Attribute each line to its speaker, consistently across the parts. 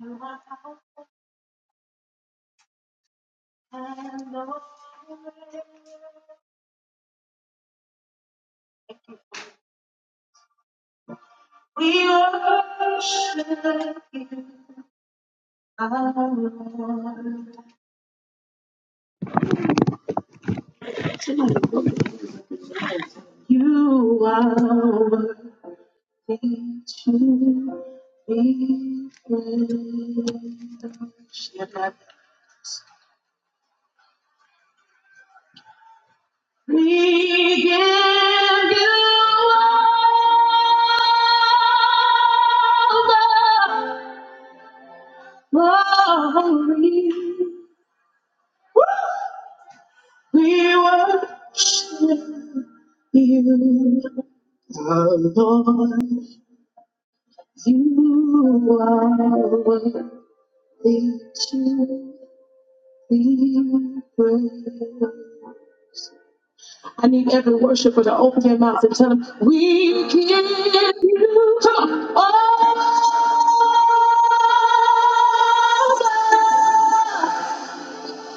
Speaker 1: We worship you, our Lord. You are worthy to be praised. We give you all the glory. We worship you, our Lord. You are worthy to be praised. I need every worshiper to open their mouths and tell them, We give you come on, all,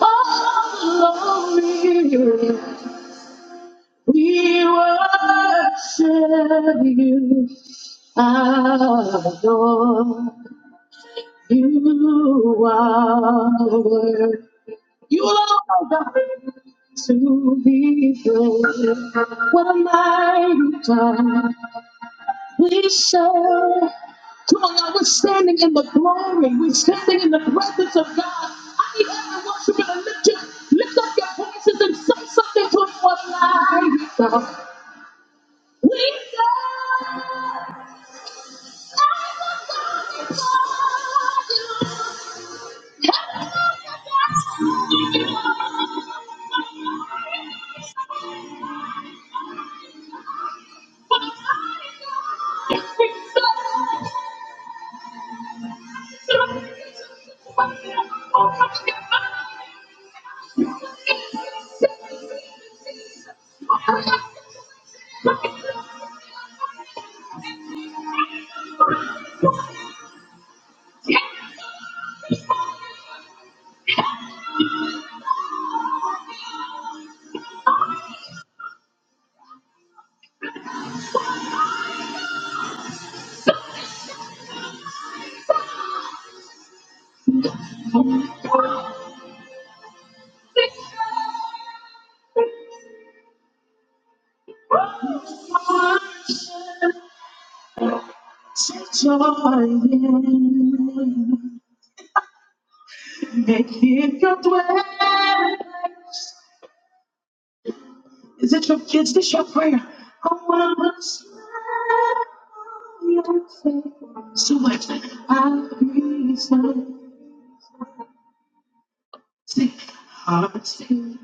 Speaker 1: all glory. We worship you, adore you are worthy. You alone are God to be praised. What a mighty God we serve. Come on, now we're standing in the glory. We're standing in the presence of God. I need everyone worship to lift you, lift up your voices and say something to Him. What a mighty God we serve. So, Set your in. Make it your dwelling. Is it your kids? This your prayer? I wanna smile on your face. So much. I reason. Take heart to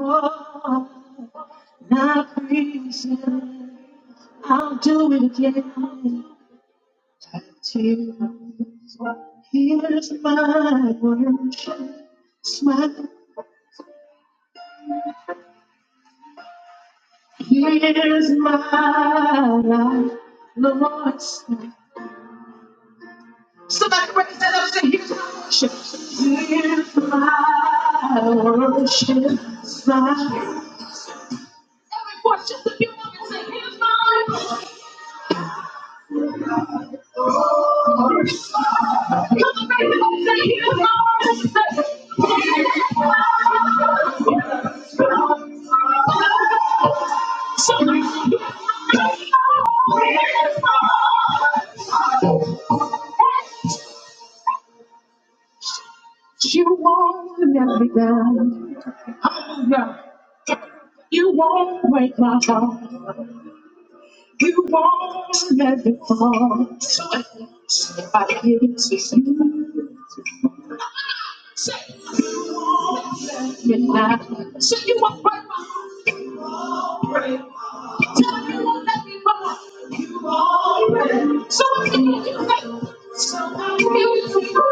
Speaker 1: oh, not reason. I'll do it again. Tears, Here's my worship, smile. Here's my life, Lord. smile. Somebody break that up and say, Here's my worship. Here's my worship, smile. Every voice just a few moments, say, Here's my worship. Come on, raise it up and say, Here's my worship. Somebody. You won't let me down. Hallelujah. You won't break my heart. You won't let me fall. So if I give it to you. Midnight. So you won't break my heart. You tell me you won't let me fall. You won't let me. So I give it to you. So I give it to you.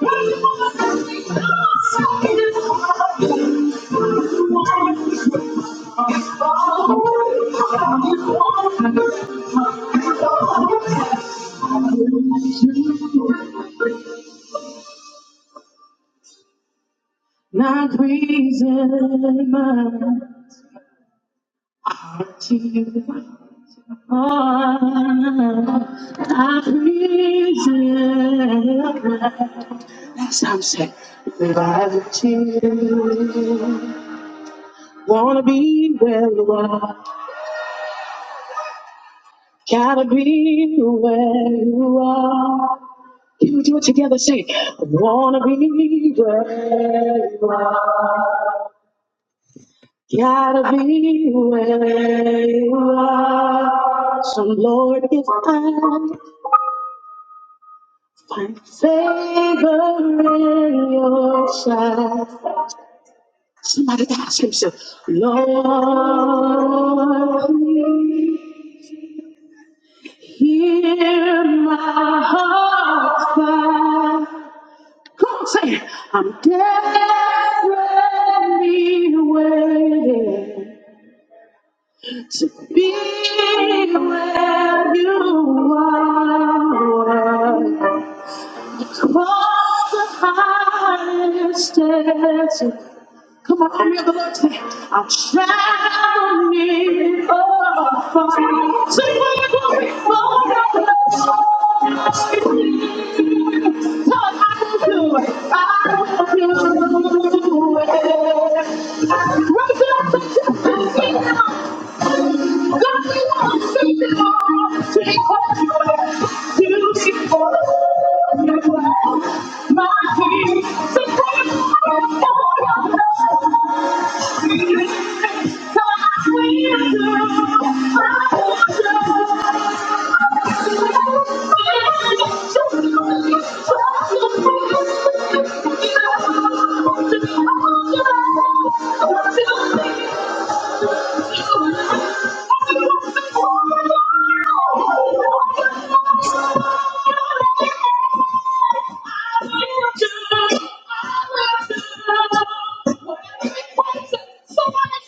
Speaker 1: Why you won't let me fall? So I give it to you. You won't let me fall. You won't let me fall. Not reason my heart to you. Oh, not reason my- That's how I'm saying. If I to you. Wanna be where you are. Gotta be where you are. Can we do it together? Say, it. wanna be where you are. Gotta be where you are. So, Lord, if I find favor in your sight, somebody ask himself, Lord, please hear my heart's cry. Come on, say, it. I'm desperately waiting. to be where you are. Cross the highest desert. Come on, army of the Lord today. I'll travel near or far. Sing for your glory, for your glory. Lord, I will do it. I will do it. Raise it up the children now. God, we want to see you all Take what you. have to Jesus. Sing it out. Somebody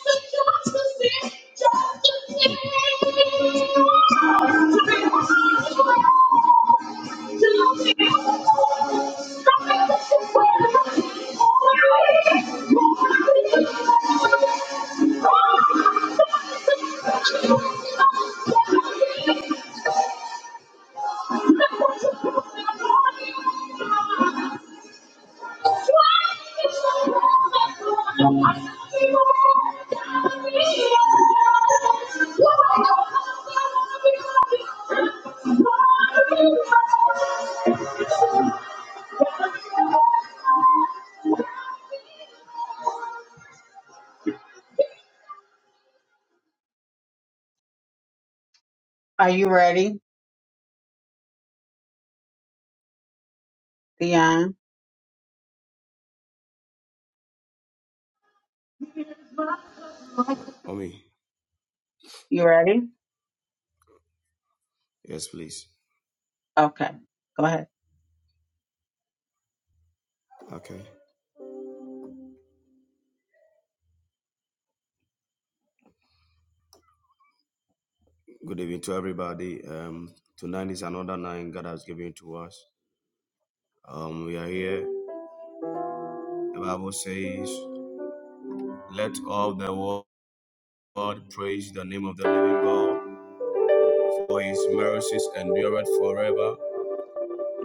Speaker 1: sent you to see just to see. Are you ready, Dion?
Speaker 2: Uh, Omi,
Speaker 1: You ready?
Speaker 2: yes, please.
Speaker 1: Okay. Go ahead.
Speaker 2: Okay. Good evening to everybody. Um, tonight is another night God has given to us. Um, we are here. The Bible says, "Let all the world praise the name of the living God, for His mercies endureth forever."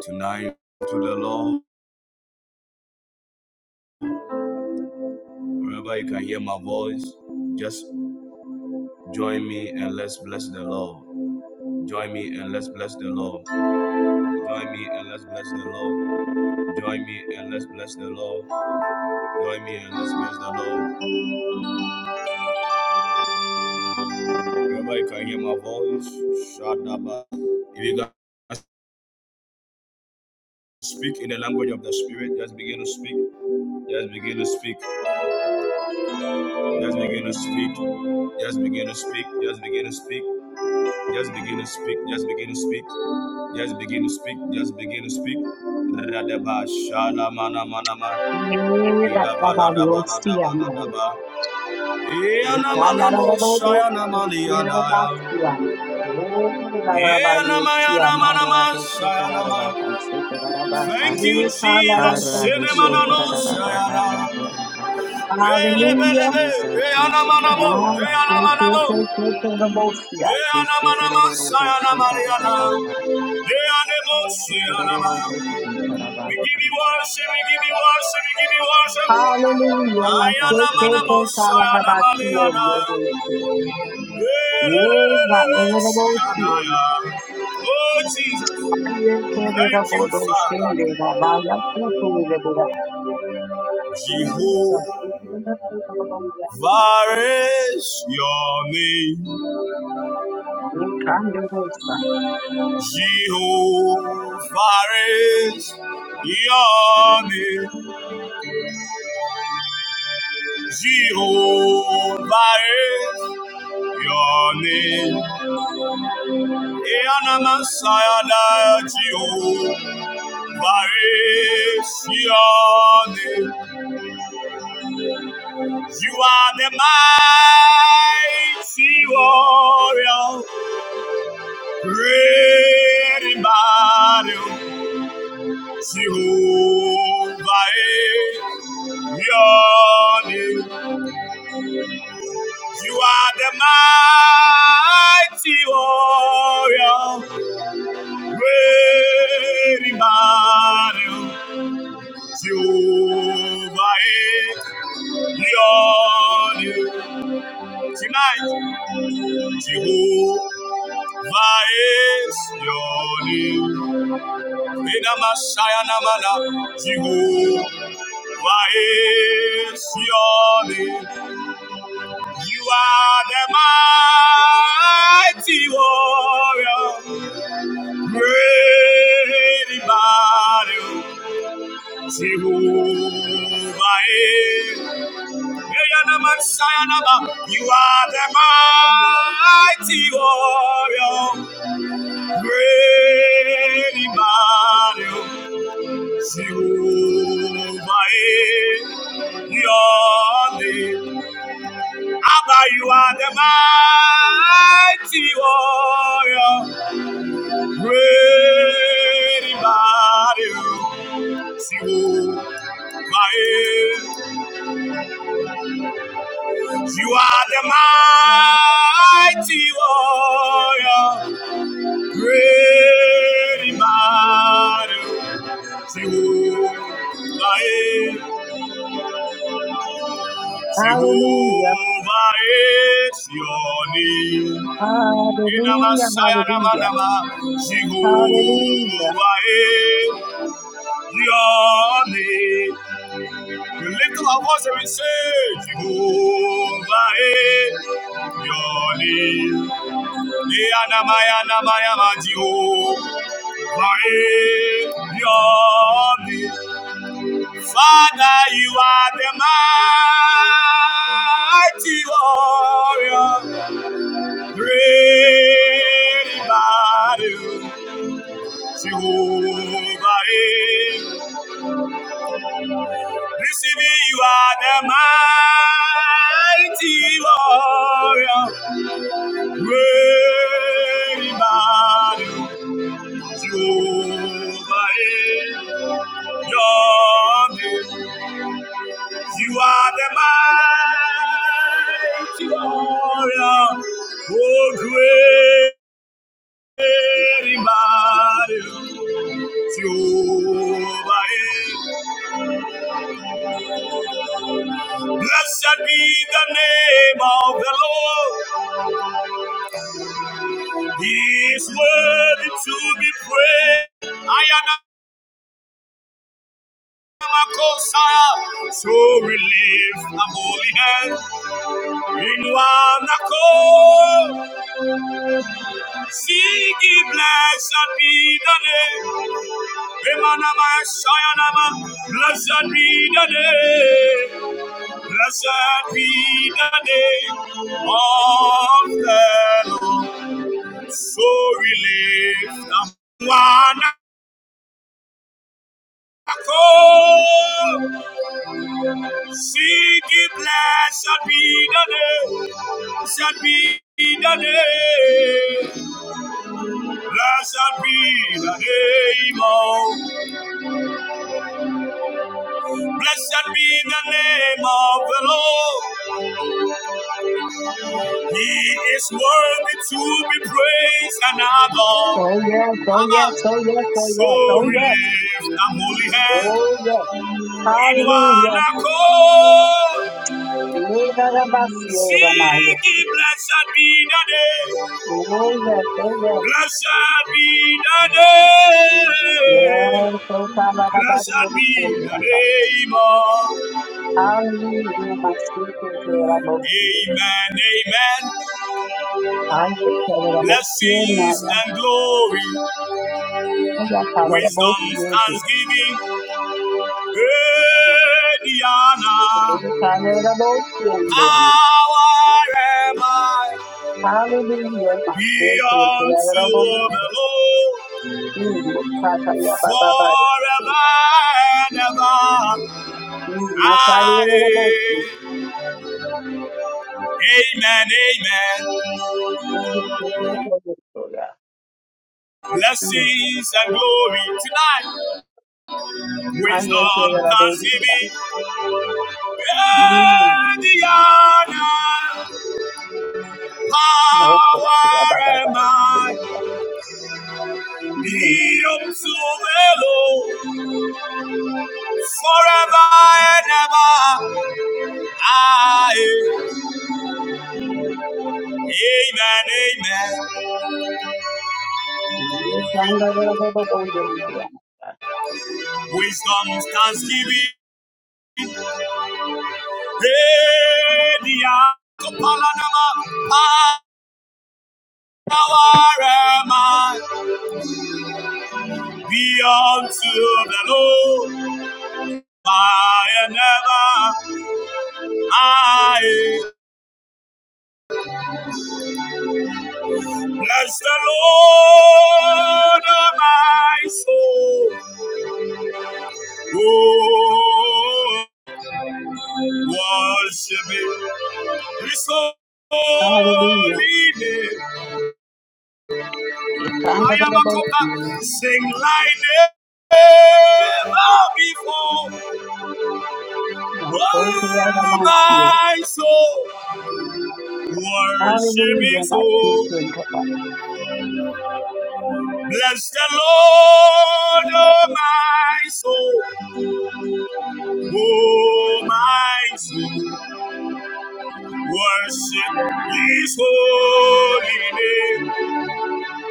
Speaker 2: Tonight, to the Lord, wherever you can hear my voice, just join me and let's bless the Lord. Join me and let's bless the Lord. Join me and let's bless the Lord. Join me and let's bless the Lord. Join me and let's praise the Lord. Remember, you can hear my voice. Shadaba. If you can speak in the language of the Spirit, just begin to speak. Just begin to speak. Just begin to speak. Just begin to speak. Just begin to speak. Just begin to speak. Just begin to speak. Just begin to speak. Just begin to speak. Radaba shalamana manama. Ilabaladabaladabaladaba. Iyanamana shayana maliadaya. Iyanamayana manama
Speaker 3: Thank you,
Speaker 2: shayanamaya. Thank you, Jesus. Shenemanano Shayana.
Speaker 1: Hallelujah.
Speaker 2: Elebelebe.
Speaker 3: Jesus.
Speaker 2: Eanamanamo.
Speaker 1: Ma, ke, ke,
Speaker 2: Eanamanamo.
Speaker 1: ke, ke, ke, the yeah.
Speaker 3: Yes,
Speaker 2: Eanamanama Sayana Mariana. Eanemo Shayanama. We give you worship, we give you worship, we give you worship.
Speaker 1: Hallelujah. Ma, ke, ke,
Speaker 3: Lord.
Speaker 1: ke,
Speaker 2: Ayanamanamo
Speaker 1: ka, la, la,
Speaker 2: Sayana
Speaker 1: ba, si, yeah,
Speaker 2: Mariana.
Speaker 1: yeah, yeah, yeah. Oh, ma, le,
Speaker 2: Elelelelele
Speaker 1: le, le, bo, si, yeah.
Speaker 2: Shayanaya. Oh, Jesus.
Speaker 1: ye, ke, le, le,
Speaker 2: Thank
Speaker 1: bo,
Speaker 2: you,
Speaker 1: do, shen, de,
Speaker 2: Father.
Speaker 1: la, ba, ya, ku, tu, le, bo, Hallelujah.
Speaker 2: Jehovah.
Speaker 1: We
Speaker 2: Far is your name,
Speaker 1: come to worship.
Speaker 2: Jehovah is your name, Jehovah is your name. Eana Masayada, Jehovah is your name. You are the mighty warrior, great in battle. Jehovah, your name. You are the mighty warrior, great in battle. Jehovah, your name. Tonight, Jehovah is your name. Ina Messiah namana, Jehovah is your name. You are the mighty warrior, great in battle, Jehovah. eh. You are the mighty warrior, great in battle, Jehovah. eh. Your name Abba, you are the mighty warrior, great in battle, Jehovah. You are the mighty warrior, great in battle, Jehovah.
Speaker 1: Hallelujah.
Speaker 2: Jehovah is your name.
Speaker 1: Hallelujah. Hallelujah.
Speaker 2: Inamasayanamanama,
Speaker 1: Hallelujah.
Speaker 2: Jehovah, eh, your name. We lift up our voice and we say, Jehovah, eh, your name. Iyanamayanamaya, Jehovah, eh, your name. Father, you are the mighty warrior, great in battle. Jehovah is. Receive you are the mighty warrior. Great in battle, Jehovah is your name. You are the mighty warrior. Oh, great in battle, Jehovah is. Blessed be the name of the Lord. He is worthy to be praised. I am a Messiah, so we lift a holy hand in one accord. Singing, blessed be the name. Emana Mashayanama, blessed be the name. Blessed be the name of the Lord. So we lift up one accord. Singing, blessed be the name. Blessed be the name. Blessed be the name of. Blessed be the name of the Lord. He is worthy to be praised and
Speaker 1: Oh
Speaker 2: adored.
Speaker 1: yes. Oh yes.
Speaker 2: Abba.
Speaker 1: Oh yes. Oh yes.
Speaker 2: So
Speaker 1: Oh
Speaker 2: we
Speaker 1: yes.
Speaker 2: lift our holy
Speaker 1: Oh
Speaker 2: hands
Speaker 1: yes.
Speaker 2: in one
Speaker 1: Hallelujah.
Speaker 2: accord.
Speaker 1: Yedarabasiyoramaya.
Speaker 2: Siki, blessed be the day.
Speaker 1: Oh yes. Oh yes.
Speaker 2: Blessed be the day.
Speaker 1: Yes. Oh
Speaker 2: Blessed be the
Speaker 1: Tamarabariyoramaya.
Speaker 2: name of
Speaker 1: Hallelujah. Masiyoramosi.
Speaker 2: Amen, amen.
Speaker 1: Ay,
Speaker 2: Blessings and glory,
Speaker 1: ay, ay,
Speaker 2: wisdom, thanksgiving, great
Speaker 1: Tamarabosiyoramaya.
Speaker 2: honor. Our am I?
Speaker 1: Hallelujah. My
Speaker 2: Be
Speaker 1: spirit is
Speaker 2: unto
Speaker 1: available.
Speaker 2: the Lord
Speaker 1: Mm, my tata, yeah, ba, ba, ba, yeah.
Speaker 2: forever and ever.
Speaker 1: Yes,
Speaker 2: Amen, amen.
Speaker 1: Lord, yeah. Mm,
Speaker 2: Blessings and glory tonight. Wisdom,
Speaker 1: both
Speaker 2: thanksgiving,
Speaker 1: you
Speaker 2: and the honor, power and might
Speaker 1: and me.
Speaker 2: be unto the Lord forever and ever. Aye. Amen, amen.
Speaker 1: Unbelievable, yes.
Speaker 2: Wisdom, thanksgiving, and the honor. Kapalanama, Power am I beyond to the Lord, I am never, I bless the Lord of my soul. Oh, worship me, His
Speaker 1: Hallelujah.
Speaker 2: holy name.
Speaker 1: It's
Speaker 2: I am a
Speaker 1: unbelievable, mm.
Speaker 2: copper. Sing like never before.
Speaker 1: My soul, yeah, the
Speaker 2: Oh,
Speaker 1: man, yeah.
Speaker 2: my soul. Worship
Speaker 1: Hallelujah,
Speaker 2: his
Speaker 1: my spirit is
Speaker 2: soul.
Speaker 1: available.
Speaker 2: Bless the Lord, oh my soul. Oh my soul. Worship his holy name.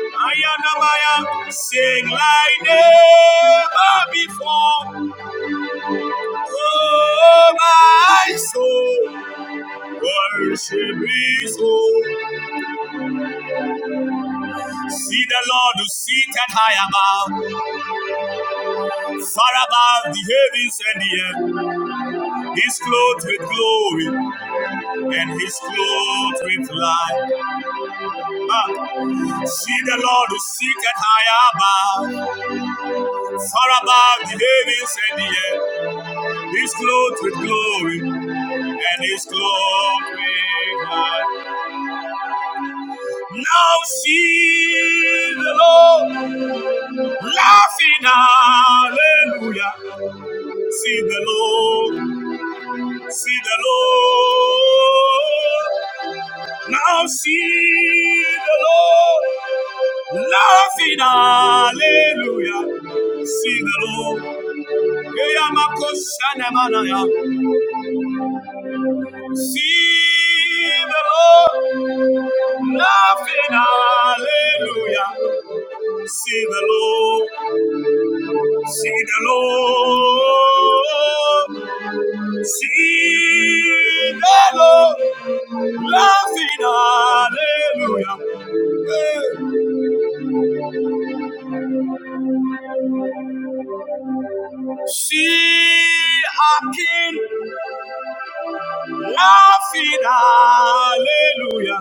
Speaker 2: Ayanamaya, sing like never before. Oh my soul. Worship his soul. See the Lord who seated high above, far above the heavens and the earth. He's clothed with glory and he's clothed with light. Ah, see the Lord who seeketh high above, far above the heavens and the earth. He's clothed with glory and he's clothed with light. Now see the Lord laughing, hallelujah. See the Lord, see the Lord. Now see the Lord. Laughing, hallelujah. See the Lord. Eyamakoshanamanaya. See the Lord. Laughing, hallelujah. See the Lord. See the Lord. See the Lord. Laughing, hallelujah. Hey. See our King laughing, hallelujah.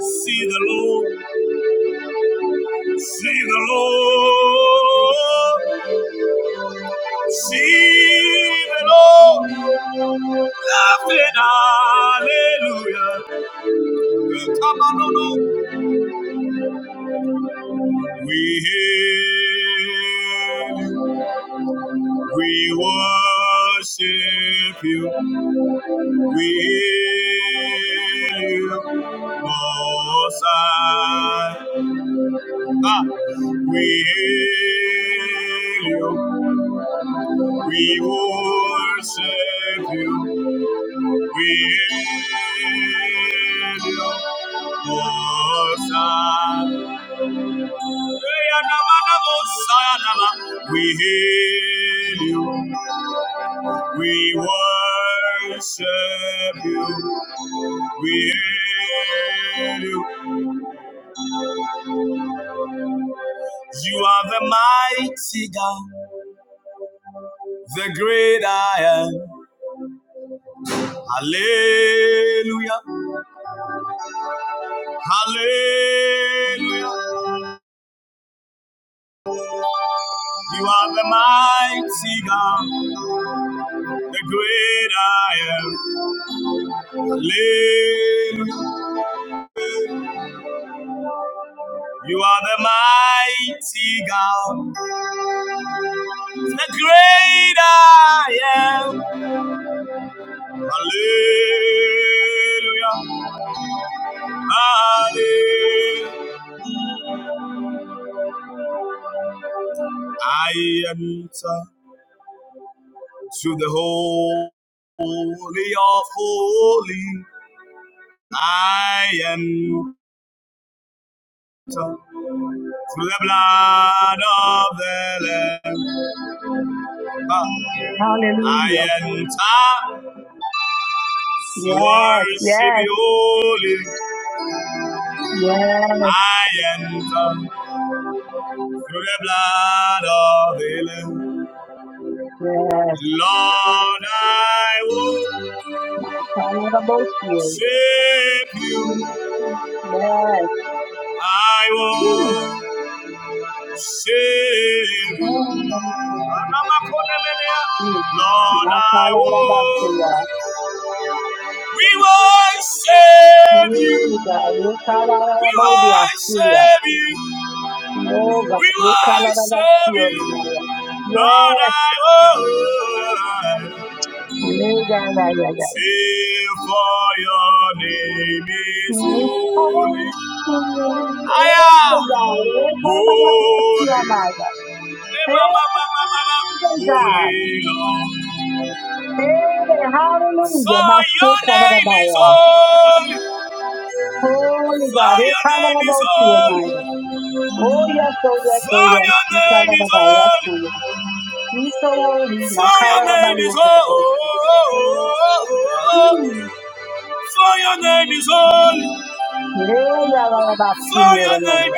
Speaker 2: See the Lord, see the Lord, see the Lord, laughing hallelujah. Come on, no, no. We hail you, we worship you, we hail you, Most High. Ah, we hail you, we worship you. We hail you, we worship you, we hail you. You are the mighty God, the great I am. Hallelujah, hallelujah. You are the mighty God, the great I am. live. You are the mighty God, the great I am. Hallelujah. Hallelujah. I enter to the holy of holy. I enter through the blood of the Lamb. I
Speaker 1: Hallelujah.
Speaker 2: enter to
Speaker 1: Yes,
Speaker 2: worship
Speaker 1: yes,
Speaker 2: you holy. I enter through the blood of the Lamb.
Speaker 1: yes.
Speaker 2: Lord, I worship
Speaker 1: Unbelievable, yeah.
Speaker 2: you.
Speaker 1: Yes. Ooh,
Speaker 2: I worship you.
Speaker 1: oh, mm.
Speaker 2: Lord,
Speaker 1: My tata, yeah, ba, ba,
Speaker 2: I
Speaker 1: yeah.
Speaker 2: worship. We worship
Speaker 1: Yeah,
Speaker 2: you.
Speaker 1: God. Yeah, tata, yeah,
Speaker 2: We
Speaker 1: ba, ba, yeah.
Speaker 2: worship you.
Speaker 1: Oh
Speaker 2: We
Speaker 1: God, you call out of that
Speaker 2: worship
Speaker 1: fear,
Speaker 2: you.
Speaker 1: Lord.
Speaker 2: Lord,
Speaker 1: Yes,
Speaker 2: I worship.
Speaker 1: yeah, yeah, yeah, yeah, yeah.
Speaker 2: Save for your name is
Speaker 1: Mm, Oh,
Speaker 2: holy.
Speaker 1: mm, oh,
Speaker 2: Aya!
Speaker 1: God, you call out of that
Speaker 2: Holy.
Speaker 1: Messiah.
Speaker 2: Eh,
Speaker 1: Hey, God.
Speaker 2: Holy Lord.
Speaker 1: Hey, hallelujah.
Speaker 2: For
Speaker 1: My shit
Speaker 2: your
Speaker 1: covered
Speaker 2: name is
Speaker 1: by
Speaker 2: holy.
Speaker 1: Holy
Speaker 2: For
Speaker 1: God, you
Speaker 2: your
Speaker 1: call out
Speaker 2: name
Speaker 1: of
Speaker 2: is
Speaker 1: that
Speaker 2: holy.
Speaker 1: Messiah. Oh yes, oh yes, oh
Speaker 2: For
Speaker 1: yes.
Speaker 2: your
Speaker 1: You call
Speaker 2: name
Speaker 1: out
Speaker 2: is
Speaker 1: of that yes,
Speaker 2: holy.
Speaker 1: oh yes. You so holy, I
Speaker 2: For
Speaker 1: call
Speaker 2: your
Speaker 1: out of that
Speaker 2: name is
Speaker 1: yes, oh yes.
Speaker 2: holy.
Speaker 1: Mm.
Speaker 2: For your name is holy. For your name is holy.
Speaker 1: Yeah, yeah, yeah, yeah, yeah, yeah, yeah, yeah.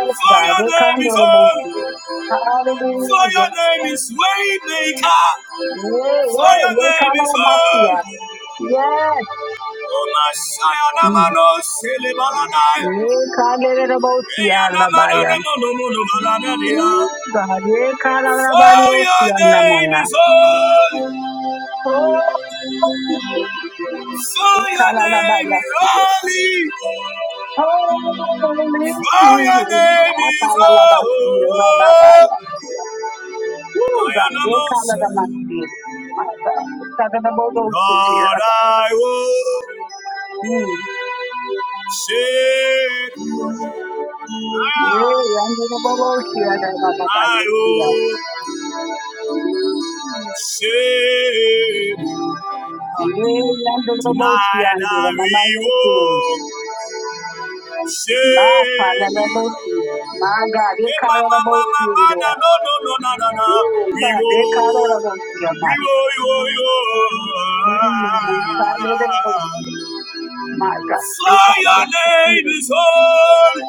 Speaker 2: For
Speaker 1: God.
Speaker 2: your
Speaker 1: They
Speaker 2: name
Speaker 1: come do
Speaker 2: is
Speaker 1: the most
Speaker 2: holy.
Speaker 1: high.
Speaker 2: For
Speaker 1: Hallelujah.
Speaker 2: your name is Waymaker.
Speaker 1: Yeah,
Speaker 2: For
Speaker 1: yeah.
Speaker 2: your
Speaker 1: They come
Speaker 2: name is
Speaker 1: do the most high.
Speaker 2: holy.
Speaker 1: Yes.
Speaker 2: Oh my
Speaker 1: Mm.
Speaker 2: Namano Selebaladai.
Speaker 1: They come to the most
Speaker 2: Eya
Speaker 1: high,
Speaker 2: Namana
Speaker 1: Alabaya.
Speaker 2: Nemono Mono Baladadia.
Speaker 1: Mm, God. They come do the
Speaker 2: For
Speaker 1: most
Speaker 2: your
Speaker 1: high,
Speaker 2: name
Speaker 1: Namaya.
Speaker 2: is holy.
Speaker 1: Oh, they come do
Speaker 2: For your
Speaker 1: the
Speaker 2: name is
Speaker 1: most high.
Speaker 2: holy.
Speaker 1: Holy,
Speaker 2: For your name is
Speaker 1: Apalalabasi, Rababaya.
Speaker 2: holy.
Speaker 1: Oh,
Speaker 2: Eya
Speaker 1: God. They
Speaker 2: Namo
Speaker 1: come do the most high. My God. They come to the most high,
Speaker 2: Lord, I will
Speaker 1: Mm.
Speaker 2: say,
Speaker 1: Yeah, and the boss, yeah, da, da, da, da,
Speaker 2: I
Speaker 1: yes, yeah.
Speaker 2: will.
Speaker 1: Mm.
Speaker 2: Save you.
Speaker 1: Yeah, and the boss, yeah,
Speaker 2: Tonight
Speaker 1: and the
Speaker 2: I
Speaker 1: mama, yes, too.
Speaker 2: will
Speaker 1: Ma,
Speaker 2: save
Speaker 1: kala,
Speaker 2: you.
Speaker 1: the boss, yeah. Ma, God,
Speaker 2: Eh,
Speaker 1: they
Speaker 2: ma,
Speaker 1: kala, the
Speaker 2: ma, ma,
Speaker 1: boss,
Speaker 2: ma,
Speaker 1: yeah,
Speaker 2: ma, na,
Speaker 1: there.
Speaker 2: no, no, no, na, na, na.
Speaker 1: Ooh,
Speaker 2: We
Speaker 1: God, they kala,
Speaker 2: will,
Speaker 1: the boss, yeah,
Speaker 2: we will, you will, you
Speaker 1: Mm, ma, Mm, kala, the boss, yeah. My
Speaker 2: will.
Speaker 1: God, they
Speaker 2: For
Speaker 1: kala,
Speaker 2: your
Speaker 1: the boss,
Speaker 2: name is
Speaker 1: yeah.
Speaker 2: holy,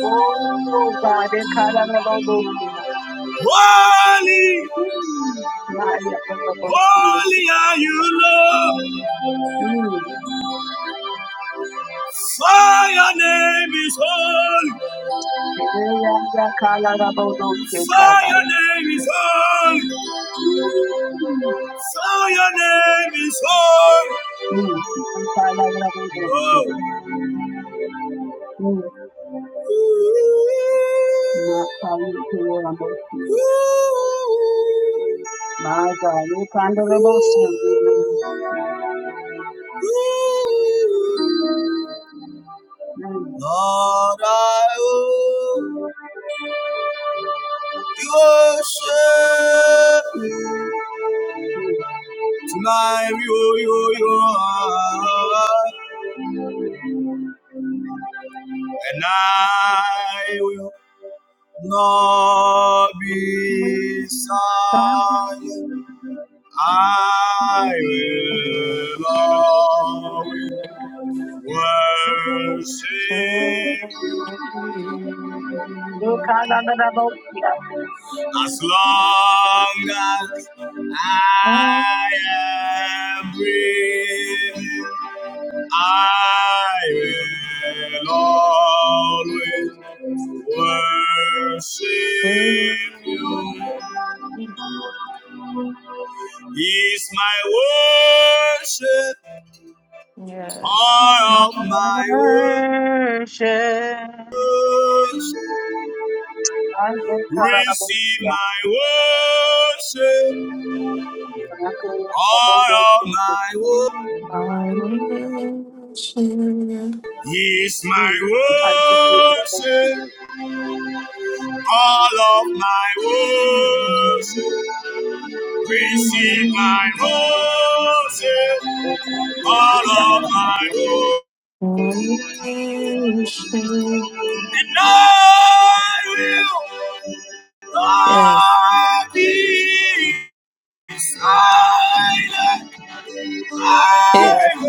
Speaker 1: Oh, God, they kala, the boss, yeah.
Speaker 2: holy,
Speaker 1: Mm. Ma, yeah, the boss,
Speaker 2: holy are you, Lord.
Speaker 1: yeah.
Speaker 2: For your name is holy,
Speaker 1: Worship.
Speaker 2: for your name is holy. So your name is holy. Oh. Ooh, ooh,
Speaker 1: I
Speaker 2: ooh, ooh. Lord, I owe you worship. Tonight you, you, you are. And I will not be silent. I will always worship as long as I am breathing. I will always worship you. Is my worship
Speaker 3: Yes.
Speaker 2: all of my worship? Receive
Speaker 1: get
Speaker 2: my worship,
Speaker 1: Mm.
Speaker 2: all of my worship. Is my worship, all of my worship. Receive
Speaker 3: My
Speaker 2: my worship, all of my worship.
Speaker 3: Yes.
Speaker 2: And I will not be silent. As long
Speaker 3: Hey.
Speaker 2: as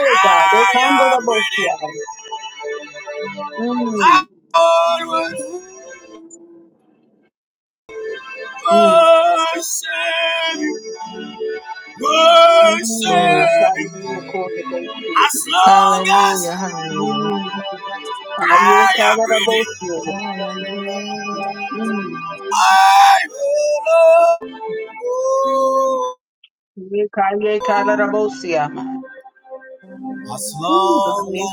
Speaker 2: I am breathing, I
Speaker 1: Mm.
Speaker 2: always worship you,
Speaker 3: Glory.
Speaker 2: worship you. As
Speaker 1: Mm.
Speaker 2: long as
Speaker 3: Hallelujah. Hallelujah.
Speaker 1: Mm.
Speaker 2: I am breathing, I will. As long as.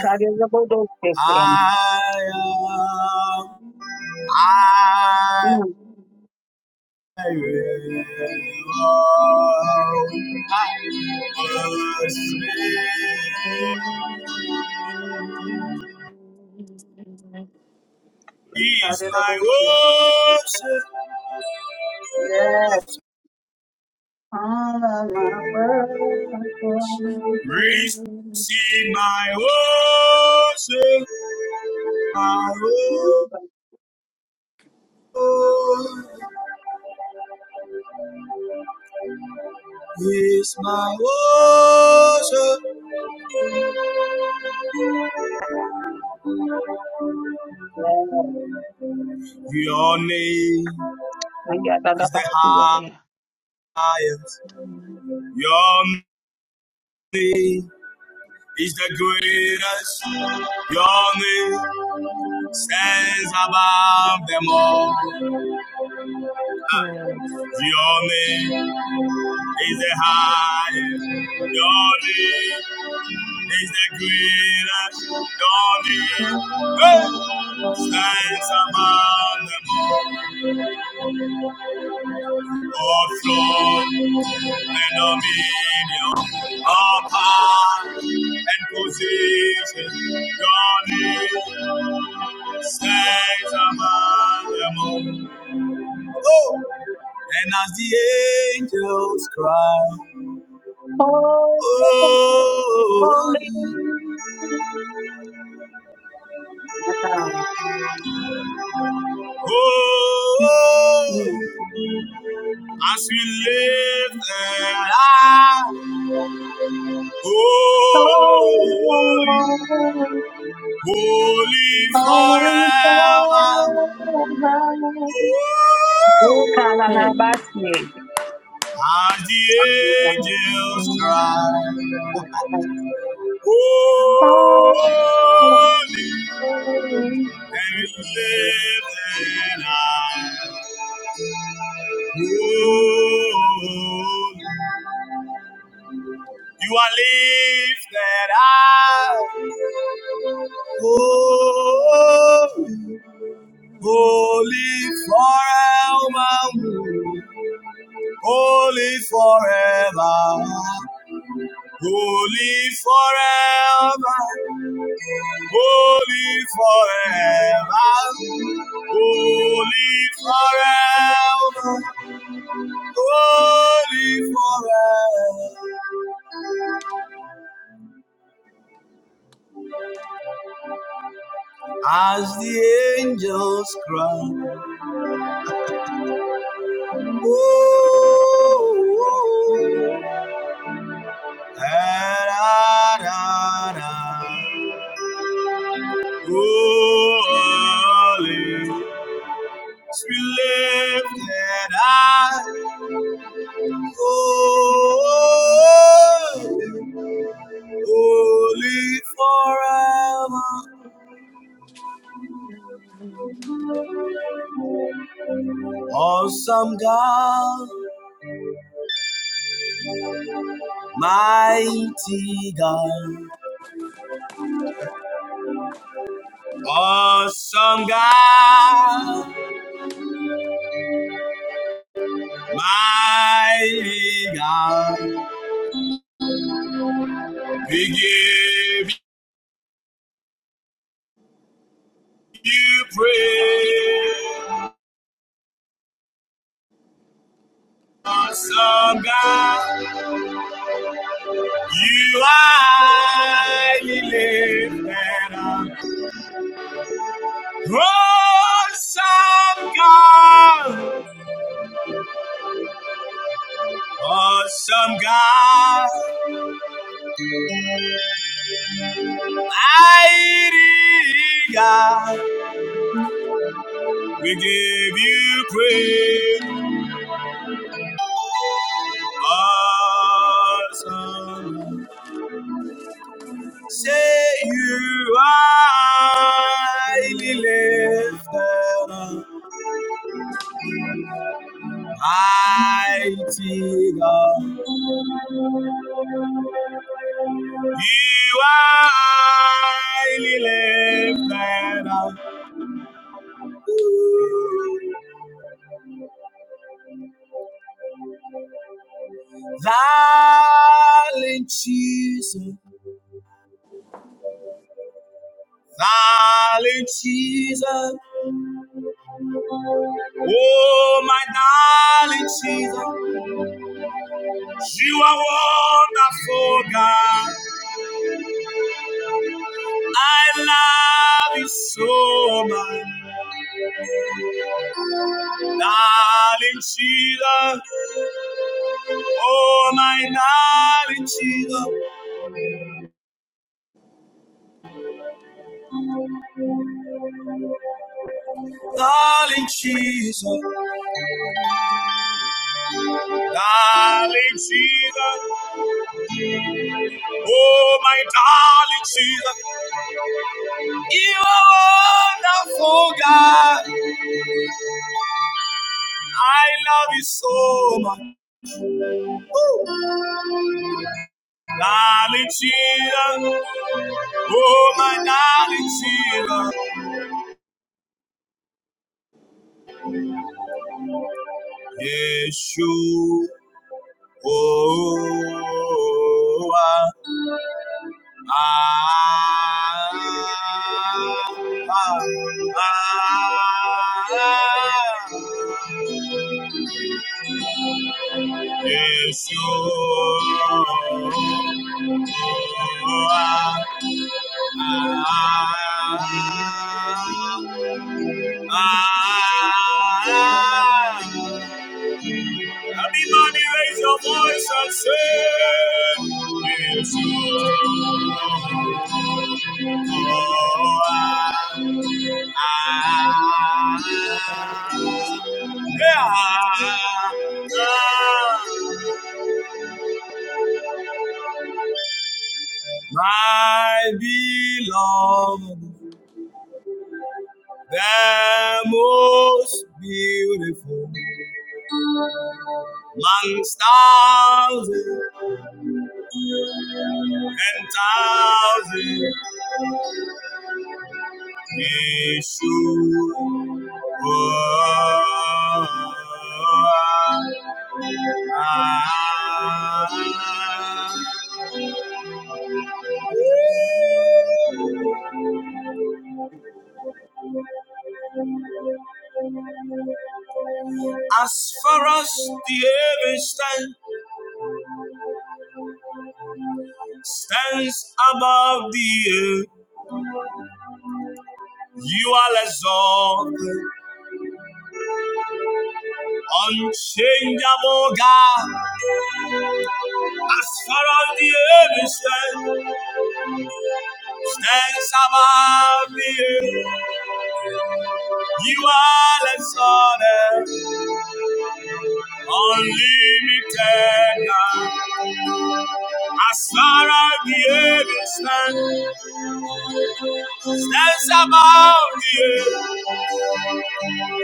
Speaker 2: I am, I
Speaker 1: Mm.
Speaker 2: will oh, I worship. Is my
Speaker 1: Kadadabushia.
Speaker 2: worship.
Speaker 1: Yes. All of my worship.
Speaker 2: Receive my worship. My worship is my worship.
Speaker 1: Yes.
Speaker 2: Your name
Speaker 1: I got that
Speaker 2: is
Speaker 1: up.
Speaker 2: the highest. Your name is the greatest. Your name stands above them all.
Speaker 3: Yes.
Speaker 2: Your name is the highest. Your name is the greatest. Your name hey, stands above them all. Oh Lord, and dominion, all power and position. God is saints among them all. Oh! And as the angels cry,
Speaker 1: Holy.
Speaker 2: oh,
Speaker 1: Yes, I-
Speaker 2: oh,
Speaker 1: Mm.
Speaker 2: as we lift their eyes, holy,
Speaker 1: Holy.
Speaker 2: holy
Speaker 1: Holy
Speaker 2: forever.
Speaker 1: forever. Yeah,
Speaker 2: Oh,
Speaker 1: Kalalabasi.
Speaker 2: As the
Speaker 1: Yes, I-
Speaker 2: angels cry,
Speaker 1: yes. God.
Speaker 2: Holy
Speaker 1: Holy.
Speaker 2: and living I, Holy. You are lifted high, holy, holy forevermore, holy forever, holy forever, Holy forever, holy forever, holy forever. As the angels cry, ooh, ah, da, da, da. holy, we lift and I, oh, Holy forever, awesome God, mighty God, awesome God, mighty God. We give you praise, awesome God. You are highly lifted up, awesome God, awesome God. Mighty God,
Speaker 3: Hey.
Speaker 2: we give you praise. Awesome. Say you are highly lifted up. Mighty God, you are highly lifted up. Valiant Jesus, valiant Jesus. Oh, my darling Jesus, you are wonderful, God. I love you so, my darling Jesus. Oh, my darling Jesus, darling Jesus, darling Jesus. Oh, my darling Jesus, you are wonderful, God. I love you so, much. darling cheetah. Oh, my darling cheetah. Yeshua. oh, ah, ah, ah, ah. Yeshua.
Speaker 3: Um,
Speaker 2: ah, ah, ah, ah, Everybody raise your voice and say, It's you, Lord. My beloved, the most beautiful amongst thousands and thousands. As far as the heaven stand, stands above the earth, you are exalted, unchangeable God. As far as the heaven stands, stands above the earth, you are exalted, unlimited God. As far as the heaven stands, stands above the earth.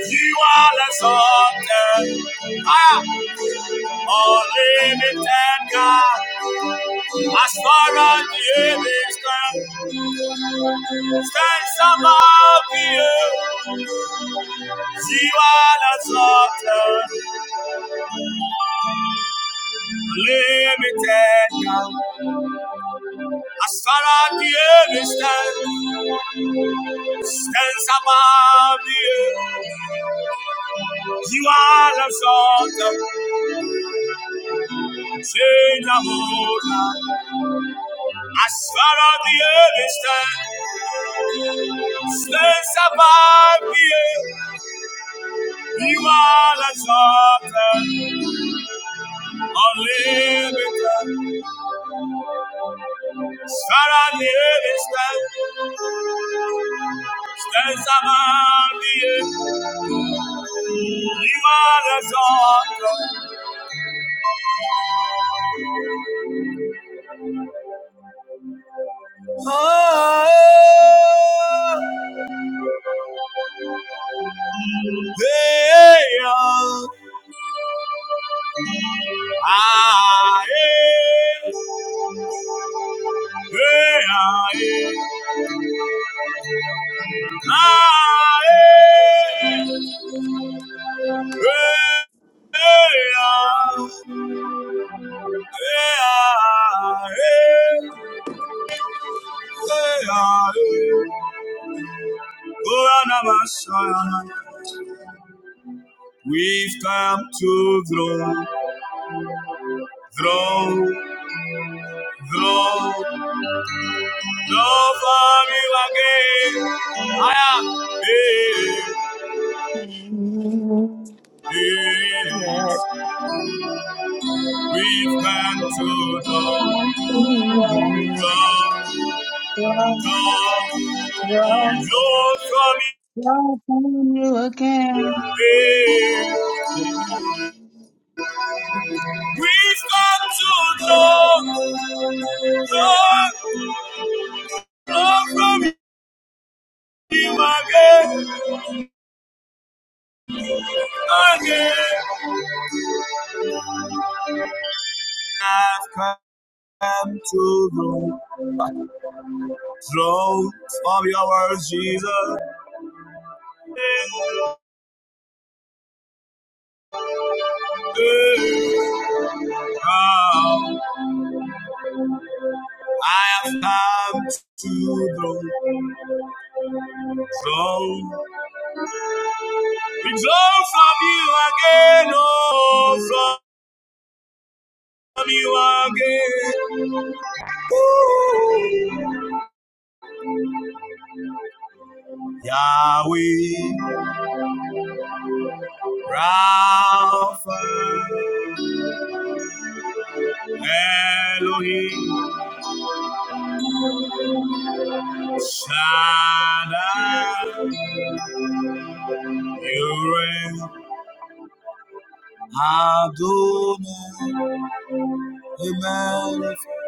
Speaker 2: You are exalted, higher, unlimited God. As far as the heaven stands, stands above the earth. You are exalted, unlimited God. As far as the heaven stands, stands above the earth. You are exalted, changeable God. As far as the earth is stands, stands above the earth. You are exalted, unlimited. As far as the earth is stands, stands above the earth. You are exalted. Oh, hey, ah, ah, eh, eh, ah, eh, ah, eh. We've come to throne, throne, throne, love and you again. Aya. Eh, eh.
Speaker 1: Yes.
Speaker 2: We've come to throne, throne,
Speaker 1: Love,
Speaker 2: throne,
Speaker 1: love,
Speaker 2: love from you.
Speaker 1: love on you again.
Speaker 2: Hey. We've come to know, know, know from Him again, again. I've come to the throne of Your word, Jesus. Now I have come to the throne, the throne from You again, oh, from You again, Yahweh. Rapha, Elohim, Shaddai, Yireh, Adonai, Amen. Can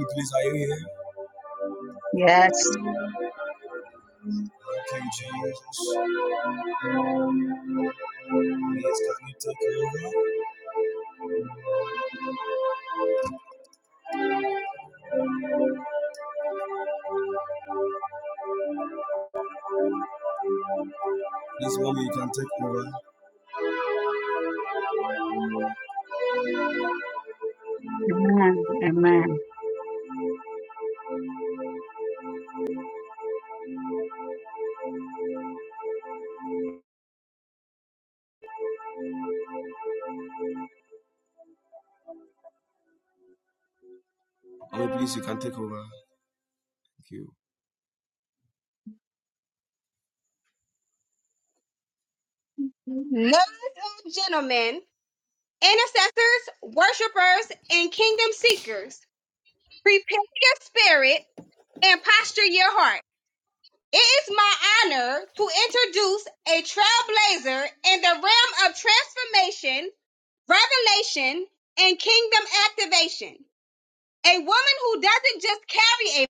Speaker 2: you please, are you here?
Speaker 1: Yes,
Speaker 2: Thank you, Jesus. Please, can you take over? Please, mommy, you can take over.
Speaker 1: amen, amen.
Speaker 2: Oh, please, you can take over. Thank you.
Speaker 4: Ladies and gentlemen, intercessors, worshipers, and kingdom seekers, prepare your spirit and posture your heart. It is my honor to introduce a trailblazer in the realm of transformation, revelation, and kingdom activation. A woman who doesn't just carry a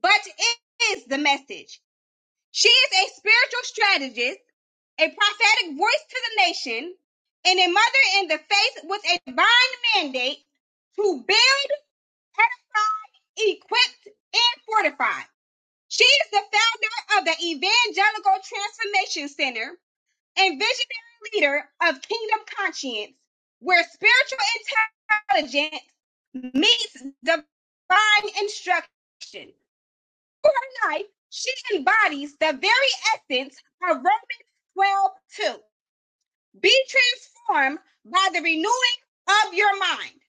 Speaker 4: but is the message. She is a spiritual strategist a prophetic voice to the nation, and a mother in the face with a divine mandate to build, edify, equip, and fortify. She is the founder of the Evangelical Transformation Center and visionary leader of Kingdom Conscience, where spiritual intelligence meets divine instruction. Her life, she embodies the very essence of Romans 12:2 be transformed by the renewing of your mind.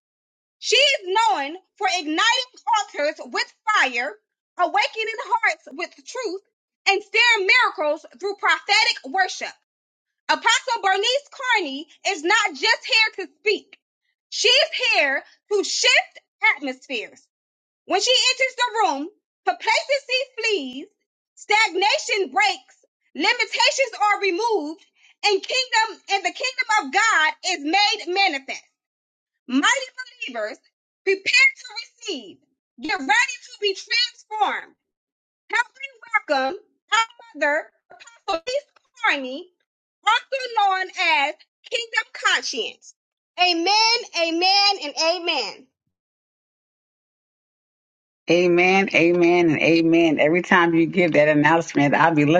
Speaker 4: She is known for igniting altars with fire, awakening hearts with truth, and stirring miracles through prophetic worship. Apostle Bernice Carney is not just here to speak. She's here to shift atmospheres. When she enters the room, complacency flees, stagnation breaks, limitations are removed, and kingdom and the kingdom of God is made manifest. Mighty believers, prepare to receive. Get ready to be transformed. Helping welcome our mother, Apostle East Carney, also known as Kingdom Conscience. Amen, amen, and amen.
Speaker 1: And if you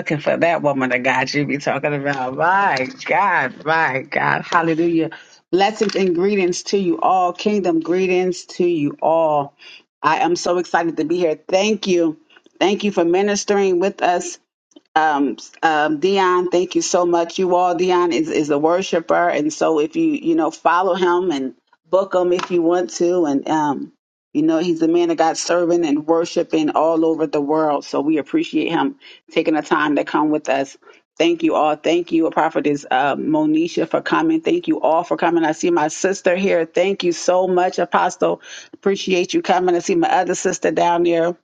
Speaker 1: looking for that woman of God you be talking about, my God, my God, hallelujah. Blessings and greetings to you all. Kingdom greetings to you all. I am so excited to be here. Thank you. Thank you for ministering with us um, um, Dion, thank you so much. You all, Dion is, is a worshiper. And so if you, you know, follow him and book him if you want to. And, um, you know, he's a man of God serving and worshiping all over the world. So we appreciate him taking the time to come with us. Thank you all. Thank you, Prophetess uh, Monisha, for coming. Thank you all for coming. I see my sister here. Thank you so much, Apostle. Appreciate you coming. I see my other sister down there.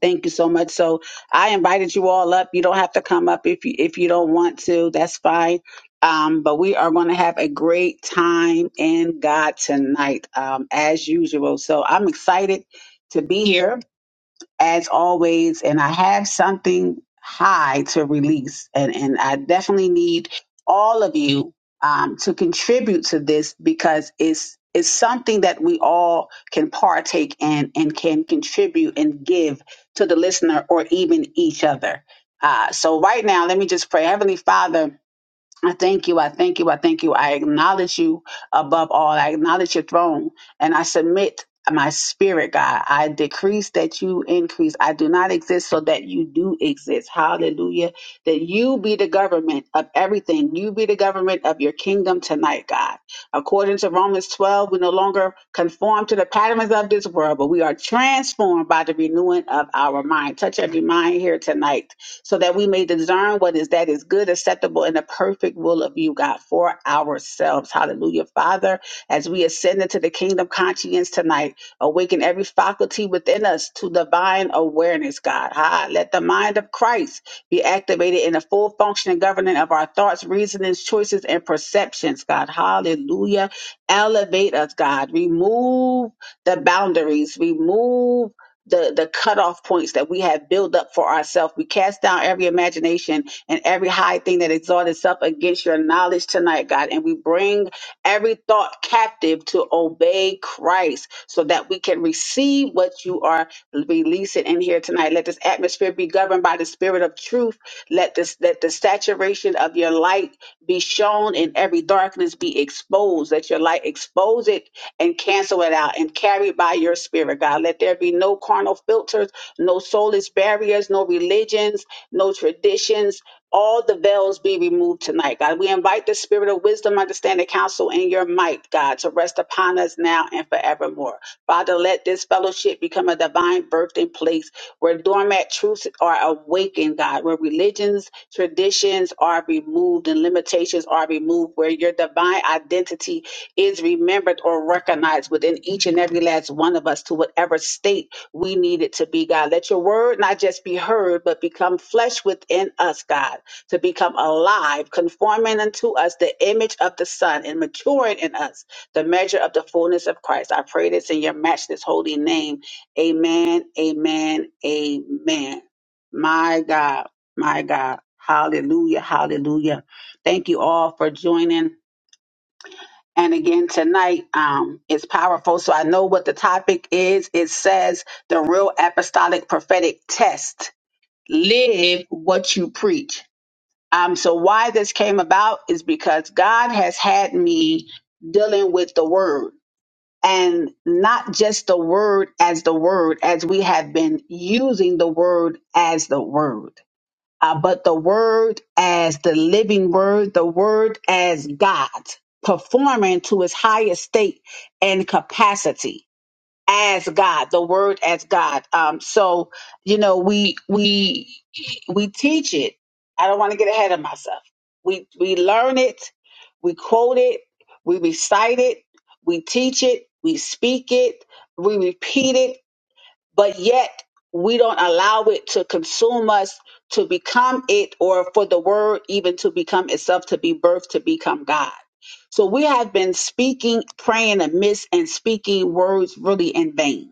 Speaker 1: Thank you so much. So I invited you all up. You don't have to come up if you if you don't want to. That's fine. Um, but we are going to have a great time in God tonight, um, as usual. So I'm excited to be here as always, and I have something high to release, and, and I definitely need all of you um, to contribute to this because it's it's something that we all can partake in and can contribute and give to the listener or even each other. Uh, so right now, let me just pray, Heavenly Father. I thank you. I thank you. I thank you. I acknowledge you above all. I acknowledge your throne and I submit my spirit, God. I decrease that you increase. I do not exist so that you do exist. Hallelujah. That you be the government of everything. You be the government of your kingdom tonight, God. According to Romans 12, we no longer conform to the patterns of this world, but we are transformed by the renewing of our mind. Touch every mind here tonight so that we may discern what is that is good, acceptable, and the perfect will of you, God, for ourselves. Hallelujah. Father, as we ascend into the kingdom conscience tonight, awaken every faculty within us to divine awareness, God. Ha, let the mind of Christ be activated in the full function and governing of our thoughts, reasonings, choices, and perceptions, God. Hallelujah. Elevate us, God. Remove the boundaries. Remove the the cutoff points that we have built up for ourselves. We cast down every imagination and every high thing that exalts itself against your knowledge tonight, God, and we bring every thought captive to obey Christ so that we can receive what you are releasing in here tonight. Let this atmosphere be governed by the spirit of truth. Let this let the saturation of your light be shown and every darkness be exposed. Let your light expose it and cancel it out and carry by your spirit, God. Let there be no carnal filters, no soulless barriers, no religions, no traditions. All the veils be removed tonight, God. We invite the spirit of wisdom, understanding, counsel, and your might, God, to rest upon us now and forevermore. Father, let this fellowship become a divine birthing place where dormant truths are awakened, God, where religions, traditions are removed, and limitations are removed, where your divine identity is remembered or recognized within each and every last one of us to whatever state we need it to be, God. Let your word not just be heard, but become flesh within us, God, to become alive, conforming unto us the image of the Son and maturing in us the measure of the fullness of Christ. I pray this in your matchless holy name. Amen, amen, amen. My God, my God. Hallelujah, hallelujah. Thank you all for joining. And again tonight, um, it's powerful. So I know what the topic is. It says the real apostolic prophetic test. Live what you preach. Um, so why this came about is because God has had me dealing with the word and not just the word as the word, as we have been using the word as the word uh, but the word as the living word, the word as God, performing to its highest state and capacity as God, the word as God. Um, so you know, we we we teach it. I don't want to get ahead of myself. We we learn it, we quote it, we recite it, we teach it, we speak it, we repeat it but yet we don't allow it to consume us to become it or for the word even to become itself to be birthed to become god so we have been speaking praying amiss and speaking words really in vain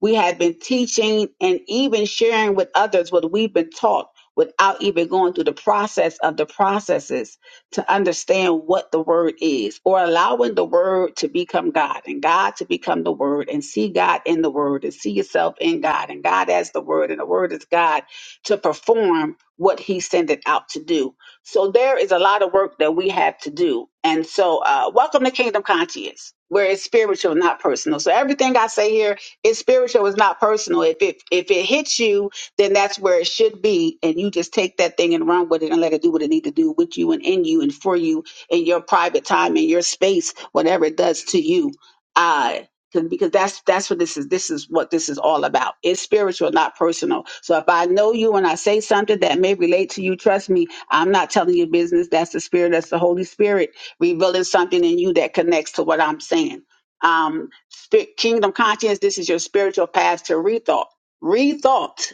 Speaker 1: we have been teaching and even sharing with others what we've been taught without even going through the process of the processes to understand what the word is or allowing the word to become God and God to become the word and see God in the word and see yourself in God and God as the word and the word is God to perform what he sent it out to do. So there is a lot of work that we have to do. And so uh, welcome to Kingdom Conscious where it's spiritual, not personal. So everything I say here is spiritual, it's not personal. If it if it hits you then that's where it should be. And you just take that thing and run with it and let it do what it need to do with you and in you and for you in your private time in your space, whatever it does to you. Uh, 'cause- because because that's that's what this is. This is what this is all about. It's spiritual, not personal. So if I know you and I say something that may relate to you, trust me, I'm not telling you business. That's the spirit. That's the Holy Spirit revealing something in you that connects to what I'm saying. Um, spirit, kingdom conscience. This is your spiritual path to rethought. Rethought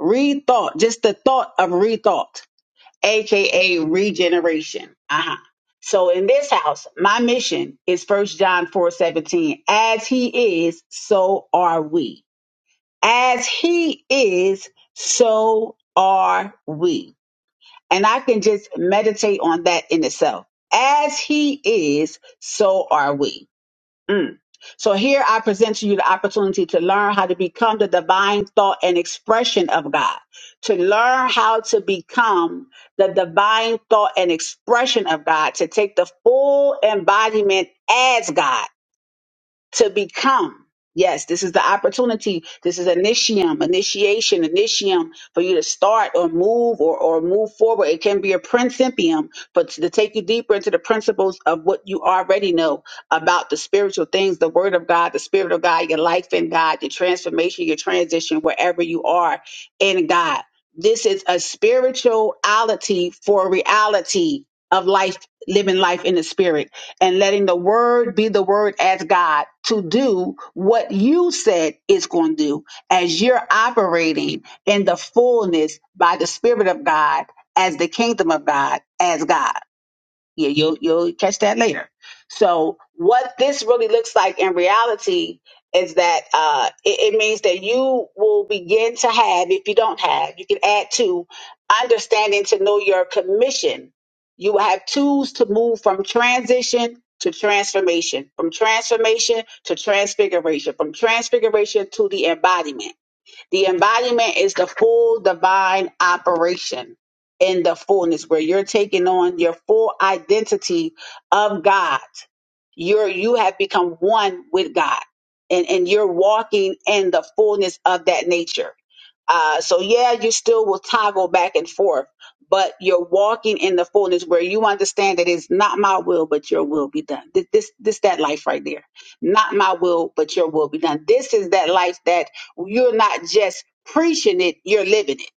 Speaker 1: Rethought, just the thought of rethought, aka regeneration. Uh-huh. So in this house, my mission is first John 4 17. As he is, so are we. As he is, so are we. And I can just meditate on that in itself. As he is, so are we Mm. So here I present to you the opportunity to learn how to become the divine thought and expression of God, to learn how to become the divine thought and expression of God, to take the full embodiment as God to become. Yes, this is the opportunity. This is initium, initiation, initium for you to start or move or, or move forward. It can be a principium, but to take you deeper into the principles of what you already know about the spiritual things, the word of God, the spirit of God, your life in God, your transformation, your transition, wherever you are in God. This is a spirituality for reality of life, living life in the spirit and letting the word be the word as God to do what you said it's going to do as you're operating in the fullness by the Spirit of God as the kingdom of God as God. Yeah, you'll you'll catch that later. So what this really looks like in reality is that uh, it, it means that you will begin to have, if you don't have, you can add to understanding to know your commission. You will have tools to move from transition to transformation, from transformation to transfiguration, from transfiguration to the embodiment. The embodiment is the full divine operation in the fullness where you're taking on your full identity of God you're you have become one with God, and and you're walking in the fullness of that nature. Uh, so yeah, you still will toggle back and forth, but you're walking in the fullness where you understand that it's not my will, but your will be done. Th- This, this, that life right there. Not my will, but your will be done. This is that life that you're not just preaching it, you're living it.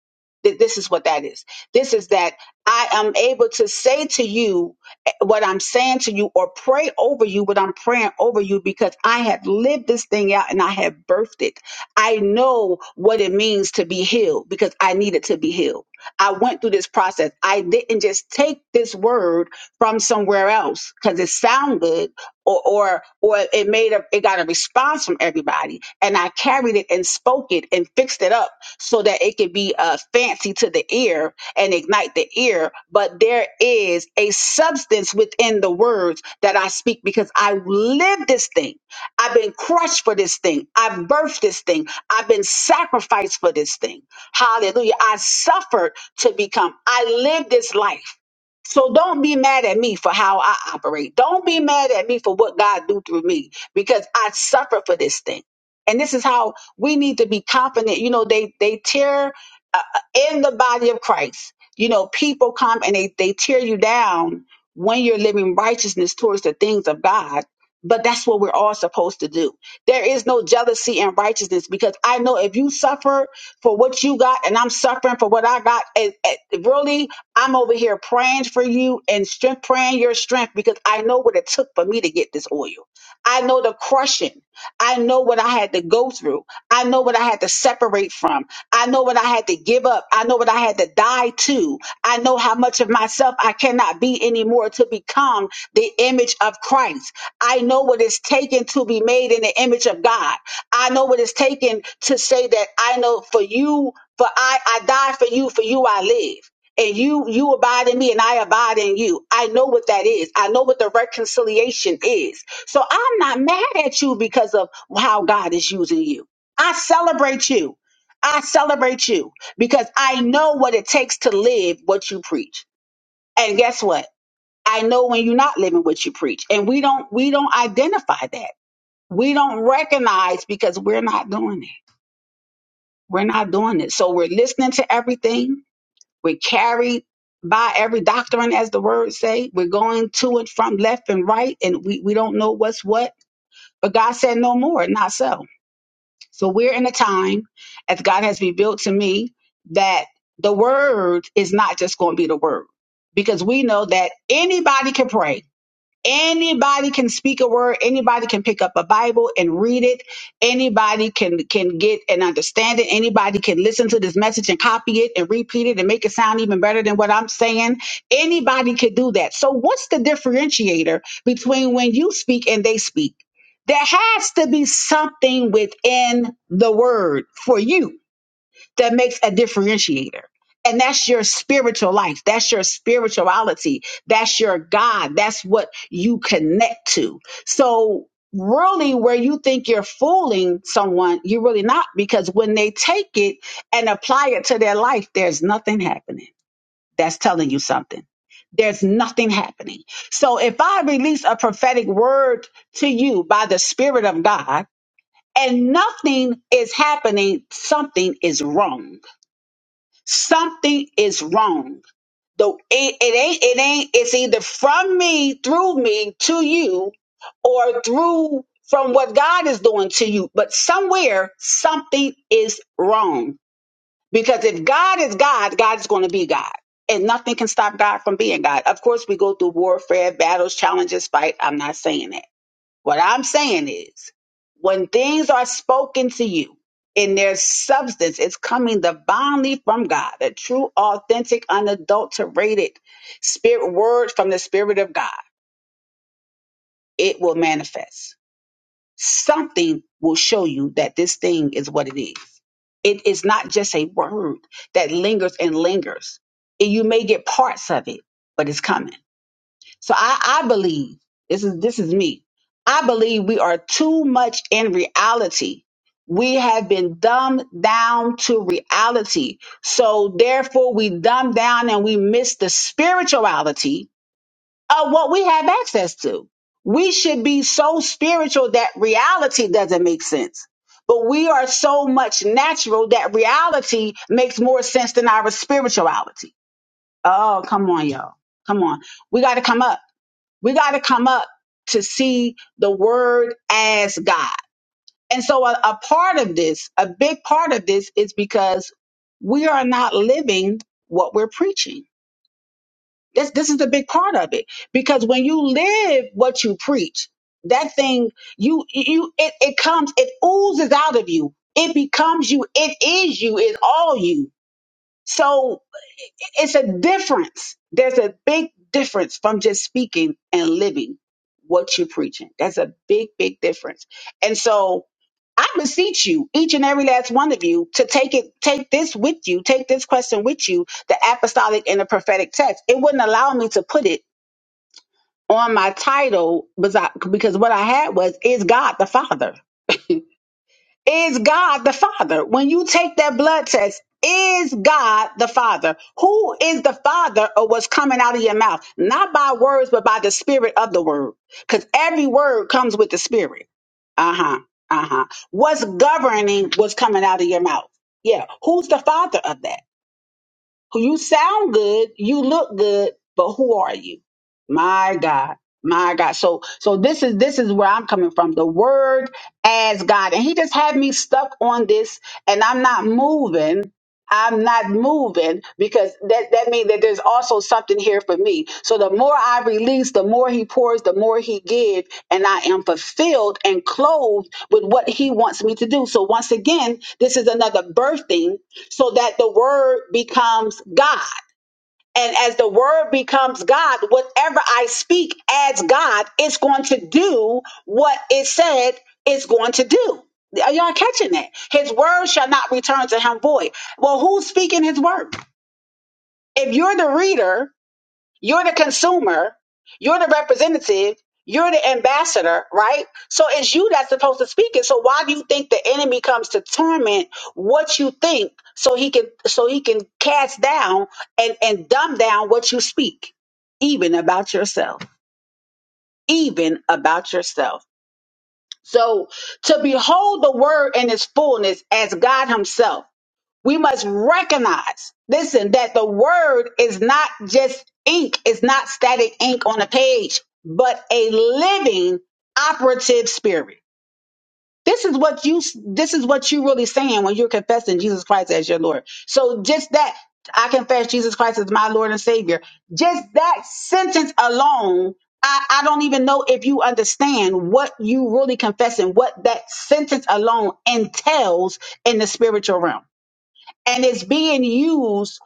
Speaker 1: Th- This is what that is. This is that I am able to say to you what I'm saying to you or pray over you what I'm praying over you because I have lived this thing out and I have birthed it. I know what it means to be healed because I needed to be healed. I went through this process. I didn't just take this word from somewhere else because it sounded good or or or it made a it got a response from everybody and I carried it and spoke it and fixed it up so that it could be uh fancy to the ear and ignite the ear, but there is a substance within the words that I speak because I live this thing. I've been crushed for this thing. I've birthed this thing. I've been sacrificed for this thing. Hallelujah. I suffered to become. I live this life. So don't be mad at me for how I operate. Don't be mad at me for what God do through me because I suffer for this thing. And this is how we need to be confident. You know, they they tear. uh, in the body of Christ. You know, people come and they, they tear you down when you're living righteousness towards the things of God. But that's what we're all supposed to do. There is no jealousy in righteousness because I know if you suffer for what you got and I'm suffering for what I got, and, and really, I'm over here praying for you and strength, praying your strength because I know what it took for me to get this oil. I know the crushing. I know what I had to go through. I know what I had to separate from. I know what I had to give up. I know what I had to die to. I know how much of myself I cannot be anymore to become the image of Christ. I know what it's taken to be made in the image of God. I know what it's taken to say that I know for you, for I, I die for you, for you I live. And you, you abide in me and I abide in you. I know what that is. I know what the reconciliation is. So I'm not mad at you because of how God is using you. I celebrate you. I celebrate you because I know what it takes to live what you preach. And guess what? I know when you're not living what you preach. And we don't we don't identify that. We don't recognize because we're not doing it. We're not doing it. So we're listening to everything. We're carried by every doctrine, as the words say. We're going to and from left and right, and we, we don't know what's what. But God said no more, not so. So we're in a time, as God has revealed to me, that the word is not just going to be the word. Because we know that anybody can pray. Anybody can speak a word. Anybody can pick up a Bible and read it. Anybody can can get and understand it. Anybody can listen to this message and copy it and repeat it and make it sound even better than what I'm saying. Anybody could do that. So what's the differentiator between when you speak and they speak? There has to be something within the word for you that makes a differentiator. And that's your spiritual life. That's your spirituality. That's your God. That's what you connect to. So, really, where you think you're fooling someone, you're really not because when they take it and apply it to their life, there's nothing happening. That's telling you something. There's nothing happening. So, if I release a prophetic word to you by the Spirit of God and nothing is happening, something is wrong something is wrong. Though it, it ain't, it ain't, it's either from me, through me to you, or through from what God is doing to you. But somewhere, something is wrong. Because if God is God, God is going to be God. And nothing can stop God from being God. Of course, we go through warfare, battles, challenges, fight. I'm not saying that. What I'm saying is, when things are spoken to you in their substance, it's coming divinely from God, a true, authentic, unadulterated spirit word from the Spirit of God. It will manifest. Something will show you that this thing is what it is. It is not just a word that lingers and lingers. And you may get parts of it, but it's coming. So I, I believe this is this is me. I believe we are too much in reality. We have been dumbed down to reality. So therefore we dumb down and we miss the spirituality of what we have access to. We should be so spiritual that reality doesn't make sense. But we are so much natural that reality makes more sense than our spirituality. Oh, come on, y'all. Come on. We got to come up. We got to come up to see the word as God. And so, a, a part of this, a big part of this, is because we are not living what we're preaching. This, this is the big part of it. Because when you live what you preach, that thing, you, you, it, it comes, it oozes out of you. It becomes you. It is you. It's all you. So it's a difference. There's a big difference from just speaking and living what you're preaching. That's a big, big difference. And so I beseech you, each and every last one of you, to take it, take this with you, take this question with you, the apostolic and the prophetic text. It wouldn't allow me to put it on my title because I- because what I had was, is God the Father? Is God the Father? When you take that blood test, is God the Father? Who is the Father of what's coming out of your mouth? Not by words, but by the spirit of the word. Because every word comes with the spirit. Uh huh. Uh huh. What's governing what's coming out of your mouth? Yeah. Who's the Father of that? You sound good, you look good, but who are you? My God. My God. So so this is this is where I'm coming from. The word as God. And he just had me stuck on this and I'm not moving. I'm not moving because that, that means that there's also something here for me. So the more I release, the more he pours, the more he gives, and I am fulfilled and clothed with what he wants me to do. So once again, this is another birthing so that the word becomes God. And as the word becomes God, whatever I speak as God, it's going to do what it said it's going to do. Are y'all catching that? His word shall not return to him void. Well, who's speaking his word? If you're the reader you're the consumer. You're the representative. You're the ambassador, right? So it's you that's supposed to speak it. So why do you think the enemy comes to torment what you think so he can so he can cast down and, and dumb down what you speak, even about yourself, even about yourself. So to behold the word in its fullness as God himself we must recognize, listen, that the word is not just ink, it's not static ink on a page, but a living operative spirit. This is what you this is what you really saying when you're confessing Jesus Christ as your Lord. So just that I confess Jesus Christ as my Lord and Savior. Just that sentence alone, I, I don't even know if you understand what you really confessing, what that sentence alone entails in the spiritual realm and it's being used,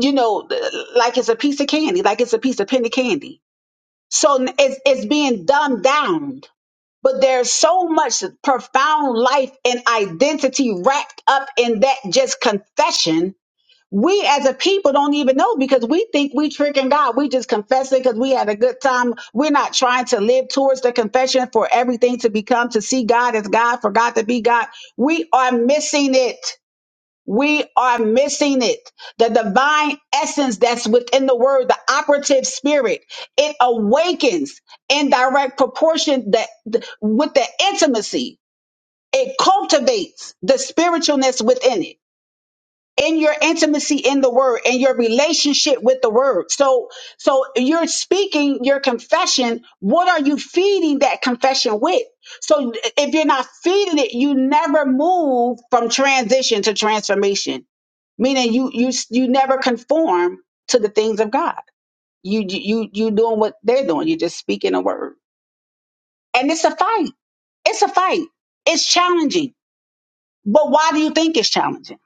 Speaker 1: you know, th- like it's a piece of candy, like it's a piece of penny candy. So n- it's it's being dumbed down. But there's so much profound life and identity wrapped up in that just confession. We as a people don't even know because we think we tricking God. We just confess it because we had a good time. We're not trying to live towards the confession for everything to become to see God as God, for God to be God. We are missing it we are missing it. The divine essence that's within the word, the operative spirit, it awakens in direct proportion that with the intimacy. It cultivates the spiritualness within it. In your intimacy in the word and your relationship with the word. So, so you're speaking your confession. What are you feeding that confession with? So if you're not feeding it, you never move from transition to transformation meaning you you you never conform to the things of God. You you you doing what they're doing. You're just speaking a word, and it's a fight. It's a fight. It's challenging. But why do you think it's challenging?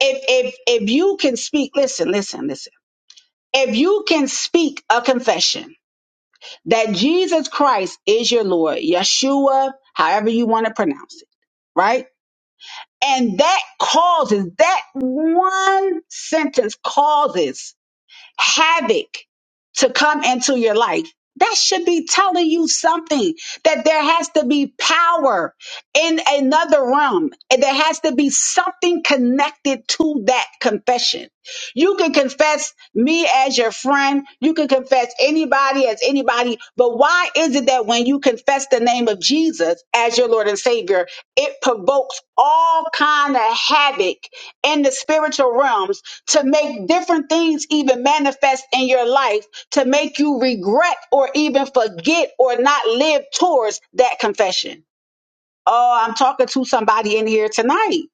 Speaker 1: If if if you can speak, listen, listen, listen. If you can speak a confession that Jesus Christ is your Lord, Yeshua, however you want to pronounce it right? And that causes, that one sentence causes havoc to come into your life. That should be telling you something that there has to be power in another realm. And there has to be something connected to that confession. You can confess me as your friend. You can confess anybody as anybody. But why is it that when you confess the name of Jesus as your Lord and Savior, it provokes all kind of havoc in the spiritual realms to make different things even manifest in your life to make you regret or even forget or not live towards that confession. Oh, I'm talking to somebody in here tonight.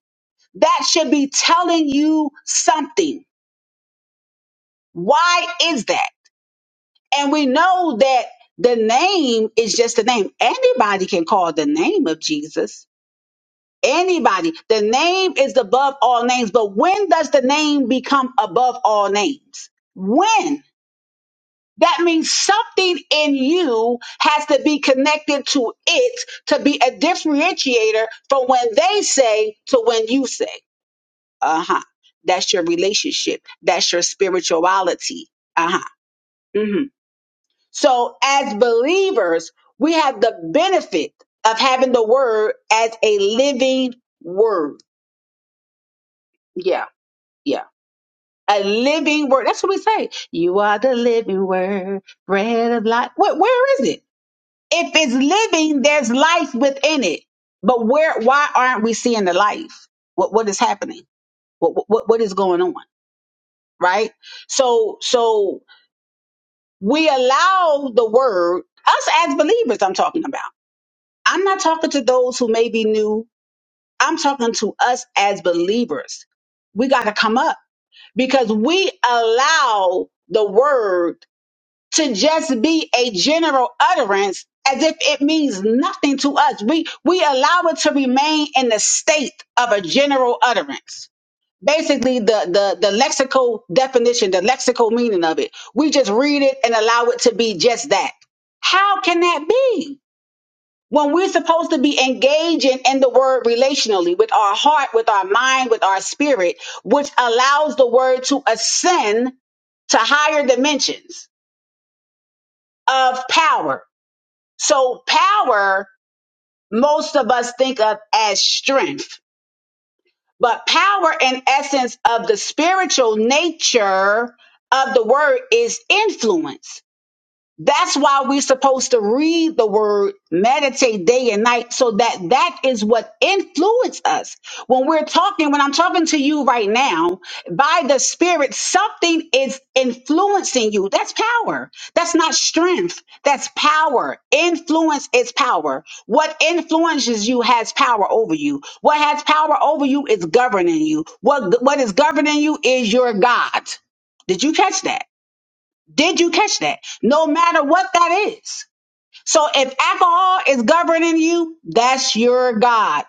Speaker 1: That should be telling you something. Why is that? And we know that the name is just a name. Anybody can call the name of Jesus. Anybody. The name is above all names. But when does the name become above all names? When? That means something in you has to be connected to it to be a differentiator from when they say to when you say. Uh huh. That's your relationship. That's your spirituality. Uh huh. hmm So, as believers, we have the benefit of having the word as a living word. Yeah. Yeah. A living word. That's what we say. You are the living word, bread of life. Where, where is it? If it's living, there's life within it. But where, why aren't we seeing the life? What, what is happening? What, what, what is going on? Right? So, so we allow the word, us as believers, I'm talking about. I'm not talking to those who may be new. I'm talking to us as believers. We got to come up because we allow the word to just be a general utterance as if it means nothing to us. We we allow it to remain in the state of a general utterance. Basically, the the the lexical definition, the lexical meaning of it. We just read it and allow it to be just that. How can that be? When we're supposed to be engaging in the word relationally with our heart, with our mind, with our spirit, which allows the word to ascend to higher dimensions of power so power, most of us think of as strength, but power in essence of the spiritual nature of the word is influence that's why we're supposed to read the word, meditate day and night, so that that is what influences us. When we're talking, when I'm talking to you right now, by the Spirit, something is influencing you. That's power. That's not strength. That's power. Influence is power. What influences you has power over you. What has power over you is governing you. What what is governing you is your God. Did you catch that? Did you catch that? No matter what that is. So if alcohol is governing you, that's your God.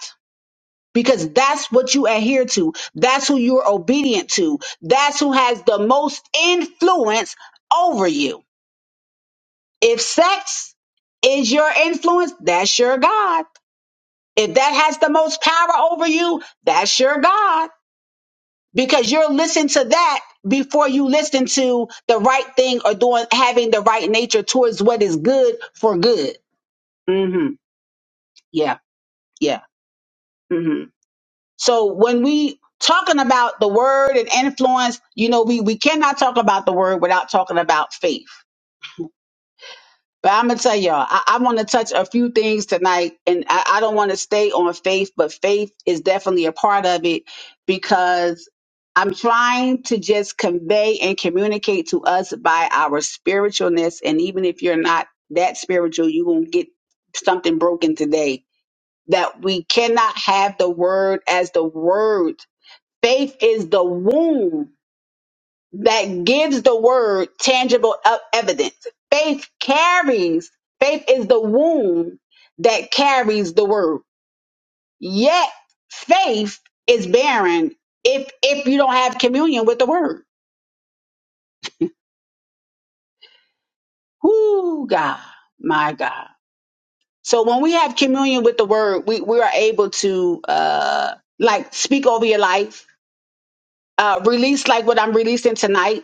Speaker 1: Because that's what you adhere to. That's who you're obedient to. That's who has the most influence over you. If sex is your influence, that's your God. If that has the most power over you, that's your God. because you're listening to that before you listen to the right thing or doing having the right nature towards what is good for good. hmm Yeah, yeah. hmm So when we talking about the word and influence, you know, we we cannot talk about the word without talking about faith But I'm gonna tell y'all, I, I want to touch a few things tonight, and I, I don't want to stay on faith, but faith is definitely a part of it because I'm trying to just convey and communicate to us by our spiritualness. And even if you're not that spiritual, you won't get something broken today. That we cannot have the word as the word. Faith is the womb that gives the word tangible e- evidence. Faith carries, faith is the womb that carries the word. Yet faith is barren if if you don't have communion with the word. Whoo God, my God. So when we have communion with the word, we, we are able to uh like speak over your life, uh release like what I'm releasing tonight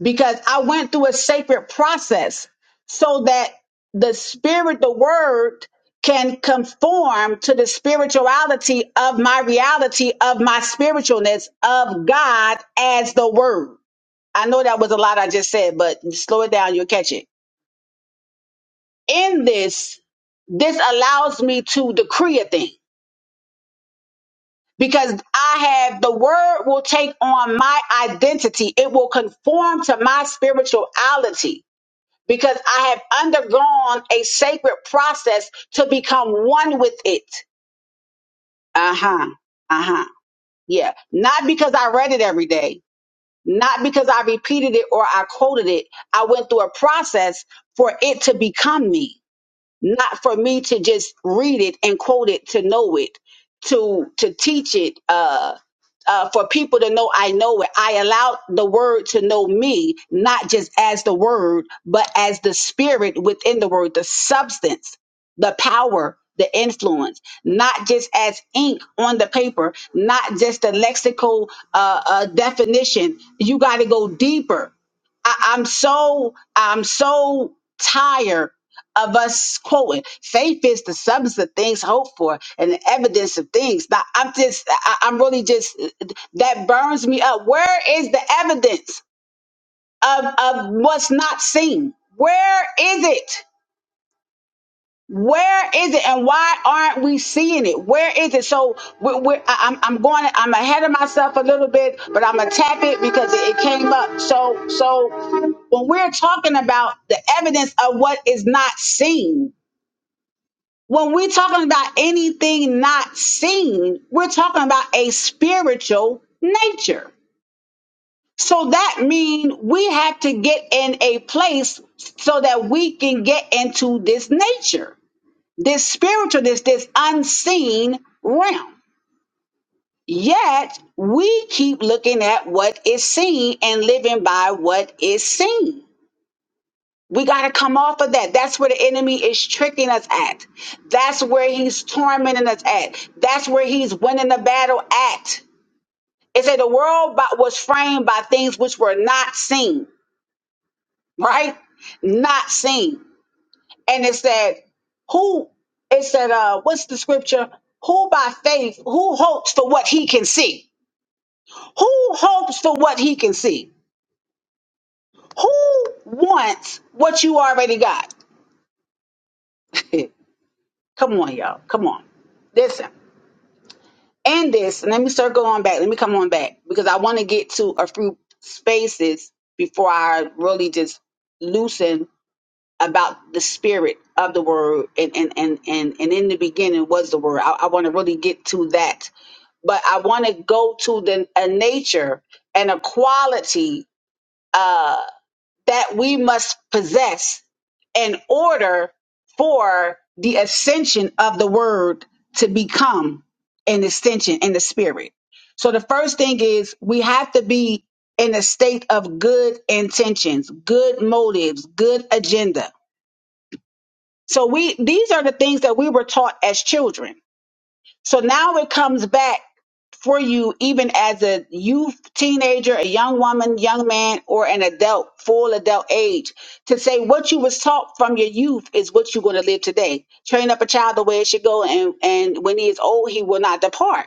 Speaker 1: because I went through a sacred process so that the spirit, the word, can conform to the spirituality of my reality, of my spiritualness, of God as the word. I know that was a lot I just said, but slow it down, you'll catch it. In this, this allows me to decree a thing because I have the word will take on my identity, it will conform to my spirituality because I have undergone a sacred process to become one with it. Uh huh. Uh huh. Yeah. Not because I read it every day, not because I repeated it or I quoted it. I went through a process for it to become me not for me to just read it and quote it to know it to to teach it uh uh, for people to know I know it. I allow the word to know me, not just as the word, but as the spirit within the word, the substance, the power, the influence, not just as ink on the paper, not just the lexical uh, uh, definition. You got to go deeper. I- I'm so I'm so tired of us quoting. Faith is the substance of things hoped for and the evidence of things. Now, I'm just, I, I'm really just, that burns me up. Where is the evidence of, of what's not seen? Where is it? Where is it, and why aren't we seeing it? Where is it? So we're, we're, I- I'm, I'm going. I'm ahead of myself a little bit, but I'm gonna tap it because it, it came up. So, so when we're talking about the evidence of what is not seen, When we're talking about anything not seen, we're talking about a spiritual nature. So that means we have to get in a place so that we can get into this nature, this spiritual, this, this unseen realm. Yet we keep looking at what is seen and living by what is seen We got to come off of that. That's where the enemy is tricking us at. That's where he's tormenting us at. That's where he's winning the battle at. It said the world by, was framed by things which were not seen, right? Not seen. And it said, who, it said, uh, what's the scripture? Who by faith, who hopes for what he can see? Who hopes for what he can see? Who wants what you already got? Come on, y'all. Come on. Listen. And this, let me circle on back. Let me come on back because I want to get to a few spaces before I really just loosen about the spirit of the word and and and and, and in the beginning was the word. I, I want to really get to that. But I want to go to the a nature and a quality uh, that we must possess in order for the ascension of the word to become an extension in the spirit. So the first thing is we have to be in a state of good intentions, good motives, good agenda. So we these are the things that we were taught as children so now it comes back for you, even as a youth, teenager, a young woman, young man, or an adult, full adult age, to say what you was taught from your youth is what you're going to live today. Train up a child the way it should go, and, and when he is old, he will not depart.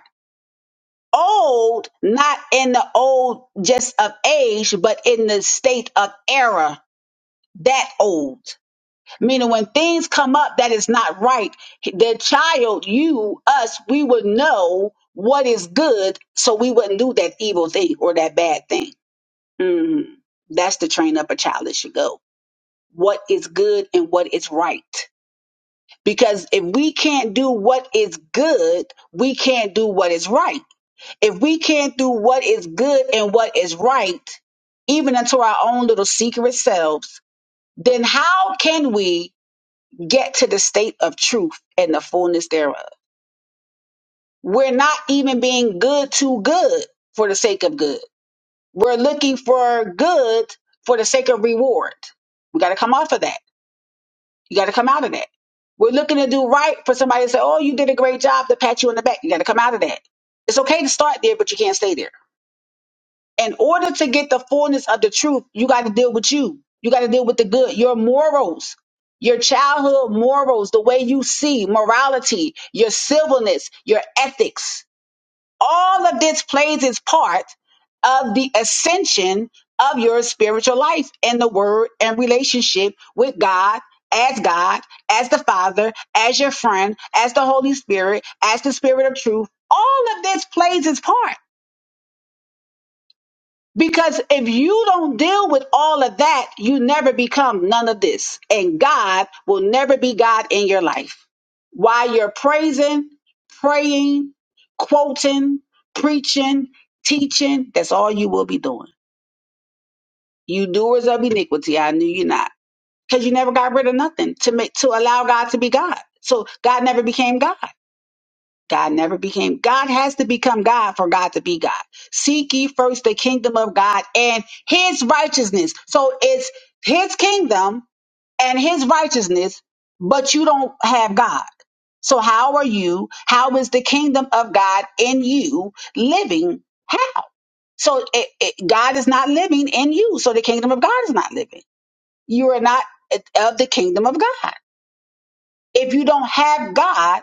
Speaker 1: Old, not in the old just of age, but in the state of error, that old. Meaning, when things come up that is not right, the child, you, us, we would know what is good, so we wouldn't do that evil thing or that bad thing. Mhm. That's the train up a child that should go. What is good and what is right. Because if we can't do what is good, we can't do what is right. If we can't do what is good and what is right, even unto our own little secret selves, then how can we? get to the state of truth and the fullness thereof. We're not even being good to good for the sake of good. We're looking for good for the sake of reward. We got to come off of that. You got to come out of that. We're looking to do right for somebody to say, Oh, you did a great job to pat you on the back. You got to come out of that. It's okay to start there, but you can't stay there. in order to get the fullness of the truth, you got to deal with you. You got to deal with the good, your morals, your childhood morals, the way you see morality, your civilness, your ethics. All of this plays its part of the ascension of your spiritual life and the word and relationship with God, as God, as the Father, as your friend, as the Holy Spirit, as the Spirit of truth. All of this plays its part. Because if you don't deal with all of that, you never become none of this. And God will never be God in your life. While you're praising, praying, quoting, preaching, teaching, that's all you will be doing. You doers of iniquity, I knew you not. Because you never got rid of nothing to make to allow God to be God. So God never became God. God never became God has to become God for God to be God. Seek ye first the kingdom of God and his righteousness. So it's his kingdom and his righteousness, but you don't have God. So how are you? How is the kingdom of God in you living? How? So it, it, God is not living in you. So the kingdom of God is not living. You are not of the kingdom of God. If you don't have God,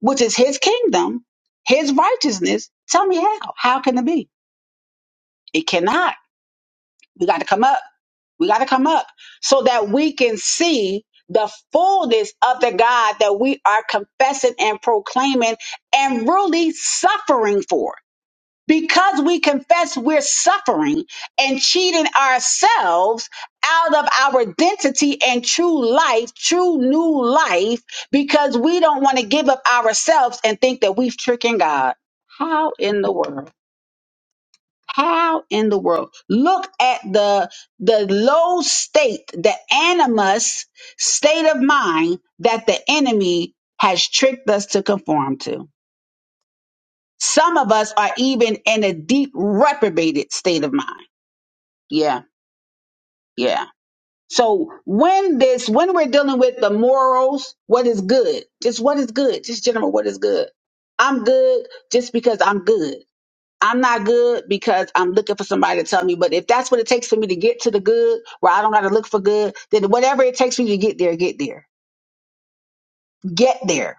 Speaker 1: which is his kingdom, his righteousness. Tell me how. How can it be? It cannot. We got to come up. We got to come up so that we can see the fullness of the God that we are confessing and proclaiming and really suffering for because we confess we're suffering and cheating ourselves out of our identity and true life, true new life, because we don't want to give up ourselves and think that we've tricking God. How in the world? How in the world? Look at the the low state, the animus state of mind that the enemy has tricked us to conform to. Some of us are even in a deep reprobated state of mind Yeah, yeah. So when this, when we're dealing with the morals, what is good? Just what is good? Just general, what is good? I'm good just because I'm good. I'm not good because I'm looking for somebody to tell me. But if that's what it takes for me to get to the good, where I don't got to look for good, then whatever it takes for me to get there, get there. Get there.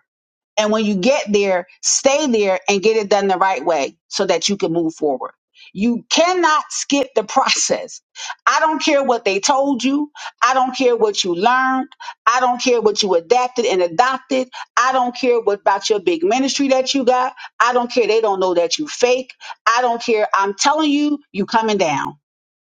Speaker 1: And when you get there, stay there and get it done the right way so that you can move forward. You cannot skip the process. I don't care what they told you. I don't care what you learned. I don't care what you adapted and adopted. I don't care what about your big ministry that you got. I don't care. They don't know that you fake. I don't care. I'm telling you, you coming down.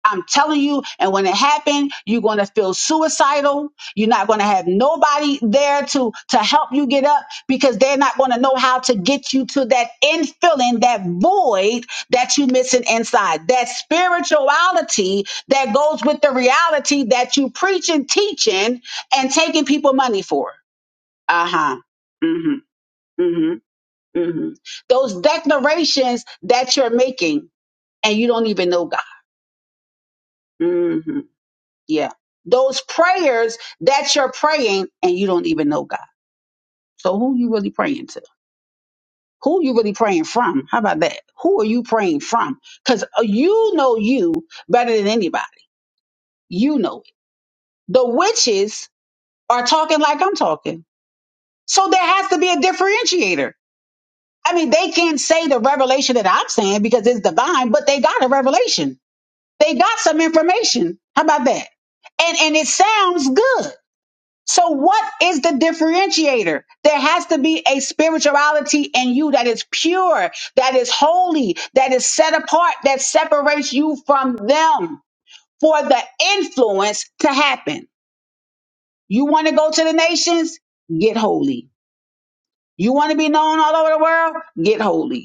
Speaker 1: I'm telling you, and when it happened, you're going to feel suicidal. You're not going to have nobody there to to help you get up because they're not going to know how to get you to that end feeling, that void that you're missing inside, that spirituality that goes with the reality that you preaching, teaching, and taking people money for. Uh huh. Mm-hmm. Mm-hmm. Mm-hmm. Those declarations that you're making, and you don't even know God. hmm Yeah. Those prayers that you're praying and you don't even know God. So who you really praying to? Who you really praying from? How about that? Who are you praying from? Because you know you better than anybody. You know it. The witches are talking like I'm talking. So there has to be a differentiator. I mean, they can't say the revelation that I'm saying because it's divine, but they got a revelation. They got some information. How about that? And and it sounds good. So what is the differentiator? There has to be a spirituality in you that is pure, that is holy, that is set apart, that separates you from them for the influence to happen. You want to go to the nations? Get holy. You want to be known all over the world? Get holy.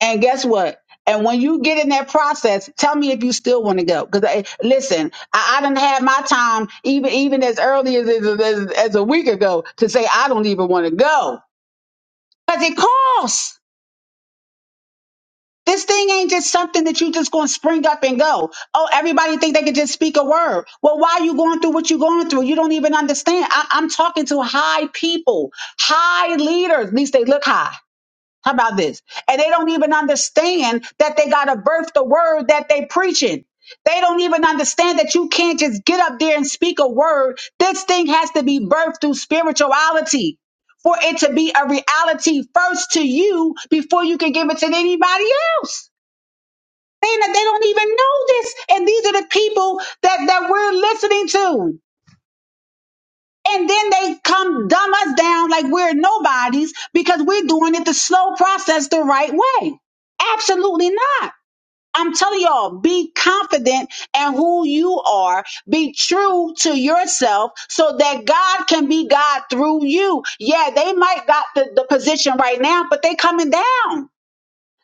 Speaker 1: And guess what? And when you get in that process, tell me if you still want to go. Because listen, I, I didn't have my time even even as early as, as as as a week ago to say I don't even want to go because it costs. This thing ain't just something that you just gonna spring up and go. Oh, everybody think they can just speak a word. Well, why are you going through what you're going through? You don't even understand. I, I'm talking to high people, high leaders. At least they look high How about this? And they don't even understand that they got to birth the word that they preaching. They don't even understand that you can't just get up there and speak a word. This thing has to be birthed through spirituality for it to be a reality first to you before you can give it to anybody else. They, they don't even know this. And these are the people that, that we're listening to. And then they come dumb us down like we're nobodies because we're doing it the slow process the right way. Absolutely not. I'm telling y'all, be confident in who you are. Be true to yourself so that God can be God through you. Yeah, they might got the, the position right now, but they coming down.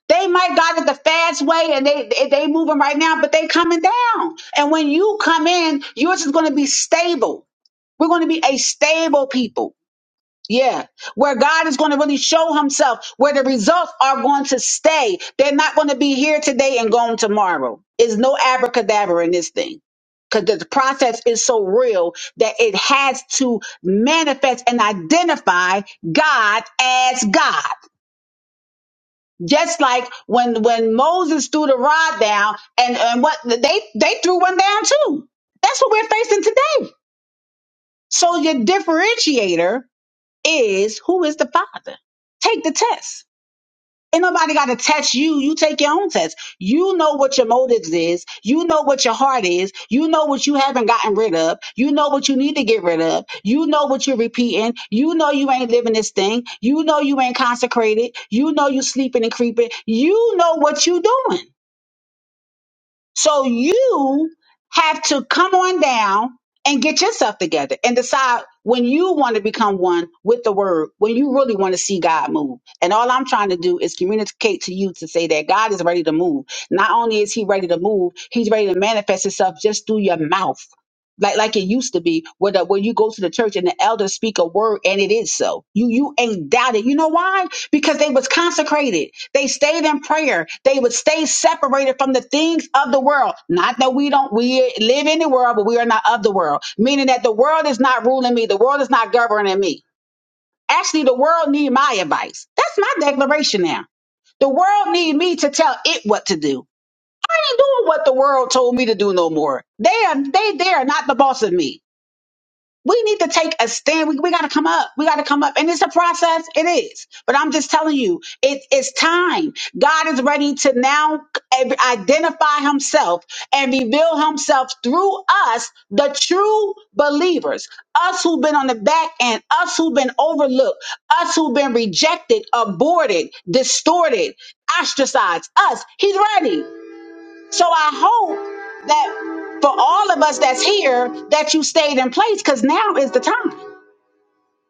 Speaker 1: They might got it the fast way and they they they moving right now, but they coming down. And when you come in, you're just going to be stable. We're going to be a stable people. Yeah, where God is going to really show himself, where the results are going to stay. They're not going to be here today and gone tomorrow. It's no abracadabra in this thing. Because the process is so real that it has to manifest and identify God as God. Just like when when Moses threw the rod down and, and what they they threw one down too. That's what we're facing today. So your differentiator is who is the father? Take the test. Ain't nobody got to test you. You take your own test. You know what your motives is. You know what your heart is. You know what you haven't gotten rid of. You know what you need to get rid of. You know what you're repeating. You know you ain't living this thing. You know you ain't consecrated. You know you sleeping and creeping. You know what you doing. So you have to come on down and get yourself together and decide when you want to become one with the word, when you really want to see God move. And all I'm trying to do is communicate to you to say that God is ready to move. Not only is he ready to move, he's ready to manifest himself just through your mouth. Like like it used to be, where the, where you go to the church and the elders speak a word and it is so. You you ain't doubted. You know why? Because they was consecrated. They stayed in prayer. They would stay separated from the things of the world. Not that we don't, we live in the world, but we are not of the world. Meaning that the world is not ruling me. The world is not governing me. Actually, the world need my advice. That's my declaration now. The world need me to tell it what to do. I ain't doing what the world told me to do no more. They are, they, they are not the boss of me we need to take a stand. We, we got to come up. We got to come up. And it's a process. It is. But I'm just telling you, it, it's time. God is ready to now identify himself and reveal himself through us, the true believers, us who've been on the back end, us who've been overlooked, us who've been rejected, aborted, distorted, ostracized, us. He's ready. So I hope that for all of us that's here, that you stayed in place because now is the time.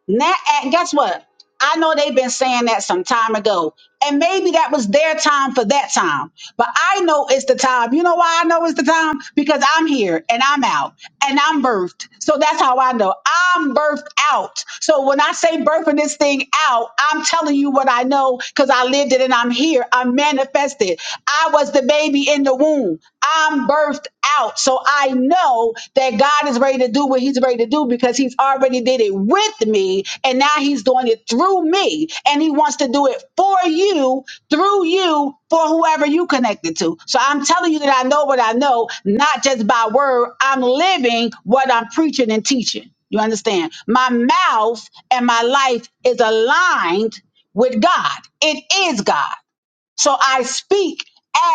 Speaker 1: Now, and guess what? I know they've been saying that some time ago, and maybe that was their time for that time. But I know it's the time. You know why I know it's the time? Because I'm here and I'm out and I'm birthed. So that's how I know I'm birthed out. So when I say birthing this thing out, I'm telling you what I know because I lived it and I'm here. I'm manifested. I was the baby in the womb. I'm birthed out. So I know know that God is ready to do what he's ready to do because he's already did it with me and now he's doing it through me and he wants to do it for you through you for whoever you connected to. So I'm telling you that I know what I know, not just by word. I'm living what I'm preaching and teaching. You understand? My mouth and my life is aligned with God. It is God. So I speak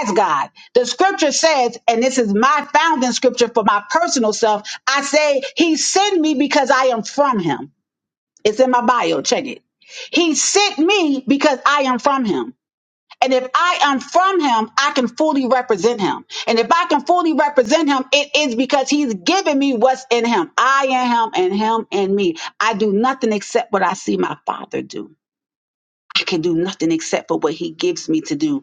Speaker 1: as God. The scripture says, and this is my founding scripture for my personal self, I say, He sent me because I am from Him. It's in my bio. Check it. He sent me because I am from Him. And if I am from him, I can fully represent him. And if I can fully represent him, it is because he's given me what's in him. I am him and him and me. I do nothing except what I see my father do. I can do nothing except for what he gives me to do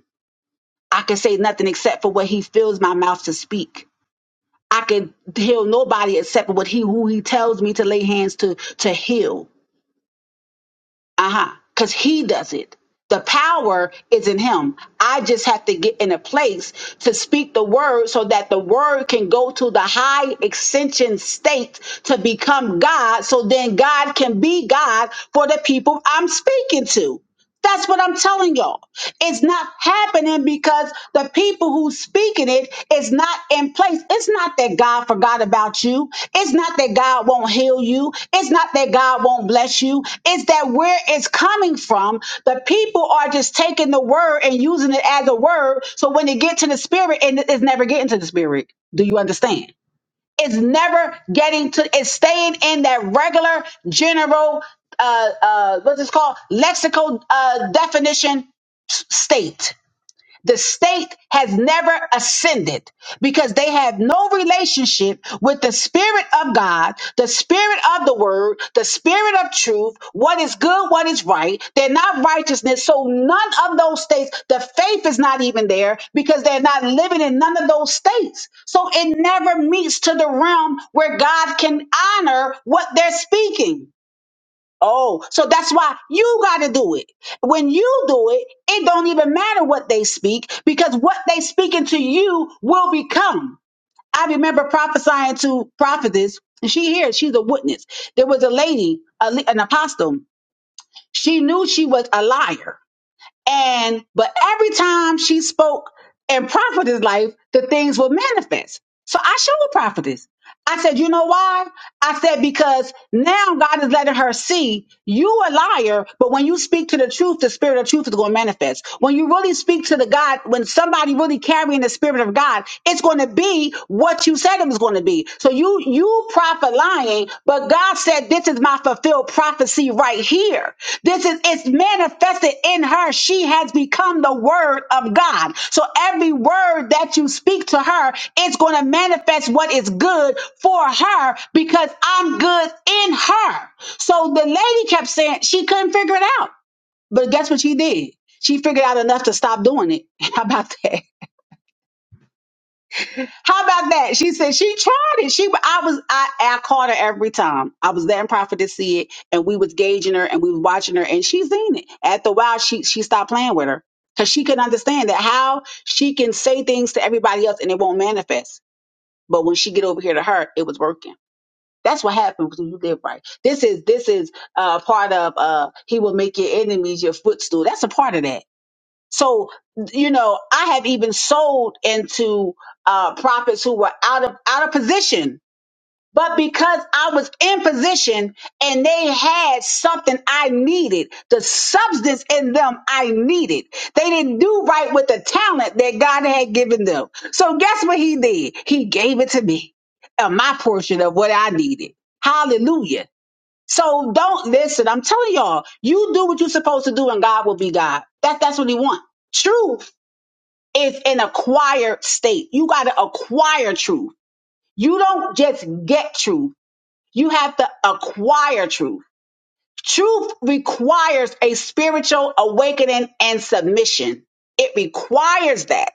Speaker 1: I can say nothing except for what he fills my mouth to speak. I can heal nobody except for what he who he tells me to lay hands to to heal. Uh-huh. Cause he does it. The power is in him. I just have to get in a place to speak the word so that the word can go to the high extension state to become God. So then God can be God for the people I'm speaking to. That's what I'm telling y'all. It's not happening because the people who speaking it is not in place. It's not that God forgot about you. It's not that God won't heal you. It's not that God won't bless you. It's that where it's coming from, the people are just taking the word and using it as a word. So when they get to the spirit, and it's never getting to the spirit. Do you understand? It's never getting to, it's staying in that regular general, uh, uh, what's this called? Lexical, uh, definition s- state the state has never ascended because they have no relationship with the spirit of God, the spirit of the word, the spirit of truth, what is good, what is right. They're not righteousness. So none of those states, the faith is not even there because they're not living in none of those states. So it never meets to the realm where God can honor what they're speaking. Oh, so that's why you got to do it. When you do it, it don't even matter what they speak because what they speaking to you will become. I remember prophesying to prophetess, and she here, she's a witness. There was a lady, a, le- an apostle. She knew she was a liar and but every time she spoke in prophetess life, the things would manifest. So I showed prophetess. I said, you know why? I said, because now God is letting her see you a liar, but when you speak to the truth, the spirit of truth is going to manifest. When you really speak to the God, when somebody really carrying the spirit of God, it's going to be what you said it was going to be. So you, you prophet lying but God said, This is my fulfilled prophecy right here. This is it's manifested in her. She has become the word of God. So every word that you speak to her, it's going to manifest what is good for her because I'm good in her. So the lady kept saying she couldn't figure it out. But guess what she did? She figured out enough to stop doing it. How about that? How about that? She said she tried it. She, I was, I, I caught her every time. I was letting Prophet to see it, and we was gauging her, and we was watching her, and she seen it. After a while, she she stopped playing with her because she couldn't understand that how she can say things to everybody else and it won't manifest. But when she get over here to her, it was working. That's what happens when you live right. This is this is uh, part of uh, he will make your enemies your footstool. That's a part of that so, you know, I have even sold into uh, prophets who were out of out of position, but because I was in position and they had something I needed, the substance in them I needed. They didn't do right with the talent that God had given them. So guess what he did? He gave it to me, uh, my portion of what I needed. Hallelujah. So don't listen. I'm telling y'all, you do what you're supposed to do, and God will be God. That that's what He wants. Truth is an acquired state. You got to acquire truth. You don't just get truth. You have to acquire truth. Truth requires a spiritual awakening and submission. It requires that.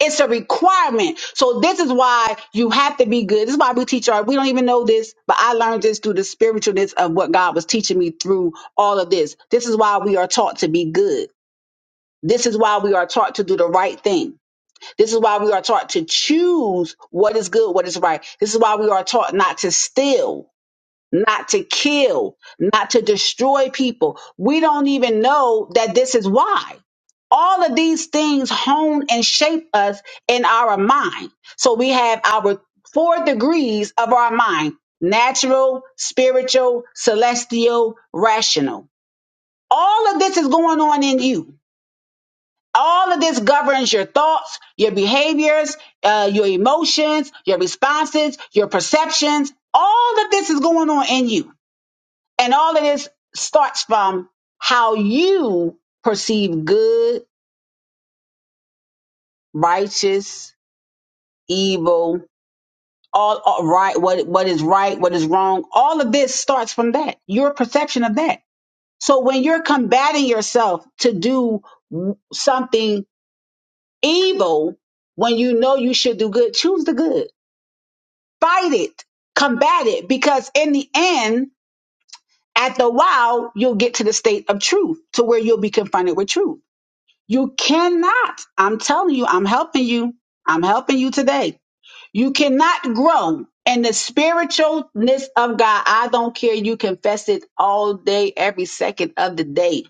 Speaker 1: It's a requirement. So this is why you have to be good. This is why we teach our, we don't even know this, but I learned this through the spiritualness of what God was teaching me through all of this. This is why we are taught to be good. This is why we are taught to do the right thing. This is why we are taught to choose what is good, what is right. This is why we are taught not to steal not to kill, not to destroy people. We don't even know that this is why. All of these things hone and shape us in our mind. So we have our four degrees of our mind natural, spiritual, celestial, rational. All of this is going on in you. All of this governs your thoughts, your behaviors, uh, your emotions, your responses, your perceptions. All of this is going on in you. And all of this starts from how you perceive good, righteous, evil, all, all right, what what is right, what is wrong. All of this starts from that, your perception of that. So when you're combating yourself to do w- something evil, when you know you should do good, choose the good. Fight it, combat it, because in the end, at the while, you'll get to the state of truth, to where you'll be confronted with truth. You cannot. I'm telling you, I'm helping you. I'm helping you today. You cannot grow in the spiritualness of God. I don't care. You confess it all day, every second of the day.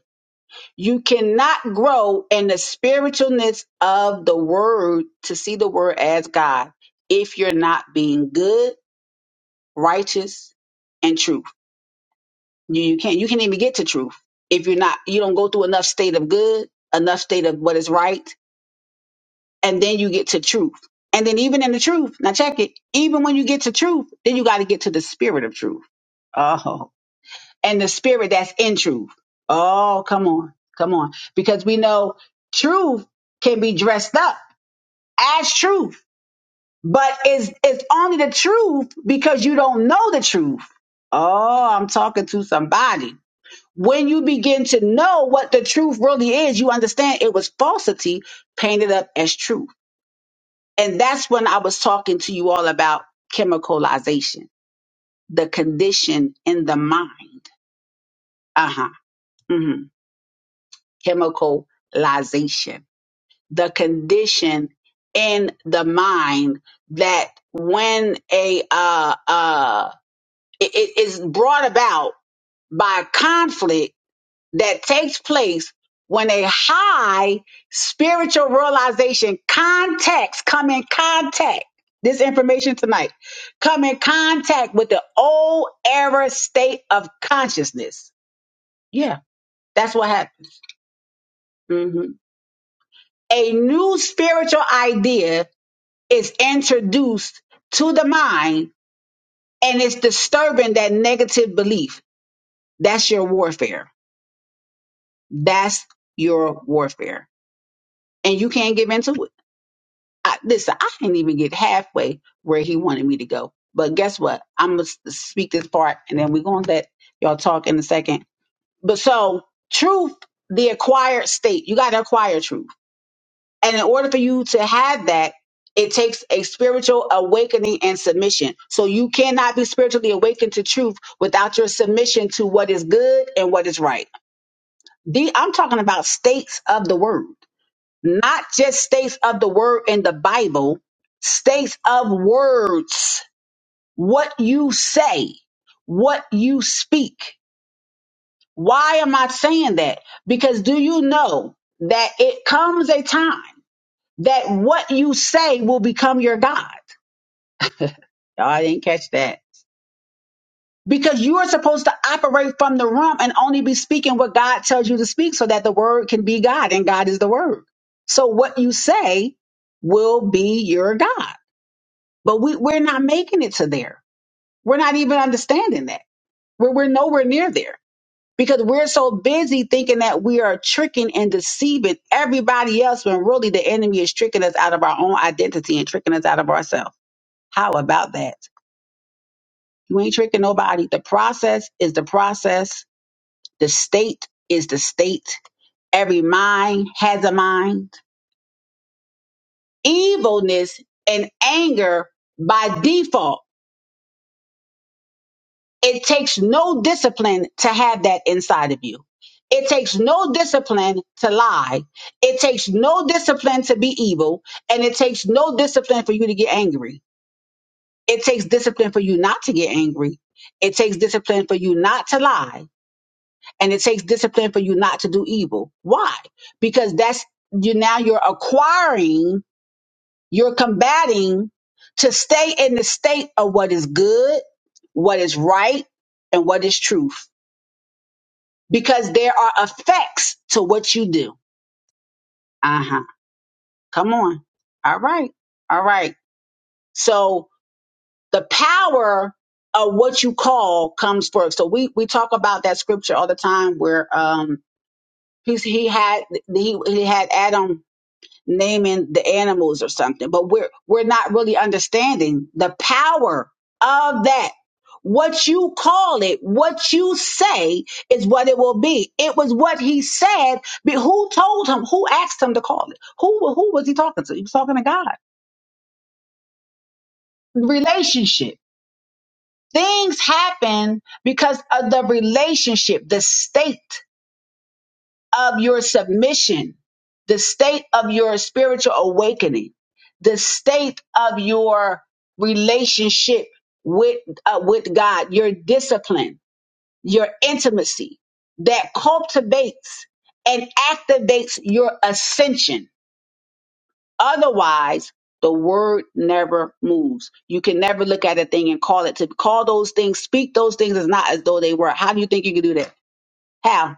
Speaker 1: You cannot grow in the spiritualness of the word to see the word as God if you're not being good, righteous, and truth. You, you can't. You can't even get to truth if you're not. You don't go through enough state of good, enough state of what is right and then you get to truth. And then even in the truth, now check it, even when you get to truth, then you got to get to the spirit of truth. Oh, and the spirit that's in truth. Oh, come on, come on. Because we know truth can be dressed up as truth, but it's, it's only the truth because you don't know the truth. Oh, I'm talking to somebody. When you begin to know what the truth really is, you understand it was falsity painted up as truth. And that's when I was talking to you all about chemicalization, the condition in the mind. Uh huh. hmm Chemicalization, the condition in the mind that when a uh uh it it is brought about by conflict that takes place when a high spiritual realization contacts come in contact this information tonight come in contact with the old error state of consciousness yeah that's what happened Mhm. a new spiritual idea is introduced to the mind and it's disturbing that negative belief that's your warfare that's your warfare and you can't give in to it I, listen, I didn't even get halfway where he wanted me to go. But guess what? I'm gonna speak this part, and then we're gonna let y'all talk in a second. But so, truth, the acquired state, you gotta acquire truth, and in order for you to have that, it takes a spiritual awakening and submission. So you cannot be spiritually awakened to truth without your submission to what is good and what is right. The, I'm talking about states of the word not just states of the word in the Bible, states of words, what you say, what you speak. Why am I saying that? Because do you know that it comes a time that what you say will become your God? Y'all, I didn't catch that. Because you are supposed to operate from the rump and only be speaking what God tells you to speak so that the word can be God and God is the word. So what you say will be your God. But we, we're not making it to there. We're not even understanding that. We're, we're nowhere near there because we're so busy thinking that we are tricking and deceiving everybody else when really the enemy is tricking us out of our own identity and tricking us out of ourselves. How about that? You ain't tricking nobody. The process is the process, the state is the state. Every mind has a mind. Evilness and anger by default It takes no discipline to have that inside of you. It takes no discipline to lie. It takes no discipline to be evil. And it takes no discipline for you to get angry. It takes discipline for you not to get angry. It takes discipline for you not to lie. And it takes discipline for you not to do evil. Why? Because that's you now you're acquiring, you're combating to stay in the state of what is good, what is right, and what is truth because there are effects to what you do. Uh huh. Come on. All right. All right. So the power of what you call comes first. So we we talk about that scripture all the time where um he's he had he he had Adam naming the animals or something but we're we're not really understanding the power of that what you call it what you say is what it will be it was what he said but who told him who asked him to call it who who was he talking to he was talking to god relationship things happen because of the relationship the state of your submission, the state of your spiritual awakening, the state of your relationship with uh, with God, your discipline, your intimacy that cultivates and activates your ascension. Otherwise, the word never moves. You can never look at a thing and call it to call those things, speak those things as not as though they were. How do you think you can do that? How?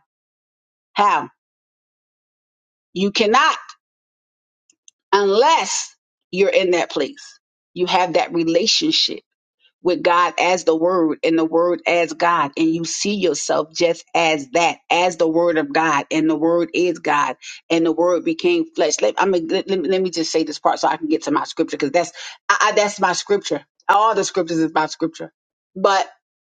Speaker 1: How? You cannot unless you're in that place. You have that relationship with God as the Word and the Word as God, and you see yourself just as that, as the Word of God, and the Word is God, and the Word became flesh. Let, I'm, gonna- let, let me let me just say this part so I can get to my scripture because that's I, I, that's my scripture. All the scriptures is my scripture, but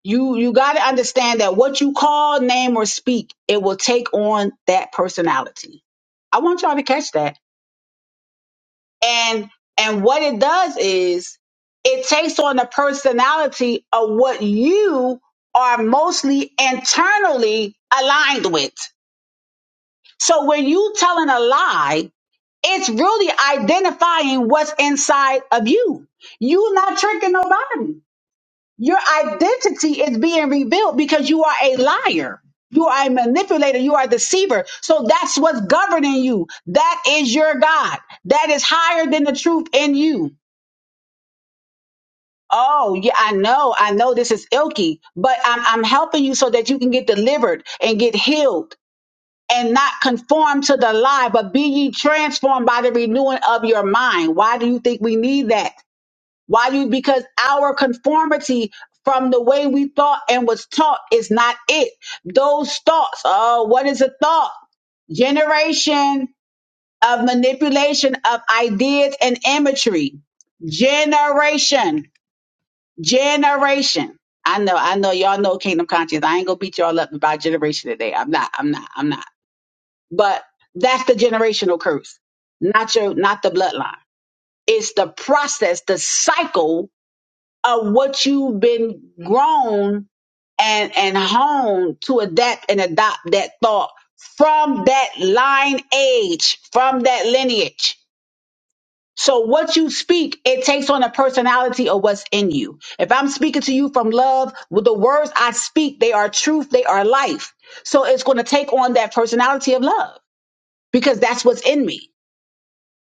Speaker 1: you you got to understand that what you call, name, or speak, it will take on that personality. I want y'all to catch that and and what it does is it takes on the personality of what you are mostly internally aligned with so when you telling a lie it's really identifying what's inside of you you are not tricking nobody your identity is being rebuilt because you are a liar you are a manipulator. You are a deceiver. So that's what's governing you. That is your God. That is higher than the truth in you. Oh, yeah, I know. I know this is ilky, but I'm, I'm helping you so that you can get delivered and get healed and not conform to the lie, but be ye transformed by the renewing of your mind. Why do you think we need that? Why do you? Because our conformity from the way we thought and was taught is not it. Those thoughts, oh, what is a thought? Generation of manipulation of ideas and imagery. Generation generation. I know, I know y'all know kingdom conscious. I ain't gonna beat y'all up about generation today. I'm not, I'm not, I'm not. But that's the generational curse. Not your not the bloodline. It's the process, the cycle of what you've been grown and and honed to adapt and adopt that thought from that line age, from that lineage. So what you speak, it takes on a personality of what's in you. If I'm speaking to you from love, with the words I speak, they are truth, they are life. So it's going to take on that personality of love because that's what's in me.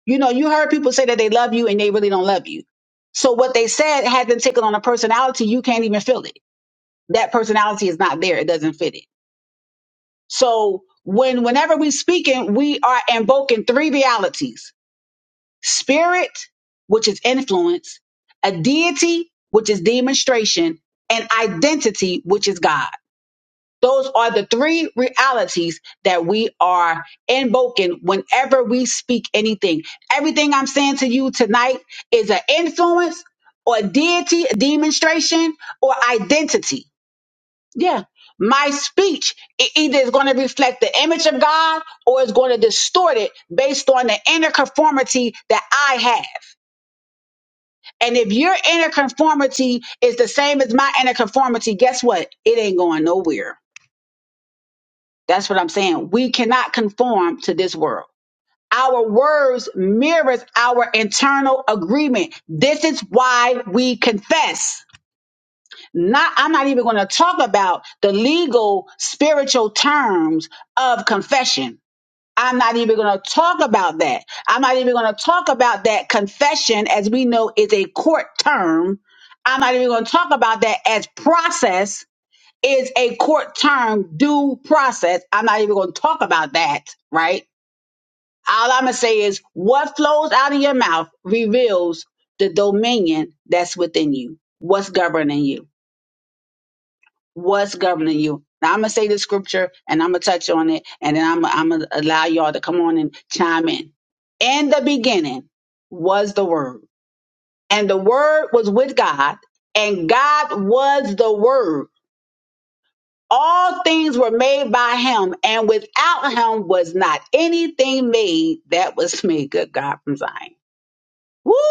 Speaker 1: You know, you heard people say that they love you and they really don't love you. So what they said hasn't taken on a personality, you can't even feel it. That personality is not there. It doesn't fit it. So when whenever we speaking, we are invoking three realities spirit, which is influence, a deity, which is demonstration, and identity, which is God. Those are the three realities that we are invoking whenever we speak anything. Everything I'm saying to you tonight is an influence or deity, demonstration, or identity. Yeah. My speech it either is going to reflect the image of God or it's going to distort it based on the inner conformity that I have. And if your inner conformity is the same as my inner conformity, guess what? It ain't going nowhere. That's what I'm saying. We cannot conform to this world. Our words mirrors our internal agreement. This is why we confess. Not I'm not even going to talk about the legal spiritual terms of confession I'm not even going to talk about that. I'm not even going to talk about that confession as we know is a court term. I'm not even going to talk about that as process is a court term due process. I'm not even going to talk about that, right? All I'm going to say is what flows out of your mouth reveals the dominion that's within you. What's governing you? what's governing you. Now I'm gonna say the scripture and I'm gonna touch on it, and then I'm I'm gonna allow y'all to come on and chime in. In the beginning was the Word, and the Word was with God, and God was the Word. All things were made by Him, and without Him was not anything made that was made. Good God from Zion. Woo!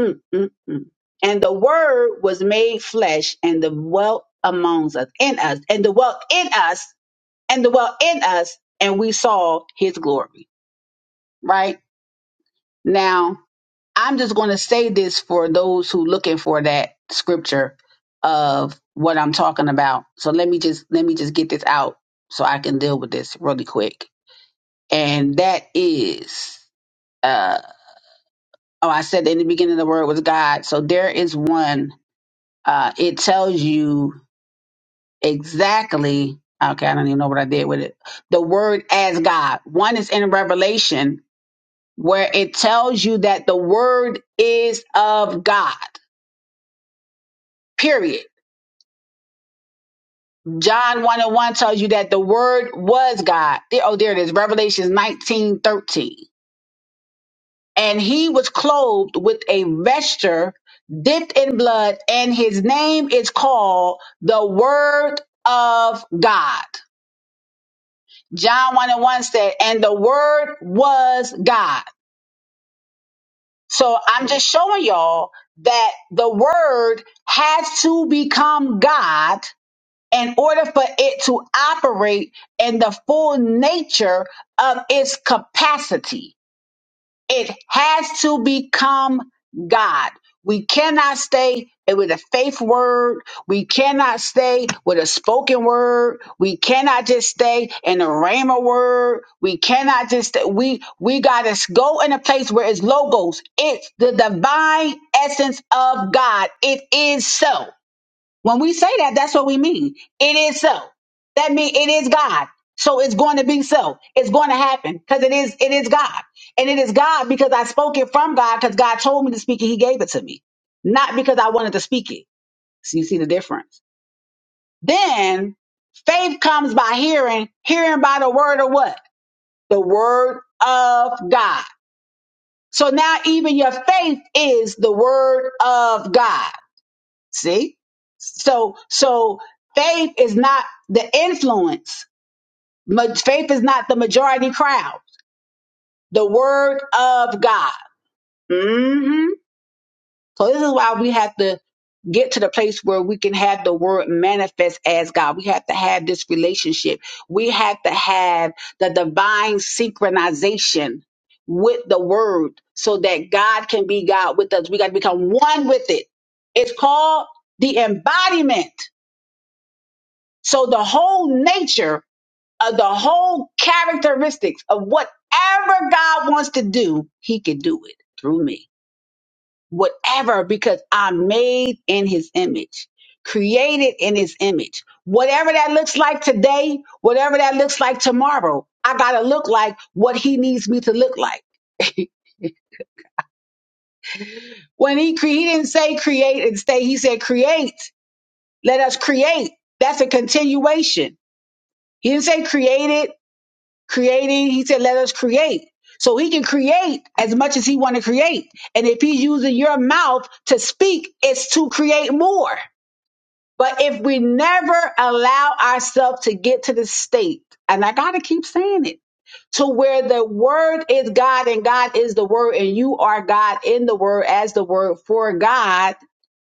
Speaker 1: Mm, mm, mm. And the Word was made flesh and dwelt among us, in us, and dwelt in us and dwell in us, and we saw his glory. Right? Now, I'm just going to say this for those who looking for that scripture of what I'm talking about. So let me just let me just get this out so I can deal with this really quick. And that is uh oh I said in the beginning the word was God. So there is one uh it tells you exactly okay, I don't even know what I did with it. The word as God. One is in Revelation where it tells you that the word is of God. Period. John 1 and 1 tells you that the word was God. There- Oh, there it is. Revelations 19 13, And he was clothed with a vesture dipped in blood, and his name is called the Word of God. John 1 and 1 said, and the word was God. So I'm just showing y'all that the word has to become God in order for it to operate in the full nature of its capacity, it has to become God. We cannot stay with a faith word. We cannot stay with a spoken word. We cannot just stay in a rhema word. We cannot just stay. we we gotta go in a place where it's logos. It's the divine essence of God. It is so. When we say that, that's what we mean. It is so. That means it is God. So it's going to be so. It's going to happen because it is it is God. And it is God because I spoke it from God because God told me to speak it. He gave it to me. Not because I wanted to speak it. So you see the difference. Then faith comes by hearing, hearing by the word of what? The word of God. So now even your faith is the word of God. See? So so faith is not the influence. Ma- Faith is not the majority crowd. The word of God. hmm So this is why we have to get to the place where we can have the word manifest as God. We have to have this relationship. We have to have the divine synchronization with the word so that God can be God with us. We got to become one with it. It's called the embodiment So the whole nature of the whole characteristics of whatever God wants to do, he can do it through me. Whatever, because I'm made in his image, created in his image. Whatever that looks like today, whatever that looks like tomorrow, I gotta look like what he needs me to look like. When he, cre- he didn't say create and stay, he said create. Let us create. That's a continuation. He didn't say created. creating he said let us create so he can create as much as he want to create and if he's using your mouth to speak it's to create more but if we never allow ourselves to get to the state and i gotta keep saying it to where the word is god and god is the word and you are god in the word as the word for god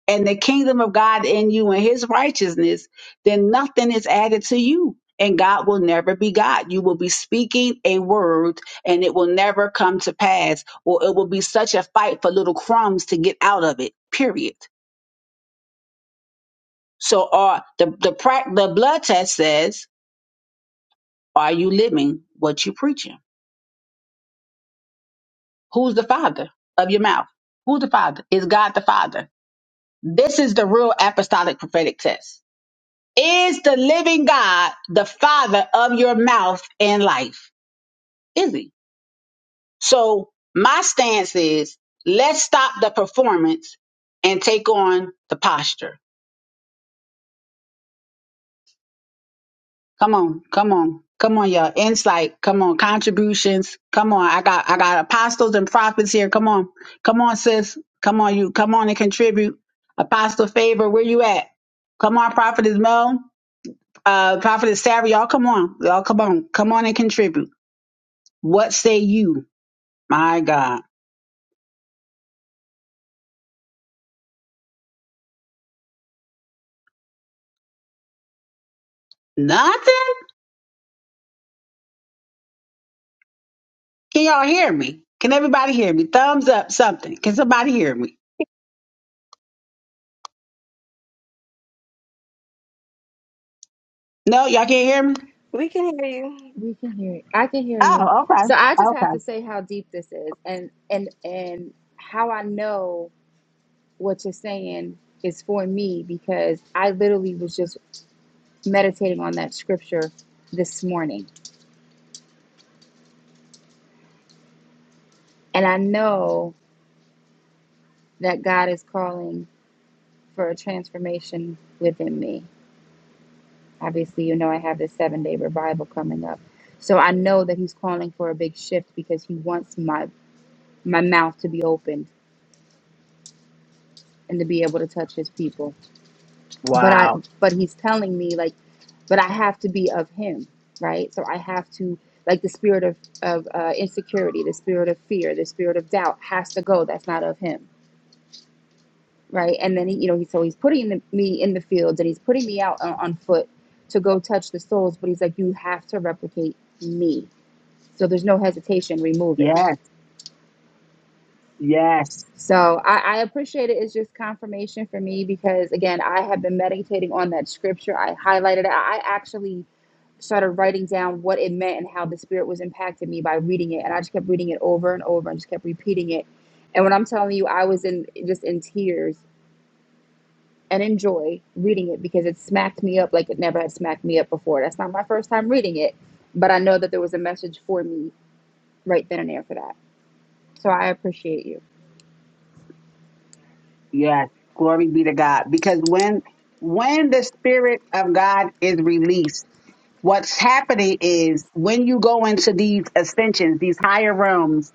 Speaker 1: and the kingdom of God in you and his righteousness, then nothing is added to you. And God will never be God. You will be speaking a word and it will never come to pass, or it will be such a fight for little crumbs to get out of it, period. So are the, the prac- the blood test says, are you living what you preaching? Who's the father of your mouth? Who's the father? Is God the father? This is the real apostolic prophetic test Is the living God the father of your mouth and life? Is he? So my stance is let's stop the performance and take on the posture. Come on, come on, come on, y'all. Insight, come on, contributions, come on. I got I got apostles and prophets here. Come on. Come on, sis. Come on, you come on and contribute. Apostle favor, where you at? Come on, Prophetess Mel. Uh Prophetess Sarah, y'all come on. Y'all come on. Come on and contribute. What say you? My God. Nothing? Can y'all hear me? Can everybody hear me? Thumbs up, something. Can somebody hear me? No, y'all can't hear me?
Speaker 4: We can hear you.
Speaker 5: We can hear you. I can hear you.
Speaker 1: Oh, okay.
Speaker 5: So I just have
Speaker 1: Okay.
Speaker 5: to say how deep this is and and and how I know what you're saying is for me because I literally was just meditating on that scripture this morning. And I know that God is calling for a transformation within me. Obviously, you know I have this 7-day revival coming up. So I know that he's calling for a big shift because he wants my my mouth to be opened and to be able to touch his people. but I but he's telling me like but I have to be of him, right? So I have to like the spirit of of uh, insecurity, the spirit of fear, the spirit of doubt has to go. That's not of him, right? And then he, you know, he so he's putting the, me in the fields and he's putting me out on, on foot to go touch the souls, but he's like, you have to replicate me. So there's no hesitation. Remove it
Speaker 1: Yes, yes,
Speaker 5: So I, I appreciate it. It's just confirmation for me because again, I have been meditating on that scripture. I highlighted it. I I actually started writing down what it meant and how the spirit was impacting me by reading it. And I just kept reading it over and over and just kept repeating it. And when I'm telling you, I was in just in tears and in joy reading it because it smacked me up like it never had smacked me up before. That's not my first time reading it, but I know that there was a message for me right then and there for that. So I appreciate you.
Speaker 1: yes. Glory be to God. Because when when the spirit of God is released, what's happening is when you go into these ascensions, these higher realms,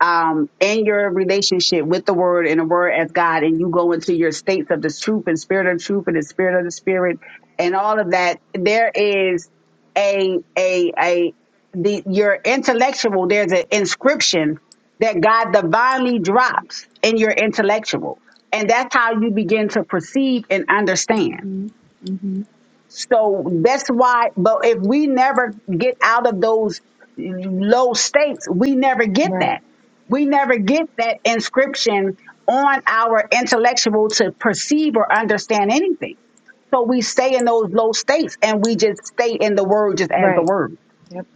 Speaker 1: um, in your relationship with the word and the word as God, and you go into your states of the truth and spirit of truth and the spirit of the spirit and all of that, there is a, a, a, the, your intellectual, there's an inscription that God divinely drops in your intellectual. And that's how you begin to perceive and understand.
Speaker 5: hmm hmm
Speaker 1: So that's why, but if we never get out of those low states, we never get
Speaker 5: Right.
Speaker 1: that. We never get that inscription on our intellectual to perceive or understand anything. So we stay in those low states and we just stay in the word just as the
Speaker 5: Right.
Speaker 1: word
Speaker 5: Yep.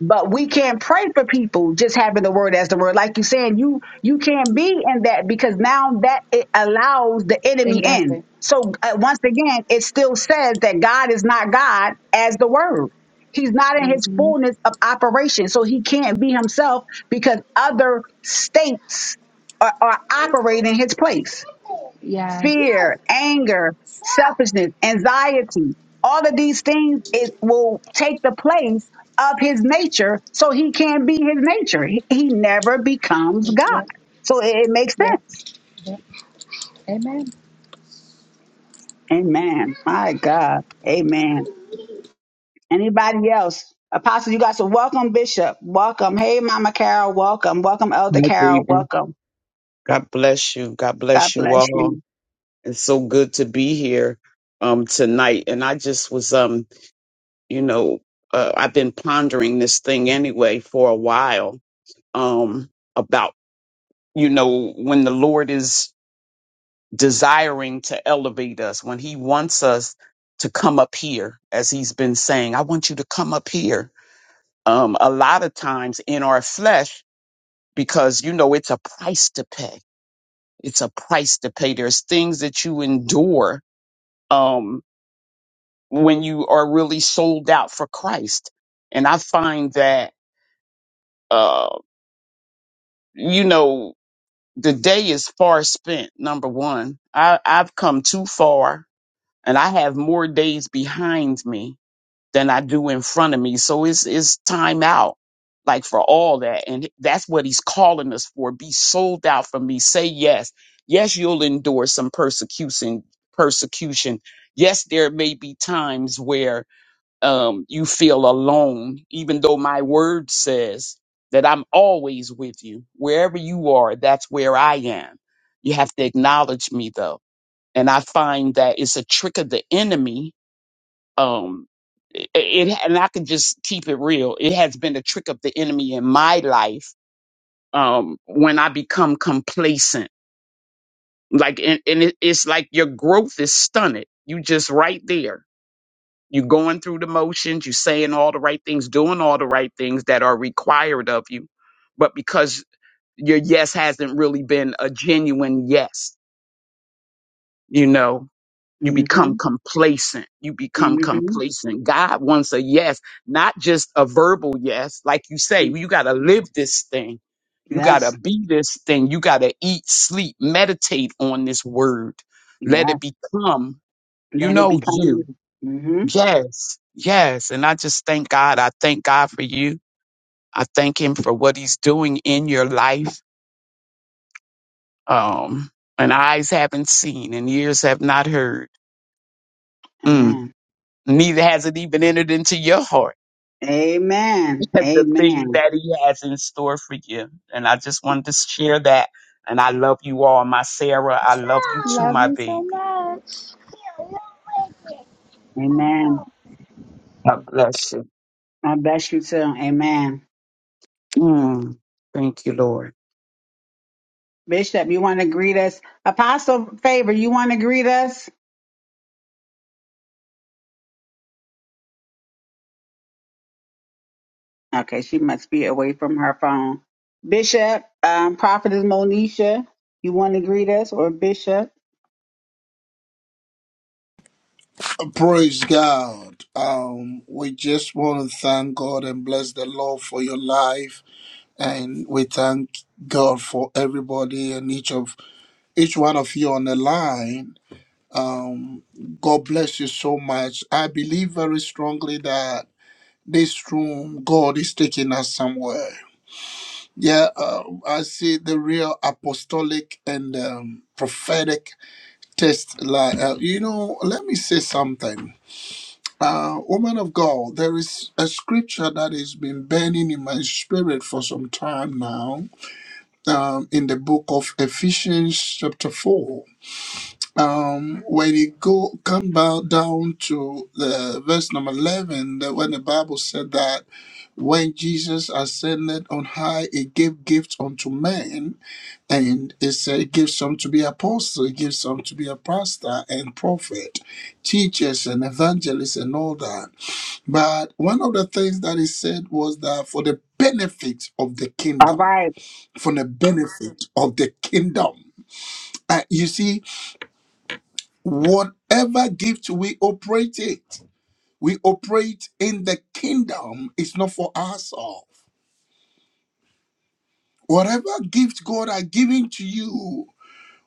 Speaker 1: but we can't pray for people just having the word as the word like you saying you you can't be in that because now that it allows the enemy in
Speaker 5: Exactly.
Speaker 1: so uh, once again it still says that god is not god as the word he's not in his
Speaker 5: hmm
Speaker 1: fullness of operation so he can't be himself because other states are, are operating his place
Speaker 5: Yes.
Speaker 1: fear,
Speaker 5: Yep.
Speaker 1: anger, selfishness, anxiety, all of these things, it will take the place of his nature so he can be his nature. He, he never becomes God. So it, it makes
Speaker 5: Yep.
Speaker 1: sense.
Speaker 5: Yep. Amen.
Speaker 1: Amen. My God. Amen. Anybody else? Apostle, you guys are welcome, Bishop. Welcome. Hey, Mama Carol. Welcome. Welcome, Elder
Speaker 6: Hi,
Speaker 1: Carol.
Speaker 6: baby.
Speaker 1: Welcome.
Speaker 6: God bless you. God
Speaker 1: God
Speaker 6: bless you
Speaker 1: bless
Speaker 6: all.
Speaker 1: you.
Speaker 6: It's so good to be here um tonight. And I just was um, you know, uh, I've been pondering this thing anyway for a while um about you know when the Lord is desiring to elevate us, when he wants us to come up here as he's been saying, I want you to come up here. Um a lot of times in our flesh because you know it's a price to pay it's a price to pay. There's things that you endure um, when you are really sold out for Christ. And I find that, uh, you know, the day is far spent, number one. I, I've come too far and I have more days behind me than I do in front of me. So it's it's time out, like for all that, and that's what he's calling us for. Be sold out for me. Say yes. Yes, you'll endure some persecution. Persecution. Yes, there may be times where um, you feel alone, even though my word says that I'm always with you. Wherever you are, that's where I am. You have to acknowledge me though. And I find that it's a trick of the enemy um it, it and I can just keep it real. It has been a trick of the enemy in my life um when I become complacent. Like and, and it, it's like your growth is stunted. You just right there. You're going through the motions, you are saying all the right things, doing all the right things that are required of you. But because your yes hasn't really been a genuine yes, you know. You
Speaker 1: Mm-hmm.
Speaker 6: become complacent. You become
Speaker 1: Mm-hmm. Mm-hmm.
Speaker 6: complacent. God wants a yes, not just a verbal yes. Like you say, you got to live this thing. You got to
Speaker 1: Yes.
Speaker 6: be this thing. You got to eat, sleep, meditate on this word. Let
Speaker 1: Yes.
Speaker 6: it become, you
Speaker 1: Let it
Speaker 6: know,
Speaker 1: become you.
Speaker 6: you.
Speaker 1: Mm-hmm.
Speaker 6: Yes, yes. And I just thank God. I thank God for you. I thank Him for what He's doing in your life. Um, and eyes haven't seen and ears have not heard. Mm
Speaker 1: Amen.
Speaker 6: neither has it even entered into your heart
Speaker 1: Amen.
Speaker 6: at the things
Speaker 1: Amen.
Speaker 6: that he has in store for you. And I just wanted to share that. And I love you all, my Sarah. I love you too,
Speaker 5: Love
Speaker 6: my
Speaker 5: you so
Speaker 6: baby.
Speaker 5: much.
Speaker 1: Amen.
Speaker 6: God bless you.
Speaker 1: I bless you too. Amen.
Speaker 6: Mm, thank you, Lord.
Speaker 1: Bishop, you want to greet us? Apostle Favor, you want to greet us? Okay, she must be away from her phone. Bishop, um, Prophetess Monisha, you want to greet us or Bishop?
Speaker 7: Praise God. Um, we just want to thank God and bless the Lord for your life, and we thank God for everybody and each of each one of you on the line. Um, God bless you so much. I believe very strongly that this room, God is taking us somewhere. Yeah, uh, I see the real apostolic and um, prophetic test. Like, uh, you know, let me say something Uh, woman of God, there is a scripture that has been burning in my spirit for some time now um, in the book of Ephesians, chapter 4. Um, when you go come back down to the verse number 11, that when the Bible said that when Jesus ascended on high, he gave gifts unto men, and it said, he gives some to be apostle, he gives some to be a pastor and prophet, teachers and evangelists and all that. But one of the things that he said was that for the benefit of the
Speaker 1: All
Speaker 7: kingdom,
Speaker 1: right.
Speaker 7: for the benefit of the kingdom, uh, you see, whatever gift we operate it, we operate in the kingdom. It's not for ourselves. Whatever gift God has given to you,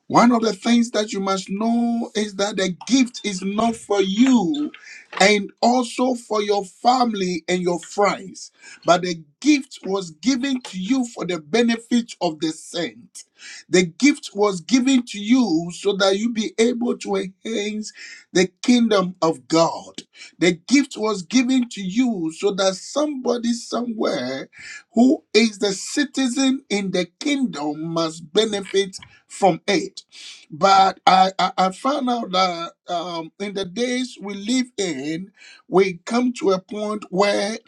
Speaker 7: One of the things that you must know is that the gift is not for you and also for your family and your friends, but the gift was given to you for the benefit of the saint. The gift was given to you so that you be able to enhance the kingdom of God. The gift was given to you so that somebody somewhere who is the citizen in the kingdom must benefit from it. But I, I, I found out that um, in the days we live in, we come to a point where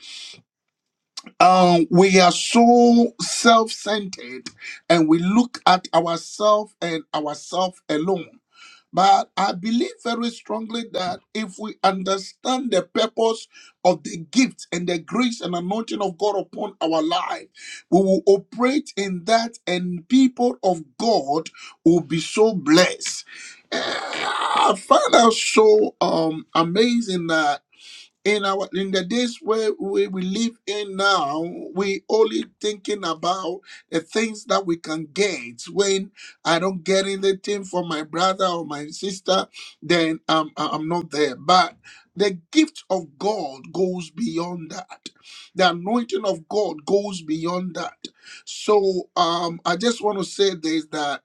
Speaker 7: um, we are so self centered and we look at ourselves and ourselves alone. But I believe very strongly that if we understand the purpose of the gift and the grace and anointing of God upon our life, we will operate in that, and people of God will be so blessed. Eh, I find that so um, amazing in our in the days where we, we live in now we only thinking about the things that we can get when i don't get anything from my brother or my sister then i'm I- i'm not there but the gift of god goes beyond that the anointing of god goes beyond that so um i just want to say this that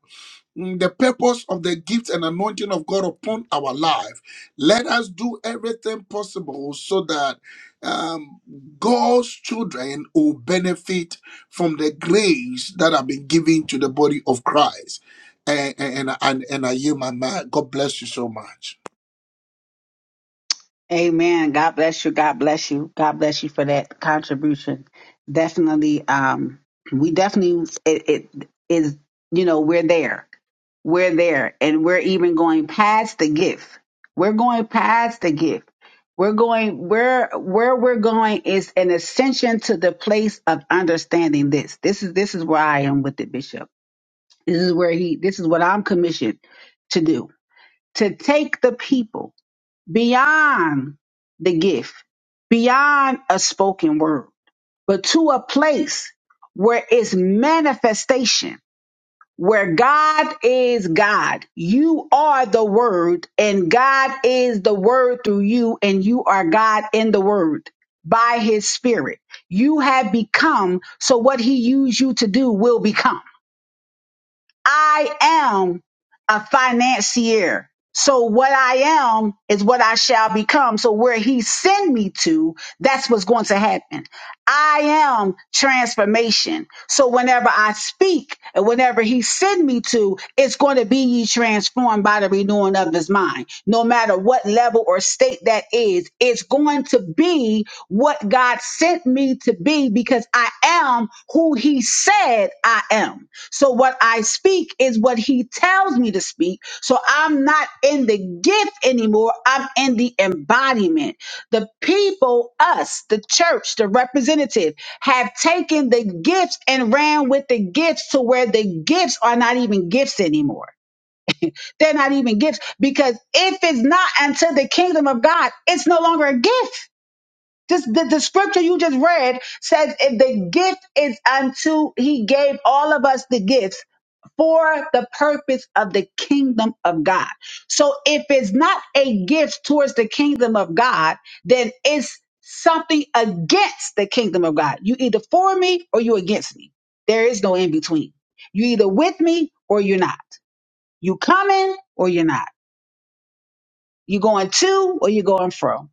Speaker 7: mm, the purpose of the gift and anointing of God upon our life. Let us do everything possible so that um, God's children will benefit from the grace that have been given to the body of Christ. And and and and, I hear my mind. God bless you so much.
Speaker 1: Amen. God bless you. God bless you. God bless you for that contribution. Definitely, um, we definitely it, it is. You know, we're there. We're there, and we're even going past the gift. We're going past the gift. We're going where where we're going is an ascension to the place of understanding this. This is this is where I am with it, Bishop. This is where he. This is what I'm commissioned to do. To take the people beyond the gift, beyond a spoken word, but to a place where it's manifestation, where God is God. You are the word and God is the word through you and you are God in the word by his spirit. You have become, so what he used you to do will become. I am a financier. So what I am is what I shall become. So where he send me to, that's what's going to happen. I am transformation. So whenever I speak and whenever he send me to, it's going to be ye transformed by the renewing of his mind. No matter what level or state that is, it's going to be what God sent me to be because I am who he said I am. So what I speak is what he tells me to speak. So I'm not in the gift anymore. I'm in the embodiment. The people, us, the church, the representative have taken the gifts and ran with the gifts to where the gifts are not even gifts anymore. They're not even gifts because if it's not unto the kingdom of God, it's no longer a gift. This, the, the scripture you just read says if the gift is unto he gave all of us the gifts for the purpose of the kingdom of God. So if it's not a gift towards the kingdom of God, then it's something against the kingdom of God. You either for me or you against me. There is no in between. You either with me or you're not. You coming or you're not. You going to or you going from.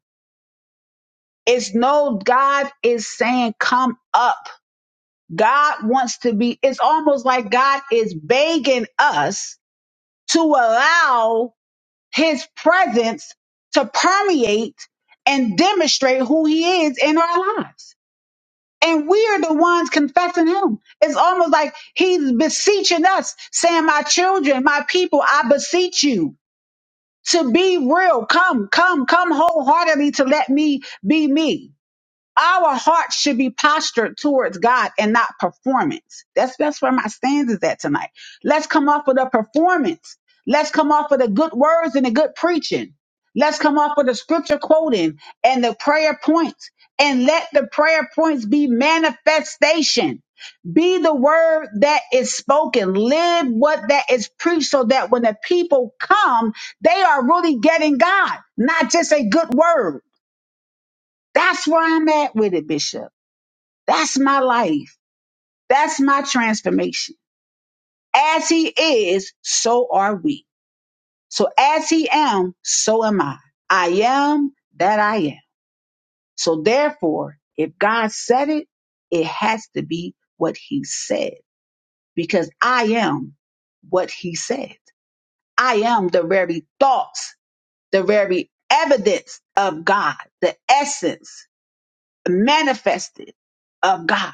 Speaker 1: It's no God is saying come up. God wants to be. It's almost like God is begging us to allow his presence to permeate and demonstrate who he is in our lives. And we are the ones confessing him. It's almost like he's beseeching us, saying, My children, my people, I beseech you to be real. Come, come, come wholeheartedly to let me be me. Our hearts should be postured towards God and not performance. That's that's where my stance is at tonight. Let's come off of the performance. Let's come off of the good words and the good preaching. Let's come off of the scripture quoting and the prayer points. And let the prayer points be manifestation. Be the word that is spoken. Live what that is preached so that when the people come, they are really getting God, not just a good word. That's where I'm at with it, Bishop. That's my life. That's my transformation. As he is, so are we. So as he am, so am I. I am that I am. So therefore, if God said it, it has to be what he said because I am what he said. I am the very thoughts, the very evidence of God, the essence manifested of God.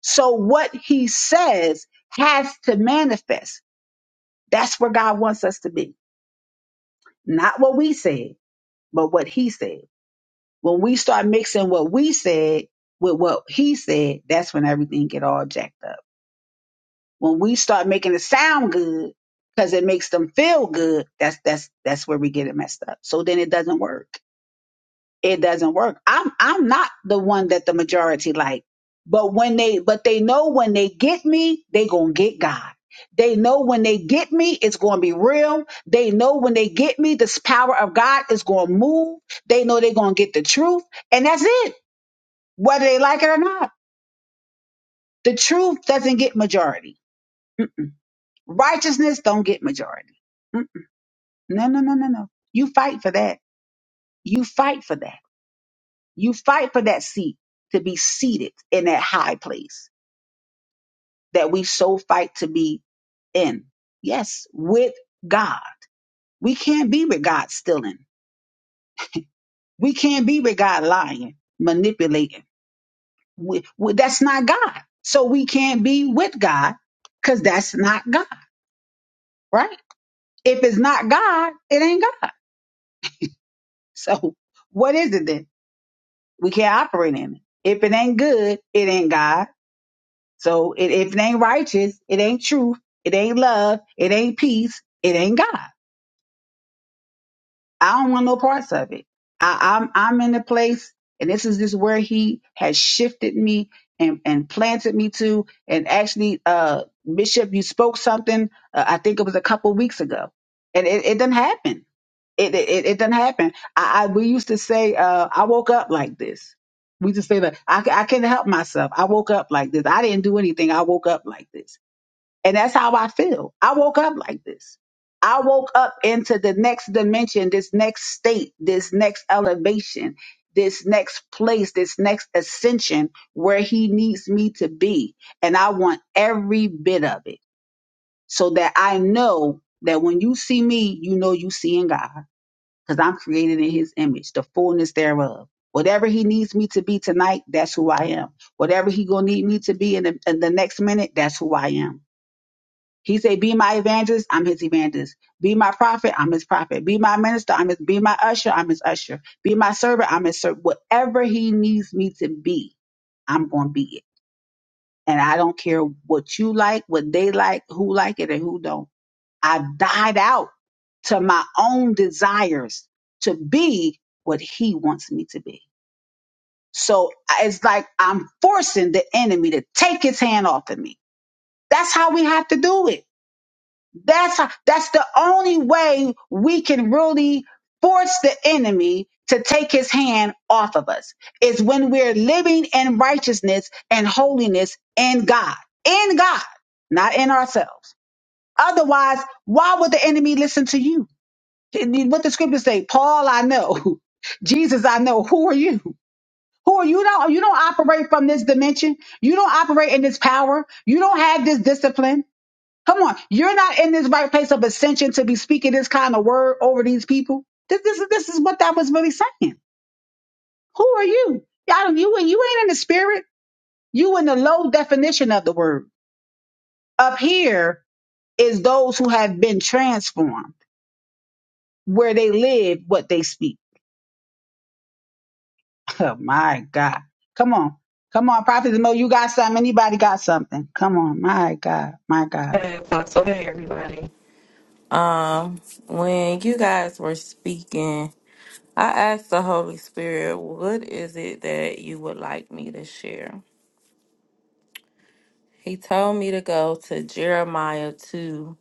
Speaker 1: So what he says has to manifest. That's where God wants us to be. Not what we said, but what he said. When we start mixing what we said with what he said, that's when everything get all jacked up. When we start making it sound good because it makes them feel good, that's that's that's where we get it messed up. So then it doesn't work. it doesn't work. I'm I'm not the one that the majority like. But when they but they know when they get me, they gonna get God. They know when they get me, it's gonna be real. They know when they get me, this power of God is gonna move. They know they're gonna get the truth, and that's it, whether they like it or not. The truth doesn't get majority. Mm. Righteousness don't get majority. Mm. No, no, no, no, no. You fight for that. You fight for that You fight for that seat to be seated in that high place that we so fight to be in. Yes, with God. We can't be with God stealing. We can't be with God lying, manipulating. We, we- that's not God. So we can't be with God because that's not God, right? If it's not God, it ain't God. So what is it then? We can't operate in it. If it ain't good, it ain't God. So it, if it ain't righteous, it ain't truth, it ain't love, it ain't peace, it ain't God. I don't want no parts of it. I, I'm I'm in a place, and this is just where He has shifted me and and planted me to. And actually, uh, Bishop, you spoke something. Uh, I think it was a couple weeks ago, and it, it didn't happen. It it, it didn't happen. I, I we used to say, uh, I woke up like this. We just say that I, I couldn't help myself. I woke up like this. I didn't do anything. I woke up like this and that's how I feel. I woke up like this. I woke up into the next dimension, this next state, this next elevation, this next place, this next ascension where he needs me to be. And I want every bit of it so that I know that when you see me, you know you seeing God because I'm created in his image, the fullness thereof. Whatever he needs me to be tonight, that's who I am. Whatever he gonna need me to be in the, in the next minute, that's who I am he said, Be my evangelist, I'm his evangelist. Be my prophet, I'm his prophet. Be my minister, I'm his be my usher, I'm his usher. Be my servant, I'm his servant. Whatever he needs me to be, I'm gonna be it. And I don't care what you like, what they like, who like it and who don't. I died out to my own desires to be what he wants me to be. So I- it's like I'm forcing the enemy to take his hand off of me. That's how we have to do it That's that's the only way we can really force the enemy to take his hand off of us is when we're living in righteousness and holiness in God. In God, not in ourselves. Otherwise, why would the enemy listen to you? What the scriptures say, Paul, I know. Jesus, I know. Who are you? Who are you? Don't you don't operate from this dimension. You don't operate in this power. You don't have this discipline. Come on, you're not in this right place of ascension to be speaking this kind of word over these people. This, this is this is what that was really saying. Who are you? Y'all, you and you ain't in the spirit. You in the low definition of the word. Up here is those who have been transformed, where they live, what they speak. Oh my God! Come on, come on, Prophet Mo, you got something? Anybody got something? Come on, my God, my God.
Speaker 3: when you guys were speaking, I asked the Holy Spirit, what is it that you would like me to share? He told me to go to Jeremiah 2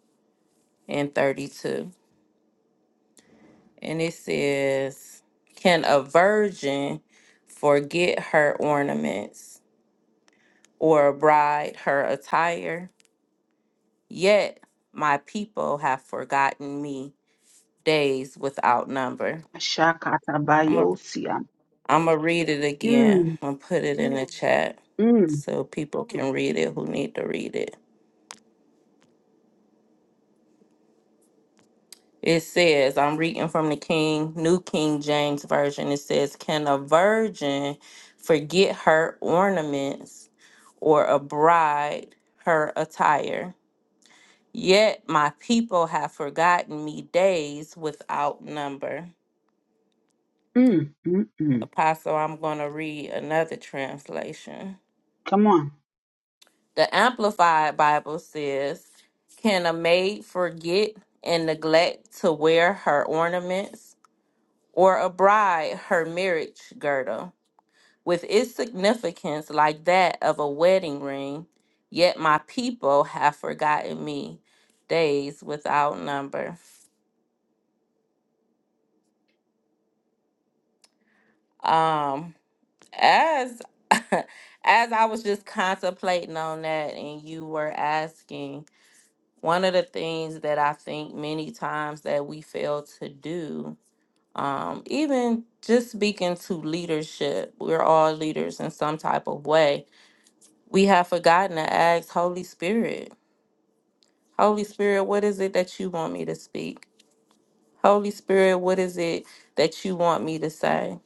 Speaker 3: and 32. And it says, Can a virgin forget her ornaments? or a bride her attire. Yet my people have forgotten me days without number.
Speaker 1: Shakata
Speaker 3: I'm going I'm to read it again and put it in the chat
Speaker 1: Mm
Speaker 3: so people can read it who need to read it. It says, I'm reading from the King, New King James Version. It says, Can a virgin forget her ornaments or a bride her attire? Yet my people have forgotten me days without number.
Speaker 1: mm mm mm.
Speaker 3: Apostle, I'm going to read another translation.
Speaker 1: Come on,
Speaker 3: The Amplified Bible says, Can a maid forget and neglect to wear her ornaments, or a bride her marriage girdle, with its significance like that of a wedding ring? Yet my people have forgotten me days without number. Um, as as I was just contemplating on that and you were asking, one of the things that I think many times that we fail to do, um, even just speaking to leadership, we're all leaders in some type of way. We have forgotten to ask Holy Spirit, Holy Spirit, what is it that you want me to speak? Holy Spirit, what is it that you want me to say?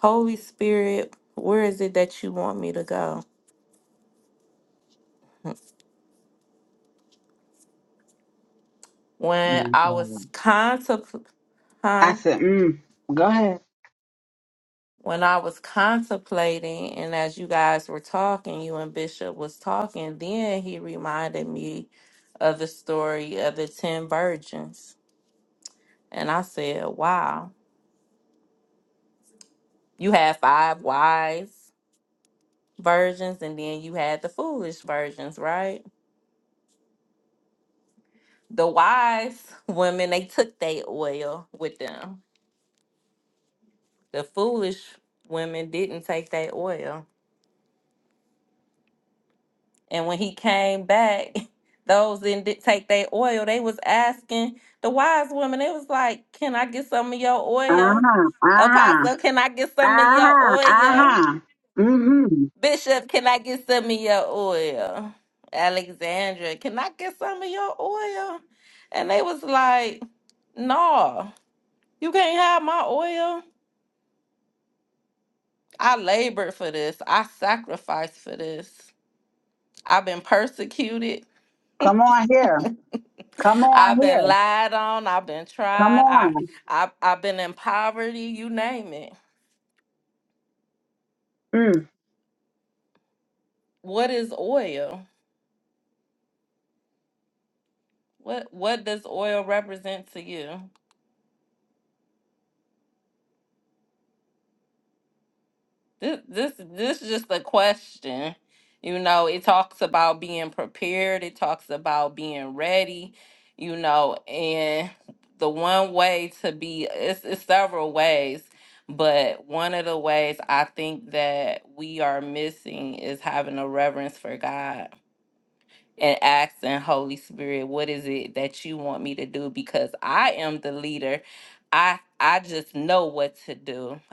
Speaker 3: Holy Spirit, where is it that you want me to go?
Speaker 1: my
Speaker 3: When I
Speaker 1: God.
Speaker 3: was contempl-
Speaker 1: I
Speaker 3: huh?
Speaker 1: said, mm, go ahead.
Speaker 3: When I was contemplating, and as you guys were talking, you and Bishop was talking, then he reminded me of the story of the ten virgins. And I said, Wow, you had five wise virgins, and then you had the foolish virgins, right? The wise women, they took their oil with them. The foolish women didn't take their oil. And when he came back, those that didn't take their oil, they was asking the wise woman, they was like, Can I get some of your oil? Apostle, can I get some of your oil? Bishop, can I get some of your oil? Alexandra, can I get some of your oil? And they was like, No, you can't have my oil. I labored for this. I sacrificed for this. I've been persecuted.
Speaker 1: Come on here. Come on
Speaker 3: I've been
Speaker 1: here.
Speaker 3: lied on. I've been
Speaker 1: Come on.
Speaker 3: tried. I, I, I've been in poverty. You name it.
Speaker 1: Mm.
Speaker 3: What is oil? What What does oil represent to you? This This This is just a question. You know, it talks about being prepared. It talks about being ready. You know, and the one way to be it's, it's several ways, but one of the ways I think that we are missing is having a reverent God and you want because I I know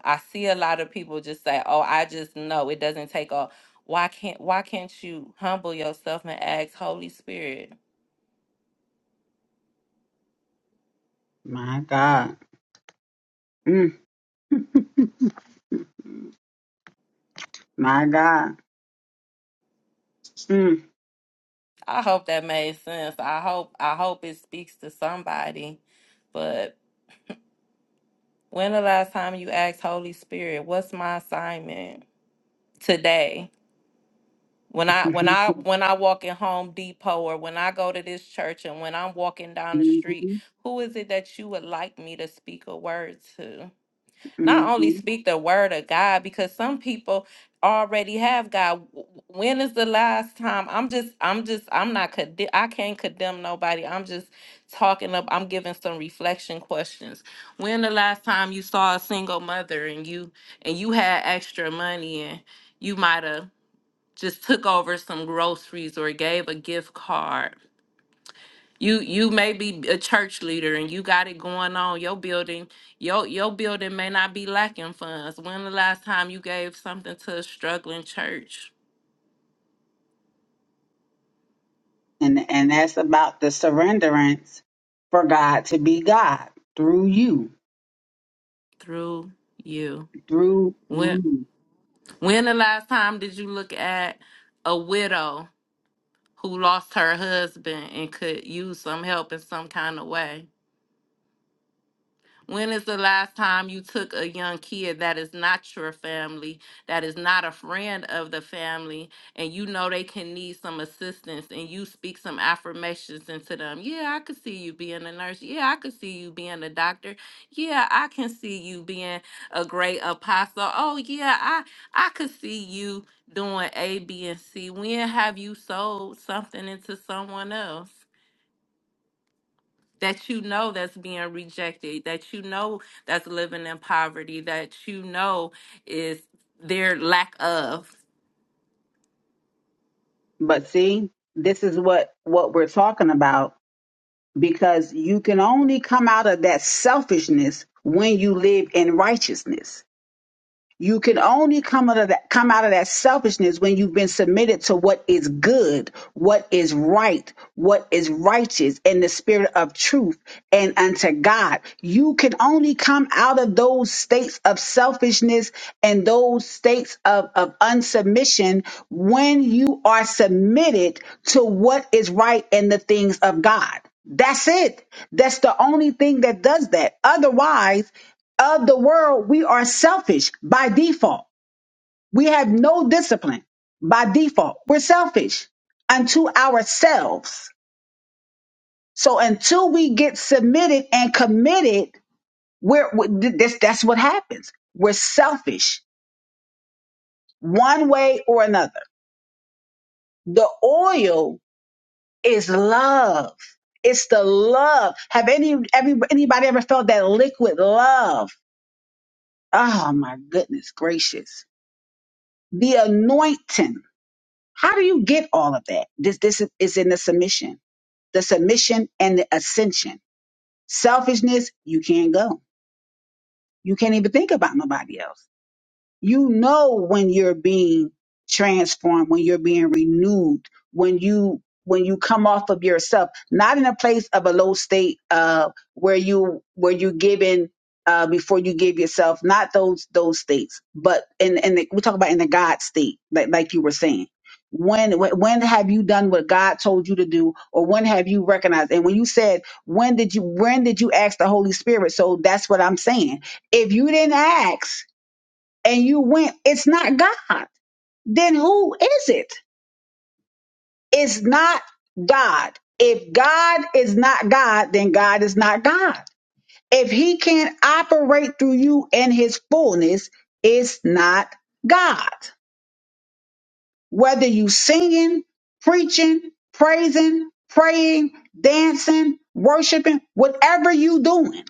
Speaker 3: I see a lot of people just say, "Oh, I just know it doesn't take all." Why can't Why can't you humble yourself and ask Holy Spirit?
Speaker 1: My God. Mm. My God. Mm.
Speaker 3: I hope that made sense. I hope I hope it speaks to somebody. But when the last time you asked Holy Spirit, "What's my assignment today?" When I when I when I walk in Home Depot or when I go to this church and when I'm walking down the street,
Speaker 1: Mhm.
Speaker 3: who is it that you would like me to speak a word to? not only speak the word of God because some people already have God. W- w- When is the last time? I'm just, I'm just, I'm not, conde- I can't condemn nobody. I'm just talking up, I'm giving some reflection questions. When the last time you saw a single mother and you, and you had extra money and you might have just took over some groceries or gave a gift card you you may be a church leader and you got it going on. Your building, your your building may not be lacking funds. When the last time you gave something to a struggling church
Speaker 1: and, and that's about the surrenderance for God to be God through you,
Speaker 3: through you?
Speaker 1: through
Speaker 3: When
Speaker 1: you.
Speaker 3: when the last time did you look at a widow who lost her husband and could use some help in some kind of way? When is the last time you took a young kid that is not your family, that is not a friend of the family, and you know they can need some assistance and you speak some affirmations into them? Yeah, I could see you being a nurse. Yeah, I could see you being a doctor. Yeah, I can see you being a great apostle. Oh, yeah, I I could see you doing A, B, and C. When have you sold something into someone else? that you know that's being rejected, that you know that's living in poverty, that you know is their lack of.
Speaker 1: But see, this is what, what we're talking about because you can only come out of that selfishness when you live in righteousness You can only come out of that come out of that selfishness when you've been submitted to what is good, what is right, what is righteous in the spirit of truth and unto God. You can only come out of those states of selfishness and those states of, of unsubmission when you are submitted to what is right in the things of God. That's it. That's the only thing that does that. Otherwise, of the world, we are selfish by default. We have no discipline by default. We're selfish unto ourselves. So until we get submitted and committed, we're we- this, that's what happens. We're selfish one way or another. The oil is love. It's the love. Have any, every, anybody ever felt that liquid love? Oh my goodness gracious. The anointing How do you get all of that? This this is in the submission, the submission and the ascension. Selfishness, you can't go. You can't even think about nobody else you know when you're being transformed when you're being renewed when you when you come off of yourself not in a place of a low state uh where you where you giving uh before you give yourself not those those states but in in the, we talk about in the god state like like you were saying when when when have you done what god told you to do or when have you recognized and when you said when did you when did you ask the holy spirit so that's what i'm saying if you didn't ask and you went, it's not God. Then who is it? It's not God. If God is not God, then God is not God. If he can't operate through you in his fullness, it's not God. Whether you singing, preaching, praising, praying, dancing, worshiping, whatever you doing,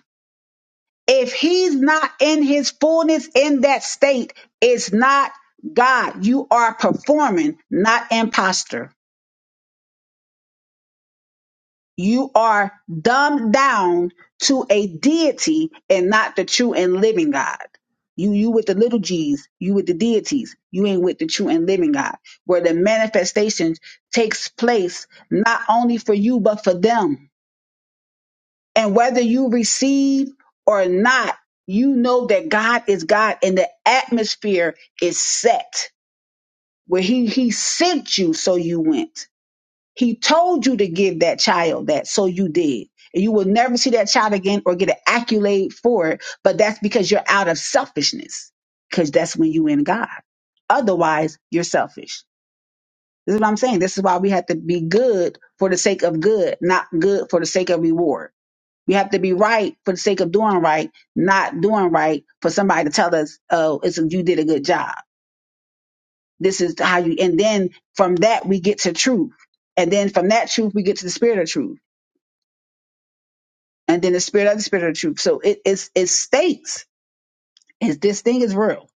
Speaker 1: If he's not in his fullness in that state, it's not God. You are performing, not imposter. You are dumbed down to a deity and not the true and living God. You you with the little G's, you with the deities, you ain't with the true and living God, where the manifestation takes place not only for you but for them. And whether you receive or not, you know that God is God and the atmosphere is set where he, he sent you, so you went. He told you to give that child that, so you did. And you will never see that child again or get an accolade for it, but that's because you're out of selfishness, because that's when you in God. Otherwise, you're selfish. This is what I'm saying. This is why we have to be good for the sake of good, not good for the sake of reward. We have to be right for the sake of doing right, not doing right for somebody to tell us, "Oh, it's you did a good job." This is how you. And then from that we get to truth, and then from that truth we get to the spirit of truth, and then the spirit of the spirit of truth. So it, it's it states is this thing is real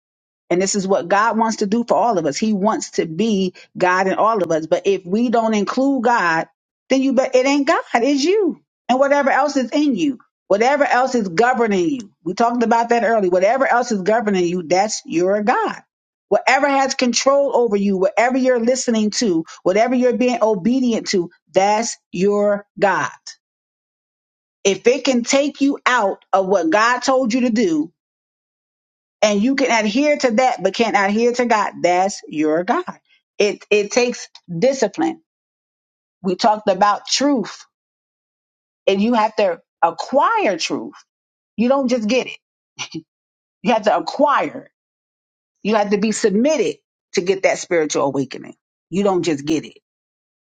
Speaker 1: And this is what God wants to do for all of us. He wants to be God in all of us. But if we don't include God, then you bet it ain't God, it's you. And whatever else is in you, whatever else is governing you. We talked about that earlier. Whatever else is governing you, that's your God. Whatever has control over you, whatever you're listening to, whatever you're being obedient to, that's your God. If it can take you out of what God told you to do, and you can adhere to that but can't adhere to God, that's your God. It it takes discipline. We talked about truth, and you have to acquire truth. You don't just get it. You have to acquire. it. You have to be submitted to get that spiritual awakening. You don't just get it.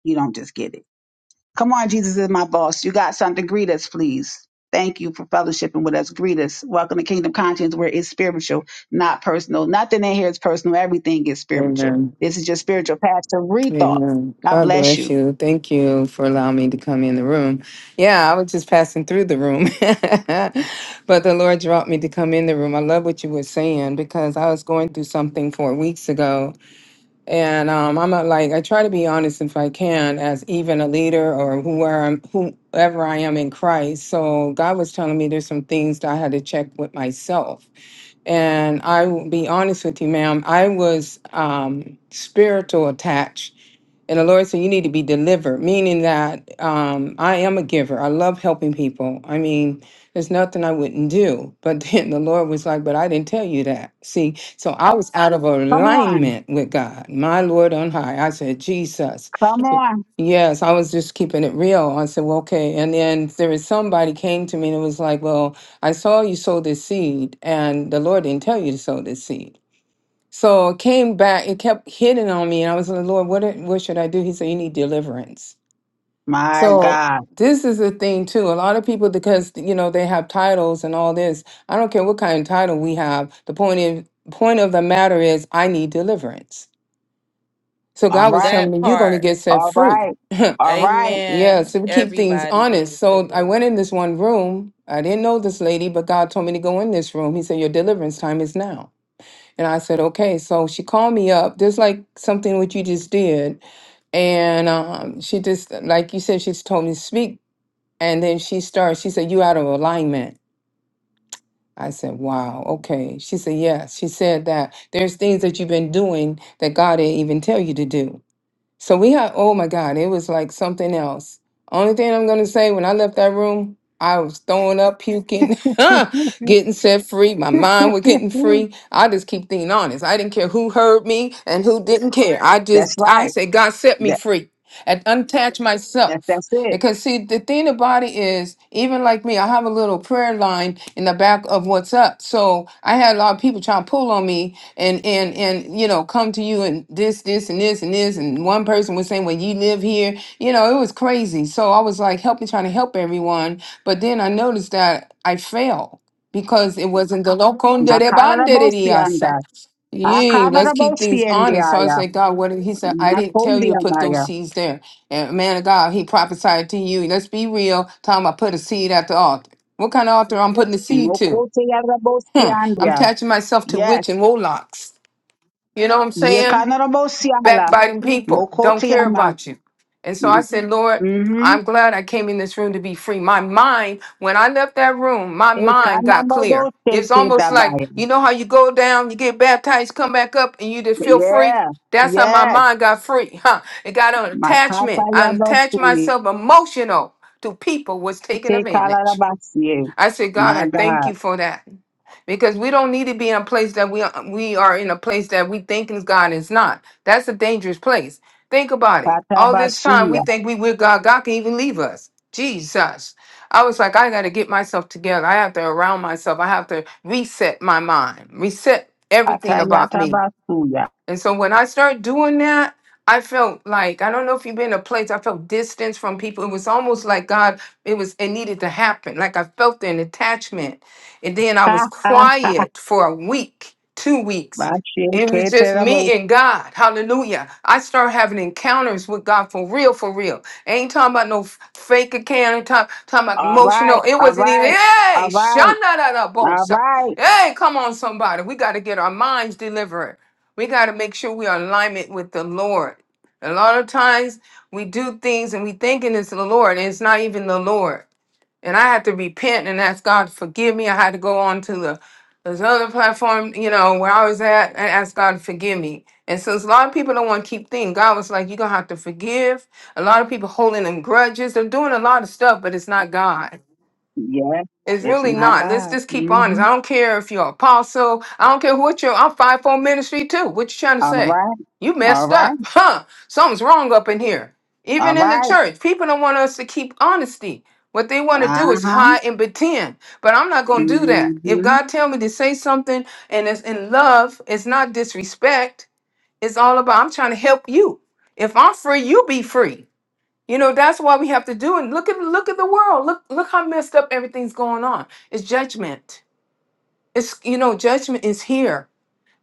Speaker 1: You don't just get it. Come on, Jesus is my boss. You got something. Greet us, please. Thank you for fellowshipping with us. Greet us. Welcome to Kingdom Conscience, where it's spiritual, not personal. Nothing in here is personal. Everything is spiritual.
Speaker 8: Amen.
Speaker 1: This is your spiritual pastor rethought.
Speaker 8: Amen.
Speaker 1: God
Speaker 8: God
Speaker 1: bless
Speaker 8: bless
Speaker 1: you.
Speaker 8: you. Thank you for allowing me to come in the room. Yeah, I was just passing through the room, but the Lord brought me to come in the room. I love what you were saying because I was going through something four weeks ago. And um, I'm not like, I try to be honest if I can, as even a leader or whoever, I'm- whoever I am in Christ. So God was telling me there's some things that I had to check with myself and I will be honest with you, ma'am. I was um, spiritual attached. And the Lord said, You need to be delivered, meaning that um, I am a giver. I love helping people. I mean, there's nothing I wouldn't do. But then the Lord was like, But I didn't tell you that. See, so I was out of
Speaker 1: Come on.
Speaker 8: alignment with God, my Lord on high. I said, Jesus. Yes, I was just keeping it real. I said, well, okay. And then there was somebody came to me and it was like, well, I saw you sow this seed and the Lord didn't tell you to sow this seed. So it came back, it kept hitting on me. And I was like, Lord, what, it- what should I do? He said, you need deliverance.
Speaker 1: My
Speaker 8: So
Speaker 1: God.
Speaker 8: this is the thing too. A lot of people, because, you know, they have titles and all this. I don't care what kind of title we have. The point is, point of the matter is I need deliverance. So
Speaker 1: All
Speaker 8: God was
Speaker 1: right.
Speaker 8: telling
Speaker 3: That
Speaker 8: me, you're going to
Speaker 3: part.
Speaker 8: get set
Speaker 1: All
Speaker 8: free.
Speaker 1: right. All right.
Speaker 8: Yeah,
Speaker 3: Amen.
Speaker 8: so we keep things
Speaker 3: Everybody
Speaker 8: honest.
Speaker 3: needs
Speaker 8: So I went
Speaker 3: deliverance.
Speaker 8: in this one room. I didn't know this lady, but God told me to go in this room. He said, Your deliverance time is now. And I said, Okay. So she called me up, just like something what you just did. And um, she just, like you said, she just told me to speak. And then she started, she said, You out of alignment. I said, Wow, okay. She said, Yes. She said that there's things that you've been doing that God didn't even tell you to do. So we had, oh my God, it was like something else. Only thing I'm gonna say, when I left that room, I was throwing up, puking, getting set free. My mind was getting free. I just keep being honest. I didn't care who heard me and who didn't care. I
Speaker 1: That's
Speaker 8: just, I
Speaker 1: right.
Speaker 8: said, God set me
Speaker 1: That,
Speaker 8: free and untouch
Speaker 1: that,
Speaker 8: myself.
Speaker 1: that's it.
Speaker 8: Because see, the thing about it is, even like me, I have a little prayer line in the back of what's up. So I had a lot of people trying to pull on me and and and you know come to you and this this and this and this and one person was saying well you live here you know it was crazy so i was like helping trying to help everyone but then i noticed that i failed because it wasn't the local de bandereriasa.
Speaker 1: Akarabosianda.
Speaker 8: yeah let's keep things honest so i was
Speaker 1: Akarabosiendiaya.
Speaker 8: like god what he said i didn't tell you to put those
Speaker 1: Makondiamaya.
Speaker 8: seeds there and man of god he prophesied to you let's be real time i put a seed at the altar what kind of altar i'm putting the seed to huh. i'm
Speaker 1: Mokoteyarabosiandia.
Speaker 8: attaching myself to
Speaker 1: Yes.
Speaker 8: witch and warlocks you know what I'm
Speaker 1: Ye
Speaker 8: saying?
Speaker 1: Yekanarobosiala.
Speaker 8: Backbiting people don't care
Speaker 1: Mokotiama.
Speaker 8: about you. And so I said, Lord,
Speaker 1: Mm-hmm.
Speaker 8: I'm glad I came in this room to be free. My mind, when I left that room, my
Speaker 1: E
Speaker 8: mind got clear. It's
Speaker 1: Ekanaroshete
Speaker 8: almost like,
Speaker 1: dabaya.
Speaker 8: you know how you go down, you get baptized, come back up, and you just feel free?
Speaker 1: Yeah.
Speaker 8: That's how my
Speaker 1: Yes.
Speaker 8: mind got free. Huh. It got an
Speaker 1: Makata
Speaker 8: attachment. I attached
Speaker 1: yosuni.
Speaker 8: myself emotional to people was taking advantage.
Speaker 1: Tekalabasie.
Speaker 8: I said, God,
Speaker 1: My
Speaker 8: I thank
Speaker 1: God.
Speaker 8: you for that. Because we don't need to be in a place that we we are in a place that we think is God is not. That's a dangerous place. Think about it. All this time we think we with God. God can even leave us. Jesus. I was like, I got to get myself together. I have to around myself. I have to reset my mind, reset everything about
Speaker 1: Atayata
Speaker 8: me.
Speaker 1: basuya.
Speaker 8: And so when I started doing that, I felt like I don't know if you've been a place I felt distance from people. It was almost like God, it was it needed to happen. Like I felt an attachment. And then I was
Speaker 1: Ha ha ha.
Speaker 8: quiet for a week, two weeks. It was just me
Speaker 1: Bashiketerabos.
Speaker 8: and God. Hallelujah. I started having encounters with God for real, for real. ain't talking about no f- fake account, talking, talking about
Speaker 1: All
Speaker 8: emotional.
Speaker 1: right.
Speaker 8: It
Speaker 1: All
Speaker 8: wasn't
Speaker 1: right.
Speaker 8: even, hey,
Speaker 1: All
Speaker 8: shut
Speaker 1: right.
Speaker 8: that up,
Speaker 1: All right.
Speaker 8: Hey, come on, somebody. We got to get our minds delivered. We got to make sure we are in alignment with the Lord. A lot of times we do things and we thinking it's the Lord, and it's not even the Lord. And I had to repent and ask God to forgive me. I had to go on to the this other platform, you know, where I was at and ask God to forgive me. And since a lot of people don't want to keep thinking, God was like, You're gonna have to forgive. A lot of people holding them grudges. They're doing a lot of stuff, but it's not God.
Speaker 1: Yeah.
Speaker 8: It's
Speaker 1: It's
Speaker 8: really
Speaker 1: my
Speaker 8: not. Let's
Speaker 1: God.
Speaker 8: just keep honest.
Speaker 1: Mm-hmm.
Speaker 8: I don't care if you're apostle. I don't care what you're. I'm five four ministry too. What you trying to
Speaker 1: All
Speaker 8: say?
Speaker 1: right.
Speaker 8: You
Speaker 1: All
Speaker 8: messed
Speaker 1: right.
Speaker 8: up, huh? Something's wrong up in here.
Speaker 1: All
Speaker 8: Even in the
Speaker 1: right.
Speaker 8: church, people don't want us to keep honesty. What they want to do is
Speaker 1: Uh-huh.
Speaker 8: hide and pretend. But I'm not gonna do that. If
Speaker 1: Mm-hmm.
Speaker 8: God tell me to say something and it's in love, it's not disrespect. It's all about I'm trying to help you. If I'm free, you be free. You know, that's why we have to do it. Look at look at the world. Look look how messed up everything's going on. It's judgment. It's you know, judgment is here.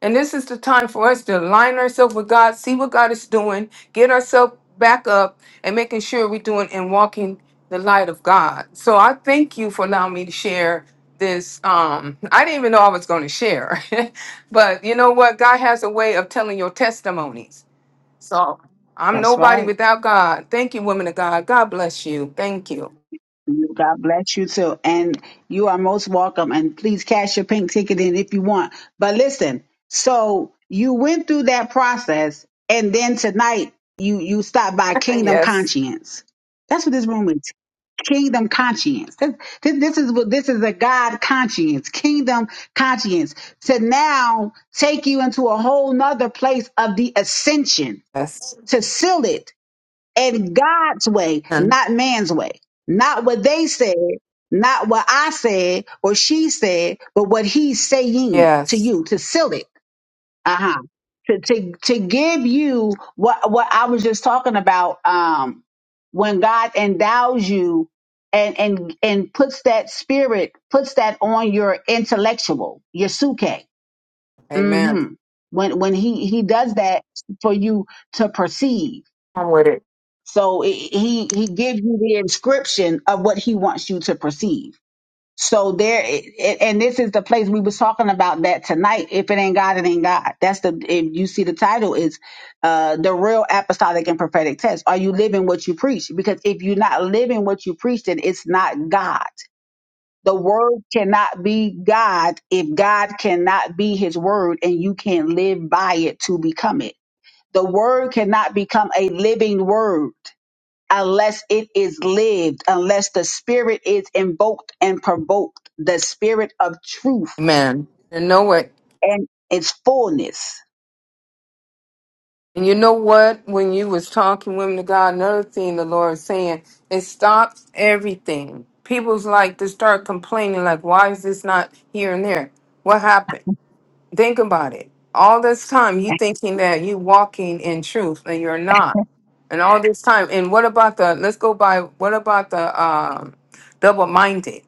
Speaker 8: And this is the time for us to align ourselves with God, see what God is doing, get ourselves back up and making sure we're doing and walking the light of God. So I thank you for allowing me to share this. Um, I didn't even know I was going to share. but you know what? God has a way of telling your testimonies. So I'm
Speaker 1: That's
Speaker 8: nobody
Speaker 1: right.
Speaker 8: without God. Thank you, women of God. God bless you. Thank you.
Speaker 1: God bless you too. And you are most welcome. And please cash your pink ticket in if you want. But listen, so you went through that process and then tonight you you stopped by Kingdom
Speaker 8: yes.
Speaker 1: Conscience. That's what this room is. Kingdom conscience. This, this, this is what this is a God conscience, kingdom conscience to now take you into a whole nother place of the ascension
Speaker 8: Yes.
Speaker 1: to seal it and God's way,
Speaker 8: And
Speaker 1: not man's way. Not what they said, not what I said or she said, but what he's saying to
Speaker 8: yes.
Speaker 1: you to seal it. Uh-huh. To to to give you what what I was just talking about um when God endows you and and and puts that spirit puts that on your intellectual, your suke.
Speaker 8: Amen.
Speaker 1: Mhm. When when he he does that for you to perceive
Speaker 8: I'm with it.
Speaker 1: so it, he he gives you the inscription of what he wants you to perceive. So there, it, and this is the place we was talking about that tonight. If it ain't God, it ain't God. That's the. If you see the title is, uh, the real apostolic and prophetic test. Are you living what you preach? Because if you're not living what you preach, then it's not God. The word cannot be God if God cannot be His word, and you can't live by it to become it. The word cannot become a living word unless it is lived, unless the spirit is invoked and provoked, the spirit of truth
Speaker 8: Amen. And know it.
Speaker 1: and its fullness.
Speaker 8: And you know what? When you was talking, women of God, another thing the Lord is saying, it stops everything. People's like to start complaining, like, why is this not here and there? What happened? Think about it. All this time you thinking that you walking in truth and you're not. And all this time, and what about the let's go by what about the um double minded?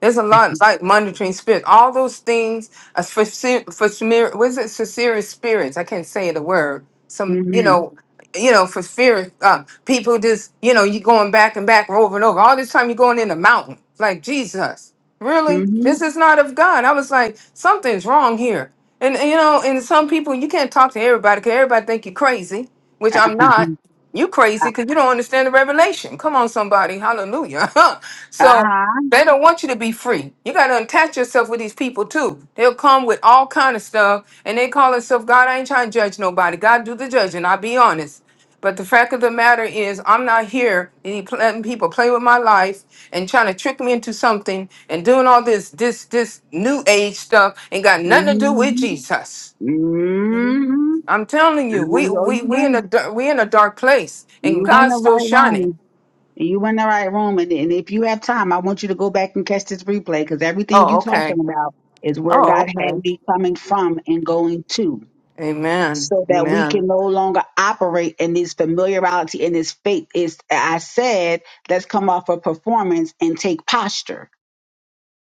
Speaker 8: There's a lot like monitoring spirit. All those things a for for what is it sincere spirits? I can't say the word. Some you
Speaker 1: hmm
Speaker 8: know you know, for fear uh, people just, you know, you going back and back over and over. All this time you're going in the mountain. Like, Jesus, really?
Speaker 1: hmm
Speaker 8: This is not of God. I was like, something's wrong here. And and, you know, and some people you can't talk to everybody because everybody think you're crazy, which I'm not.
Speaker 1: uh-huh.
Speaker 8: You crazy because you don't understand the revelation. Come on, somebody, hallelujah. so they don't want you to be free. You got to attach yourself with these people too. They'll come with all kind of stuff, and they call themselves God. I ain't trying to judge nobody. God do the judging. I'll be honest. But the fact of the matter is, I'm not here and he pl- letting people play with my life and trying to trick me into something and doing all this this this new age stuff ain't got nothing to do with
Speaker 1: hmm
Speaker 8: Jesus.
Speaker 1: hmm
Speaker 8: I'm telling you, we
Speaker 1: Oh, you
Speaker 8: we we in a
Speaker 1: went,
Speaker 8: dar- we in a dark place and
Speaker 1: you went the
Speaker 8: God's still
Speaker 1: right
Speaker 8: shining.
Speaker 1: room. You went the right room. And, and if you have time, I want you to go back and catch this replay because everything
Speaker 8: Oh,
Speaker 1: you
Speaker 8: okay.
Speaker 1: talking about is where God
Speaker 8: Oh,
Speaker 1: had
Speaker 8: okay.
Speaker 1: me coming from and going to.
Speaker 8: Amen.
Speaker 1: so that we
Speaker 8: Amen.
Speaker 1: can no longer operate in this familiarity and this faith. Is I said, let's come off of performance and take posture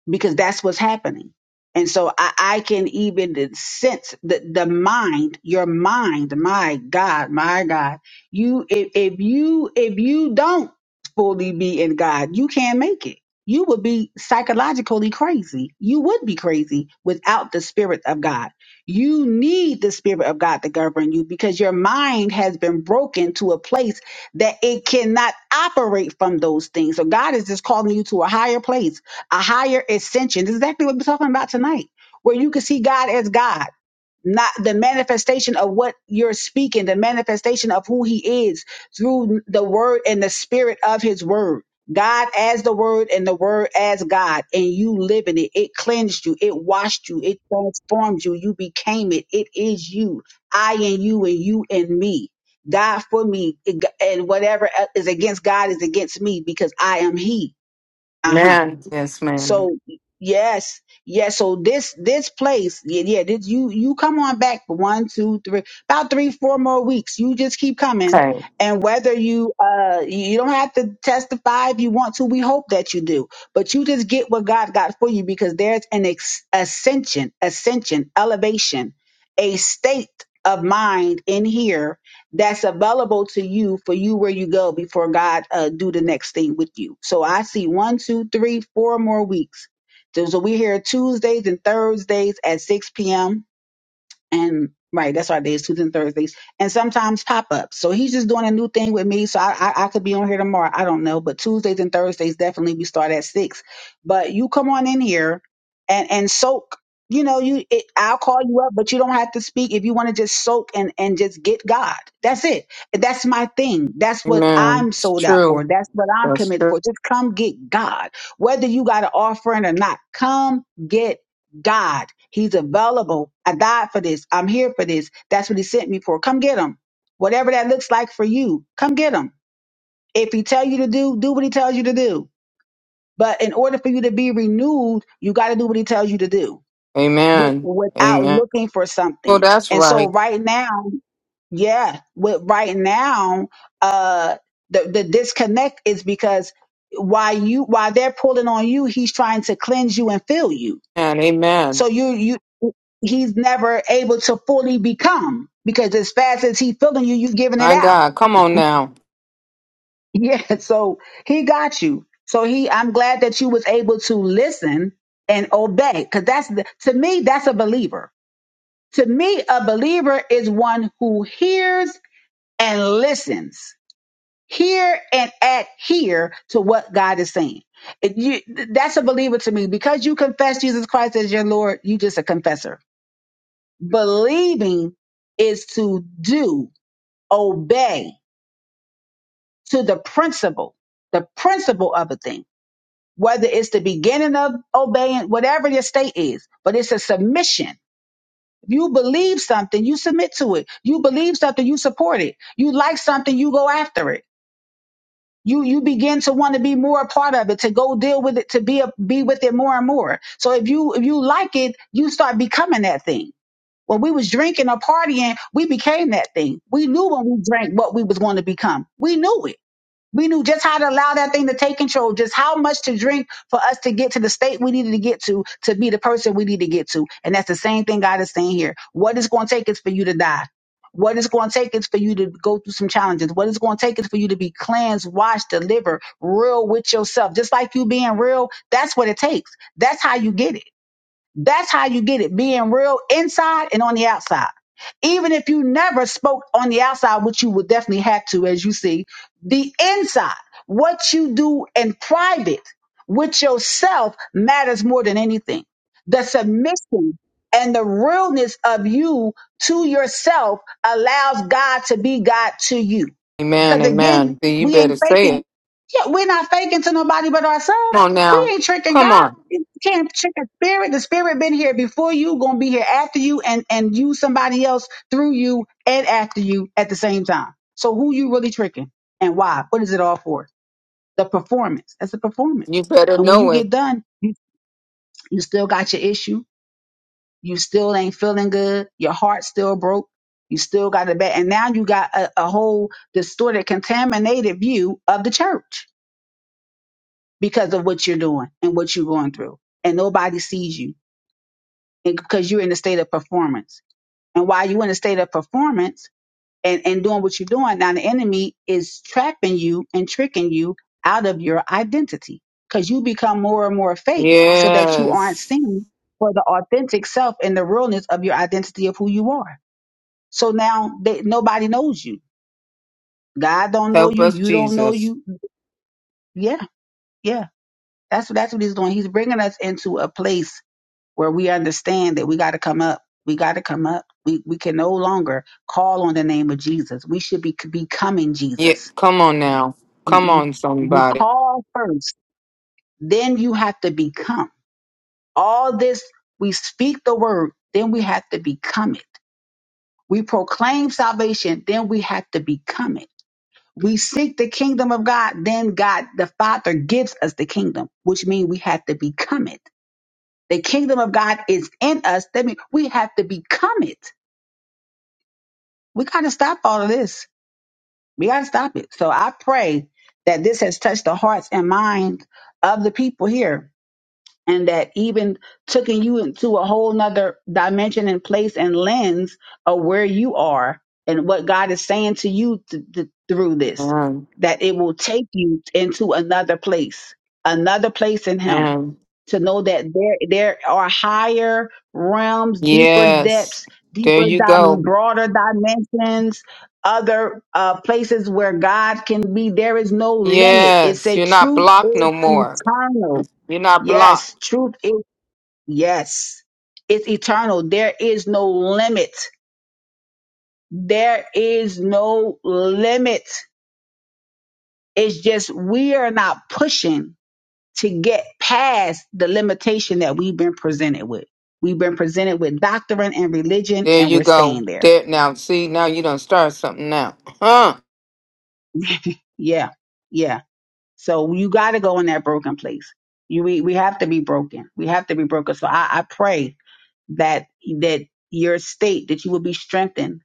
Speaker 1: because that's what's happening. And so I, I can even sense the, the mind, your mind, my God, my God. You if, if you if you don't fully be in God, you can't make it. You would be psychologically crazy. You would be crazy without the spirit of God. You need the spirit of God to govern you because your mind has been broken to a place that it cannot operate from those things. So God is just calling you to a higher place a higher ascension. This is exactly what we're talking about tonight, where you can see God as God, not the manifestation of what you're speaking, the manifestation of who He is through the Word and the Spirit of His Word. God as the Word and the Word as God, and you live in it. It cleansed you, it washed you, it transformed you, you became it. It is you, I and you, and you and me. God for me, and whatever uh, is against God is against me because I am He. Uh huh
Speaker 8: Amen. Yes, man.
Speaker 1: so yes, yes. So this this place, yeah, yeah. This, you you come on back for one, two, three, about three, four more weeks. You just keep coming,
Speaker 8: Okay.
Speaker 1: and whether you uh you don't have to testify if you want to. We hope that you do, but you just get what God got for you because there's an ex- ascension, ascension, elevation, a state of mind in here that's available to you for you where you go before God uh, do the next thing with you. So I see one, two, three, four more weeks. So, so we're here Tuesdays and Thursdays at 6 p.m and right, that's our days, Tuesdays and Thursdays, and sometimes pop ups. So he's just doing a new thing with me. So I, I I could be on here tomorrow. I don't know, but Tuesdays and Thursdays definitely we start at six. But you come on in here and and soak. You know, you it, I'll call you up, but you don't have to speak if you want to just soak and and just get God. That's it. That's my thing. That's what
Speaker 8: Amen.
Speaker 1: I'm
Speaker 8: It's
Speaker 1: sold out for.
Speaker 8: true.
Speaker 1: That's what I'm
Speaker 8: That's
Speaker 1: committed
Speaker 8: true.
Speaker 1: for. Just come get God. Whether you got an offering or not, come get God. He's available. I died for this. I'm here for this. That's what he sent me for. Come get him. Whatever that looks like for you, come get him. If he tell you to do, do what he tells you to do. But in order for you to be renewed, you got to do what he tells you to do with,
Speaker 8: Amen.
Speaker 1: without
Speaker 8: Amen.
Speaker 1: looking for
Speaker 8: Oh,
Speaker 1: something.
Speaker 8: that's
Speaker 1: And so
Speaker 8: right.
Speaker 1: right now, yeah, with right now, uh, the, the disconnect is because while you while they're pulling on you, he's trying to cleanse you and fill you
Speaker 8: And amen.
Speaker 1: so you you he's never able to fully become because as fast as he feeling you, you giving it
Speaker 8: My
Speaker 1: out.
Speaker 8: God, come on now.
Speaker 1: Yeah. So he got you. So he I'm glad that you was able to listen and obey. Cause that's the, to me, that's a believer. To me, a believer is one who hears and listens. Hear and adhere to what God is saying. If you, that's a believer to me because you confess Jesus Christ as your Lord. You just a confessor Believing is to do, obey to the principle, the principle of a thing, whether it's the beginning of obeying, whatever your state is, but it's a submission. If you believe something, you submit to it. You believe something, you support it. You like something, you go after it. You you begin to want to be more a part of it, to go deal with it, to be a, be with it more and more. So if you if you like it, you start becoming that thing. When we was drinking or partying, we became that thing. We knew when we drank what we was going to become. We knew it. We knew just how to allow that thing to take control, just how much to drink for us to get to the state we needed to get to, to be the person we need to get to. And that's the same thing God is saying here. What it's going to take is for you to die. What it's going to take is for you to go through some challenges. What it's going to take is for you to be cleansed, washed, delivered, real with yourself. Just like you being real, that's what it takes. That's how you get it. That's how you get it being real inside and on the outside. Even if you never spoke on the outside, which you would definitely have to, as you see, the inside, what you do in private with yourself matters more than anything. The submission and the realness of you to yourself allows God to be God to you.
Speaker 8: Amen,
Speaker 1: Because again,
Speaker 8: amen. See, You
Speaker 1: we
Speaker 8: better
Speaker 1: ain't
Speaker 8: say
Speaker 1: faking.
Speaker 8: it.
Speaker 1: Yeah, we're not faking to nobody but
Speaker 8: Come
Speaker 1: ourselves.
Speaker 8: on
Speaker 1: We
Speaker 8: now.
Speaker 1: ain't tricking
Speaker 8: Come
Speaker 1: God.
Speaker 8: on.
Speaker 1: You can't trick a spirit. The spirit been here before you, gonna be here after you, and and use somebody else through you and after you at the same time. So who you really tricking and why? What is it all for? The performance. That's the
Speaker 8: You
Speaker 1: performance.
Speaker 8: better
Speaker 1: And when
Speaker 8: know
Speaker 1: you get
Speaker 8: it.
Speaker 1: done, you, you still got your issue you still ain't feeling good. Your heart's still broke. You still got it bad. And now you got a, a whole distorted, contaminated view of the church because of what you're doing and what you're going through. And nobody sees you and because you're in a state of performance. And while you're in a state of performance and, and doing what you're doing, now the enemy is trapping you and tricking you out of your identity because you become more and more fake so that you aren't
Speaker 8: Yes.
Speaker 1: seen for the authentic self and the realness of your identity of who you are. So now they, nobody knows you. God don't know
Speaker 8: Help
Speaker 1: you.
Speaker 8: us,
Speaker 1: You don't know
Speaker 8: Jesus.
Speaker 1: you. Yeah, yeah. That's what that's what he's doing. He's bringing us into a place where we understand that we got to come up. We got to come up. We we can no longer call on the name of Jesus. We should be becoming
Speaker 8: Yeah,
Speaker 1: Jesus.
Speaker 8: come on now.
Speaker 1: You,
Speaker 8: Come
Speaker 1: you
Speaker 8: on,
Speaker 1: you
Speaker 8: somebody.
Speaker 1: call first, then you have to become. All this we speak the word, then we have to become it. We proclaim salvation, then we have to become it we seek the kingdom of God, then God the Father gives us the kingdom, which means we have to become it. The kingdom of God is in us. That means we have to become it. We gotta stop all of this. We gotta stop it. So I pray that this has touched the hearts and minds of the people here and that even taking you into a whole nother dimension and place and lens of where you are and what God is saying to you th- th- through this,
Speaker 8: Amen.
Speaker 1: that it will take you into another place, another place in Him
Speaker 8: Amen.
Speaker 1: to know that there, there are higher realms, deeper
Speaker 8: Yes.
Speaker 1: depths,
Speaker 8: There
Speaker 1: deeper,
Speaker 8: you
Speaker 1: di-
Speaker 8: go.
Speaker 1: broader dimensions, other uh, places where God can be. There is no limit. It's
Speaker 8: Yes.
Speaker 1: a
Speaker 8: You're not
Speaker 1: truth
Speaker 8: blocked no more.
Speaker 1: eternal.
Speaker 8: You're not blocked.
Speaker 1: Yes, truth is. Yes. It's eternal. There is no limit. There is no limit. It's just we are not pushing to get past the limitation that we've been presented with. We've been presented with doctrine and religion,
Speaker 8: There
Speaker 1: and
Speaker 8: you
Speaker 1: we're staying
Speaker 8: go.
Speaker 1: there.
Speaker 8: There now. See, now you don't start something now. Huh?
Speaker 1: Yeah. Yeah. So you got to go in that broken place. You, we, we have to be broken. We have to be broken. So I, I pray that, that your state, that you will be strengthened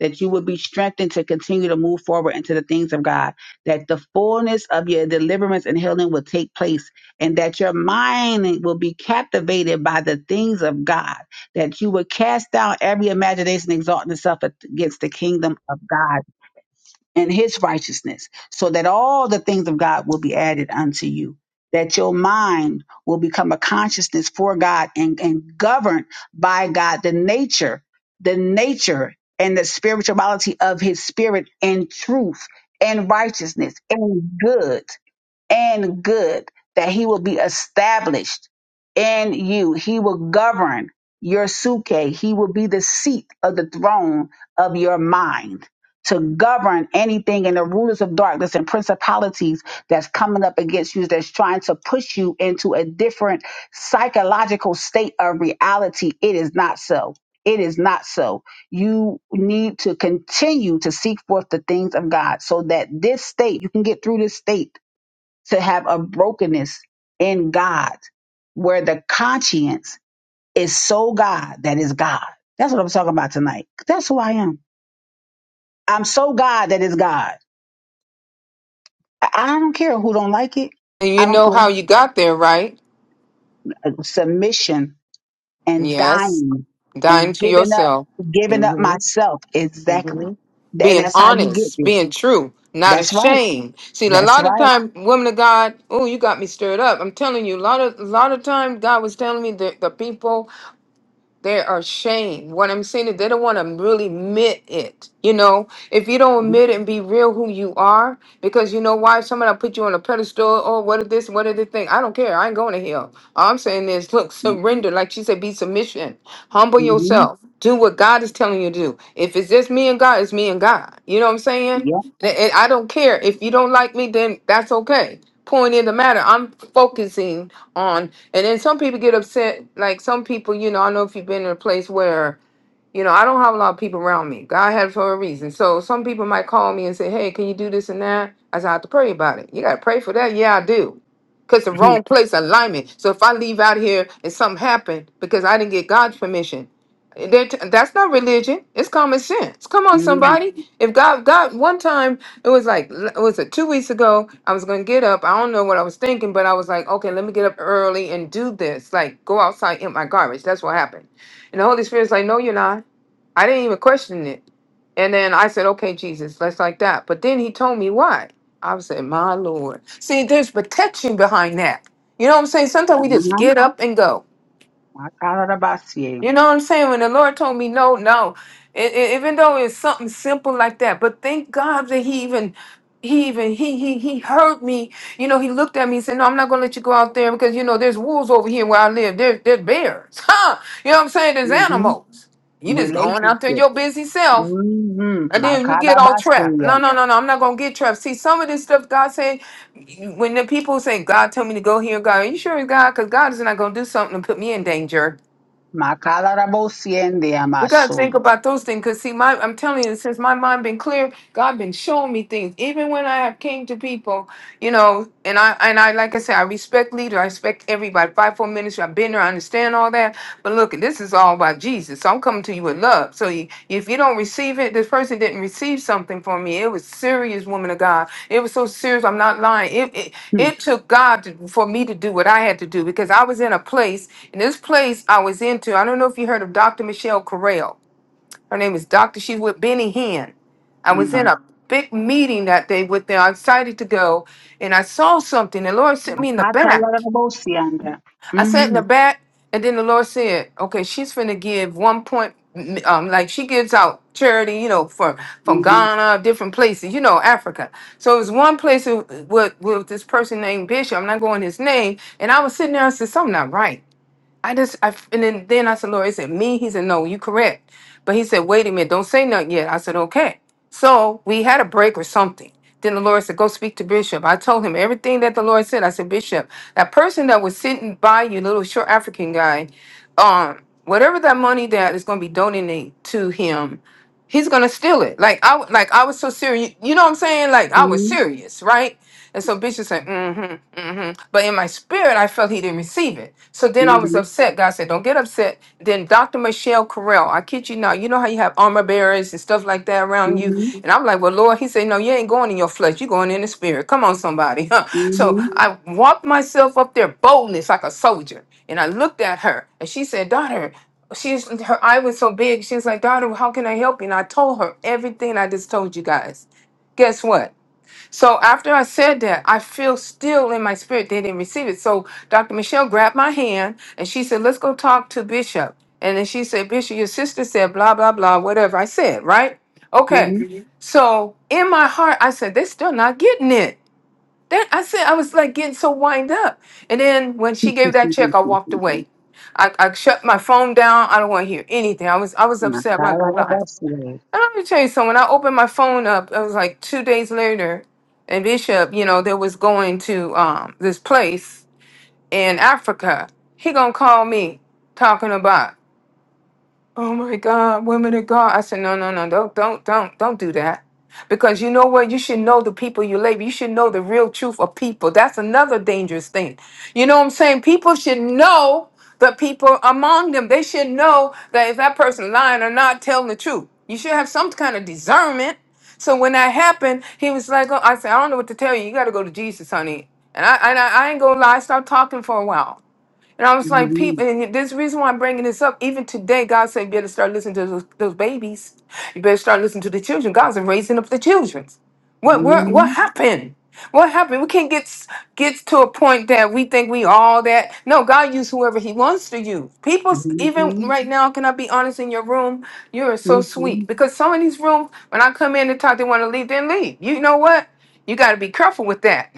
Speaker 1: that you would be strengthened to continue to move forward into the things of God, that the fullness of your deliverance and healing will take place, and that your mind will be captivated by the things of God, that you would cast down every imagination exalting itself against the kingdom of God and his righteousness, so that all the things of God will be added unto you. That your mind will become a consciousness for God and, and governed by God, the nature, the nature and the spirituality of his spirit and truth and righteousness and good and good, that he will be established in you. He will govern your suke. He will be the seat of the throne of your mind to govern anything in the rulers of darkness and principalities that's coming up against you, that's trying to push you into a different psychological state of reality. It is not so. It is not so. You need to continue to seek forth the things of God so that this state, you can get through this state to have a brokenness in God where the conscience is so God that is God. That's what I'm talking about tonight. That's who I am. I'm so God that is God. I I don't care who don't like it.
Speaker 8: And you
Speaker 1: I don't
Speaker 8: know how you
Speaker 1: care.
Speaker 8: got there, right?
Speaker 1: Submission and
Speaker 8: Yes.
Speaker 1: dying
Speaker 8: Dying
Speaker 1: and
Speaker 8: to
Speaker 1: giving up,
Speaker 8: yourself.
Speaker 1: giving up
Speaker 8: hmm
Speaker 1: myself. Exactly.
Speaker 8: hmm
Speaker 1: And
Speaker 8: Being
Speaker 1: that's how you get
Speaker 8: honest,
Speaker 1: there.
Speaker 8: being true, not
Speaker 1: That's right.
Speaker 8: ashamed. See, a
Speaker 1: That's
Speaker 8: lot of
Speaker 1: right.
Speaker 8: time, women of God, oh, you got me stirred up. I'm telling you, a lot of a lot of time, God was telling me that the people they are ashamed. What I'm saying is they don't want to really admit it. You know, if you don't admit it and be real who you are, because you know why somebody put you on a pedestal, oh, what if this, what if the thing? I don't care. I ain't going to hell. All I'm saying is look, surrender. Like she said, be submission. Humble
Speaker 1: Mm-hmm.
Speaker 8: yourself. Do what God is telling you to do. If it's just me and God, it's me and God. You know what I'm saying? And and I don't care. If you don't like me, then that's okay. Point in the matter. I'm focusing on. And then some people get upset. Like some people, you know, I know if you've been in a place where you know, I don't have a lot of people around me. God had it for a reason. So some people might call me and say, Hey, can you do this and that? I said, I have to pray about it. You gotta pray for that? Yeah, I do. Because the
Speaker 1: Yep.
Speaker 8: wrong place alignment. So if I leave out here and something happened because I didn't get God's permission, that- that's not religion. It's common sense. Come on,
Speaker 1: Mm-hmm.
Speaker 8: somebody. If God, God, one time it was like, it was it two weeks ago? I was gonna get up. I don't know what I was thinking, but I was like, okay, let me get up early and do this. Like, go outside in my garbage. That's what happened. And the Holy Spirit's like, no, you're not. I didn't even question it. And then I said, okay, Jesus, let's like that. But then he told me why. I was saying, my Lord. See, there's protection behind that. You know what I'm saying? Sometimes we just
Speaker 1: Uh-huh.
Speaker 8: get up and go.
Speaker 1: I call it about you.
Speaker 8: You know what I'm saying? When the Lord told me no, no, it, it- even though it's something simple like that, but thank God that he even, he even, he, he, he heard me. You know, he looked at me and said, no, I'm not going to let you go out there because, you know, there's wolves over here where I live. There, there's bears. Huh? You know what I'm saying? There's
Speaker 1: Mm-hmm.
Speaker 8: animals. You just going out there in
Speaker 1: Relationship.
Speaker 8: your busy self
Speaker 1: Mm-hmm.
Speaker 8: and then you get all trapped.
Speaker 1: Makarabasiya.
Speaker 8: No, no, no, no. I'm not gonna get trapped. See, some of this stuff God said, when the people say, "God told me to go here," God, are you sure it's God? Because God is not gonna do something to put me in danger.
Speaker 1: Makarabosiendia
Speaker 8: We gotta think
Speaker 1: masuya.
Speaker 8: about those things. Cause see, my I'm telling you, since my mind been clear, God been showing me things. Even when I have came to people, you know, and I and I like I said, I respect leader, I respect everybody. Five four ministry, I've been there, I understand all that. But look, this is all about Jesus. So I'm coming to you with with love. So you, if you don't receive it, this person didn't receive something from me. It was serious, woman of God. It was so serious. I'm not lying. It it,
Speaker 1: Hmm.
Speaker 8: it took God to, for me to do what I had to do because I was in a place, and this place I was into. I don't know if you heard of Dr. Michelle Correll. Her name is Dr. She's with Benny Hinn. I was in
Speaker 1: No.
Speaker 8: a big meeting that day with them. I decided to go, and I saw something. The Lord sent me in the back.
Speaker 1: Makatayarabosianda.
Speaker 8: I sat in the
Speaker 1: Mm-hmm.
Speaker 8: back, and then the Lord said, "Okay, she's finna give one point, um, like she gives out charity, you know, for from
Speaker 1: Mm-hmm.
Speaker 8: Ghana, different places, you know, Africa. So it was one place with with with this person named Bishop. I'm not going his name, and I was sitting there. I said, "Something not right." I just, I, f- and then, then I said, Lord, he said, me? He said, no, you correct. But he said, wait a minute, don't say nothing yet. I said, okay. So we had a break or something. Then the Lord said, go speak to Bishop. I told him everything that the Lord said. I said, Bishop, that person that was sitting by you, little short African guy, um, whatever that money that is going to be donated to him, he's going to steal it. Like I, w- like I was so serious. You know what I'm saying? Like I was serious, right? And so Bishop said, mm-hmm, mm-hmm. But in my spirit, I felt he didn't receive it. So then I was
Speaker 1: Mm-hmm.
Speaker 8: upset. God said, don't get upset. Then Dr. Michelle Correll, I kid you not, you know how you have armor bearers and stuff like that around you?
Speaker 1: Mm-hmm.
Speaker 8: Mhm. And I'm like, well, Lord, he said, no, you ain't going in your flesh. You're going in the spirit. Come on, somebody. so Mhm.
Speaker 1: Mm-hmm.
Speaker 8: I walked myself up there, boldness like a soldier. And I looked at her and she said, daughter, she's her eye was so big. She was like, daughter, how can I help you? And I told her everything I just told you guys. Guess what? So after I said that, I feel still in my spirit they didn't receive it. So Dr. Michelle grabbed my hand and she said, Let's go talk to Bishop. And then she said, Bishop, your sister said blah, blah, blah, whatever I said, right? Okay. Mhm. So in my heart, I said, They're still not getting it. Then I said, I was like getting so wind up. And then when she gave that
Speaker 1: Mm-hmm.
Speaker 8: check, I walked away. I, I shut my phone down. I don't want to hear anything. I was I was upset. I'm not gonna
Speaker 1: Makarabasia.
Speaker 8: lie. And let me tell you something. When I opened my phone up, it was like two days later, and Bishop, you know, they was going to um this place in Africa. He gonna call me talking about. Oh my God, women of God. I said, no, no, no, don't, don't, don't, don't do that. Because you know what? You should know the people you labor. You should know the real truth of people. That's another dangerous thing. You know what I'm saying? People should know the people among them. They should know that if that person lying or not, telling the truth. You should have some kind of discernment. So when that happened, he was like, oh, I said, I don't know what to tell you. You got to go to Jesus, honey. And I, and I, I ain't gonna lie. I stopped talking for a while and I was like,
Speaker 1: Mm-hmm.
Speaker 8: people, and this reason why I'm bringing this up, even today, God said, you better start listening to those, those babies. You better start listening to the children. God's raising up the children. What what what
Speaker 1: mm
Speaker 8: happened? What happened? We can't get s- get to a point that we think we all that. No, God use whoever He wants to use. People, s-
Speaker 1: Mhm.
Speaker 8: even
Speaker 1: Mhm.
Speaker 8: right now, can I be honest? In your room, you are so sweet
Speaker 1: Mhm.
Speaker 8: because some of these rooms, when I come in and talk, they want to leave. Then leave. You know what? You got to be careful with that,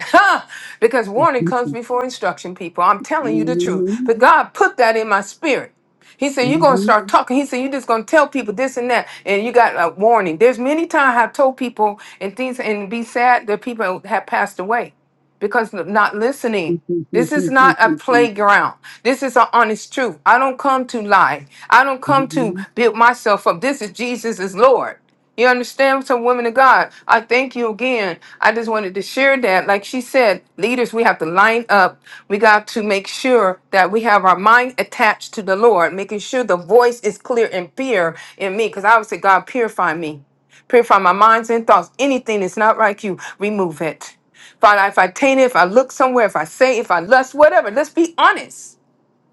Speaker 8: because warning comes
Speaker 1: Mhm.
Speaker 8: before instruction. People, I'm telling you the truth.
Speaker 1: Mhm.
Speaker 8: But God put that in my spirit. He said, You're going to
Speaker 1: mm
Speaker 8: start talking. He said, You're just going to tell people this and that. And you got a warning. There's many times I've told people and things and be sad that people have passed away because of not listening. This is not a playground. This is an honest truth. I don't come to lie. I don't
Speaker 1: Mhm.
Speaker 8: come to
Speaker 1: mm
Speaker 8: build myself up. This is Jesus is Lord. You understand? So, women of God, I thank you again. I just wanted to share that. Like she said, leaders, we have to line up. We got to make sure that we have our mind attached to the Lord, making sure the voice is clear and pure in me. Because I would say, God, purify me. Purify my minds and thoughts. Anything that's not like you, remove it. Father, if I taint it, if I look somewhere, if I say, if I lust, whatever, let's be honest.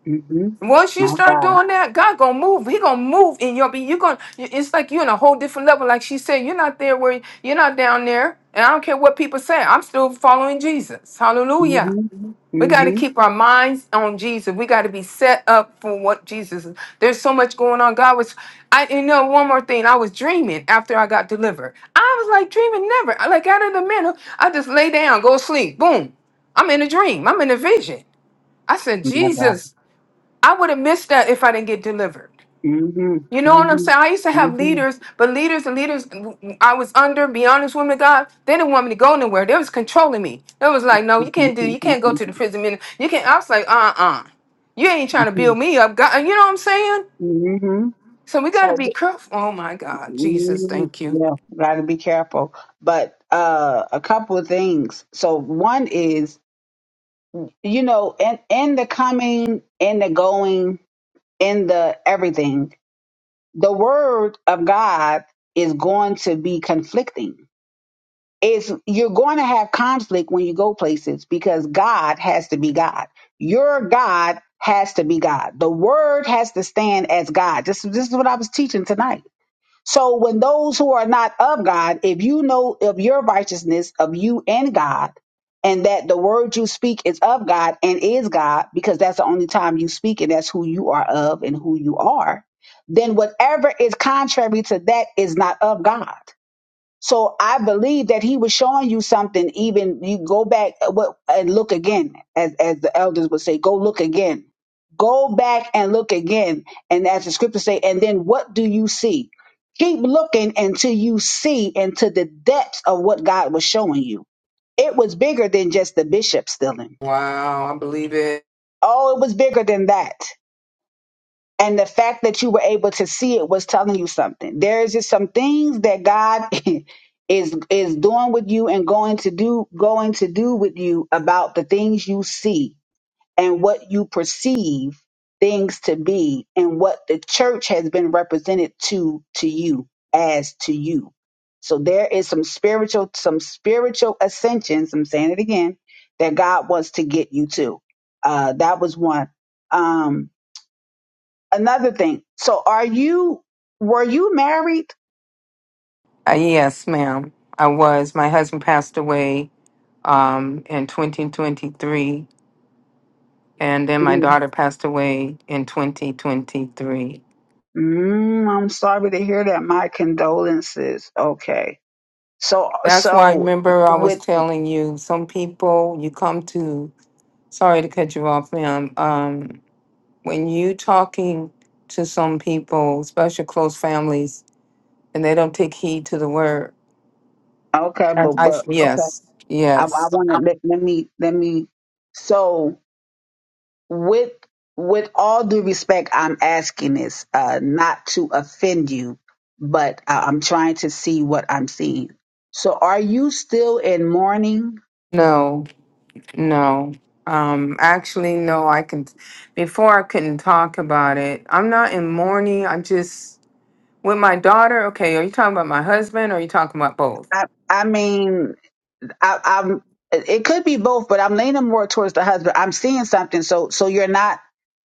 Speaker 1: Mhm.
Speaker 8: Once you
Speaker 1: My
Speaker 8: start
Speaker 1: God.
Speaker 8: doing that, God gonna move. He gonna move in your be. You gonna. It's like you're on a whole different level. Like she said, you're not there where you're not down there. And I don't care what people say. I'm still following Jesus. Hallelujah.
Speaker 1: Mm-hmm.
Speaker 8: We got to keep our minds on Jesus. We got to be set up for what Jesus is. There's so much going on. God was, I you know, one more thing. I was dreaming after I got delivered. I was like dreaming never. I, Like out of the middle, I just lay down, go to sleep. Boom. I'm in a dream. I'm in a vision. I said,
Speaker 1: Mm-hmm.
Speaker 8: Jesus, I would have missed that if I didn't get delivered.
Speaker 1: Mm-hmm.
Speaker 8: You know what I'm
Speaker 1: Mm-hmm.
Speaker 8: saying? I used to have
Speaker 1: Mm-hmm.
Speaker 8: leaders, but leaders and leaders I was under, be honest with me, God, they didn't want me to go nowhere. They was controlling me. They was like, no, you can't do, you can't go to the prison minute. You can't, I was like, uh-uh. You ain't trying to
Speaker 1: Mm-hmm.
Speaker 8: build me up. God, you know what I'm saying? So we got to be careful. Oh my God, Jesus,
Speaker 1: Mm-hmm.
Speaker 8: thank you.
Speaker 1: Yeah, gotta be careful. But uh, a couple of things. So one is, you know, in in the coming, in the going, in the everything, the word of God is going to be conflicting. it's you're going to have conflict when you go places because God has to be God. Your God has to be God. The word has to stand as God. This, this is what I was teaching tonight. So when those who are not of God, if you know of your righteousness of you and God, and that the word you speak is of God and is God, because that's the only time you speak and that's who you are of and who you are, then whatever is contrary to that is not of God. So I believe that he was showing you something. Even you go back uh, what- and look again, as as the elders would say, go look again, go back and look again, and as the scriptures say, and then what do you see? Keep looking until you see into the depths of what God was showing you. It was bigger than just the bishop stealing.
Speaker 8: Wow, I believe it.
Speaker 1: Oh, it was bigger than that. And the fact that you were able to see it was telling you something. There is just some things that God is is doing with you and going to do going to do with you about the things you see and what you perceive things to be and what the church has been represented to to you as to you. So there is some spiritual some spiritual ascensions, I'm saying it again, that God wants to get you to. Uh that was one. Um another thing. So are you were you married?
Speaker 8: Uh, yes, ma'am. I was. My husband passed away um, in 2023, and then my
Speaker 1: Mm,
Speaker 8: daughter passed away in 2023.
Speaker 1: Mm, I'm sorry to hear that. My condolences. Okay. So
Speaker 8: That's why I
Speaker 1: so
Speaker 8: remember I was
Speaker 1: with
Speaker 8: telling you some people you come to sorry to cut you off, ma'am. Um when you talking to some people, especially close families, and they don't take heed to the word.
Speaker 1: okay,
Speaker 8: I,
Speaker 1: but
Speaker 8: I
Speaker 1: but okay.
Speaker 8: yes,
Speaker 1: I I
Speaker 8: yes.
Speaker 1: want to let, let me let me so with with all due respect, I'm asking this uh not to offend you, but I, I'm trying to see what I'm seeing. So are you still in mourning?
Speaker 8: No, no. Um actually no, I can before I couldn't talk about it. I'm not in mourning. I'm just with my daughter. Okay, are you talking about my husband or are you talking about both?
Speaker 1: I I mean I, I'm. It could be both, but I'm leaning more towards the husband. I'm seeing something, so so you're not,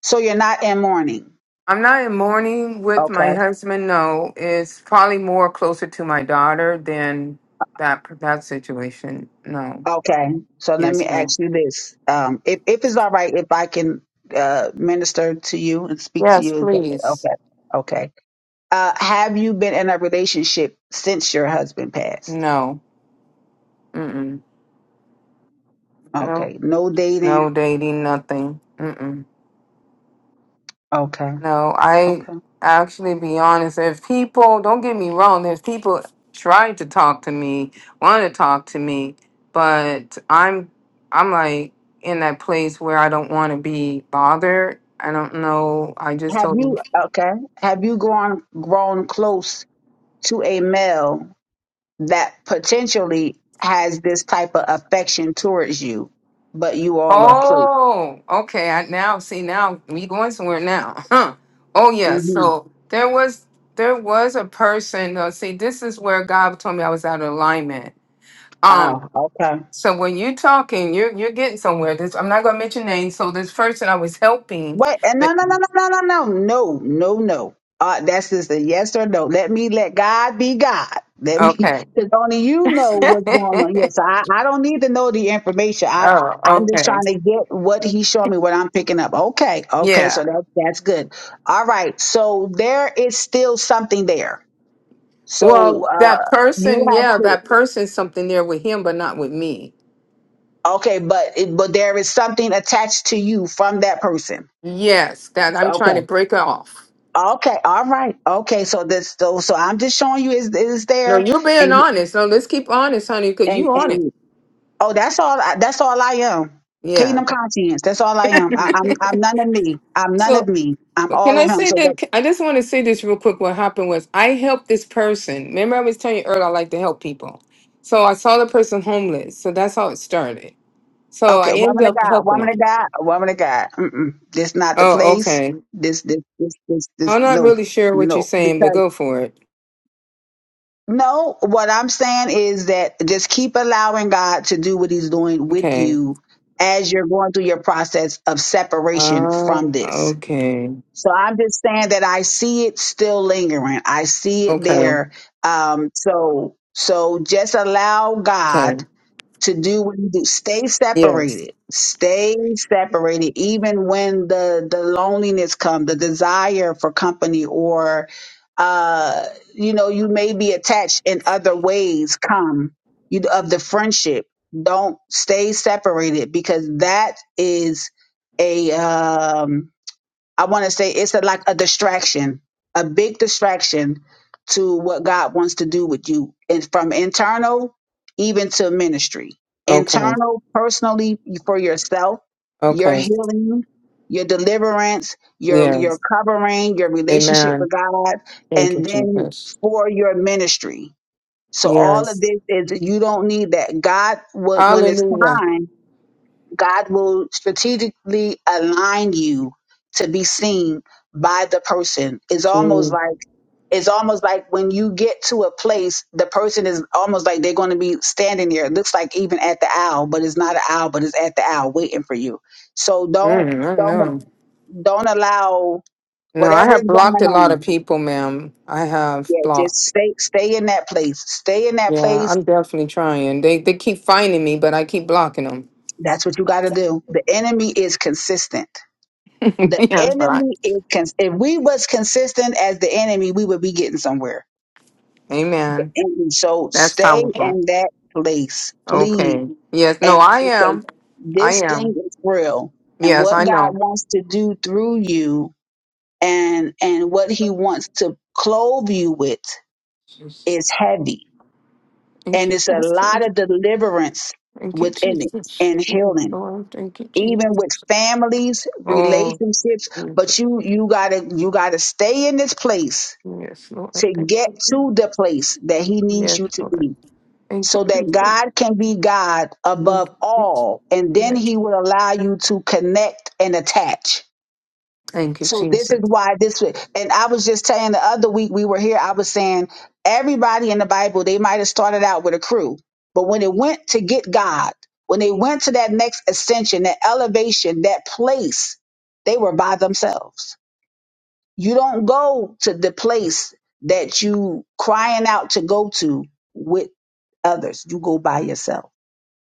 Speaker 1: so you're not in mourning.
Speaker 8: I'm not in mourning with my
Speaker 1: Okay.
Speaker 8: husband. No, it's probably more closer to my daughter than that that situation. No.
Speaker 1: Okay. So let me
Speaker 8: Yes, no.
Speaker 1: ask you this: um, if if it's all right, if I can uh, minister to you and speak to
Speaker 8: Yes,
Speaker 1: you, is that-
Speaker 8: please.
Speaker 1: okay. Okay. Uh, have you been in a relationship since your husband passed?
Speaker 8: No. Mm-mm. No.
Speaker 1: Okay. No dating.
Speaker 8: No dating. Nothing. Mm-mm.
Speaker 1: Okay.
Speaker 8: No, I
Speaker 1: Okay.
Speaker 8: actually be honest. If people, don't get me wrong, there's people tried to talk to me, want to talk to me, but I'm, I'm like in that place where I don't want to be bothered. I don't know. I just
Speaker 1: Have
Speaker 8: told you.
Speaker 1: you okay? Have you gone grown close to a male that potentially has this type of affection towards you, but you all are close.
Speaker 8: Oh, okay. I now see now we going somewhere now. Huh. Oh yeah.
Speaker 1: hmm
Speaker 8: So there was there was a person. Uh, see, this is where God told me I was out of alignment. Um,
Speaker 1: Oh, okay.
Speaker 8: So when you're talking, you're you're getting somewhere. This I'm not gonna mention names. So this person I was helping,
Speaker 1: Wait, and
Speaker 8: but
Speaker 1: no, no, no, no, no, no, no, no, no, no. Uh, that's just a yes or no. Let me let God be God. Let me,
Speaker 8: okay.
Speaker 1: because only you know what's going on. Yes, I, I don't need to know the information. I,
Speaker 8: oh,
Speaker 1: I'm just
Speaker 8: okay.
Speaker 1: trying to get what He's showing me, what I'm picking up. Okay, okay,
Speaker 8: Yeah.
Speaker 1: so that's that's good. All right, so there is still something there So
Speaker 8: Well, that
Speaker 1: uh, you
Speaker 8: person,
Speaker 1: have
Speaker 8: yeah,
Speaker 1: to.
Speaker 8: that person's something there with him, but not with me.
Speaker 1: Okay, but it, but there is something attached to you from that person.
Speaker 8: Yes, that I'm trying to
Speaker 1: Okay.
Speaker 8: break off.
Speaker 1: Okay. All right. Okay. So this so so I'm just showing you is is
Speaker 8: No,
Speaker 1: there
Speaker 8: you're being
Speaker 1: and
Speaker 8: honest. No, let's keep honest, honey, because
Speaker 1: and
Speaker 8: you on it.
Speaker 1: and oh that's all I- that's all I am.
Speaker 8: Yeah.
Speaker 1: Kingdom conscience. That's all I am. I, I'm I'm none of me. I'm none
Speaker 8: So
Speaker 1: of me. I'm
Speaker 8: Can
Speaker 1: all
Speaker 8: I
Speaker 1: of him.
Speaker 8: say
Speaker 1: So but,
Speaker 8: that? I just want to say this real quick. What happened was I helped this person. Remember, I was telling you earlier, I like to help people. So I saw the person homeless. So that's how it started. So I
Speaker 1: okay, woman
Speaker 8: ended
Speaker 1: of
Speaker 8: up
Speaker 1: God,
Speaker 8: helping
Speaker 1: woman of
Speaker 8: them.
Speaker 1: God, woman of God. Mm-mm. This not the
Speaker 8: Oh,
Speaker 1: place.
Speaker 8: okay.
Speaker 1: This this this this
Speaker 8: I'm
Speaker 1: this
Speaker 8: not
Speaker 1: no
Speaker 8: really sure what you're
Speaker 1: no
Speaker 8: saying, but
Speaker 1: because.
Speaker 8: go for it.
Speaker 1: No, what I'm saying is that just keep allowing God to do what He's doing with
Speaker 8: Okay.
Speaker 1: you as you're going through your process of separation
Speaker 8: Ah,
Speaker 1: from this.
Speaker 8: okay.
Speaker 1: So I'm just saying that I see it still lingering. I see it
Speaker 8: Okay.
Speaker 1: there. Um, so so just allow God
Speaker 8: Okay.
Speaker 1: to do what you do. Stay
Speaker 8: Yes.
Speaker 1: separated. Stay separated. Even when the the loneliness comes, the desire for company, or uh, you know, you may be attached in other ways. Come you of the friendship. Don't stay separated because that is a um I want to say it's a, like a distraction, a big distraction to what God wants to do with you, and from internal even to ministry.
Speaker 8: Okay.
Speaker 1: Internal, personally for yourself, your
Speaker 8: Okay.
Speaker 1: healing, your deliverance, your your
Speaker 8: Yes.
Speaker 1: covering, your relationship
Speaker 8: Amen.
Speaker 1: with God,
Speaker 8: Thank you,
Speaker 1: and then
Speaker 8: Jesus.
Speaker 1: for your ministry. So all of
Speaker 8: Yes.
Speaker 1: this is you don't need that. God would when it's
Speaker 8: Hallelujah.
Speaker 1: time. God will strategically align you to be seen by the person. It's almost
Speaker 8: Mm,
Speaker 1: like it's almost like when you get to a place, the person is almost like they're going to be standing there. It looks like even at the owl, but it's not an owl, but it's at the owl waiting for you. So
Speaker 8: I
Speaker 1: don't
Speaker 8: don't
Speaker 1: don't
Speaker 8: know.
Speaker 1: don't allow
Speaker 8: No, I
Speaker 1: whatever is
Speaker 8: have blocked
Speaker 1: going
Speaker 8: a lot of
Speaker 1: on.
Speaker 8: people, ma'am. I have
Speaker 1: Yeah, just
Speaker 8: blocked.
Speaker 1: stay stay in that place. Stay in that
Speaker 8: Yeah,
Speaker 1: place.
Speaker 8: I'm definitely trying. They they keep finding me, but I keep blocking them.
Speaker 1: That's what you got to do. The enemy is consistent. The
Speaker 8: yes, but I,
Speaker 1: enemy is cons- if we was consistent as the enemy, we would be getting somewhere.
Speaker 8: amen.
Speaker 1: And so
Speaker 8: That's
Speaker 1: stay
Speaker 8: powerful.
Speaker 1: in that place, please.
Speaker 8: Okay. Yes.
Speaker 1: And
Speaker 8: No, I
Speaker 1: because
Speaker 8: am. I
Speaker 1: this thing
Speaker 8: am.
Speaker 1: is real, and
Speaker 8: Yes,
Speaker 1: what
Speaker 8: I
Speaker 1: God
Speaker 8: know.
Speaker 1: wants to do through you, and and what He wants to clothe you with is heavy,
Speaker 8: Thank
Speaker 1: and
Speaker 8: you,
Speaker 1: it's a lot
Speaker 8: Jesus.
Speaker 1: of deliverance
Speaker 8: Thank you,
Speaker 1: within
Speaker 8: Jesus.
Speaker 1: it and
Speaker 8: Yes,
Speaker 1: healing,
Speaker 8: Lord. Thank you,
Speaker 1: even with
Speaker 8: Jesus.
Speaker 1: families,
Speaker 8: Oh,
Speaker 1: relationships.
Speaker 8: Jesus.
Speaker 1: But you you gotta you gotta stay in this place
Speaker 8: yes, Lord.
Speaker 1: to
Speaker 8: Thank
Speaker 1: get
Speaker 8: you.
Speaker 1: to the place that he needs
Speaker 8: Yes,
Speaker 1: you to
Speaker 8: Lord.
Speaker 1: be
Speaker 8: Thank you,
Speaker 1: so that
Speaker 8: Jesus.
Speaker 1: God can be God
Speaker 8: Thank
Speaker 1: above
Speaker 8: you, Jesus.
Speaker 1: all. And then
Speaker 8: Yes.
Speaker 1: he will allow you to connect and attach.
Speaker 8: Thank you,
Speaker 1: So this
Speaker 8: Jesus.
Speaker 1: is why this would, and I was just saying the other week we were here, I was saying everybody in the Bible, they might have started out with a crew, but when it went to get God, when they went to that next ascension, that elevation, that place, they were by themselves you don't go to the place that you crying out to go to with others. You go by yourself.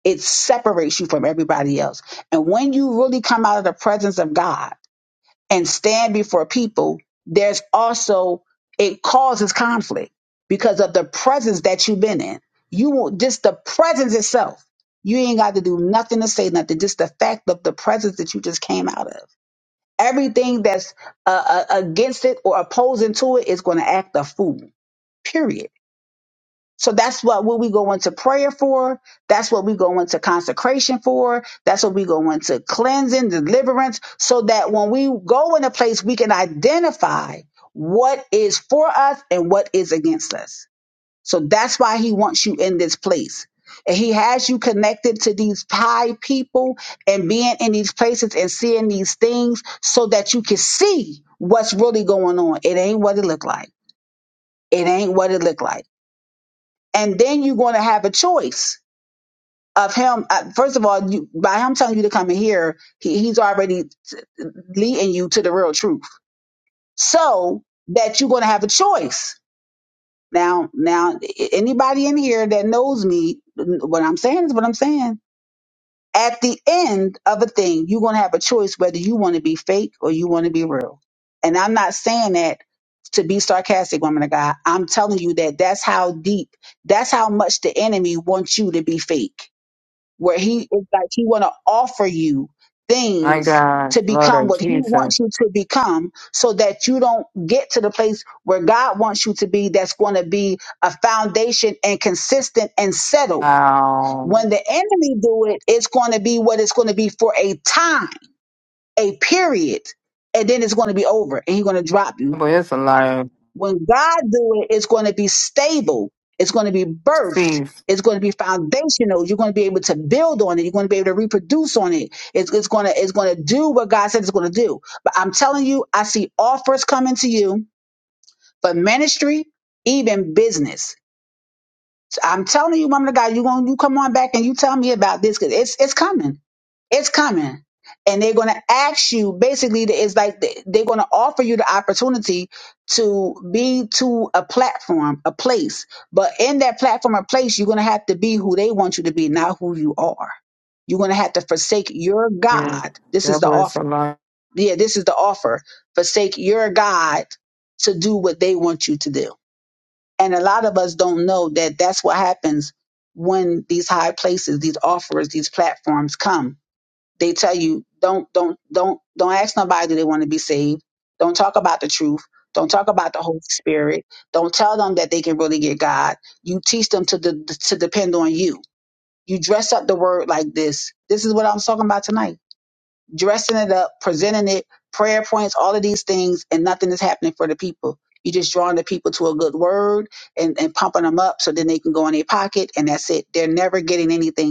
Speaker 1: It separates you from everybody else. And when you really come out of the presence of God and stand before people, there's also it causes conflict because of the presence that you've been in. You won't just the presence itself. You ain't got to do nothing to say nothing. Just the fact of the presence that you just came out of. Everything that's uh, uh, against it or opposing to it is going to act a fool, period. So that's what, what we go into prayer for. That's what we go into consecration for. That's what we go into cleansing, deliverance, so that when we go in a place, we can identify what is for us and what is against us. So that's why he wants you in this place. And he has you connected to these high people and being in these places and seeing these things so that you can see what's really going on. It ain't what it look like. It ain't what it look like. And then you're going to have a choice of him. uh, First of all, you, by him telling you to come in here, he, he's already t- leading you to the real truth. So that you're going to have a choice Now, now, a- anybody in here that knows me, what I'm saying is what I'm saying. At the end of a thing, you're gonna have a choice whether you want to be fake or you want to be real. And I'm not saying that to be sarcastic, woman of God. I'm telling you that that's how deep, that's how much the enemy wants you to be fake where he is like he want to offer you
Speaker 8: My
Speaker 1: things
Speaker 8: God,
Speaker 1: to
Speaker 8: Lord
Speaker 1: become
Speaker 8: of
Speaker 1: what he
Speaker 8: Jesus.
Speaker 1: wants you to become so that you don't get to the place where God wants you to be that's going to be a foundation and consistent and settled
Speaker 8: Wow.
Speaker 1: when the enemy do it it's going to be what it's going to be for a time a period and then it's going to be over and he's going to drop you
Speaker 8: Devil is alive.
Speaker 1: when God do it, it's going to be stable. It's going to be birthed.
Speaker 8: Steve.
Speaker 1: It's going to be foundational. You're going to be able to build on it. You're going to be able to reproduce on it. It's, it's going to it's going to do what God said it's going to do. But I'm telling you, I see offers coming to you for ministry, even business. I'm telling you, woman of God, you going you come on back and you tell me about this because it's it's coming. It's coming. And they're going to ask you basically, the- it's like they- they're going to offer you the opportunity to be to a platform, a place. But in that platform or place, you're going to have to be who they want you to be, not who you are. You're going to have to forsake your
Speaker 8: Yeah.
Speaker 1: God. This is the
Speaker 8: Devil is
Speaker 1: offer.
Speaker 8: alive.
Speaker 1: Yeah, this is the offer. Forsake your God to do what they want you to do. And a lot of us don't know that that's what happens when these high places, these offers, these platforms come they tell you don't don't don't don't ask nobody do they want to be saved. Don't talk about the truth. Don't talk about the Holy Spirit. Don't tell them that they can really get God. You teach them to de- to depend on you. You dress up the word like this. This is what I'm talking about tonight. Dressing it up, presenting it, prayer points, all of these things, and nothing is happening for the people. You're just drawing the people to a good word and, and pumping them up so then they can go in their pocket and that's it. They're never getting anything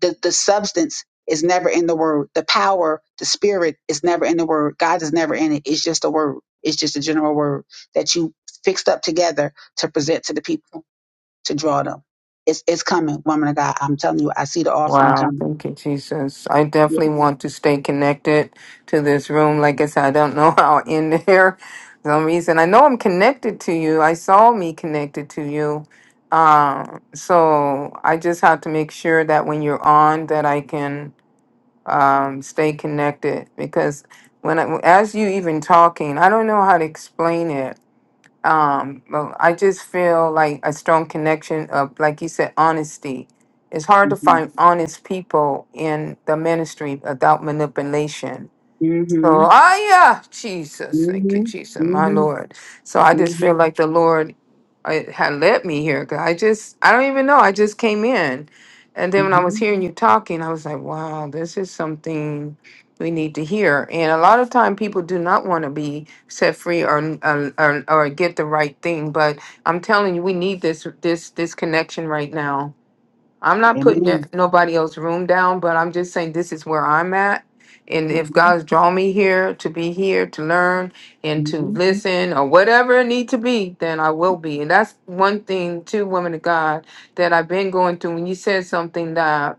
Speaker 1: the, the substance is never in the word. The power, the spirit is never in the word. God is never in it. It's just a word. It's just a general word that you fixed up together to present to the people to draw them. It's it's coming, woman of God. I'm telling you, I see the offering
Speaker 8: Wow.
Speaker 1: coming.
Speaker 8: Thank you, Jesus. I
Speaker 1: Yeah.
Speaker 8: definitely want to stay connected to this room. Like I said, I don't know how I'll end there. For some reason. I know I'm connected to you. I saw me connected to you. Um, so I just have to make sure that when you're on that I can um, stay connected because when I, as you even talking, I don't know how to explain it. Um, but I just feel like a strong connection of, like you said, honesty. It's hard to find honest people in the ministry without manipulation.
Speaker 1: Mm-hmm.
Speaker 8: So, ah, yeah, Jesus, thank you,
Speaker 1: Mm-hmm.
Speaker 8: Jesus, my
Speaker 1: Mm-hmm.
Speaker 8: Lord. So I just feel
Speaker 1: Mm-hmm.
Speaker 8: like the Lord it had led me here. 'cause I just, I don't even know. I just came in. And then when I was
Speaker 1: Mm-hmm.
Speaker 8: hearing you talking, I was like, wow, this is something we need to hear. And a lot of time people do not want to be set free or, or, or or get the right thing. But I'm telling you, we need this, this, this connection right now I'm not putting it-
Speaker 1: Amen.
Speaker 8: nobody else's room down, but I'm just saying this is where I'm at. And if God's drawn me here to be here to learn and to
Speaker 1: Mm-hmm.
Speaker 8: listen or whatever it need to be, then I will be. And that's one thing, too, women of God, that I've been going through. When you said something that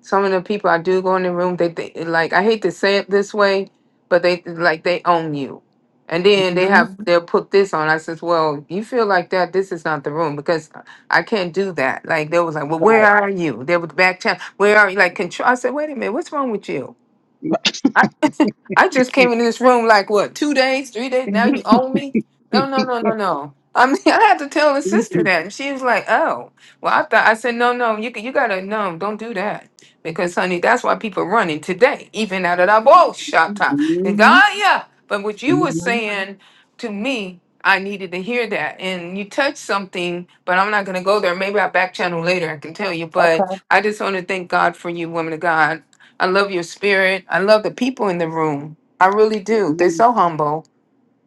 Speaker 8: some of the people I do go in the room, they think like I hate to say it this way, but they like they own you. And then they
Speaker 1: Mm-hmm.
Speaker 8: have they'll put this on. I says, Well, you feel like that, this is not the room because I can't do that. Like they was like, Well, where are you? They would back chat, where are you? Like control I said, wait a minute, what's wrong with you?
Speaker 1: Right.
Speaker 8: I just came into this room like what, two days, three days? Now you own me? No, no, no, no, no. I mean, I had to tell the sister that, and she was like, "Oh, well." I thought I said, "No, no, you c- you gotta no, don't do that because, honey, that's why people running today, even out of that bullshit
Speaker 1: Mm-hmm.
Speaker 8: time." And God, yeah. But what you were
Speaker 1: Mm-hmm. Mm-hmm.
Speaker 8: saying to me, I needed to hear that, and you touched something, but I'm not gonna go there. Maybe I back channel later. I can tell you, but
Speaker 1: Okay.
Speaker 8: I just want to thank God for you, woman of God I love your spirit. I love the people in the room. I really do. They're
Speaker 1: Mm-hmm.
Speaker 8: so humble.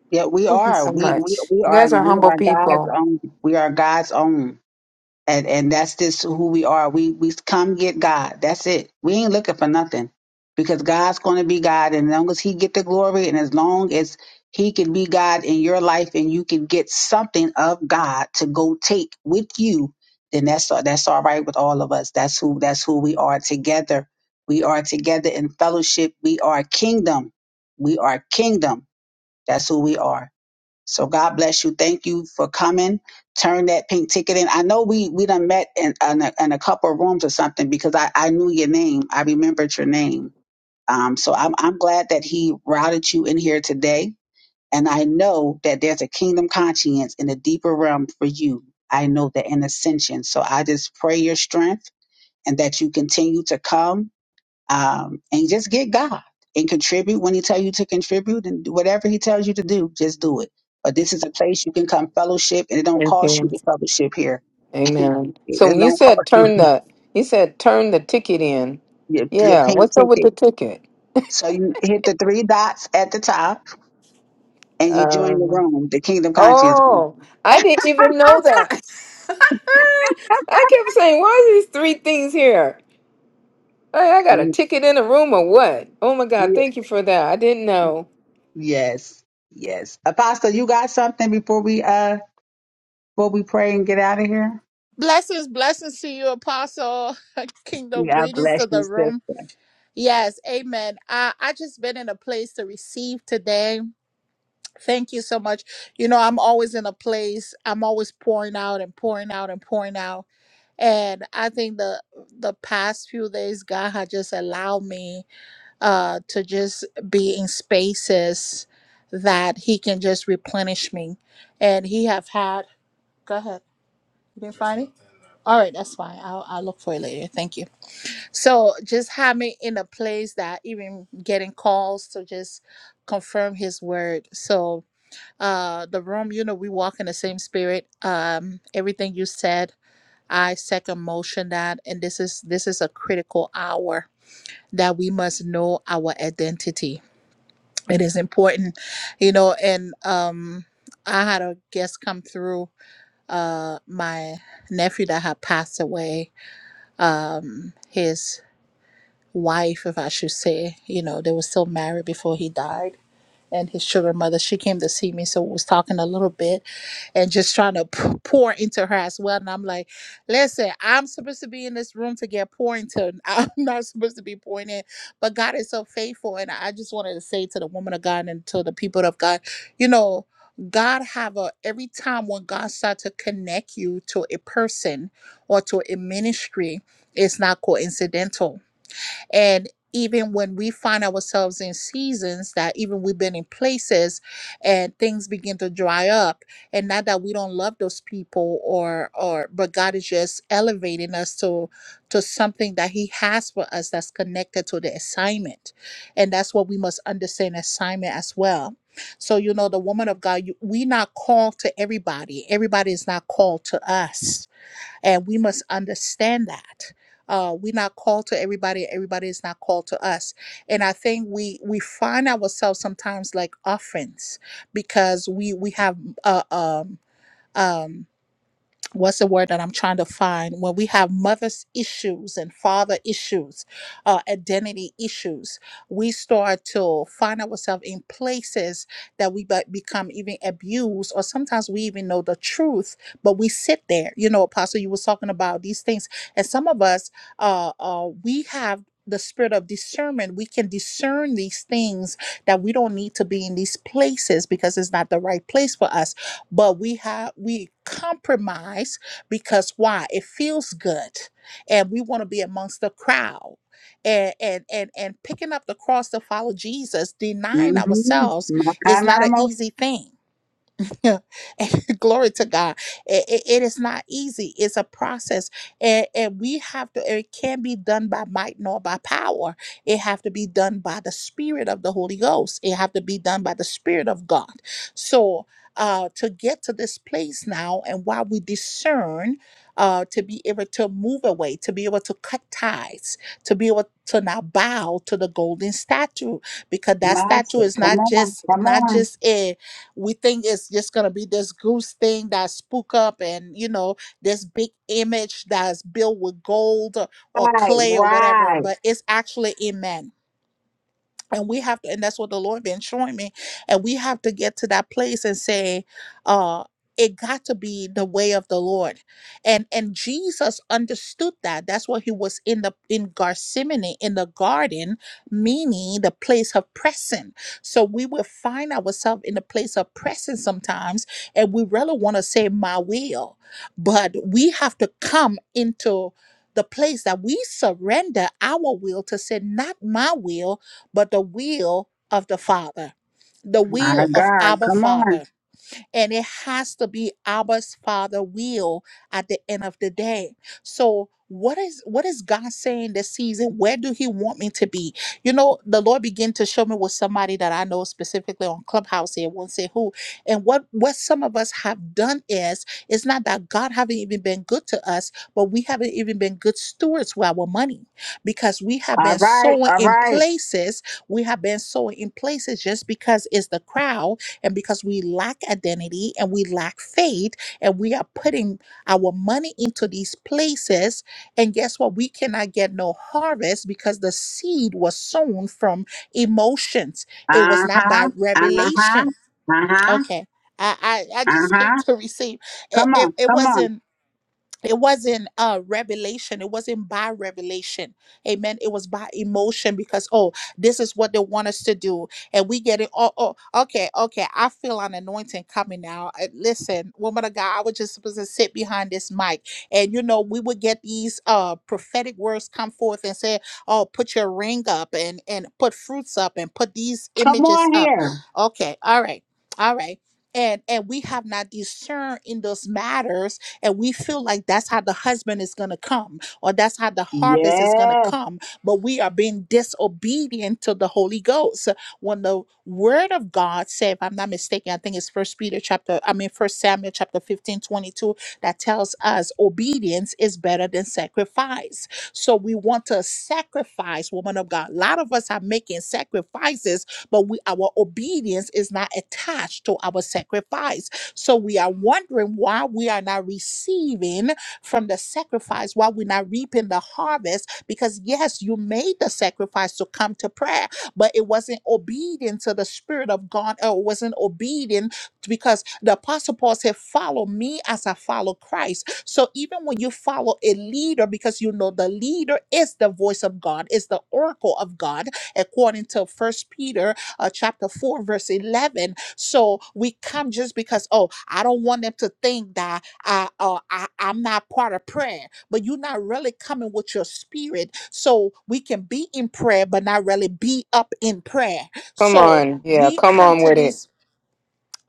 Speaker 1: Yeah, we
Speaker 8: Thank you
Speaker 1: are.
Speaker 8: so
Speaker 1: We we
Speaker 8: much.
Speaker 1: we
Speaker 8: You
Speaker 1: are
Speaker 8: guys are
Speaker 1: we
Speaker 8: humble
Speaker 1: are God's
Speaker 8: people.
Speaker 1: own. We are God's own. And and that's just who we are. We we come get God. That's it. We ain't looking for nothing. Because God's gonna be God and as long as he get the glory and as long as he can be God in your life and you can get something of God to go take with you, then that's all that's all right with all of us. That's who that's who we are together. We are together in fellowship. We are kingdom. We are kingdom. That's who we are. So God bless you. Thank you for coming. Turn that pink ticket in. I know we we done met in in a, in a couple of rooms or something because I I knew your name. I remembered your name. Um, so I'm I'm glad that he routed you in here today. And I know that there's a kingdom conscience in the deeper realm for you. I know that in ascension. So I just pray your strength and that you continue to come um, and just get God and contribute when He tell you to contribute and whatever He tells you to do, just do it. But this is a place you can come fellowship, and it don't
Speaker 8: Thank
Speaker 1: cost you
Speaker 8: you.
Speaker 1: to fellowship here. it
Speaker 8: Amen. So
Speaker 1: it
Speaker 8: when you
Speaker 1: don't
Speaker 8: said
Speaker 1: cost you
Speaker 8: turn the, you said turn the ticket in.
Speaker 1: your, your
Speaker 8: Yeah.
Speaker 1: pink
Speaker 8: What's up with the
Speaker 1: ticket.
Speaker 8: ticket?
Speaker 1: So you hit the three dots at the top, and you join the
Speaker 8: Um.
Speaker 1: room, the Kingdom Conscience. Room.
Speaker 8: Oh, I didn't even know that. I kept saying, why are these three things here? Hey, I got a
Speaker 1: You-
Speaker 8: ticket in the room or what? Oh my God.
Speaker 1: you-
Speaker 8: Thank you for that. I didn't know.
Speaker 1: Yes, yes. Apostle, you got something before we uh before we pray and get out of here?
Speaker 9: Blessings, blessings to you, Apostle. Kingdom
Speaker 1: Yeah,
Speaker 9: greetings to the room. Yes, amen. I, I just been in a place to receive today. Thank you so much. You know, I'm always in a place, I'm always pouring out and pouring out and pouring out. And I think the the past few days God had just allowed me uh to just be in spaces that He can just replenish me. And He have had go ahead. You didn't find it? All right, that's fine. I'll, I'll look for it later. Thank you. So just having in a place that even getting calls to just confirm his word. So uh the room, you know, we walk in the same spirit. Um everything you said, I second motion that and this is this is a critical hour that we must know our identity. It is important, you know, and um I had a guest come through uh my nephew that had passed away um, his wife, if I should say, you know, they were still married before he died. And his sugar mother, she came to see me, so we was talking a little bit and just trying to p- pour into her as well. And I'm like, listen, I'm supposed to be in this room to get poured into. I'm not supposed to be pouring in, but God is so faithful. And I just wanted to say to the woman of God and to the people of God, you know, God have a every time when God start to connect you to a person or to a ministry, it's not coincidental and even when we find ourselves in seasons that even we've been in places and things begin to dry up and not that we don't love those people or or but god is just elevating us to to something that he has for us that's connected to the assignment and that's what we must understand assignment as well so you know the woman of god you, we not called to everybody everybody is not called to us and we must understand that uh, we're not called to everybody everybody is not called to us and i think we we find ourselves sometimes like orphans because we we have uh, um um what's the word that I'm trying to find when we have mother's issues and father issues, uh, identity issues, we start to find ourselves in places that we be- become even abused, or sometimes we even know the truth, but we sit there. You know, Apostle, you was talking about these things, and some of us, uh, uh, we have. The spirit of discernment, we can discern these things that we don't need to be in these places because it's not the right place for us but we have we compromise because why it feels good and we want to be amongst the crowd and, and and and picking up the cross to follow jesus denying ourselves is not an easy thing And glory to God. it it- it is not easy. It's a process. And, and we have to, it can't be done by might nor by power. It have to be done by the spirit of the Holy Ghost. It have to be done by the spirit of God. So uh, to get to this place now and while we discern, uh, to be able to move away, to be able to cut ties, to be able to now bow to the golden statue, because that statue
Speaker 1: master,
Speaker 9: is
Speaker 1: come
Speaker 9: not
Speaker 1: on,
Speaker 9: just
Speaker 1: come
Speaker 9: not
Speaker 1: on.
Speaker 9: just it we think it's just gonna be this goose thing that spook up and you know this big image that's built with gold or, or
Speaker 1: Right,
Speaker 9: clay or
Speaker 1: right.
Speaker 9: whatever but it's actually a man and we have to and that's what the lord been showing me and we have to get to that place and say uh it got to be the way of the lord and and jesus understood that that's why he was in the in gethsemane in the garden meaning the place of pressing so we will find ourselves in a place of pressing sometimes and we really want to say my will but we have to come into the place that we surrender our will to say not my will but the will of the Father, the will
Speaker 1: My
Speaker 9: of
Speaker 1: God,
Speaker 9: Abba
Speaker 1: come
Speaker 9: Father
Speaker 1: on.
Speaker 9: and it has to be Abba's father will at the end of the day. So what is what is God saying this season? Where do He want me to be? You know, the Lord began to show me with somebody that I know specifically on Clubhouse here, I won't say who. And what what some of us have done is it's not that God haven't even been good to us, but we haven't even been good stewards with our money because we have
Speaker 1: All
Speaker 9: been
Speaker 1: right,
Speaker 9: sowing
Speaker 1: all
Speaker 9: in
Speaker 1: right.
Speaker 9: places, we have been sowing in places just because it's the crowd and because we lack identity and we lack faith, and we are putting our money into these places, and guess what? We cannot get no harvest because the seed was sown from emotions. It was
Speaker 1: Uh
Speaker 9: not by
Speaker 1: huh, uh huh,
Speaker 9: revelation.
Speaker 1: uh huh,
Speaker 9: Okay. I, I, I
Speaker 1: uh
Speaker 9: just came
Speaker 1: huh.
Speaker 9: to receive. It,
Speaker 1: Come
Speaker 9: it,
Speaker 1: on,
Speaker 9: it
Speaker 1: come on,
Speaker 9: wasn't it wasn't uh revelation it wasn't by revelation amen it was by emotion because oh this is what they want us to do and we get it oh, oh okay okay i feel an anointing coming now Uh, listen woman of god i was just supposed to sit behind this mic and you know we would get these uh prophetic words come forth and say oh put your ring up and and put fruits up and put these
Speaker 1: come
Speaker 9: images
Speaker 1: on
Speaker 9: up
Speaker 1: here.
Speaker 9: okay all right all right and and we have not discerned in those matters and we feel like that's how the husband is going to come or that's how the harvest is going to
Speaker 1: Yes.
Speaker 9: come but we are being disobedient to the holy ghost when the word of god said if i'm not mistaken i think it's first peter chapter i mean first samuel chapter 15 22 that tells us obedience is better than sacrifice so we want to sacrifice woman of god a lot of us are making sacrifices but we our obedience is not attached to our sacrifice so we are wondering why we are not receiving from the sacrifice, why we're not reaping the harvest. Because yes, you made the sacrifice to come to prayer, but it wasn't obedient to the Spirit of God, or it wasn't obedient because the Apostle Paul said, Follow me as I follow Christ. So even when you follow a leader, because you know the leader is the voice of God, is the oracle of God, according to First Peter uh, chapter 4, verse 11 so we come just because, oh, I don't want them to think that I, uh, I, I'm not part of prayer, but you're not really coming with your spirit. So we can be in prayer, but not really be up in prayer.
Speaker 8: Come
Speaker 9: So
Speaker 8: on. Yeah.
Speaker 9: we
Speaker 8: Come
Speaker 9: come
Speaker 8: on
Speaker 9: to
Speaker 8: with it.
Speaker 9: these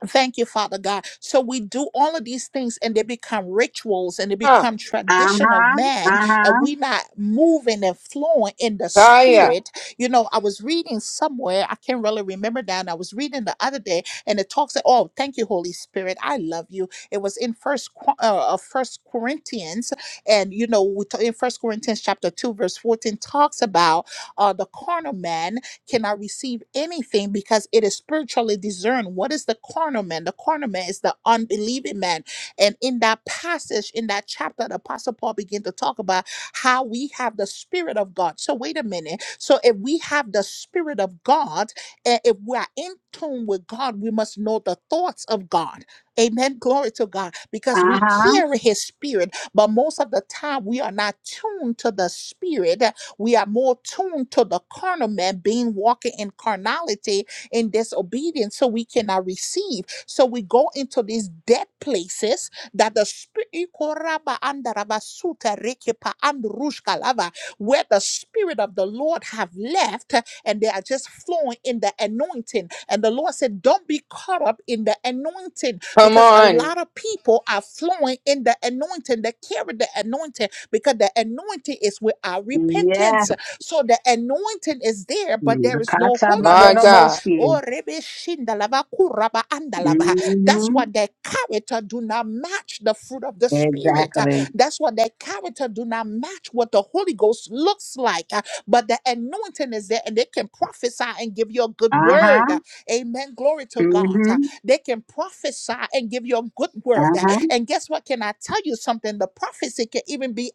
Speaker 9: Thank you, Father God. So we do all of these things and they become rituals and they
Speaker 8: Huh.
Speaker 9: become
Speaker 1: Uh
Speaker 9: tradition of
Speaker 1: huh,
Speaker 9: man,
Speaker 1: uh
Speaker 9: and
Speaker 1: huh,
Speaker 9: we not moving and flowing in the
Speaker 8: Kaya,
Speaker 9: spirit. You know, I was reading somewhere, I can't really remember that. and I was reading the other day, and it talks, oh, thank you, Holy Spirit. I love you. It was in first Cor- uh, uh, first Corinthians, and you know, we ta- in first Corinthians chapter 2, verse 14 talks about uh the carnal man Cannot receive anything because it is spiritually discerned. What is the carnal man? The carnal man is the unbelieving man. And in that passage, in that chapter, the Apostle Paul began to talk about how we have the Spirit of God. So, wait a minute. So, if we have the Spirit of God, and if we are in tune with God, we must know the thoughts of God. Amen. Glory to God.
Speaker 1: uh
Speaker 9: Because we
Speaker 1: huh.
Speaker 9: carry his spirit, but most of the time we are not tuned to the spirit. We are more tuned to the carnal man being walking in carnality in disobedience, so we cannot receive. So we go into these dead places that the spirit Ikoraba andaraba suta rekepa andrushka where the spirit of the Lord have left and they are just flowing in the anointing. And the Lord said, Don't be caught up in the anointing
Speaker 8: come
Speaker 9: because a
Speaker 8: on.
Speaker 9: lot of people are flowing in the anointing. They carry the anointing because the anointing is with our
Speaker 1: Yes.
Speaker 9: repentance. So the anointing is there, but there is no
Speaker 1: Mm-hmm.
Speaker 9: Holy
Speaker 8: My
Speaker 9: Ghost.
Speaker 8: God.
Speaker 9: Oh, rebe shindalava kuraba andalava. That's
Speaker 1: Mm-hmm.
Speaker 9: what their character do not match the fruit of the spirit. Uh,
Speaker 1: Exactly.
Speaker 9: That's what their character do not match what the Holy Ghost looks like. Uh, But the anointing is there, and they can prophesy and give you a good
Speaker 1: Uh huh,
Speaker 9: word. Uh, Amen. Glory to God.
Speaker 1: mm-hmm,
Speaker 9: Uh, They can prophesy and give you a good word.
Speaker 1: uh huh.
Speaker 9: And guess what? Can I tell you something? The prophecy can even be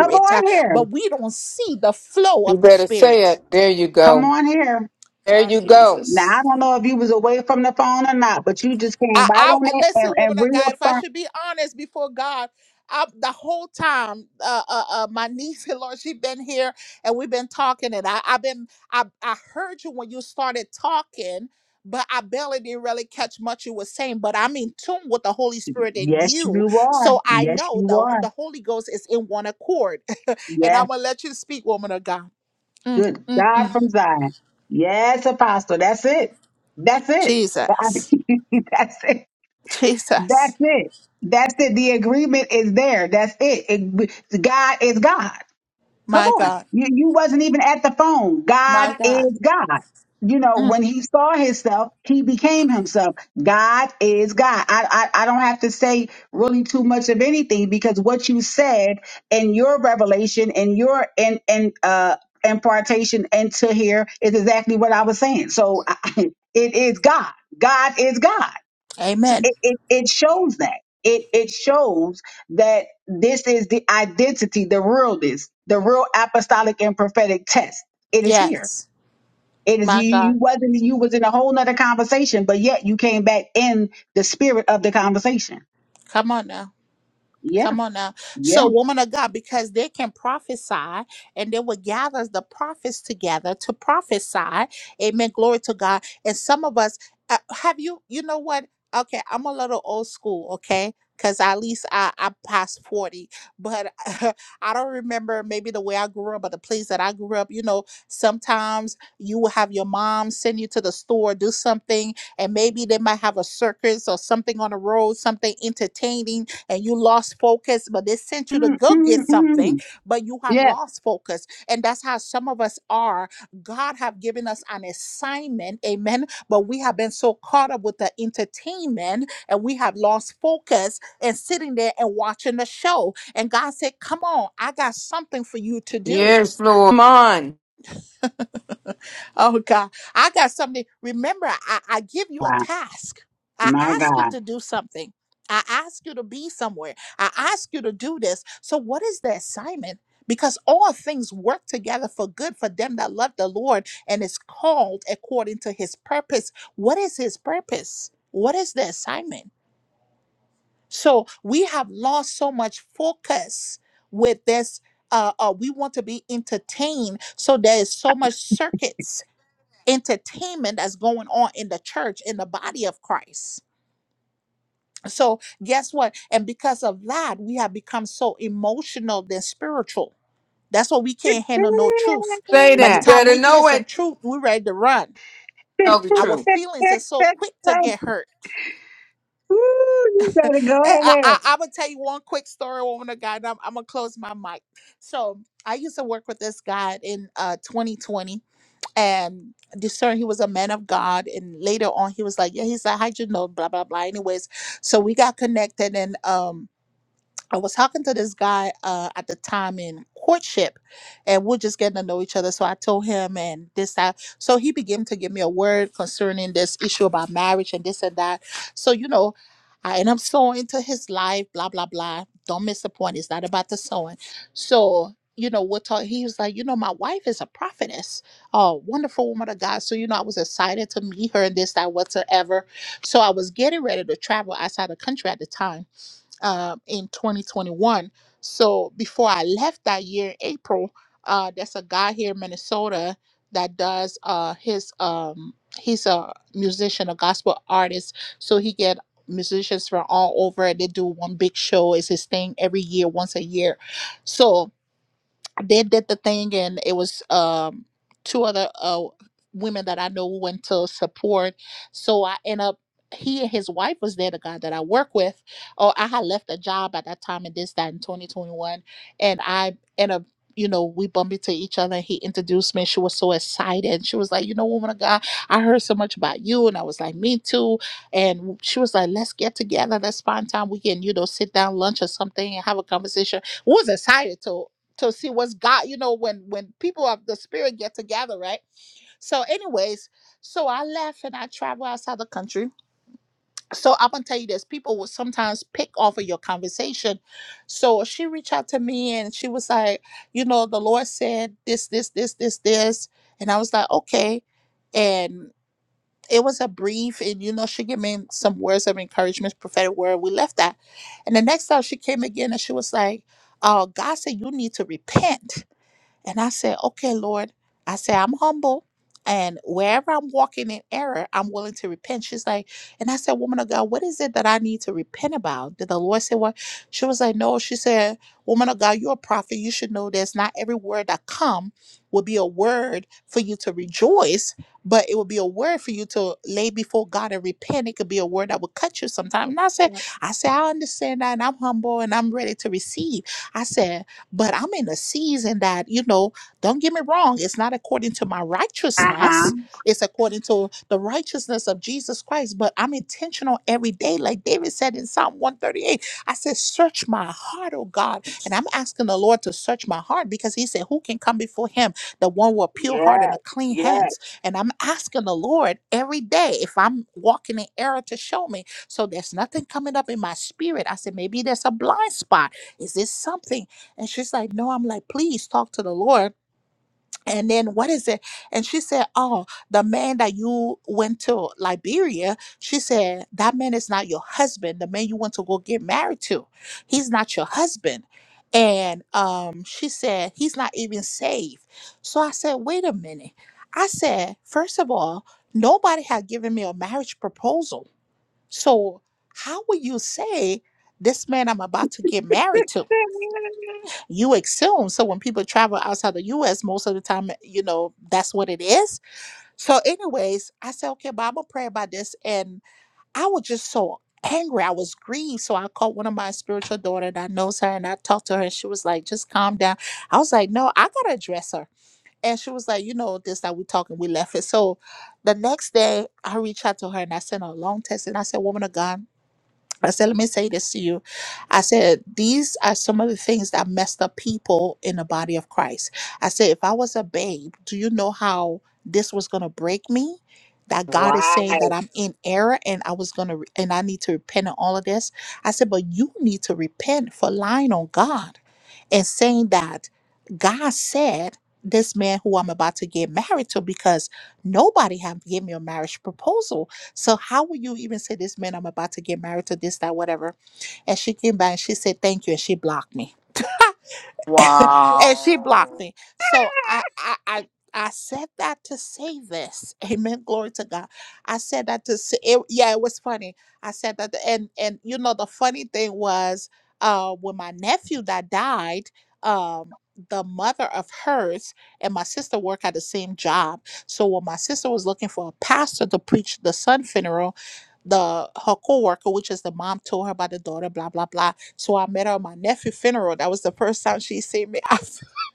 Speaker 1: Come
Speaker 9: uh,
Speaker 1: on here.
Speaker 9: but we don't see the flow
Speaker 8: You
Speaker 9: of the
Speaker 8: better say
Speaker 9: Spirit.
Speaker 8: it. There you
Speaker 1: Come
Speaker 8: go.
Speaker 1: on here.
Speaker 8: There
Speaker 9: My
Speaker 8: you go.
Speaker 1: Now I
Speaker 9: Jesus.
Speaker 1: don't know if you was away from the phone or not, but you just came
Speaker 9: I,
Speaker 1: right
Speaker 9: I
Speaker 1: on it and,
Speaker 9: listen,
Speaker 1: and
Speaker 9: woman of God. If I
Speaker 1: reaffirmed.
Speaker 9: should be honest before God, I, the whole time, uh, uh, uh, my niece Lord, she been here and we've been talking, and I, I've been, I, I heard you when you started talking, but I barely didn't really catch much you were saying. But I'm in tune with the Holy Spirit in
Speaker 1: Yes,
Speaker 9: you,
Speaker 1: you are.
Speaker 9: so I
Speaker 1: Yes,
Speaker 9: know
Speaker 1: you
Speaker 9: the
Speaker 1: are.
Speaker 9: the Holy Ghost is in one accord. And
Speaker 1: Yes.
Speaker 9: I'm going to let you speak, woman of God. Mm,
Speaker 1: Good
Speaker 9: mm,
Speaker 1: God
Speaker 9: mm.
Speaker 1: from Zion. Yes, Apostle. That's it. That's it. God.
Speaker 9: Jesus.
Speaker 1: That's it.
Speaker 9: Jesus.
Speaker 1: That's it. That's it. The agreement is there. That's it. it God is God. Come
Speaker 9: My
Speaker 1: on.
Speaker 9: God.
Speaker 1: You, you wasn't even at the phone.
Speaker 9: My
Speaker 1: God
Speaker 9: God.
Speaker 1: is God. You know,
Speaker 9: Mm.
Speaker 1: when he saw himself, he became himself. God is God. I, I, I don't have to say really too much of anything because what you said in your revelation and your in, in, uh, impartation into here is exactly what I was saying. So I, it is God. God is God. So
Speaker 9: Amen.
Speaker 1: it, it, it shows that. It it shows that this is the identity, the realness, the real apostolic and prophetic test. It is here.
Speaker 9: Yes.
Speaker 1: It is you
Speaker 9: My
Speaker 1: you
Speaker 9: God.
Speaker 1: wasn't you was in a whole nother conversation, but yet you came back in the spirit of the conversation.
Speaker 9: Come on now.
Speaker 1: Yeah.
Speaker 9: Come on now.
Speaker 1: Yeah.
Speaker 9: So, woman of God, because they can prophesy and they will gather the prophets together to prophesy. Amen. Glory to God. And some of us, uh, have you, you know what? Okay, I'm a little old school, okay? Because at least I, I'm past 40, but I don't remember maybe the way I grew up or the place that I grew up. You know, sometimes you will have your mom send you to the store, do something, and maybe they might have a circus or something on the road, something entertaining and you lost focus, but they sent you to
Speaker 1: mm
Speaker 9: go
Speaker 1: mm
Speaker 9: get something,
Speaker 1: mm.
Speaker 9: but you have
Speaker 1: Yeah.
Speaker 9: lost focus. And that's how some of us are. God have given us an assignment, amen, but we have been so caught up with the entertainment and we have lost focus and sitting there and watching the show. And God said, "Come on, I got something for you to do."
Speaker 8: Yes, Lord. Come on.
Speaker 9: Oh God, I got something. Remember, I, I give you a
Speaker 1: Wow.
Speaker 9: task. I
Speaker 1: My
Speaker 9: ask you
Speaker 1: God.
Speaker 9: to do something. I ask you to be somewhere. I ask you to do this. So what is the assignment? Because all things work together for good for them that love the Lord and is called according to his purpose. What is his purpose? What is the assignment? So we have lost so much focus with this. Uh, uh, we want to be entertained. So there is so much circuits entertainment that's going on in the church, in the body of Christ. So, guess what? And because of that, we have become so emotional than spiritual. That's why we can't handle no truth.
Speaker 8: Say
Speaker 9: By the
Speaker 8: that.
Speaker 9: time
Speaker 8: Better
Speaker 9: we hear
Speaker 8: know
Speaker 9: some
Speaker 8: it.
Speaker 9: truth, we're ready to run.
Speaker 8: Tell the
Speaker 9: Our
Speaker 8: truth.
Speaker 9: feelings are so quick to get hurt.
Speaker 1: Ooh, you to go
Speaker 9: Eh, I,
Speaker 1: ahead.
Speaker 9: I, I'm gonna tell you one quick story, woman of God. and I'm, I'm gonna close my mic. So I used to work with this guy in uh, 2020, and discern he was a man of God. And later on, he was like, "Yeah, he's a hydrogen, Blah blah blah. Anyways, so we got connected, and um I was talking to this guy uh, at the time in courtship, and we're just getting to know each other. So I told him, and this that. So he began to give me a word concerning this issue about marriage and this and that. So you know, I and I'm sowing into his life, blah blah blah. Don't miss the point. It's not about the sowing. So you know, we're talking. He was like, you know, my wife is a prophetess, a wonderful woman of God. So you know, I was excited to meet her and this that whatsoever. So I was getting ready to travel outside the country at the time uh, in 2021. So before I left that year in April, uh, there's a guy here in Minnesota that does uh, his um, he's a musician, a gospel artist. So he get musicians from all over. They do one big show. It's his thing every year, once a year. So they did the thing and it was um two other uh women that I know went to support. So I end up he and his wife was there, the guy that I work with. Or I had left a job at that time and this, that in 2021. And I end up, you know, we bumped into each other. He introduced me. She was so excited. She was like, you know, woman of God, I heard so much about you. And I was like, me too. And she was like, let's get together. Let's find time. We can, you know, sit down, lunch or something and have a conversation We was excited to to see what's God, you know, when when people of the spirit get together, right? So, anyways, so I left and I travel outside the country. So I'm gonna tell you this: people will sometimes pick off of your conversation. So she reached out to me and she was like, you know, the Lord said this, this, this, this, this, and I was like, okay, and it was a brief, and you know, she gave me some words of encouragement, prophetic word. We left that, and the next time she came again and she was like, oh, God said you need to repent. And I said, okay, Lord, I said, I'm humble. And wherever I'm walking in error, I'm willing to repent. She's like, and I said, woman of God, what is it that I need to repent about? Did the Lord say what? She was like, no. She said, woman of God, you're a prophet. You should know this. Not every word that come will be a word for you to rejoice, but it will be a word for you to lay before God and repent. It could be a word that will cut you sometime. And I said, I said, I understand that, and I'm humble and I'm ready to receive. I said. But I'm in a season that, you know, don't get me wrong, it's not according to my
Speaker 1: Uh-huh.
Speaker 9: righteousness, it's according to the righteousness of Jesus Christ. But I'm intentional every day, like David said in Psalm 138. I said, Search my heart, oh God. And I'm asking the Lord to search my heart because He said, Who can come before Him? The one with a pure heart
Speaker 1: Yeah.
Speaker 9: and a clean
Speaker 1: Yeah.
Speaker 9: hands. And I'm asking the Lord every day if I'm walking in error to show me. So there's nothing coming up in my spirit. I said, Maybe there's a blind spot. Is this something? And she's like, No, I'm like, please talk to the Lord. And then what is it? And she said, Oh, the man that you went to Liberia, she said, That man is not your husband. The man you want to go get married to, he's not your husband. And um, she said, He's not even saved. So I said, Wait a minute. I said, First of all, nobody had given me a marriage proposal. So how would you say this man I'm about to get married to? you assume. So when people travel outside the US, most of the time, you know, that's what it is. So, anyways, I said, okay, but I'm gonna pray about this. And I was just so angry. I was grieved. So I called one of my spiritual daughter that knows her and I talked to her and she was like, just calm down. I was like, no, I gotta address her. And she was like, you know, this that we talking, we left it. So the next day I reached out to her and I sent her a long text and I said, Woman of God. I said, let me say this to you. I said, these are some of the things that messed up people in the body of Christ. I said, if I was a babe, do you know how this was going to break me? That God is
Speaker 1: Wow.
Speaker 9: saying that I'm in error and I was going to, and I need to repent of all of this. I said, but you need to repent for lying on God and saying that God said this man who I'm about to get married to because nobody have given me a marriage proposal. So how will you even say this man I'm about to get married to this, that, whatever? And she came back and she said, Thank you, and she blocked me and she blocked
Speaker 8: Wow.
Speaker 9: me. So I, I, I, I said that to say this. Amen. Glory to God. I said that to say. It, yeah, it was funny. I said that, and and you know the funny thing was, uh, when my nephew that died, um, the mother of hers and my sister work at the same job. So when my sister was looking for a pastor to preach the son funeral, the her coworker, which is the mom, told her about the daughter, blah blah blah. So I met her at my nephew funeral. That was the first time she seen me.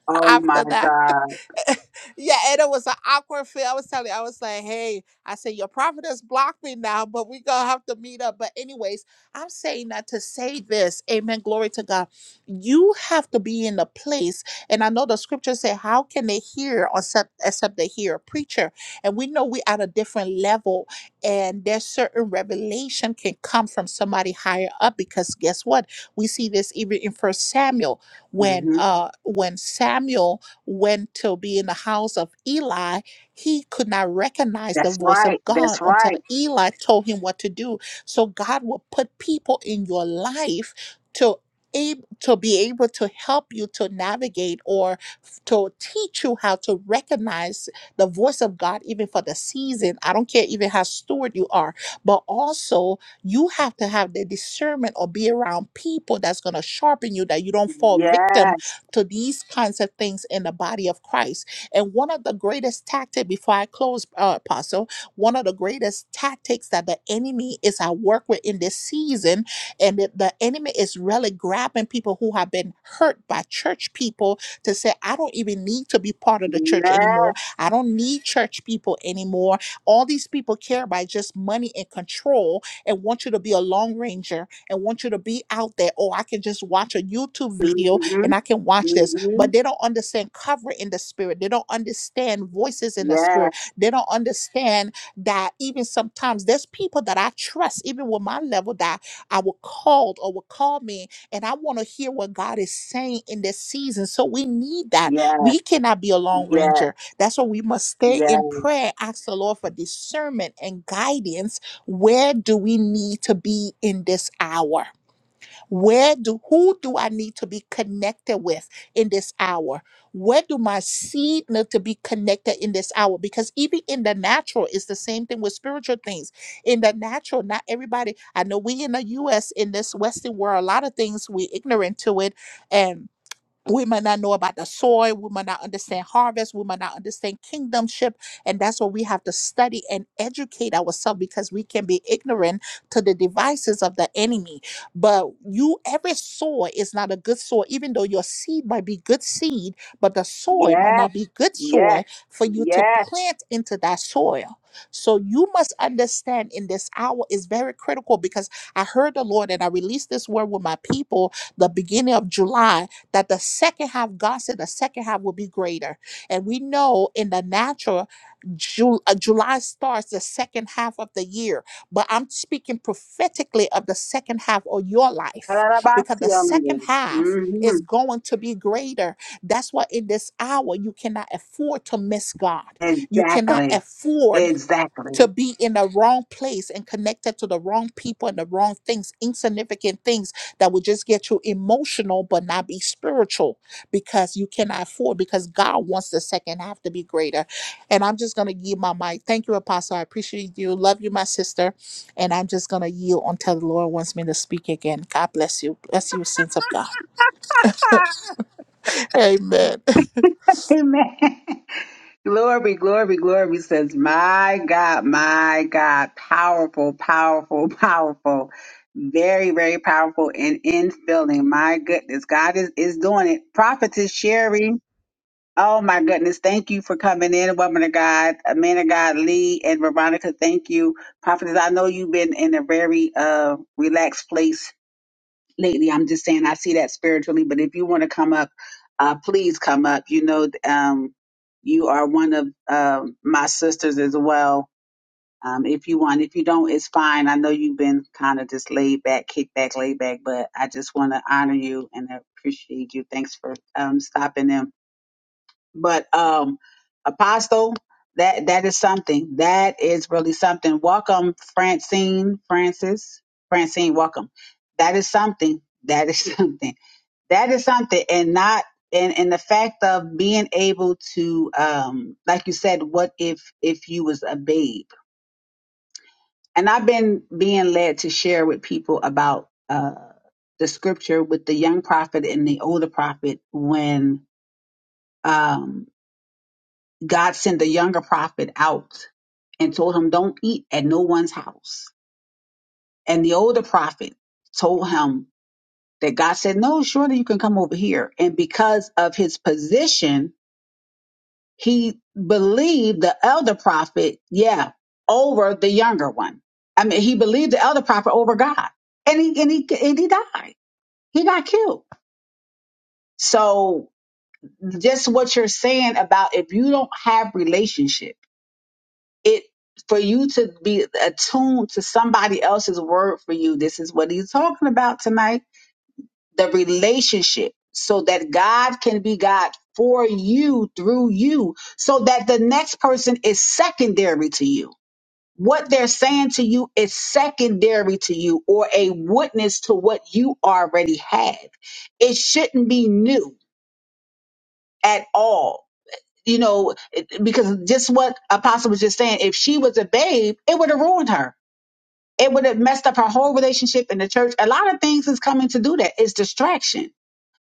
Speaker 1: Oh my
Speaker 9: after that.
Speaker 1: God.
Speaker 9: yeah, and it was an awkward feel. I was telling you, I was like, hey, I said, your prophet has blocked me now, but we going to have to meet up. But, anyways, I'm saying that to say this, amen, glory to God. You have to be in a place. And I know the scriptures say, how can they hear except, except they hear a preacher? And we know we at a different level, and there's certain revelation can come from somebody higher up because guess what? We see this even in First Samuel when
Speaker 1: hmm
Speaker 9: uh when Samuel went to be in the house of Eli, he could not recognize the
Speaker 1: That's
Speaker 9: voice
Speaker 1: right.
Speaker 9: of God
Speaker 1: That's
Speaker 9: until
Speaker 1: right.
Speaker 9: Eli told him what to do. So God will put people in your life to ab- to be able to help you to navigate or f- to teach you how to recognize the voice of God even for the season. I don't care even how steward you are, but also you have to have the discernment or be around people that's going to sharpen you that you don't fall victim to these kinds of things in the body of Christ. And one of the greatest tactics before I close, uh, Apostle, one of the greatest tactics that the enemy is at work with in this season, and the the enemy is really grabbing people who have been hurt by church people to say, I don't even need to be part of the church anymore. I don't need church people anymore. All these people care about just money and control and want you to be a long ranger and want you to be out there. Oh, I can just watch a YouTube video
Speaker 1: hmm
Speaker 9: and I can watch this,
Speaker 1: hmm
Speaker 9: but they don't understand cover in the spirit. They don't understand voices in the
Speaker 1: Yes.
Speaker 9: spirit. They don't understand that even sometimes there's people that I trust, even with my level, that I will call or will call me, and I want to hear what God is saying in this season. So we need that.
Speaker 1: Yes.
Speaker 9: We cannot be a long
Speaker 1: Yes.
Speaker 9: ranger. That's why we must stay
Speaker 1: Yes.
Speaker 9: in prayer, ask the Lord for discernment and guidance. Where do we need to be in this hour? Where do who do I need to be connected with in this hour? Where do my seed need to be connected in this hour? Because even in the natural, it's the same thing with spiritual things. In the natural, not everybody. I know we in the U.S. in this Western world, a lot of things we ignorant to it, and we might not know about the soil we might not understand harvest we might not understand kingdomship and that's what we have to study and educate ourselves because we can be ignorant to the devices of the enemy but you every soil is not a good soil even though your seed might be good seed but the soil might
Speaker 1: Yes.
Speaker 9: not be good
Speaker 1: Yes.
Speaker 9: soil for you to
Speaker 1: Yes.
Speaker 9: plant into that soil so you must understand in this hour is very critical because i heard the lord and i released this word with my people the beginning of july that the second half, God said the second half will be greater. And we know in the natural, Ju- uh, July starts the second half of the year. But I'm speaking prophetically of the second half of your life because the second half
Speaker 1: Mm-hmm.
Speaker 9: is going to be greater. That's why in this hour, you cannot afford to miss God. You cannot
Speaker 1: Exactly.
Speaker 9: afford
Speaker 1: Exactly.
Speaker 9: to be in the wrong place and connected to the wrong people and the wrong things, insignificant things that will just get you emotional but not be spiritual because you cannot afford because God wants the second half to be greater. And I'm just gonna give my mic. Thank you, Apostle. I appreciate you. Love you, my sister. And I'm just gonna yield until the Lord wants me to speak again. God bless you. Bless you, saints of God. Amen.
Speaker 1: Amen. glory, glory, glory says, My God, my God, powerful, powerful, powerful. Very, very powerful and in filling. My goodness. God is, is doing it. Prophetess Sherry. Oh my goodness. Thank you for coming in, woman of God, uh, man of God, Lee and Veronica. Thank you. Prophetess, I know you've been in a very uh, relaxed place lately. I'm just saying, I see that spiritually, but if you want to come up, uh, please come up. You know, um, you are one of uh, my sisters as well. Um, if you want, if you don't, it's fine. I know you've been kind of just laid back, kick back, laid back, but I just want to honor you and appreciate you. Thanks for um, stopping in but um apostle that that is something that is really something welcome francine francis francine welcome that is something that is something that is something and not and and the fact of being able to um like you said what if if you was a babe and i've been being led to share with people about uh the scripture with the young prophet and the older prophet when um God sent the younger prophet out and told him, Don't eat at no one's house. And the older prophet told him that God said, No, surely you can come over here. And because of his position, he believed the elder prophet, yeah, over the younger one. I mean, he believed the elder prophet over God. And he and he and he died. He got killed. So just what you're saying about if you don't have relationship it for you to be attuned to somebody else's word for you. This is what he's talking about tonight the relationship, so that God can be God for you through you, so that the next person is secondary to you. What they're saying to you is secondary to you or a witness to what you already have. It shouldn't be new at all. You know, it- because just what Apostle was just saying, if she was a babe, it would have ruined her it would have messed up her whole relationship in the church. A lot of things is coming to do that. It's distraction.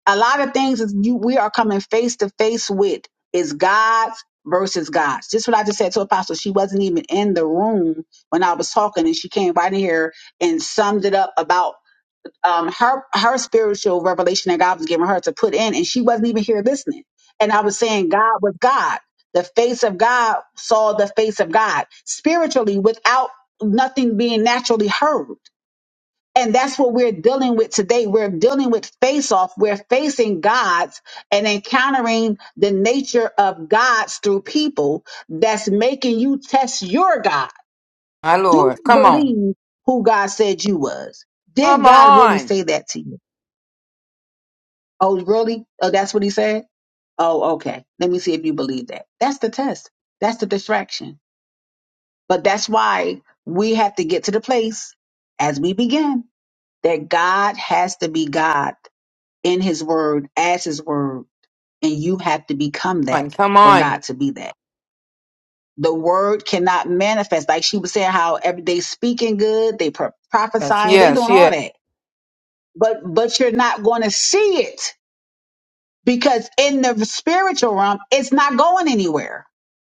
Speaker 1: A lot of things is you we are coming face to face with is God's versus God's. Just what I just said to Apostle. She wasn't even in the room when I was talking, and she came right in here and summed it up about um, her her spiritual revelation that God was giving her to put in, and she wasn't even here listening. And I was saying, God was God. The face of God saw the face of God spiritually without nothing being naturally heard. And that's what we're dealing with today. We're dealing with face off. We're facing God's and encountering the nature of God's through people that's making you test your God.
Speaker 8: My
Speaker 1: Do
Speaker 8: Lord.
Speaker 1: you
Speaker 8: Come on.
Speaker 1: believe who God said you was? Did
Speaker 8: Come
Speaker 1: God really
Speaker 8: on.
Speaker 1: say that to you? Oh, really? Oh, that's what he said? Oh, okay. Let me see if you believe that. That's the test. That's the distraction. But that's why we have to get to the place as we begin that God has to be God in his word, as his word, and you have to become
Speaker 8: Come
Speaker 1: that
Speaker 8: on. Come
Speaker 1: for God
Speaker 8: on.
Speaker 1: to be that. The word cannot manifest. Like she was saying, how every day speaking good, they pro-
Speaker 8: Yes,
Speaker 1: prophesying, they
Speaker 8: yes,
Speaker 1: doing all
Speaker 8: yes.
Speaker 1: that. But but you're not going to see it because in the spiritual realm, it's not going anywhere.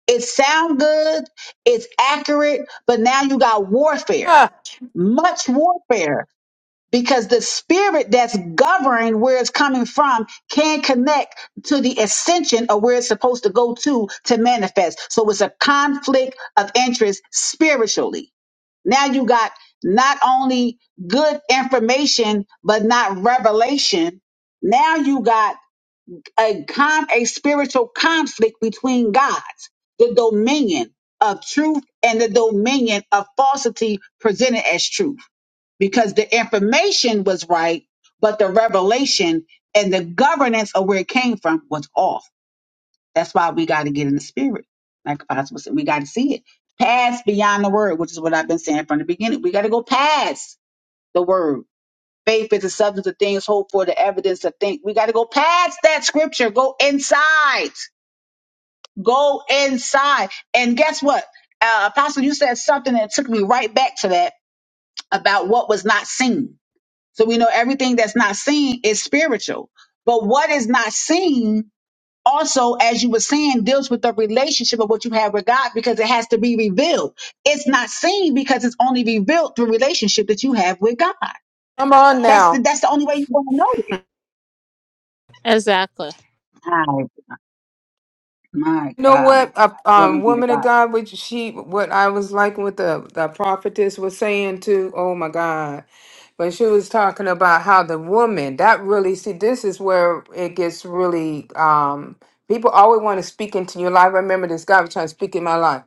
Speaker 1: It sound good, it's accurate, but now you got warfare,
Speaker 8: Ah,
Speaker 1: much warfare, because the spirit that's governing where it's coming from can connect to the ascension of where it's supposed to go to to manifest. So it's a conflict of interest spiritually. Now you got not only good information, but not revelation. Now you got a con, a spiritual conflict between gods, the dominion of truth and the dominion of falsity presented as truth. Because the information was right, but the revelation and the governance of where it came from was off. That's why we got to get in the spirit. Like Apostle said, we got to see it. Pass beyond the word, which is what I've been saying from the beginning. We got to go past the word Faith is the substance of things hoped for, the evidence of things. We got to go past that scripture. Go inside. Go inside. And guess what? Uh, Apostle, you said something that took me right back to that about what was not seen. So we know everything that's not seen is spiritual. But what is not seen also, as you were saying, deals with the relationship of what you have with God because it has to be revealed. It's not seen because it's only revealed through relationship that you have with God.
Speaker 8: come on
Speaker 1: That's the,
Speaker 8: now.
Speaker 1: that's the only way you're going
Speaker 9: Exactly.
Speaker 1: to know it. My
Speaker 8: You know
Speaker 1: God, my
Speaker 8: what?
Speaker 1: God.
Speaker 8: A
Speaker 1: Glory
Speaker 8: um,
Speaker 1: be to
Speaker 8: woman of
Speaker 1: God.
Speaker 8: God, which she, what I was like, what the, the prophetess was saying too. Oh my God. but she was talking about how the woman that really see this is where it gets really um people always want to speak into your life. I remember this guy was trying to speak in my life.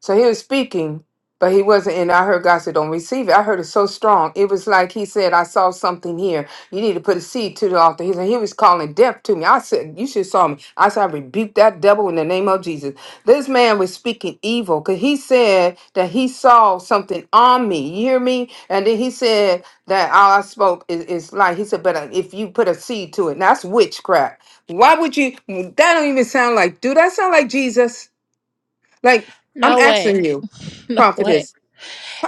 Speaker 8: So he was speaking, but he wasn't and I heard God said, Don't receive it. I heard it so strong. It was like he said, I saw something here. You need to put a seed to the altar. He said he was calling death to me. I said, You should saw me. I said, I rebuke that devil in the name of Jesus. This man was speaking evil because he said that he saw something on me. You hear me? And then he said that all I spoke is, is like he said, but uh, if you put a seed to it, now that's witchcraft. Why would you? That don't even sound like. Do that sound like Jesus? Like I'm
Speaker 9: No way.
Speaker 8: asking you,
Speaker 9: No way.
Speaker 8: prophetess.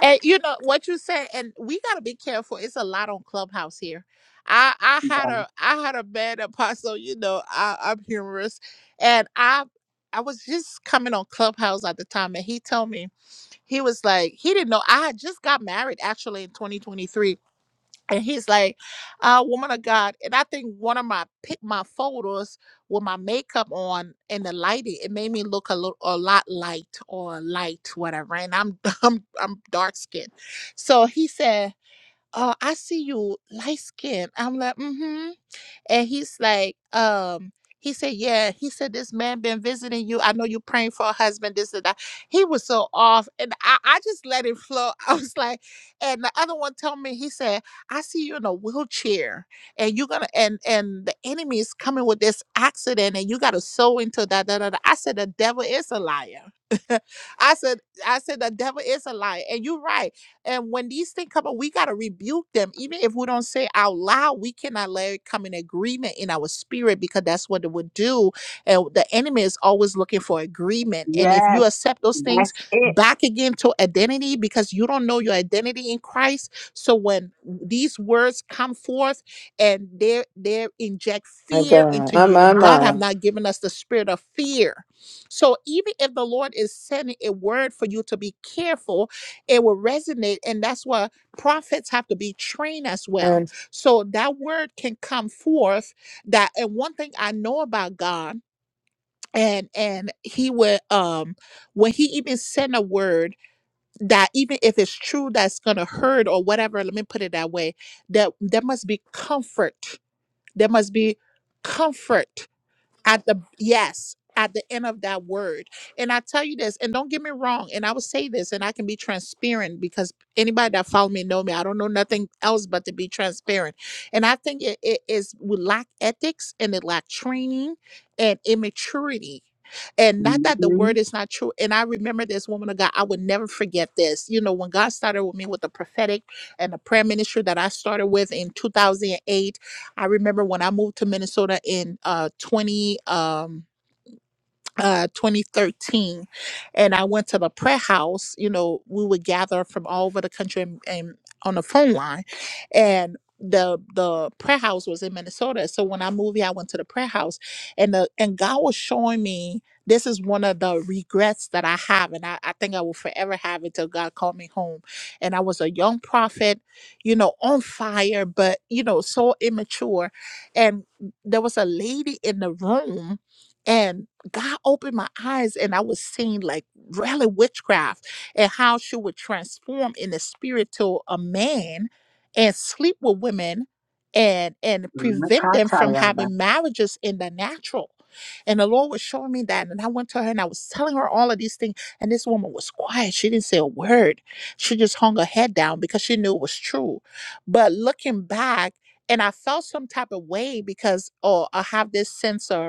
Speaker 9: And you know what you said, and we gotta be careful. It's a lot on Clubhouse here. I I had a I had a bad apostle. You know I, I'm humorous, and I I was just coming on Clubhouse at the time, and he told me he was like he didn't know I had just got married actually in 2023, and he's like, uh, woman of God. And I think one of my pic- my photos with my makeup on and the lighting, it made me look a little a lot light or light, whatever. And I'm I'm I'm dark skinned. So he said, uh, I see you light skinned. I'm like, mm-hmm and he's like um he said yeah he said this man been visiting you i know you praying for a husband this and that he was so off and i, I just let it flow i was like and the other one told me he said i see you in a wheelchair and you're gonna and and the enemy is coming with this accident and you gotta sow into that da, da, da. i said the devil is a liar i said i said the devil is a liar and you're right and when these things come up, we got to rebuke them. Even if we don't say out loud, we cannot let it come in agreement in our spirit because that's what it would do. And the enemy is always looking for agreement. And if
Speaker 1: Yes,
Speaker 9: you accept those things
Speaker 1: that's it.
Speaker 9: back again to identity because you don't know your identity in Christ. So when these words come forth and they they inject
Speaker 8: My
Speaker 9: fear
Speaker 8: God.
Speaker 9: into
Speaker 8: My,
Speaker 9: you,
Speaker 8: my,
Speaker 9: and God have
Speaker 8: my.
Speaker 9: not given us the spirit of fear. So even if the Lord is sending a word for you to be careful, it will resonate and that's why prophets have to be trained as well
Speaker 8: And
Speaker 9: so that word can come forth that and one thing i know about god and and he will um when he even send a word that even if it's true that's gonna hurt or whatever let me put it that way that there must be comfort there must be comfort at the yes at the end of that word and i tell you this and don't get me wrong and i will say this and i can be transparent because anybody that follow me know me i don't know nothing else but to be transparent and i think it, it is we lack ethics and it lack training and immaturity and not that the
Speaker 1: hmm
Speaker 9: word is not true and i remember this woman of god i would never forget this you know when god started with me with the prophetic and the prayer ministry that i started with in 2008 I remember when I moved to Minnesota in uh 20 um uh 2013 and i went to the prayer house you know we would gather from all over the country and, and on the phone line and the the prayer house was in minnesota so when i moved here i went to the prayer house and the and god was showing me this is one of the regrets that i have and i, I think i will forever have it till god called me home and i was a young prophet you know on fire but you know so immature and there was a lady in the room and God opened my eyes and I was seeing like really witchcraft and how she would transform in the spirit to a man and sleep with women and and prevent them from having marriages in the natural. And the Lord was showing me that. And I went to her and I was telling her all of these things. And this woman was quiet. She didn't say a word. She just hung her head down because she knew it was true. But looking back, and I felt some type of way because, oh, I have this sense of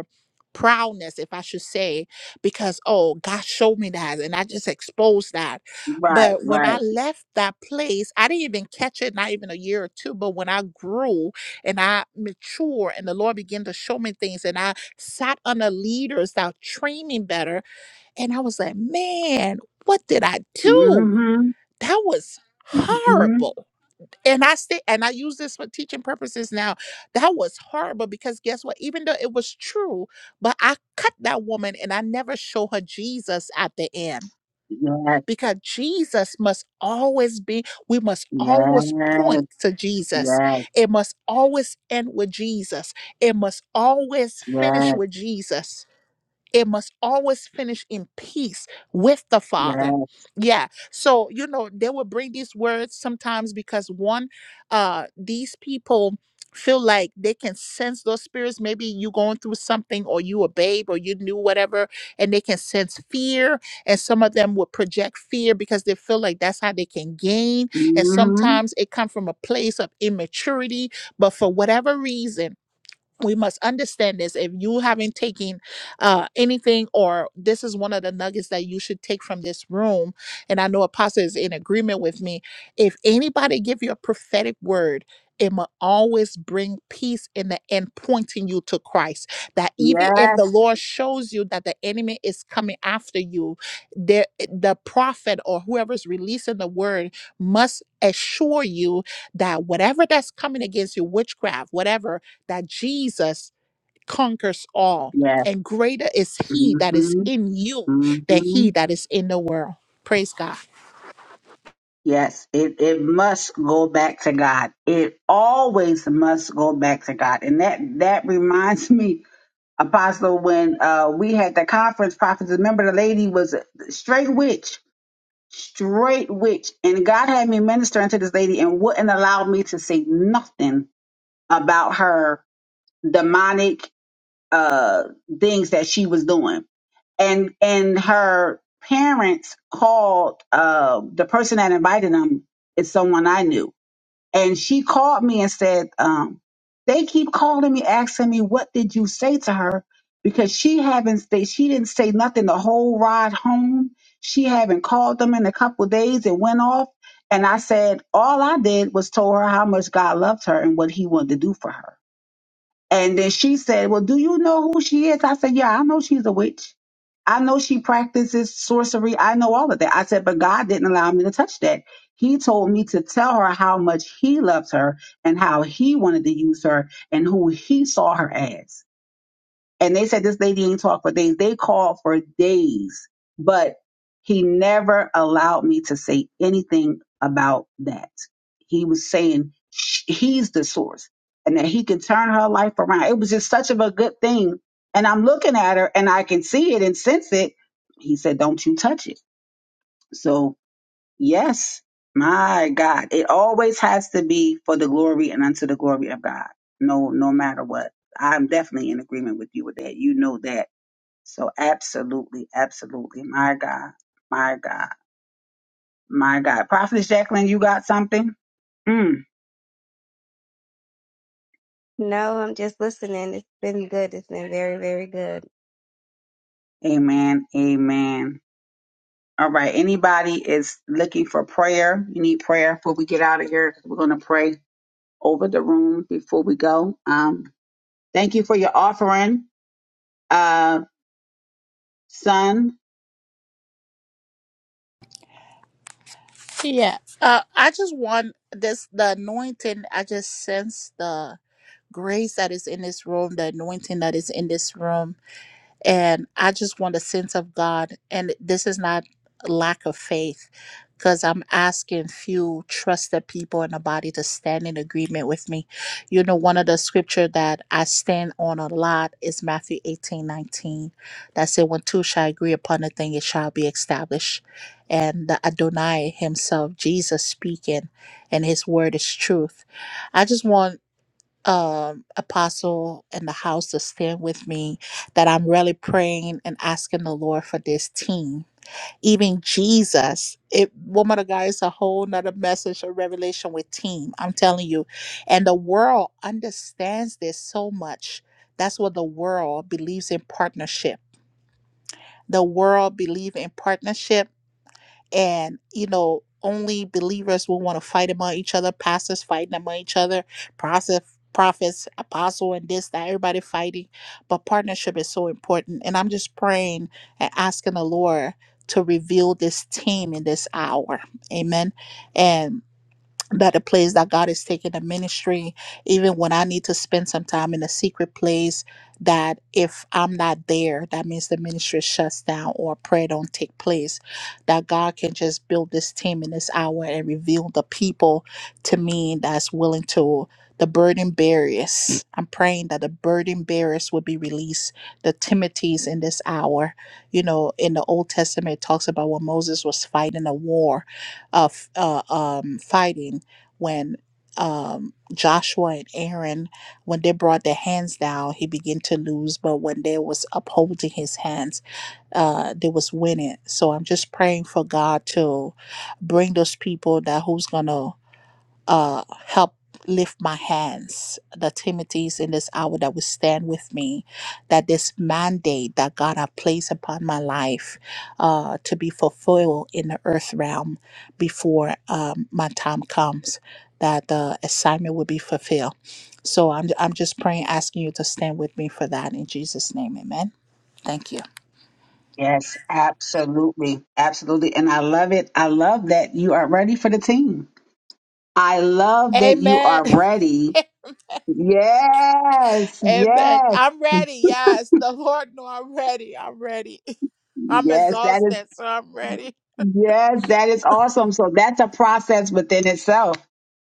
Speaker 9: proudness, if I should say, because oh, God showed me that and I just exposed that.
Speaker 1: Right,
Speaker 9: But when I
Speaker 1: right.
Speaker 9: left that place, I didn't even catch it, not even a year or two. But when I grew and I mature and the Lord began to show me things and I sat under leaders that trained me better, and I was like, man, what did I do?
Speaker 1: hmm hmm
Speaker 9: That was horrible and I still and I use this for teaching purposes now. That was horrible because guess what? Even though it was true, but I cut that woman and I never show her Jesus at the end. Because Jesus must always be, we must always point to Jesus. It must always end with Jesus. It must always finish with Jesus it must always finish in peace with the father
Speaker 1: Yes.
Speaker 9: yeah so you know they will bring these words sometimes because one uh these people feel like they can sense those spirits maybe you going through something or you a babe or you knew whatever and they can sense fear and some of them will project fear because they feel like that's how they can gain and
Speaker 1: hmm
Speaker 9: sometimes it come from a place of immaturity but for whatever reason we must understand this if you haven't taken uh anything or this is one of the nuggets that you should take from this room and i know apostle is in agreement with me if anybody give you a prophetic word it will always bring peace in the end pointing you to christ that even if
Speaker 1: Yes,
Speaker 9: the lord shows you that the enemy is coming after you the, the prophet or whoever's releasing the word must assure you that whatever that's coming against you witchcraft whatever that Jesus conquers all,
Speaker 1: yes.
Speaker 9: and greater is he that is
Speaker 1: hmm
Speaker 9: in you than
Speaker 1: hmm
Speaker 9: he that is in the world. Praise God.
Speaker 1: Yes, it, it must go back to God. It always must go back to God. And that, that reminds me, Apostle, when uh, we had the conference, prophets, remember the lady was a straight witch straight witch. And God had me ministering to this lady and wouldn't allow me to say nothing about her demonic uh things that she was doing. And and her parents called uh the person that invited them is someone I knew and she called me and said um, they keep calling me asking me what did you say to her because she haven't they, she didn't say nothing the whole ride home she haven't called them in a couple of days it went off and i said all i did was told her how much god loved her and what he wanted to do for her and then she said, Well, do you know who she is? I said, Yeah, I know she's a witch. I know she practices sorcery. I know all of that. I said, But God didn't allow me to touch that. He told me to tell her how much he loves her and how he wanted to use her and who he saw her as. And they said this lady ain't talked for days. They called for days, but he never allowed me to say anything about that. He was saying sh- he's the source and that he can turn her life around. It was just such of a good thing. And I'm looking at her and I can see it and sense it. He said, don't you touch it. So yes, my God, it always has to be for the glory and unto the glory of God. No, no matter what. I'm definitely in agreement with you with that. You know that so absolutely, absolutely. My God, my God, my God. Prophetess Jacqueline, you got something? Mm.
Speaker 4: No, I'm just listening. It's been good. It's been very, very good.
Speaker 1: Amen. Amen. All right. Anybody is looking for prayer? You need prayer before we get out of here. We're going to pray over the room before we go. Um, thank you for your offering, uh, son.
Speaker 9: Yeah. Uh, I just want this the anointing. I just sense the grace that is in this room, the anointing that is in this room. and I just want a sense of God. And this is not lack of faith, because I'm asking few trusted people in the body to stand in agreement with me. You know, one of the scripture that I stand on a lot is Matthew 18 19. That said, when two shall agree upon a thing, it shall be established. And the Adonai himself, Jesus speaking, and his word is truth. I just want um, apostle in the house to stand with me that I'm really praying and asking the Lord for this team. Even Jesus, it woman of God is a whole nother message of revelation with team. I'm telling you. And the world understands this so much. That's what the world believes in partnership. The world believe in partnership and you know only believers will want to fight among each other pastors fighting among each other prophet prophets apostle and this that everybody fighting but partnership is so important and i'm just praying and asking the lord to reveal this team in this hour amen And that the place that God is taking the ministry, even when I need to spend some time in a secret place, that if I'm not there, that means the ministry shuts down or prayer don't take place. That God can just build this team in this hour and reveal the people to me that's willing to the burden bearers. I'm praying that the burden bearers will be released, the Timothy's in this hour. You know, in the Old Testament, it talks about when Moses was fighting a war of uh, um, fighting when um, Joshua and Aaron, when they brought their hands down, he began to lose. But when they was upholding his hands, uh, they was winning. So I'm just praying for God to bring those people that who's gonna uh, help lift my hands, the Timothy's in this hour that will stand with me, that this mandate that God has placed upon my life uh, to be fulfilled in the earth realm before um, my time comes, that the assignment will be fulfilled. So I'm, I'm just praying, asking you to stand with me for that in Jesus' name. Amen. Thank you.
Speaker 1: Yes, absolutely. Absolutely. And I love it. I love that you are ready for the team. I love that you
Speaker 9: Amen.
Speaker 1: are ready Yes,
Speaker 9: Amen.
Speaker 1: yes,
Speaker 9: I'm ready. Yes. The Lord know I'm ready. I'm ready. I'm
Speaker 1: yes, that is
Speaker 9: exhausted, so I'm ready.
Speaker 1: Yes, that is awesome. So that's a process within itself.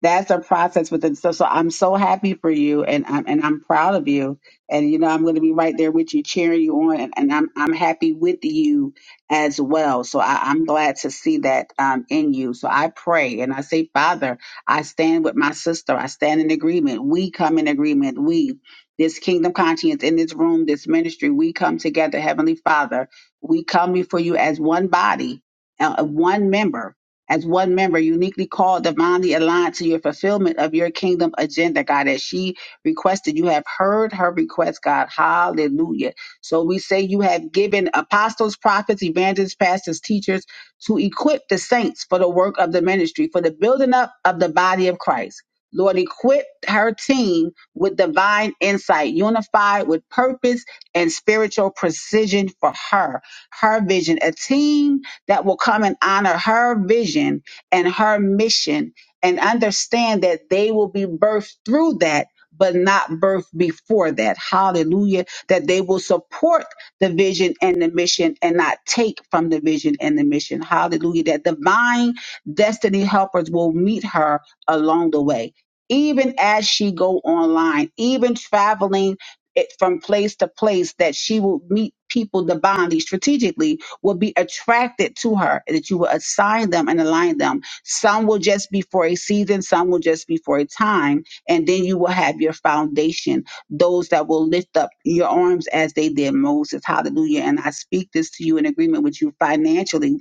Speaker 1: That's a process within itself. So I'm so happy for you, and I'm and I'm proud of you. And you know, I'm going to be right there with you, cheering you on, and, and I'm I'm happy with you as well. So I, I'm glad to see that um, in you. So I pray and I say, Father, I stand with my sister. I stand in agreement. We come in agreement. We. This kingdom conscience in this room, this ministry, we come together, Heavenly Father. We come before you as one body, uh, uh, one member, as one member, uniquely called, divinely aligned to your fulfillment of your kingdom agenda, God, as she requested. You have heard her request, God. Hallelujah. So we say you have given apostles, prophets, evangelists, pastors, teachers to equip the saints for the work of the ministry, for the building up of the body of Christ. Lord, equip her team with divine insight, unified with purpose and spiritual precision for her, her vision. A team that will come and honor her vision and her mission and understand that they will be birthed through that, but not birthed before that. Hallelujah. That they will support the vision and the mission and not take from the vision and the mission. Hallelujah. That divine destiny helpers will meet her along the way. Even as she go online, even traveling it from place to place, that she will meet people divinely, strategically, will be attracted to her, that you will assign them and align them. Some will just be for a season, some will just be for a time, and then you will have your foundation, those that will lift up your arms as they did Moses. Hallelujah. And I speak this to you in agreement with you financially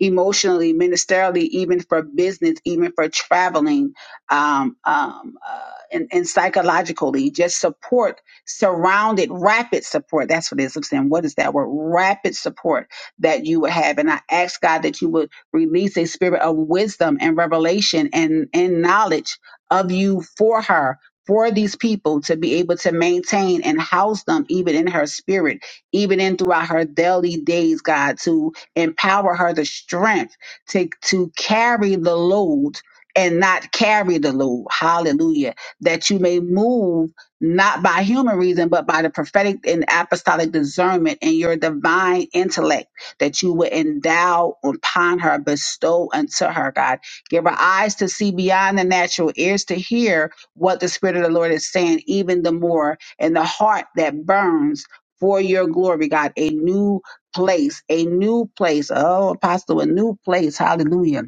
Speaker 1: emotionally, ministerially, even for business, even for traveling, um, um, uh, and, and psychologically, just support, surrounded, rapid support. That's what it is. I'm saying, what is that word? Rapid support that you would have. And I ask God that you would release a spirit of wisdom and revelation and, and knowledge of you for her. For these people to be able to maintain and house them, even in her spirit, even in throughout her daily days, God, to Empower her the strength to, to carry the load and not carry the load. Hallelujah. That you may move not by human reason, but by the prophetic and apostolic discernment and your divine intellect that you would endow upon her, bestow unto her, God. Give her eyes to see beyond the natural, ears to hear what the Spirit of the Lord is saying, even the more, and the heart that burns for your glory, God. A new place, a new place. Oh, Apostle, a new place. Hallelujah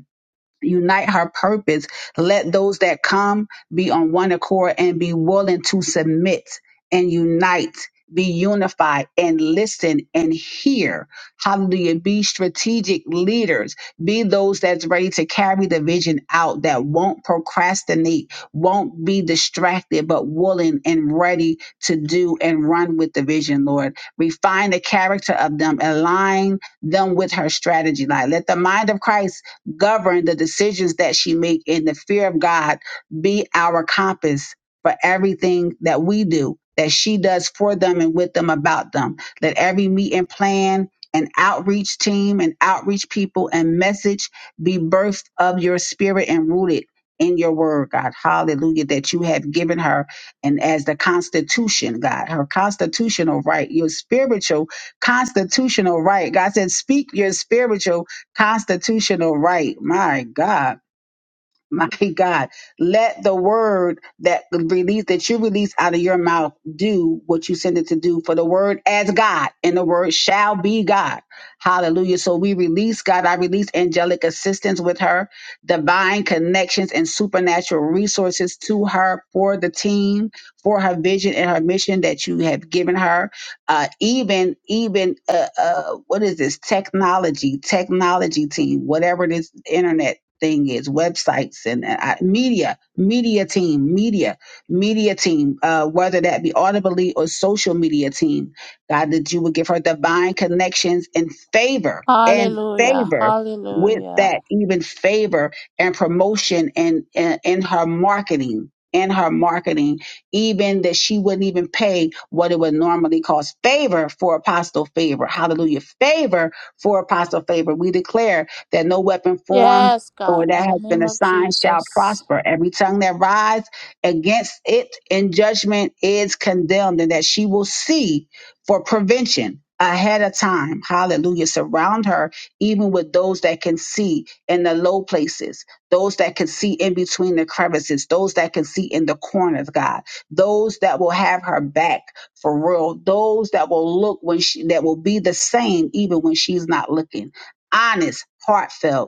Speaker 1: unite her purpose. Let those that come be on one accord and be willing to submit and unite, be unified and listen and hear. Hallelujah. Be strategic leaders. Be those that's ready to carry the vision out that won't procrastinate, won't be distracted, but willing and ready to do and run with the vision, Lord. Refine the character of them, align them with her strategy. Like let the mind of Christ govern the decisions that she make and the fear of God be our compass for everything that we do, that she does for them and with them about them. Let every meet and plan and outreach team and outreach people and message be birthed of your spirit and rooted in your word, God. Hallelujah, that you have given her and as the constitution, God, her constitutional right, your spiritual constitutional right. God said, speak your spiritual Constitutional right. My God. My God, let the word that release that you release out of your mouth do what you send it to do. For the word as God, and the word shall be God. Hallelujah. So we release God. I release angelic assistance with her, divine connections and supernatural resources to her for the team, for her vision and her mission that you have given her. Uh, even even uh, uh, what is this technology? Technology team, whatever it is, internet thing is websites and uh, I- media media team media media team uh, whether that be audibly or social media team god that you would give her divine connections and favor and
Speaker 9: Hallelujah.
Speaker 1: favor with
Speaker 9: Hallelujah.
Speaker 1: that even favor and promotion and and in her marketing in her marketing even that she wouldn't even pay what it would normally cost favor for apostle favor hallelujah favor for apostle favor we declare that no weapon formed
Speaker 9: Yes, God,
Speaker 1: or
Speaker 9: in
Speaker 1: that
Speaker 9: the
Speaker 1: has been
Speaker 9: name of
Speaker 1: assigned shall
Speaker 9: Jesus.
Speaker 1: prosper. Every tongue that rise against it in judgment is condemned, and that she will see for prevention ahead of time. Hallelujah. Surround her even with those that can see in the low places, those that can see in between the crevices, those that can see in the corners, God, those that will have her back for real, those that will look when she, that will be the same even when she's not looking. Honest, heartfelt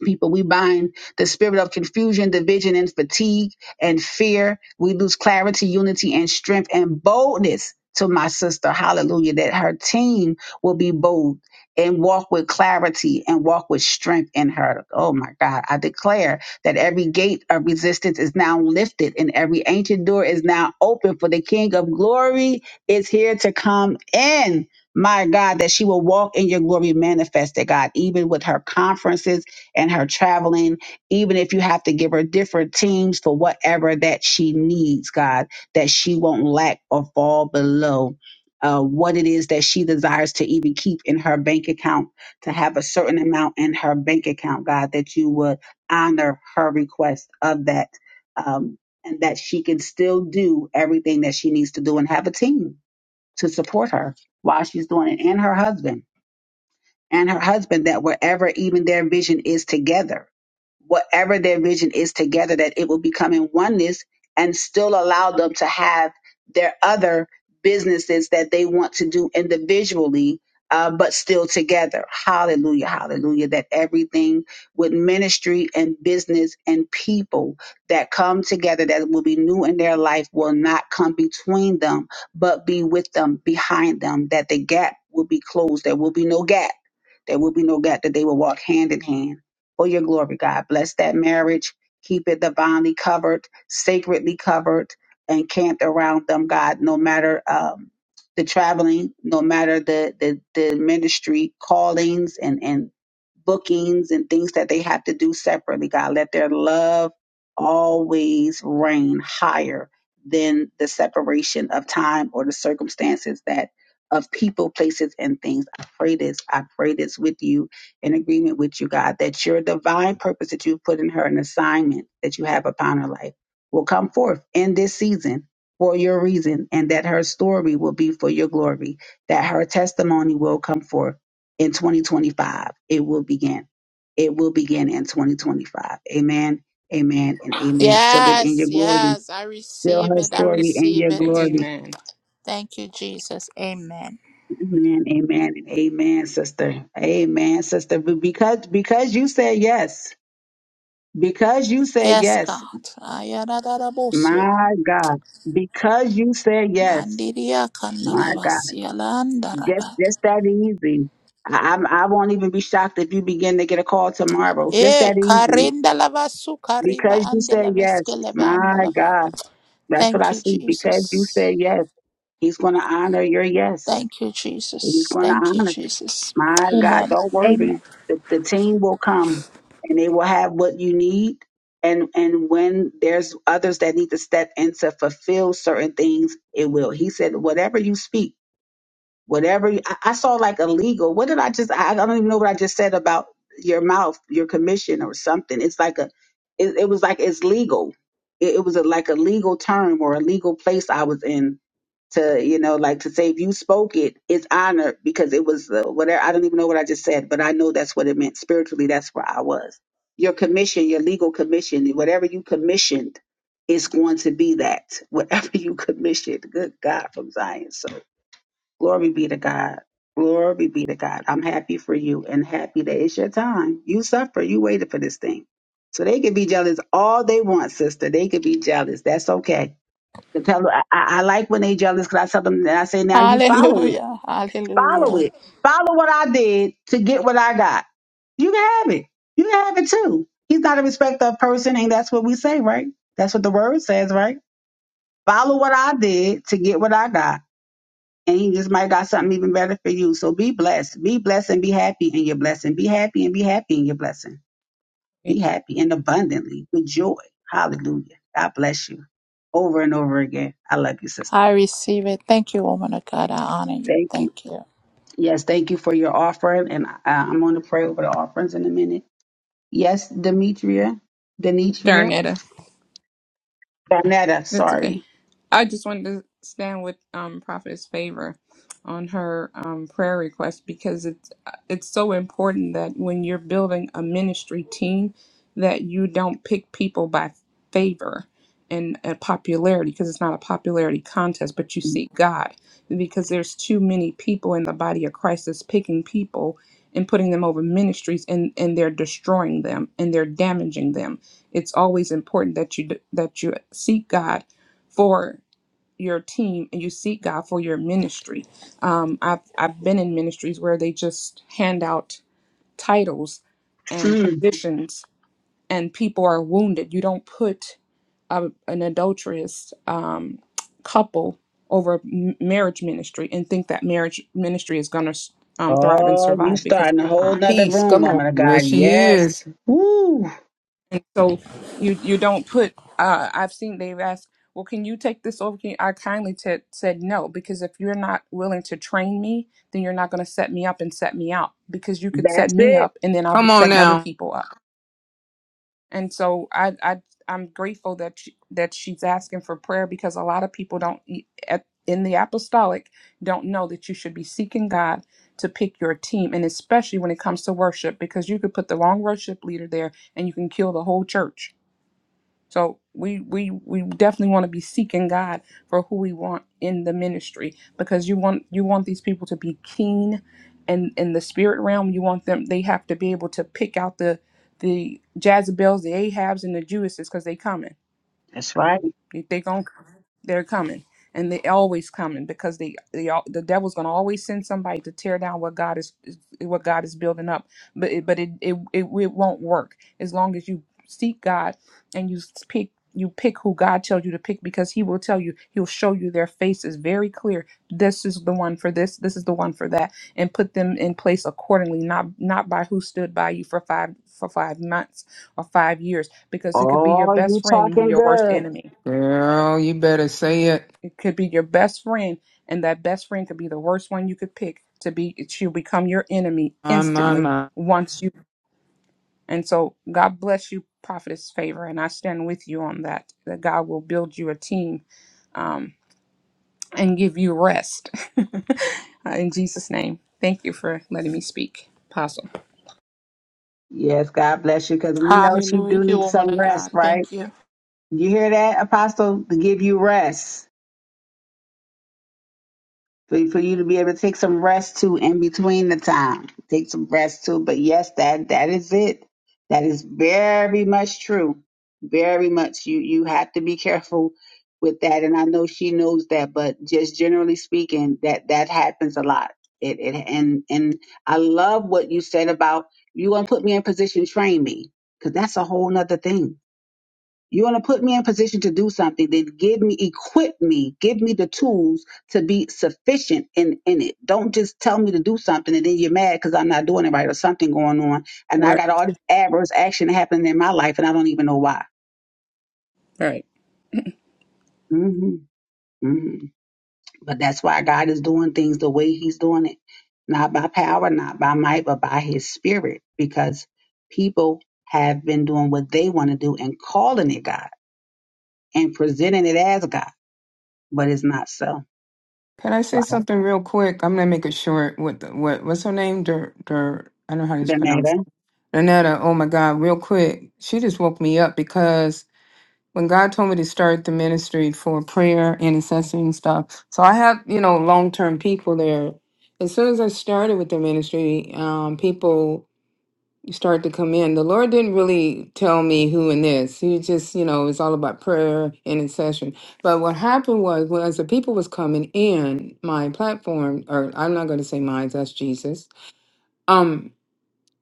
Speaker 1: people. We bind the spirit of confusion, division, and fatigue and fear. We lose clarity, unity, and strength and boldness to my sister. Hallelujah. That her team will be bold and walk with clarity and walk with strength in her. Oh my God. I declare that every gate of resistance is now lifted and every ancient door is now open for the King of glory is here to come in. My God, that she will walk in your glory manifested, God, even with her conferences and her traveling, even if you have to give her different teams for whatever that she needs, God, that she won't lack or fall below uh, what it is that she desires to even keep in her bank account, to have a certain amount in her bank account, God, that you would honor her request of that. Um, and that she can still do everything that she needs to do and have a team to support her while she's doing it and her husband and her husband that wherever even their vision is together, whatever their vision is together, that it will become in oneness and still allow them to have their other businesses that they want to do individually, uh, but still together. Hallelujah, hallelujah. That everything with ministry and business and people that come together that will be new in their life will not come between them, but be with them, behind them, that the gap will be closed. There will be no gap there will be no gap that they will walk hand in hand for your glory, God. Bless that marriage. Keep it divinely covered, sacredly covered, and camped around them, God, no matter um, the traveling, no matter the, the, the ministry callings and, and bookings and things that they have to do separately, God. Let their love always reign higher than the separation of time or the circumstances that of people, places, and things pray this. I pray this with you in agreement with you, God, that your divine purpose that you've put in her, an assignment that you have upon her life, will come forth in this season for your reason, and that her story will be for your glory, that her testimony will come forth in 2025. It will begin. It will begin in 2025. Amen. Amen and amen. Seal it in
Speaker 9: Yes,
Speaker 1: your glory.
Speaker 9: yes, I
Speaker 1: Seal
Speaker 9: receive
Speaker 1: her
Speaker 9: it. I
Speaker 10: Amen.
Speaker 1: story in
Speaker 9: receive
Speaker 1: your
Speaker 9: it.
Speaker 1: glory
Speaker 10: Amen.
Speaker 9: Thank you, Jesus. Amen.
Speaker 1: Amen, amen, and amen, sister. Amen, sister. But Because because you said yes. Because you said
Speaker 9: Yes,
Speaker 1: yes.
Speaker 9: God. Ayarararaboso.
Speaker 1: My God. Because you said yes.
Speaker 9: Mandiria
Speaker 1: My God.
Speaker 9: kandalavasi
Speaker 1: Just
Speaker 9: alandaraba.
Speaker 1: just that easy. I, I'm I won't even be shocked if you begin to get a call tomorrow. Just
Speaker 9: Eh,
Speaker 1: that easy.
Speaker 9: karindalavasu kariva
Speaker 1: Because you said yes.
Speaker 9: andelaveskeleva
Speaker 1: My
Speaker 9: andalava.
Speaker 1: God. That's what
Speaker 9: Thank
Speaker 1: I
Speaker 9: you,
Speaker 1: see. Because you
Speaker 9: Jesus.
Speaker 1: said yes. He's gonna honor your yes.
Speaker 9: Thank you,
Speaker 1: He's
Speaker 9: Jesus.
Speaker 1: going to
Speaker 9: Thank you,
Speaker 1: honor it.
Speaker 9: Jesus.
Speaker 1: My God,
Speaker 9: Amen.
Speaker 1: don't
Speaker 9: Amen.
Speaker 1: worry. The, the team will come and they will have what you need. And, and when there's others that need to step in to fulfill certain things, it will. He said, whatever you speak, whatever you, I, I saw like illegal. What did I just, I, I don't even know what I just said about your mouth, your commission or something. It's like a, it, it was like, it's legal. It, it was a, like a legal term or a legal place I was in to you know like to say if you spoke it it's honored because it was uh, whatever i don't even know what i just said but i know that's what it meant spiritually that's where i was your commission your legal commission whatever you commissioned is going to be that whatever you commissioned good god from zion so glory be to god glory be to god i'm happy for you and happy that it's your time you suffer you waited for this thing so they could be jealous all they want sister they could be jealous that's okay Cause tell 'em, I, I I like when they jealous because I tell them and I say, now you follow it.
Speaker 9: Hallelujah.
Speaker 1: Follow
Speaker 9: Hallelujah.
Speaker 1: it. Follow what I did to get what I got. You can have it. You can have it too. He's not a respecter of person, and that's what we say, right? That's what the word says, right? Follow what I did to get what I got. And he just might got something even better for you. So be blessed. Be blessed and be happy in your blessing. Be happy and be happy in your blessing. Be happy and abundantly with joy. Hallelujah. God bless you. Over and over again. I love you, sister.
Speaker 9: I receive it. Thank you, woman of God. I honor you.
Speaker 1: Thank you.
Speaker 9: Thank you.
Speaker 1: Yes, thank you for your offering, and I, I'm going to pray over the offerings in a minute. Yes, Demetria, Demetria,
Speaker 10: Darnetta.
Speaker 1: Donetta,
Speaker 10: That's okay.
Speaker 1: sorry.
Speaker 10: I just wanted to stand with um, Prophetess Favor on her um, prayer request because it's uh, it's so important that when you're building a ministry team, that you don't pick people by favor and uh, popularity because it's not a popularity contest, but you seek God because there's too many people in the body of Christ that's picking people and putting them over ministries and and they're destroying them and they're damaging them. It's always important that you d- that you seek God for your team and you seek God for your ministry. Um, I've I've been in ministries where they just hand out titles and
Speaker 1: Mm.
Speaker 10: positions, and people are wounded. You don't put a, an adulterous um, couple over m- marriage ministry and think that marriage ministry is going to um, thrive and
Speaker 1: Oh, you
Speaker 10: survive because
Speaker 1: starting a
Speaker 10: it's not
Speaker 1: whole nother
Speaker 8: peace.
Speaker 1: room,
Speaker 8: Come on.
Speaker 1: woman of
Speaker 8: Yes,
Speaker 1: God.
Speaker 8: she
Speaker 1: Yes,
Speaker 8: is.
Speaker 10: and so you you don't put uh i've seen they've asked well can you take this over can you? i kindly t- said no because if you're not willing to train me then you're not going to set me up and set me out because you could set
Speaker 1: that's
Speaker 10: me
Speaker 1: it.
Speaker 10: up and then i'll be
Speaker 8: Come on
Speaker 10: setting other
Speaker 8: now,
Speaker 10: people up and so i i i'm grateful that she, that she's asking for prayer because a lot of people don't e- at in the apostolic don't know that you should be seeking god to pick your team and especially when it comes to worship because you could put the wrong worship leader there and you can kill the whole church so we we we definitely want to be seeking God for who we want in the ministry because you want you want these people to be keen and in the spirit realm you want them they have to be able to pick out the the Jezebels, the Ahabs and the Jewesses because they coming.
Speaker 1: That's right.
Speaker 10: They, they gon' they're coming, and they always coming because they, they al- the devil's gonna always send somebody to tear down what God is is- what God is building up. But it, but it, it it it won't work as long as you seek God and you pick you pick who God tells you to pick because He will tell you He'll show you their faces very clear. This is the one for this. This is the one for that, and put them in place accordingly. Not not by who stood by you for five for five months or five years because it could be your
Speaker 1: Oh,
Speaker 10: best
Speaker 1: you
Speaker 10: friend and be
Speaker 1: talking
Speaker 10: your worst
Speaker 1: good.
Speaker 10: enemy
Speaker 8: girl. You better say it.
Speaker 10: it could be your best friend, and that best friend could be the worst one you could pick to be. She'll become your enemy
Speaker 8: My my
Speaker 10: instantly
Speaker 8: my.
Speaker 10: once you. And so, God bless you, Prophetess Favor, and I stand with you on that. That God will build you a team um, and give you rest. Uh, In Jesus' name, thank you for letting me speak, Apostle.
Speaker 1: Yes, God bless you, because we know she
Speaker 9: Hallelujah.
Speaker 1: do
Speaker 9: Thank you,
Speaker 1: need
Speaker 9: woman
Speaker 1: some
Speaker 9: of
Speaker 1: rest,
Speaker 9: God.
Speaker 1: right?
Speaker 9: Thank you.
Speaker 1: You hear that, Apostle? To give you rest. for, for you to be able to take some rest too in between the time. Take some rest too. But yes, that that is it. That is very much true. Very much. You you have to be careful with that. And I know she knows that, but just generally speaking, that that happens a lot. It it and and I love what you said about you gonna put me in position, train me. Cause that's a whole nother thing you want to put me in position to do something, then give me, equip me, give me the tools to be sufficient in, in it. Don't just tell me to do something and then you're mad because I'm not doing it right or something going on. And I
Speaker 10: Right,
Speaker 1: got all this adverse action happening in my life and I don't even know why.
Speaker 10: right.
Speaker 1: hmm hmm But that's why God is doing things the way He's doing it. Not by power, not by might, but by His Spirit, because people have been doing what they want to do and calling it God and presenting it as God, but it's not so.
Speaker 8: Can I
Speaker 1: So
Speaker 8: say something real quick? I'm gonna make it short. What the, what what's her name? Dur Dur. I don't know how to pronounce.
Speaker 1: Danetta.
Speaker 8: it. Renetta. Oh my God. Real quick. She just woke me up because. when God told me to start the ministry for prayer, intercessory and stuff. So I have, you know, long term people there. As soon as I started with the ministry, um, people started to come in. The Lord didn't really tell me who in this. He just, you know, it's all about prayer and intercession. But what happened was, well, as the people was coming in, my platform, or I'm not going to say mine, that's Jesus. um,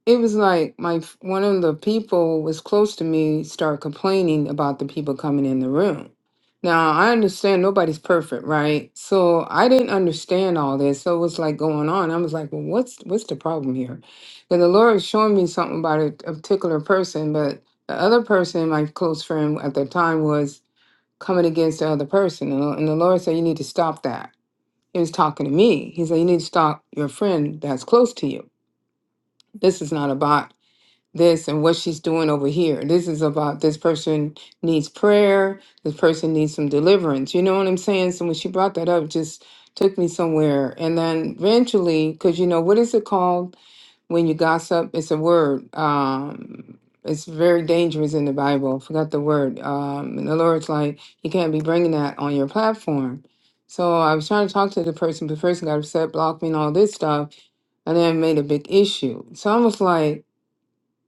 Speaker 8: it was like my f- one of the people was close to me start complaining about the people coming in the room now i understand nobody's perfect right so i didn't understand all this so it was like going on i was like well what's what's the problem here and the lord was showing me something about a, a particular person but the other person my close friend at the time was coming against the other person and the and the lord said you need to stop that he was talking to me he said you need to stop your friend that's close to you this is not a bot." this and what she's doing over here. This is about this person needs prayer. This person needs some deliverance. You know what I'm saying? So when she brought that up, it just took me somewhere. And then eventually, because you know what is it called when you gossip? It's a word. Um, it's very dangerous in the Bible. I forgot the word. Um, and the Lord's like, you can't be bringing that on your platform. So I was trying to talk to the person, but the person got upset, blocked me, and all this stuff, and then made a big issue. So I was like.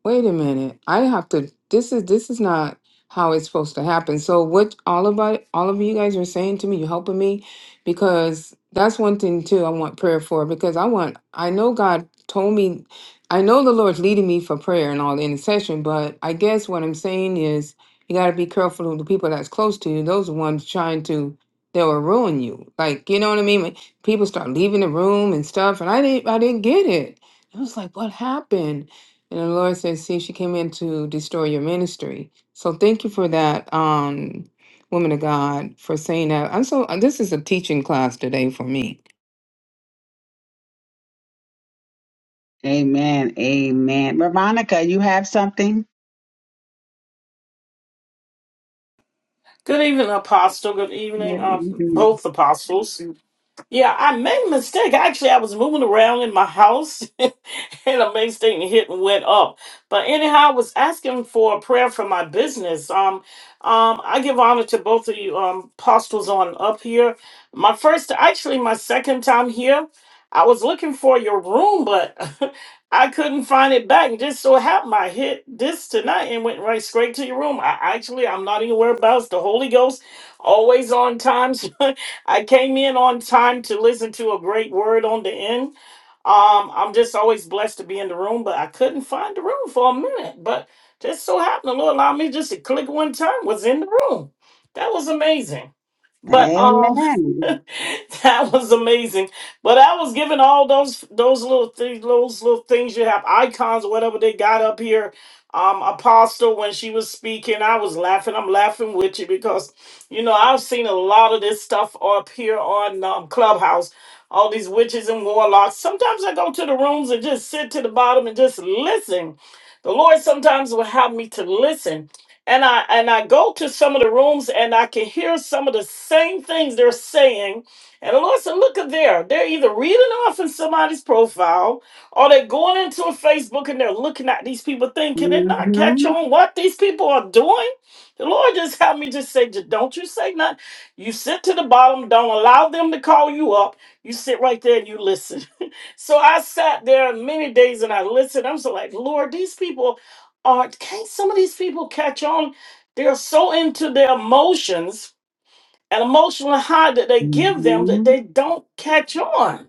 Speaker 8: Wait a minute. I have to this is this is not how it's supposed to happen. So what all about all of you guys are saying to me, you're helping me because that's one thing too I want prayer for because I want I know God told me I know the Lord's leading me for prayer and all the intercession, but I guess what I'm saying is you gotta be careful of the people that's close to you. Those are ones trying to they will ruin you. Like, you know what I mean? When people start leaving the room and stuff and I didn't I didn't get it. I was like, what happened? And the Lord says, See, she came in to destroy your ministry. So thank you for that, um, woman of God, for saying that. I'm so, this is a teaching class today for me
Speaker 1: Amen. Amen. Veronica, you have something?
Speaker 11: Good evening, Apostle. Good evening,
Speaker 1: Yes,
Speaker 11: um,
Speaker 1: mhm.
Speaker 11: both apostles. Yeah, I made a mistake. Actually, I was moving around in my house and a mistake hit and went up. But anyhow, I was asking for a prayer for my business. Um, um, I give honor to both of you um apostles on up here. My first actually my second time here. I was looking for your room, but I couldn't find it back. And just so happened I hit this tonight and went right straight to your room. I actually I'm not even worried about it. It's the Holy Ghost always on time. I came in on time to listen to a great word on the end. Um, I'm just always blessed to be in the room, but I couldn't find the room for a minute. But just so happened, the Lord allowed me just to click one time, was in the room. That was amazing. But um
Speaker 1: Amen.
Speaker 11: that was amazing. But I was given all those those little things, those little things you have, icons whatever they got up here. Um, Apostle, when she was speaking, I was laughing. I'm laughing with you because you know I've seen a lot of this stuff up here on um, Clubhouse all these witches and warlocks. Sometimes I go to the rooms and just sit to the bottom and just listen. The Lord sometimes will have me to listen. And I and I go to some of the rooms and I can hear some of the same things they're saying. And the Lord said, look at there. They're either reading off in somebody's profile or they're going into a Facebook and they're looking at these people thinking, can they not catch
Speaker 1: Mm-hmm.
Speaker 11: on what these people are doing? The Lord just helped me just say, "J- don't you say nothing. You sit to the bottom, don't allow them to call you up. You sit right there and you listen. so I sat there many days and I listened. I'm so like, Lord, these people are can't some of these people catch on? They're so into their emotions and emotional high that they give them that
Speaker 1: Mm-hmm.
Speaker 11: they don't catch on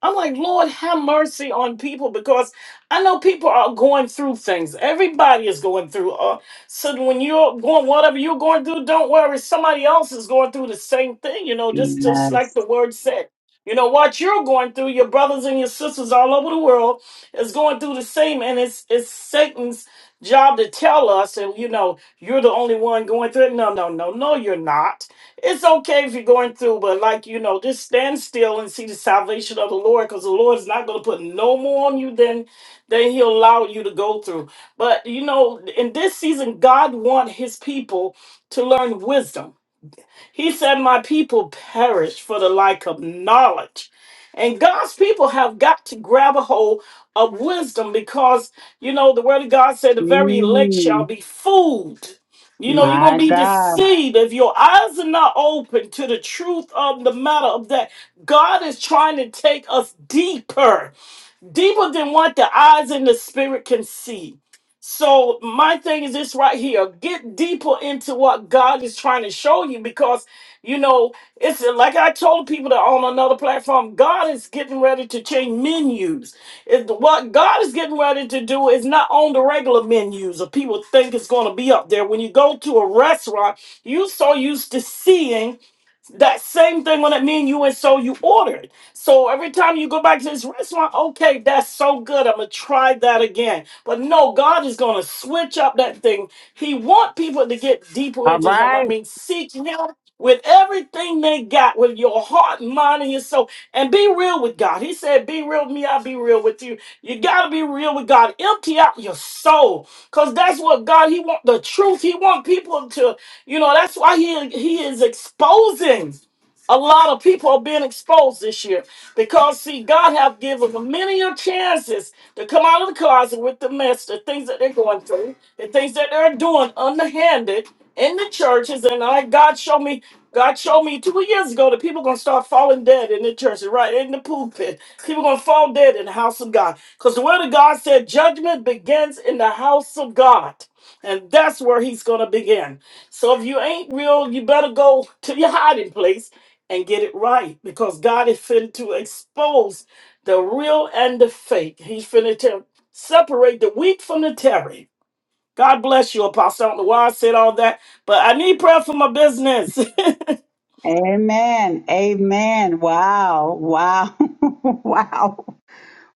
Speaker 11: I'm like, Lord, have mercy on people because I know people are going through things. Everybody is going through. Uh, so when you're going, whatever you're going through, don't worry. Somebody else is going through the same thing. You know, just just like
Speaker 1: Yes.
Speaker 11: the word said. You know what you're going through. Your brothers and your sisters all over the world is going through the same, and it's it's Satan's job to tell us. And you know, you're the only one going through it. No, no, no, no, you're not. It's okay if you're going through, but like you know, just stand still and see the salvation of the Lord, because the Lord is not going to put no more on you than than He'll allow you to go through. But you know, in this season, God want His people to learn wisdom he said, My people perish for the lack of knowledge. And God's people have got to grab a hold of wisdom because, you know, the word of God said, The very elect shall
Speaker 1: Mm.
Speaker 11: be fooled. You know, you're
Speaker 1: My
Speaker 11: going to be
Speaker 1: God.
Speaker 11: deceived if your eyes are not open to the truth of the matter of that. God is trying to take us deeper deeper than what the eyes and the spirit can see. So my thing is this right here. Get deeper into what God is trying to show you because you know it's like I told people that on another platform, God is getting ready to change menus. It- what God is getting ready to do is not on the regular menus or people think it's gonna be up there. When you go to a restaurant, you so used to seeing that same thing on that me and you and so you ordered. So every time you go back to this restaurant, okay, that's so good. I'm gonna try that again. But no, God is gonna switch up that thing. He want people to get deeper
Speaker 1: All
Speaker 11: into Him. I
Speaker 1: right.
Speaker 11: mean, seek Him with everything they got, with your heart, mind, and your soul, and be real with God. He said, "Be real with me. I'll be real with you." You gotta be real with God. Empty out your soul, cause that's what God. He want the truth. He want people to you know, that's why he he is exposing. A lot of people are being exposed this year because see, God have given them many of chances to come out of the closet with the mess, the things that they're going through, the things that they're doing underhanded in the churches. And I God showed me, God showed me two years ago that people gonna start falling dead in the churches, right? In the pulpit. People gonna fall dead in the house of God. Because the word of God said judgment begins in the house of God. And that's where he's going to begin. So if you ain't real, you better go to your hiding place and get it right because God is finna to expose the real and the fake. He's finna to separate the wheat from the terry. God bless you, Apostle. I don't know why I said all that, but I need prayer for my business.
Speaker 1: Amen. Amen. Wow. Wow. wow.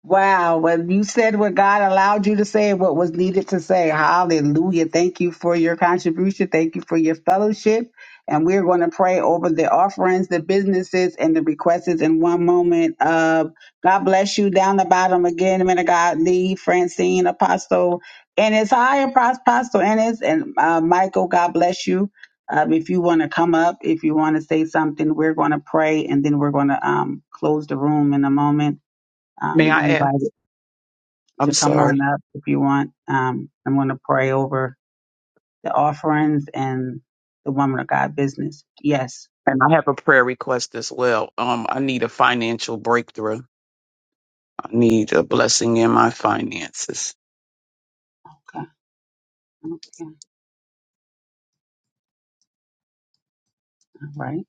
Speaker 1: Wow. When you said what God allowed you to say and what was needed to say, hallelujah. Thank you for your contribution. Thank you for your fellowship. And we're going to pray over the offerings, the businesses, and the requests in one moment. Uh, God bless you down the bottom again, man of God, Lee, Francine, Apostle, and it's high and Pros- Apostle Ennis and uh, Michael. God bless you. Uh, if you want to come up, if you want to say something, we're going to pray and then we're going to um, close the room in a moment. Um,
Speaker 6: May
Speaker 1: you're
Speaker 6: I ask?
Speaker 1: invited
Speaker 6: I'm
Speaker 1: to come on
Speaker 6: sorry.
Speaker 1: up if you want. Um, I'm going to pray over the offerings and the woman of God business. Yes.
Speaker 6: And I have a prayer request as well. Um, I need a financial breakthrough. I need a blessing in my finances.
Speaker 1: Okay. okay. All right.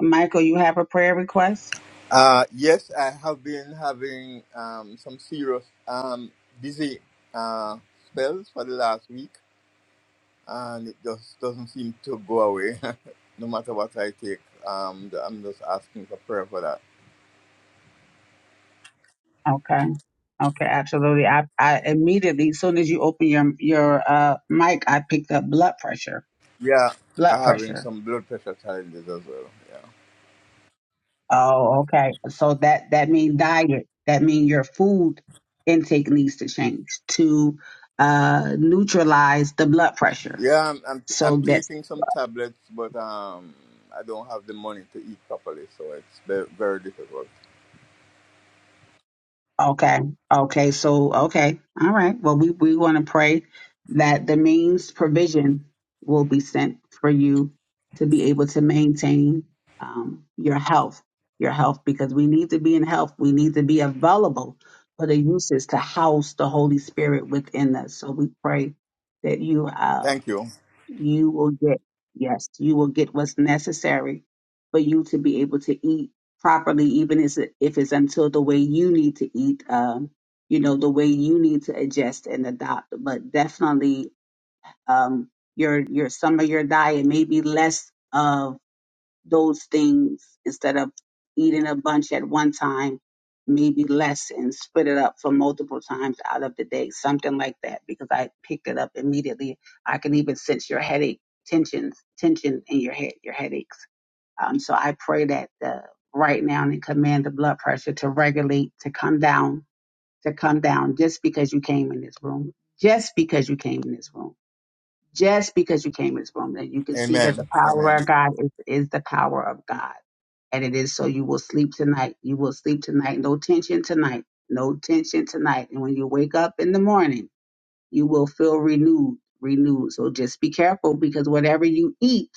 Speaker 1: Michael, you have a prayer request?
Speaker 12: Uh, yes, I have been having um, some serious um, dizzy uh, spells for the last week, and it just doesn't seem to go away, no matter what I take. Um, th- I'm just asking for prayer for that.
Speaker 1: Okay. Okay. Absolutely. I, I immediately, as soon as you open your, your, uh, mic, I picked up blood pressure,
Speaker 12: Yeah, I'm
Speaker 1: blood
Speaker 12: having
Speaker 1: pressure.
Speaker 12: some blood pressure challenges as well. Yeah,
Speaker 1: Oh, okay. So that that means diet. That means your food intake needs to change to uh, neutralize the blood pressure.
Speaker 12: yeah, I'm I'm, t-
Speaker 1: So
Speaker 12: I'm
Speaker 1: that
Speaker 12: taking some tablets, but um, I don't have the money to eat properly, so it's very, very difficult.
Speaker 1: Okay. Okay. So, okay. All right. Well, we, we want to pray that the means provision will be sent for you to be able to maintain um, your health, your health, because we need to be in health. We need to be available for the uses to house the Holy Spirit within us. So we pray that you uh,
Speaker 12: Thank you.
Speaker 1: you will get yes you will get what's necessary for you to be able to eat properly even as if it's until the way you need to eat um you know the way you need to adjust and adopt but definitely um your your some of your diet may be less um, those things instead of eating a bunch at one time, maybe less and split it up for multiple times out of the day, something like that, because I picked it up immediately. I can even sense your headache tensions, tension in your head, your headaches. Um, so I pray that the, right now and command the blood pressure to regulate, to come down, to come down just because you came in this room, just because you came in this room just because you came in this room that you can see that
Speaker 12: Amen.
Speaker 1: the power
Speaker 12: Amen.
Speaker 1: of God is, is the power of God. And it is so you will sleep tonight. You will sleep tonight. No tension tonight. No tension tonight. And when you wake up in the morning, you will feel renewed, renewed. So just be careful because whatever you eat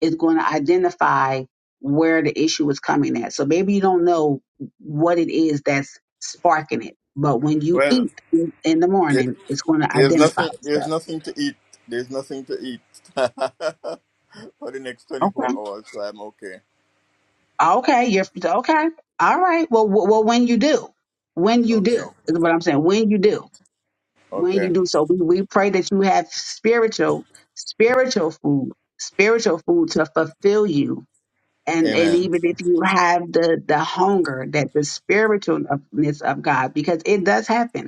Speaker 1: is going to identify where the issue is coming at. So maybe you don't know what it is that's sparking it. But when you
Speaker 12: Well.
Speaker 1: eat in the
Speaker 12: yeah,
Speaker 1: morning, it's going to
Speaker 12: There's
Speaker 1: identify
Speaker 12: nothing. There's
Speaker 1: itself.
Speaker 12: nothing to eat. There's nothing to eat for the next
Speaker 1: Okay.
Speaker 12: 24 hours, so I'm okay.
Speaker 1: Okay, you're okay. All right. Well, w- well, when you do, when you
Speaker 12: Okay.
Speaker 1: do is what I'm saying. When you do, when you
Speaker 12: Okay.
Speaker 1: do. So we, we pray that you have spiritual, spiritual food, spiritual food to fulfill you. And and
Speaker 12: Amen.
Speaker 1: even if you have the the hunger, that the spiritualness of God, because it does happen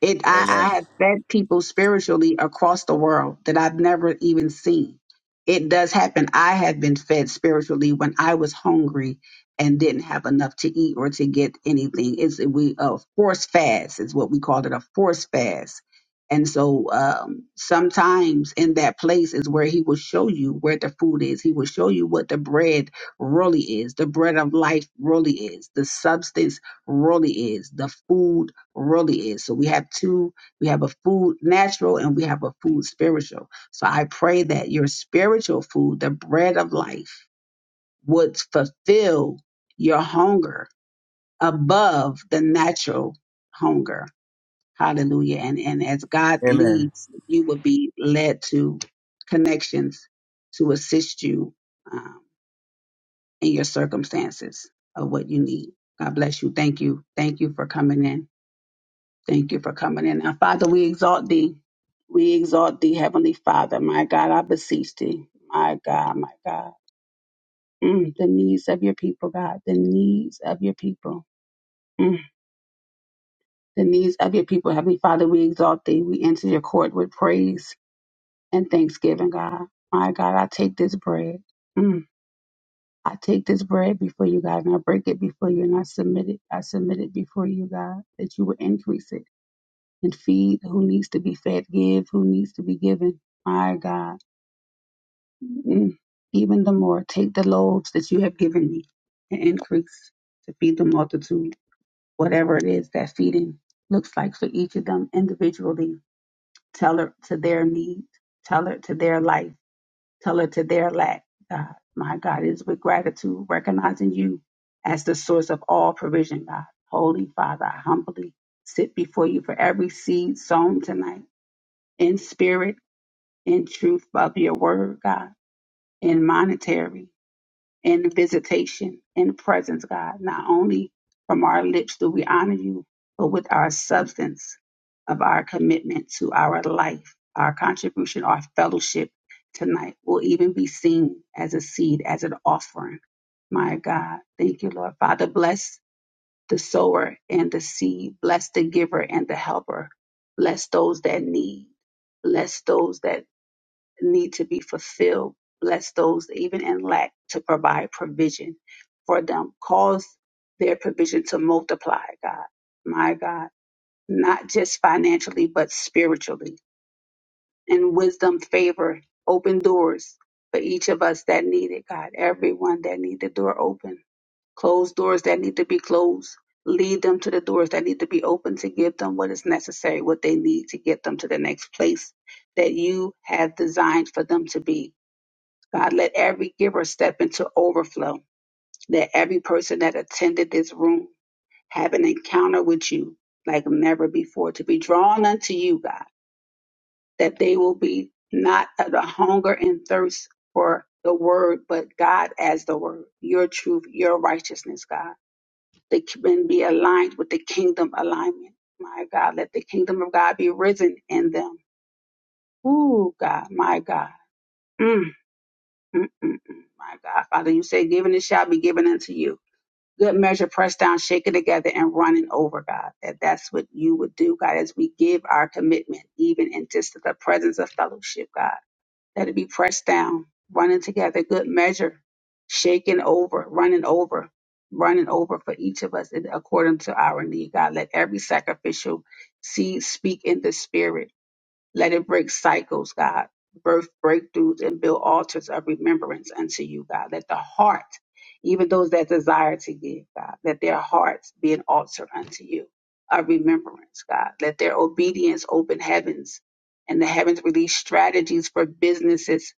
Speaker 1: it I, I
Speaker 12: Amen.
Speaker 1: have fed people spiritually across the world that I've never even seen. It does happen. I have been fed spiritually when I was hungry and didn't have enough to eat or to get anything. It's we a force fast is what we called it, a force fast. And so um, sometimes in that place is where he will show you where the food is. He will show you what the bread really is. The bread of life really is. The substance really is. The food really is. So we have two, we have a food natural and we have a food spiritual. So I pray that your spiritual food, the bread of life, would fulfill your hunger above the natural hunger. Hallelujah. And and as God
Speaker 12: Amen.
Speaker 1: leads, you will be led to connections to assist you um, in your circumstances of what you need. God bless you. Thank you. Thank you for coming in. Thank you for coming in. Now, Father, we exalt thee. We exalt thee, Heavenly Father. My God, I beseech thee. My God, my God. Mm, the needs of your people, God. The needs of your people. Mm, the needs of your people, Heavenly Father. We exalt thee. We enter your court with praise and thanksgiving, God. My God, I take this bread. Mm, I take this bread before you, God, and I break it before you, and I submit it. I submit it before you, God, that you would increase it. and feed who needs to be fed, give who needs to be given. My God, Mm. even the more, take the loaves that you have given me and increase to feed the multitude, whatever it is that feeding looks like for each of them individually. Tell her to their need, tell her to their life, tell her to their lack. God, my God, it is with gratitude, recognizing you as the source of all provision, God. Holy Father, I humbly sit before you for every seed sown tonight in spirit, in truth, by your word, God, in monetary, in visitation, in presence, God. Not only from our lips do we honor you, but with our substance of our commitment to our life, our contribution, our fellowship tonight will even be seen as a seed, as an offering. My God, thank you, Lord. Father, bless the sower and the seed, bless the giver and the helper, bless those that need bless those that need to be fulfilled. Bless those even in lack to provide provision for them. Cause their provision to multiply, God. My God, not just financially, but spiritually. And wisdom, favor, open doors for each of us that need it, God. Everyone that need the door open. Close doors that need to be closed. Lead them to the doors that need to be open to give them what is necessary, what they need to get them to the next place that you have designed for them to be God, let every giver step into overflow. Let every person that attended this room have an encounter with you like never before, to be drawn unto you, God, that they will be not of the hunger and thirst for the word, but God as the word, your truth, your righteousness, God. They can be aligned with the kingdom alignment. My God, let the kingdom of God be risen in them. Ooh, God, my God. Mm, mm, mm, mm, my God, Father, you say, given it shall be given unto you good measure pressed down shaken together and running over god that that's what you would do god as we give our commitment even in just the presence of fellowship god Let it be pressed down running together good measure shaken over running over running over for each of us in- according to our need god let every sacrificial seed speak in the spirit let it break cycles, God, birth breakthroughs, and build altars of remembrance unto you, God. Let the heart, even those that desire to give, God, let their hearts be an altar unto you of remembrance, God. Let their obedience open heavens and the heavens release strategies for businesses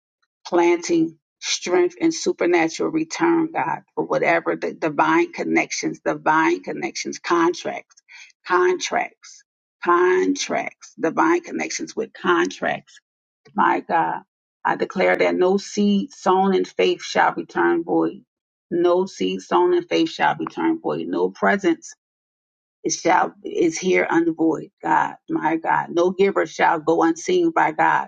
Speaker 1: planting strength and supernatural return, God, for whatever the divine connections, divine connections, contracts, contracts contracts, divine connections with contracts. My God, I declare that no seed sown in faith shall return void. No seed sown in faith shall return void. No presence is shall is here unvoid. God, my God, no giver shall go unseen by God.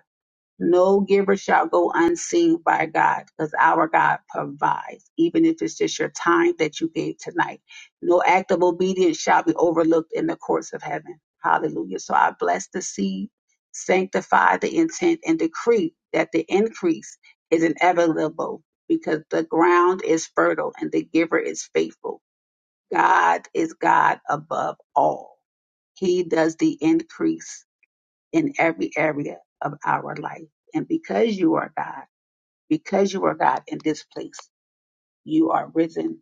Speaker 1: No giver shall go unseen by God because our God provides, even if it's just your time that you gave tonight. No act of obedience shall be overlooked in the courts of heaven. Hallelujah. So I bless the seed, sanctify the intent, and decree that the increase is inevitable because the ground is fertile and the giver is faithful. God is God above all, He does the increase in every area of our life. And because you are God, because you are God in this place, you are risen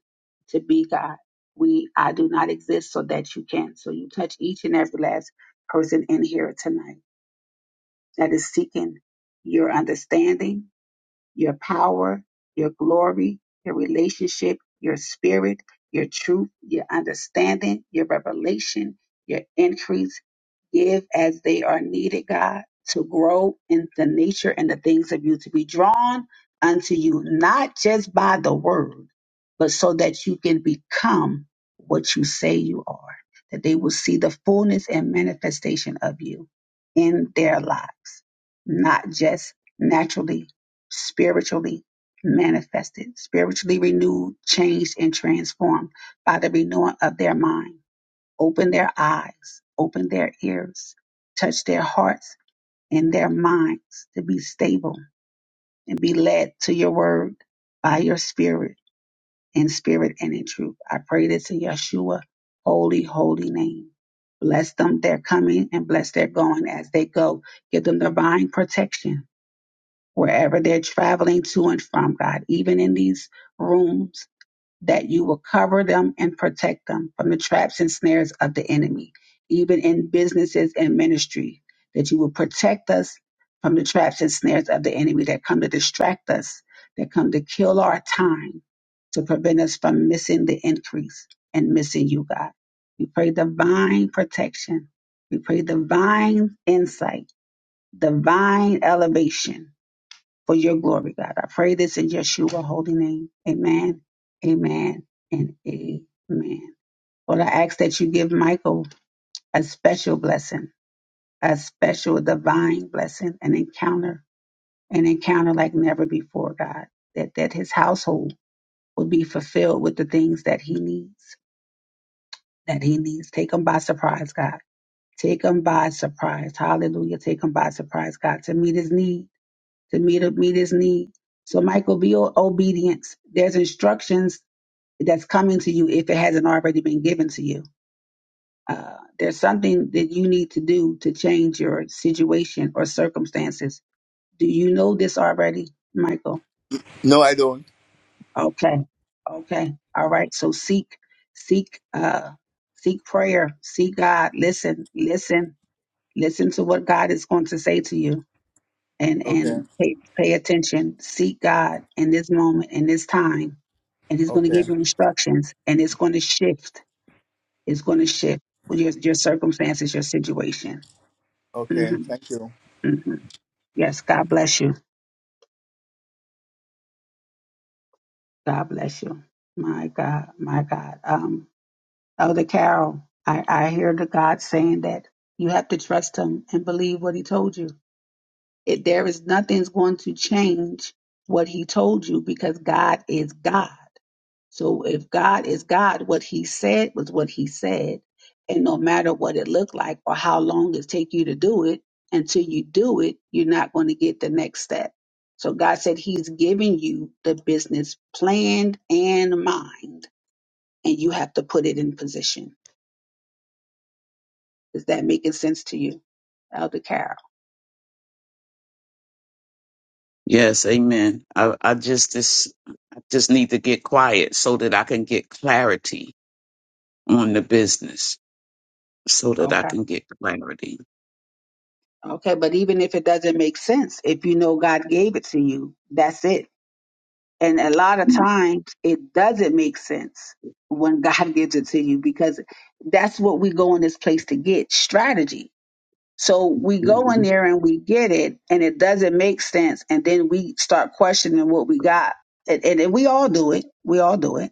Speaker 1: to be God. We, I do not exist so that you can. So you touch each and every last person in here tonight that is seeking your understanding your power, your glory, your relationship, your spirit, your truth, your understanding, your revelation, your increase. Give as they are needed, God, to grow in the nature and the things of you, to be drawn unto you, not just by the word, but so that you can become what you say you are, that they will see the fullness and manifestation of you in their lives, not just naturally spiritually manifested, spiritually renewed, changed, and transformed by the renewing of their mind. Open their eyes, open their ears, touch their hearts and their minds to be stable and be led to your word by your spirit, in spirit and in truth. I pray this in Yeshua, holy, holy name. Bless them, their coming, and bless their going as they go. Give them divine protection wherever they're traveling to and from, God, even in these rooms, that you will cover them and protect them from the traps and snares of the enemy, even in businesses and ministry, that you will protect us from the traps and snares of the enemy that come to distract us, that come to kill our time, to prevent us from missing the increase and missing you, God. We pray divine protection. We pray divine insight, divine elevation for your glory, God. I pray this in Yeshua holy name. Amen, amen, and amen. Lord, I ask that you give Michael a special blessing, a special divine blessing, an encounter, an encounter like never before, God. That that his household will be fulfilled with the things that he needs, that he needs. Take him by surprise, God. Take him by surprise. Hallelujah. Take him by surprise, God, to meet his need to meet meet his need. So Michael, be o- obedient. There's instructions that's coming to you if it hasn't already been given to you. Uh, there's something that you need to do to change your situation or circumstances. Do you know this already, Michael?
Speaker 12: No, I don't.
Speaker 1: Okay, okay, all right. So seek, seek, uh, seek prayer, seek God. Listen, listen, listen to what God is going to say to you, and
Speaker 12: Okay.
Speaker 1: and pay, pay attention. Seek God in this moment, in this time and it's going to
Speaker 12: Okay.
Speaker 1: give you instructions and it's going to shift it's going to shift your, your circumstances your situation
Speaker 12: Okay.
Speaker 1: hmm
Speaker 12: Thank you.
Speaker 1: hmm yes god bless you god bless you my god my god um elder carol i i hear the god saying that you have to trust him and believe what he told you it, there is nothing's going to change what he told you because god is god So if God is God, what he said was what he said. And no matter what it looked like or how long it take you to do it, until you do it, you're not going to get the next step. So God said he's giving you the business planned and mind, and you have to put it in position. Is that making sense to you, Elder Carol?
Speaker 6: Yes, amen. I, I just just I just need to get quiet so that I can get clarity on the business. So that I
Speaker 1: Okay.
Speaker 6: can get clarity.
Speaker 1: Okay. But even if it doesn't make sense, if you know God gave it to you, that's it And a lot of times it doesn't make sense when God gives it to you because that's what we go in this place to get strategy. So we go in there and we get it and it doesn't make sense. And then we start questioning what we got. And, and, and we all do it. We all do it.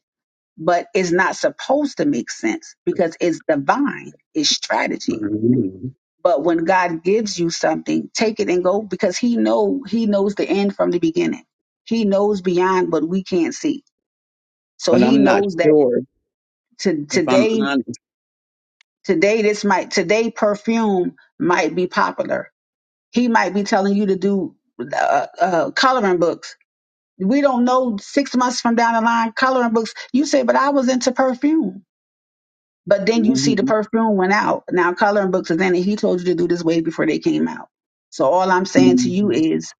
Speaker 1: But it's not supposed to make sense because it's divine, it's strategy.
Speaker 6: Mm-hmm.
Speaker 1: But when God gives you something, take it and go because He know He knows the end from the beginning. He knows beyond what we can't see. So
Speaker 6: But
Speaker 1: he
Speaker 6: I'm not
Speaker 1: knows that
Speaker 6: sure
Speaker 1: to,
Speaker 6: if I'm
Speaker 1: today,
Speaker 6: honest.
Speaker 1: today this might today perfume might be popular. He might be telling you to do uh, uh, coloring books. We don't know six months from down the line coloring books. You say, but I was into perfume. But then you
Speaker 6: hmm
Speaker 1: see the perfume went out. Now coloring books is in it. He told you to do this way before they came out. So all I'm saying to you
Speaker 6: hmm
Speaker 1: is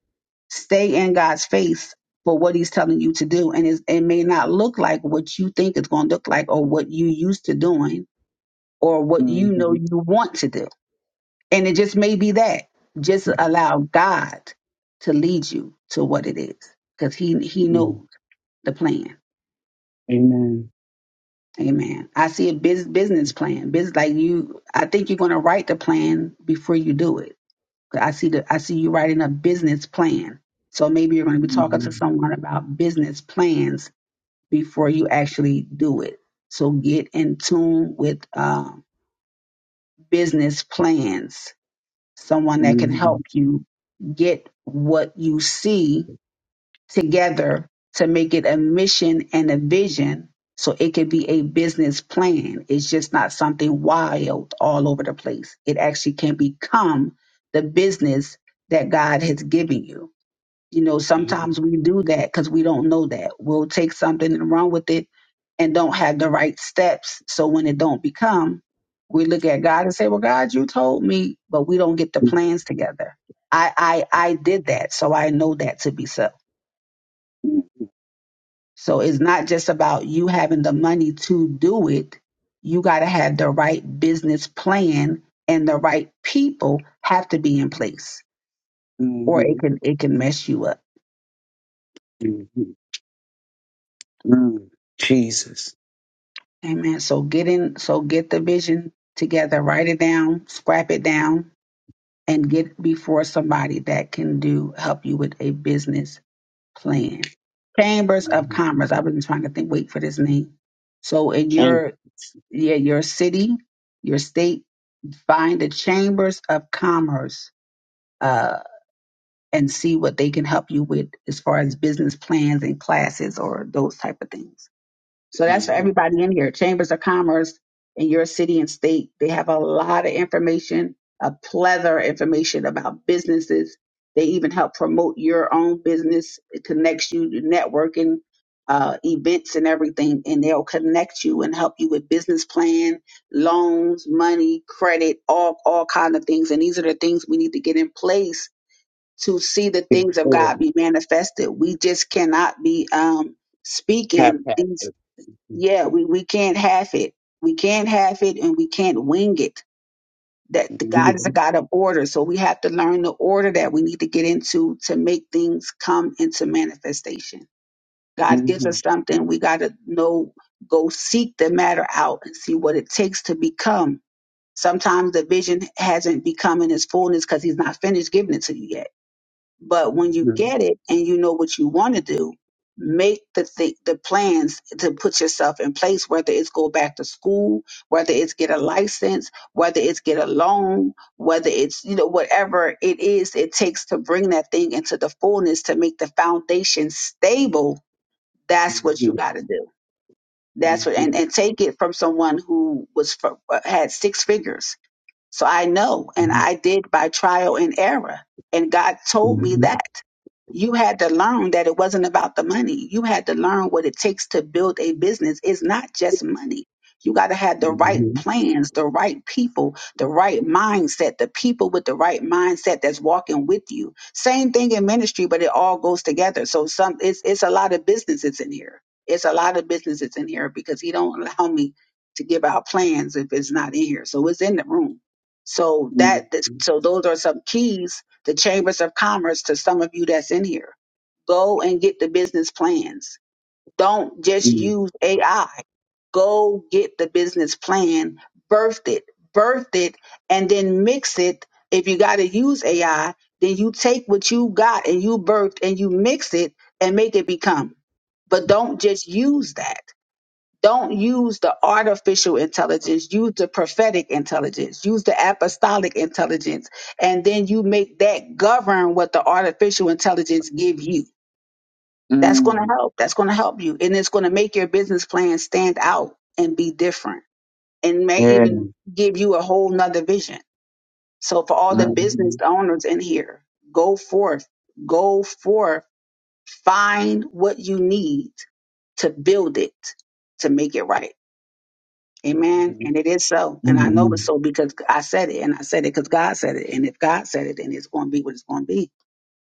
Speaker 1: stay in God's face for what he's telling you to do. And it's, it may not look like what you think it's going to look like or what you used to doing or what you know
Speaker 6: hmm
Speaker 1: you want to do. And it just may be that. Just allow God to lead you to what it is because he, he knows the plan.
Speaker 6: Amen.
Speaker 1: Amen. I see a bus business plan. Biz, like you, I think you're going to write the plan before you do it. I see the, I see you writing a business plan. So maybe you're going to be talking to
Speaker 6: Mhm.
Speaker 1: someone about business plans before you actually do it. So get in tune with uh, business plans someone that can help you get what you see together to make it a mission and a vision so it could be a business plan. It's just not something wild all over the place. It actually can become the business that God has given you. You know, sometimes we do that because we don't know that. We'll take something and run with it and don't have the right steps. So when it don't become, we look at God and say, Well, God, you told me, but we don't get the plans together. I I I did that, so I know that to be so. So it's not just about you having the money to do it. You gotta have the right business plan and the right people have to be in place or it
Speaker 6: Mhm.
Speaker 1: can it can mess you up.
Speaker 6: Mhm. Jesus.
Speaker 1: Amen. So get in, so get the vision together, write it down, scrap it down, and get before somebody that can do help you with a business plan. Chambers of
Speaker 6: Mhm.
Speaker 1: Commerce. I've been trying to think, wait for this name. So in
Speaker 6: Thank
Speaker 1: your yeah, your city, your state, find the chambers of commerce uh, and see what they can help you with as far as business plans and classes or those type of things. So that's for
Speaker 6: you.
Speaker 1: everybody in here. Chambers of Commerce in your city and state, they have a lot of information, a plethora of information about businesses. They even help promote your own business. It connects you to networking, uh, events and everything, and they'll connect you and help you with business plan, loans, money, credit, all all kind of things. And these are the things we need to get in place to see the things of
Speaker 6: Before
Speaker 1: God be manifested. We just cannot be um, speaking these
Speaker 6: haphazard. Mhm.
Speaker 1: yeah, we, we can't half it. We can't half it and we can't wing it. That the God is a
Speaker 6: Mhm.
Speaker 1: God of order. So we have to learn the order that we need to get into to make things come into manifestation. God gives us
Speaker 6: Mhm.
Speaker 1: something, we gotta know, go seek the matter out and see what it takes to become. Sometimes the vision hasn't become in its fullness because he's not finished giving it to you yet but when you get it and you know what you want to do, make the th- the plans to put yourself in place. Whether it's go back to school, whether it's get a license, whether it's get a loan, whether it's you know whatever it is it takes to bring that thing into the fullness to make the foundation stable. That's what you
Speaker 6: Mhm. Mhm.
Speaker 1: got to do. That's what and
Speaker 6: Mhm.
Speaker 1: and take it from someone who was fr- uh, had six figures so I know, and I did by trial and error. And God told me
Speaker 6: Mhm.
Speaker 1: that. You had to learn that it wasn't about the money. You had to learn what it takes to build a business. It's not just money. You got to have the right plans, the right people, the right mindset, the people with the right mindset that's walking with you. Same thing in ministry, but it all goes together. So some it's it's a lot of businesses in here. It's a lot of businesses in here because he don't allow me to give out plans if it's not in here. So it's in the room so
Speaker 6: Mhm.
Speaker 1: that so those are some keys, the chambers of commerce to some of you that's in here. Go and get the business plans. Don't just
Speaker 6: Mhm.
Speaker 1: use AI. Go get the business plan, birth it, birth it, and then mix it. If you got to use AI, then you take what you got and you birthed and you mix it and make it become. But don't just use that don't use the artificial intelligence, use the prophetic intelligence, use the apostolic intelligence, and then you make that govern what the artificial intelligence give you. That's going to
Speaker 6: Mm.
Speaker 1: help. That's going to help you and it's going to make your business plan stand out and be different and may
Speaker 6: Yeah.
Speaker 1: even give you a whole nother vision. So for all the business owners in here, go forth, go forth, find what you need to build it, to make it right. Amen.
Speaker 6: Mhm.
Speaker 1: And it is so. And I know it's
Speaker 6: Mhm.
Speaker 1: so because I said it and I said it because God said it. And if God said it, then it's going to be what it's going to be.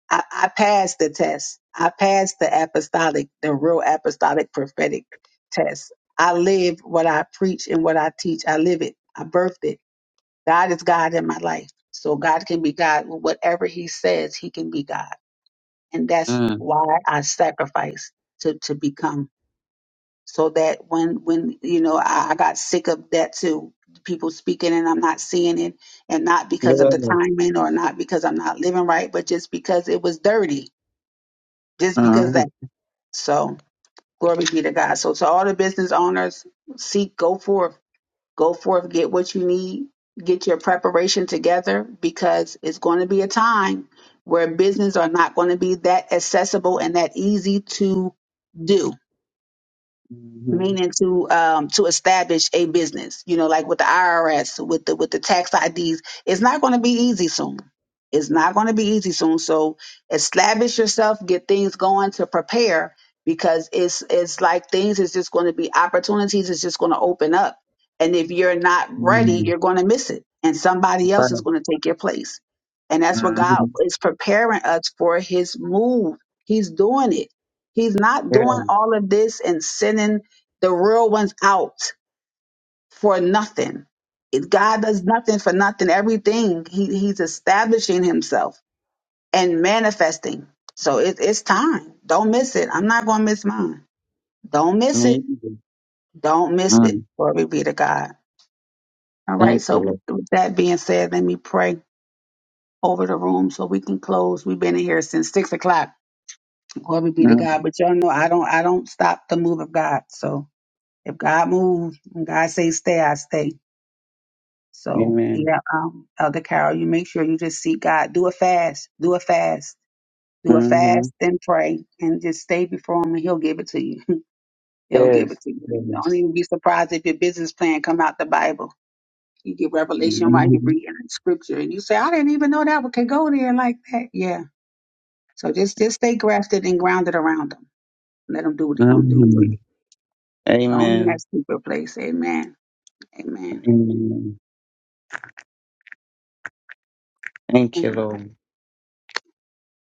Speaker 1: I, I passed the test. I passed the apostolic, the real apostolic prophetic test. I live what I preach and what I teach. I live it. I birthed it. God is God in my life. So God can be God. Whatever he says, he can be God. And that's
Speaker 6: Mm.
Speaker 1: why I sacrifice to, to become so that when when you know I, I got sick of that too people speaking and i'm not seeing it and not because of the
Speaker 6: Yeah.
Speaker 1: timing or not because i'm not living right but just because it was dirty just because
Speaker 6: Uh-huh.
Speaker 1: that so glory be to god so to all the business owners seek go forth go forth get what you need get your preparation together because it's going to be a time where business are not going to be that accessible and that easy to do
Speaker 6: Mhm.
Speaker 1: meaning to um to establish a business you know like with the irs with the with the tax ids it's not going to be easy soon it's not going to be easy soon so establish yourself get things going to prepare because it's it's like things is just going to be opportunities is just going to open up and if you're not ready
Speaker 6: Mm.
Speaker 1: you're going to miss it and somebody else is
Speaker 6: Right.
Speaker 1: going to take your place and that's what god
Speaker 6: Mhm.
Speaker 1: is preparing us for his move he's doing it he's not
Speaker 6: Yeah.
Speaker 1: doing all of this and sending the real one's out for nothing. It- God does nothing for nothing. Everything he, he's establishing himself and manifesting. So it, it's time. Don't miss it. I'm not going to miss mine. Don't miss
Speaker 6: Me.
Speaker 1: it.
Speaker 6: either.
Speaker 1: Don't miss it.
Speaker 6: Mm.
Speaker 1: Glory be to God. All right.
Speaker 6: Thank you,
Speaker 1: So with
Speaker 6: Lord.
Speaker 1: with that being said, let me pray over the room so we can close. We've been in here since six o'clock. Glory be to
Speaker 6: Mm.
Speaker 1: God. But y'all know I don't I don't stop the move of God. So if God moves and God says stay, I stay. So
Speaker 6: Amen.
Speaker 1: yeah, um, Elder Carol, you make sure you just seek God. Do a fast. Do a fast. Do a
Speaker 6: Mm-hmm.
Speaker 1: fast and pray and just stay before him and he'll give it to you. he'll give
Speaker 6: Yes.
Speaker 1: it to you. Don't
Speaker 6: Yes.
Speaker 1: even be surprised if your business plan come out the Bible. You get revelation while you're
Speaker 6: Mm-hmm.
Speaker 1: reading scripture and you say, I didn't even know that one could go there like that. Yeah. So just just stay grafted and grounded around him. Let him do what he's gonna do for
Speaker 6: hmm
Speaker 1: you. Go on in that
Speaker 6: Amen.
Speaker 1: secret place. Amen. Amen.
Speaker 6: Amen. Thank you, Lord.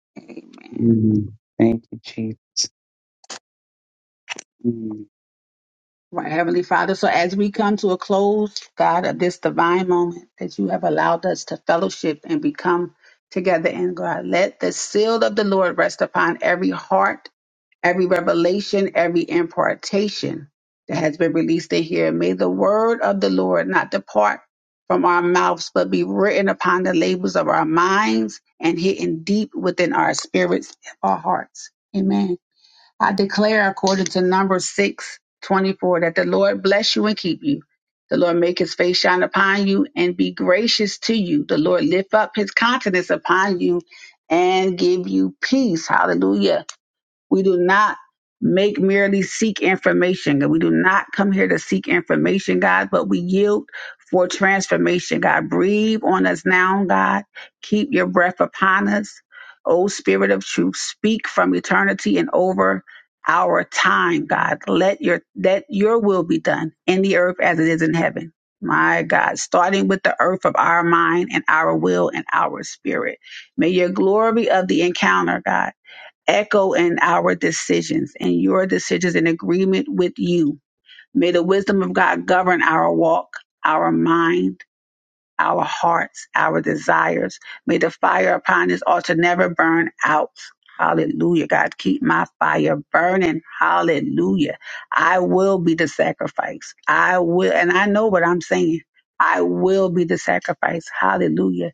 Speaker 1: Amen.
Speaker 6: Mm. Thank you, Jesus. Mm.
Speaker 1: Right, Heavenly Father. So as we come to a close, God, of this divine moment that you have allowed us to fellowship and become together in God, let the seal of the Lord rest upon every heart, every revelation, every impartation that has been released in here. May the word of the Lord not depart from our mouths, but be written upon the labels of our minds and hidden deep within our spirits, our hearts. Amen. I declare, according to Numbers six twenty four, that the Lord bless you and keep you. The Lord make his face shine upon you and be gracious to you. The Lord lift up his countenance upon you and give you peace. Hallelujah. We do not make merely seek information. God. We do not come here to seek information, God, but we yield for transformation, God. Breathe on us now, God. Keep your breath upon us. O Spirit of truth, speak from eternity and over our time, God. Let your let your will be done in the earth as it is in heaven. My God, starting with the earth of our mind and our will and our spirit. May your glory of the encounter, God echo in our decisions and your decisions in agreement with you. May the wisdom of God govern our walk, our mind, our hearts, our desires. May the fire upon this altar never burn out. Hallelujah. God, keep my fire burning. Hallelujah. I will be the sacrifice. I will, and I know what I'm saying. I will be the sacrifice. Hallelujah.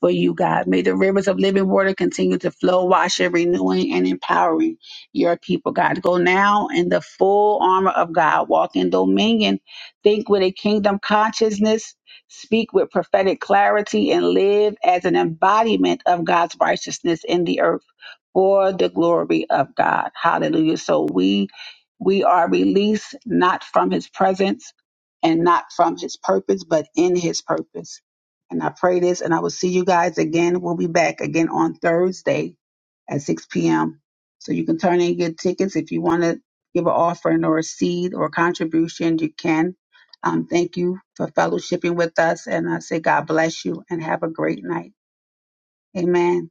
Speaker 1: For you, God. May the rivers of living water continue to flow, washing, renewing, and empowering your people, God. Go now in the full armor of God. Walk in dominion. Think with a kingdom consciousness speak with prophetic clarity, and live as an embodiment of God's righteousness in the earth for the glory of God. Hallelujah. So we we are released not from his presence and not from his purpose, but in his purpose. And I pray this, and I will see you guys again. We'll be back again on Thursday at 6 p.m. So you can turn in and get tickets if you want to give an offering or a seed or a contribution. You can um, thank you for fellowshipping with us. And I say, God bless you and have a great night. Amen.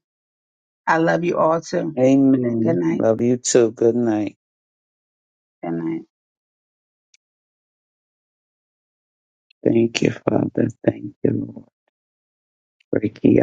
Speaker 1: I love you all too. Good
Speaker 6: Amen.
Speaker 1: night.
Speaker 6: Love you too. Good night.
Speaker 1: Good night.
Speaker 6: Thank you, Father. Thank you, Lord. Ricky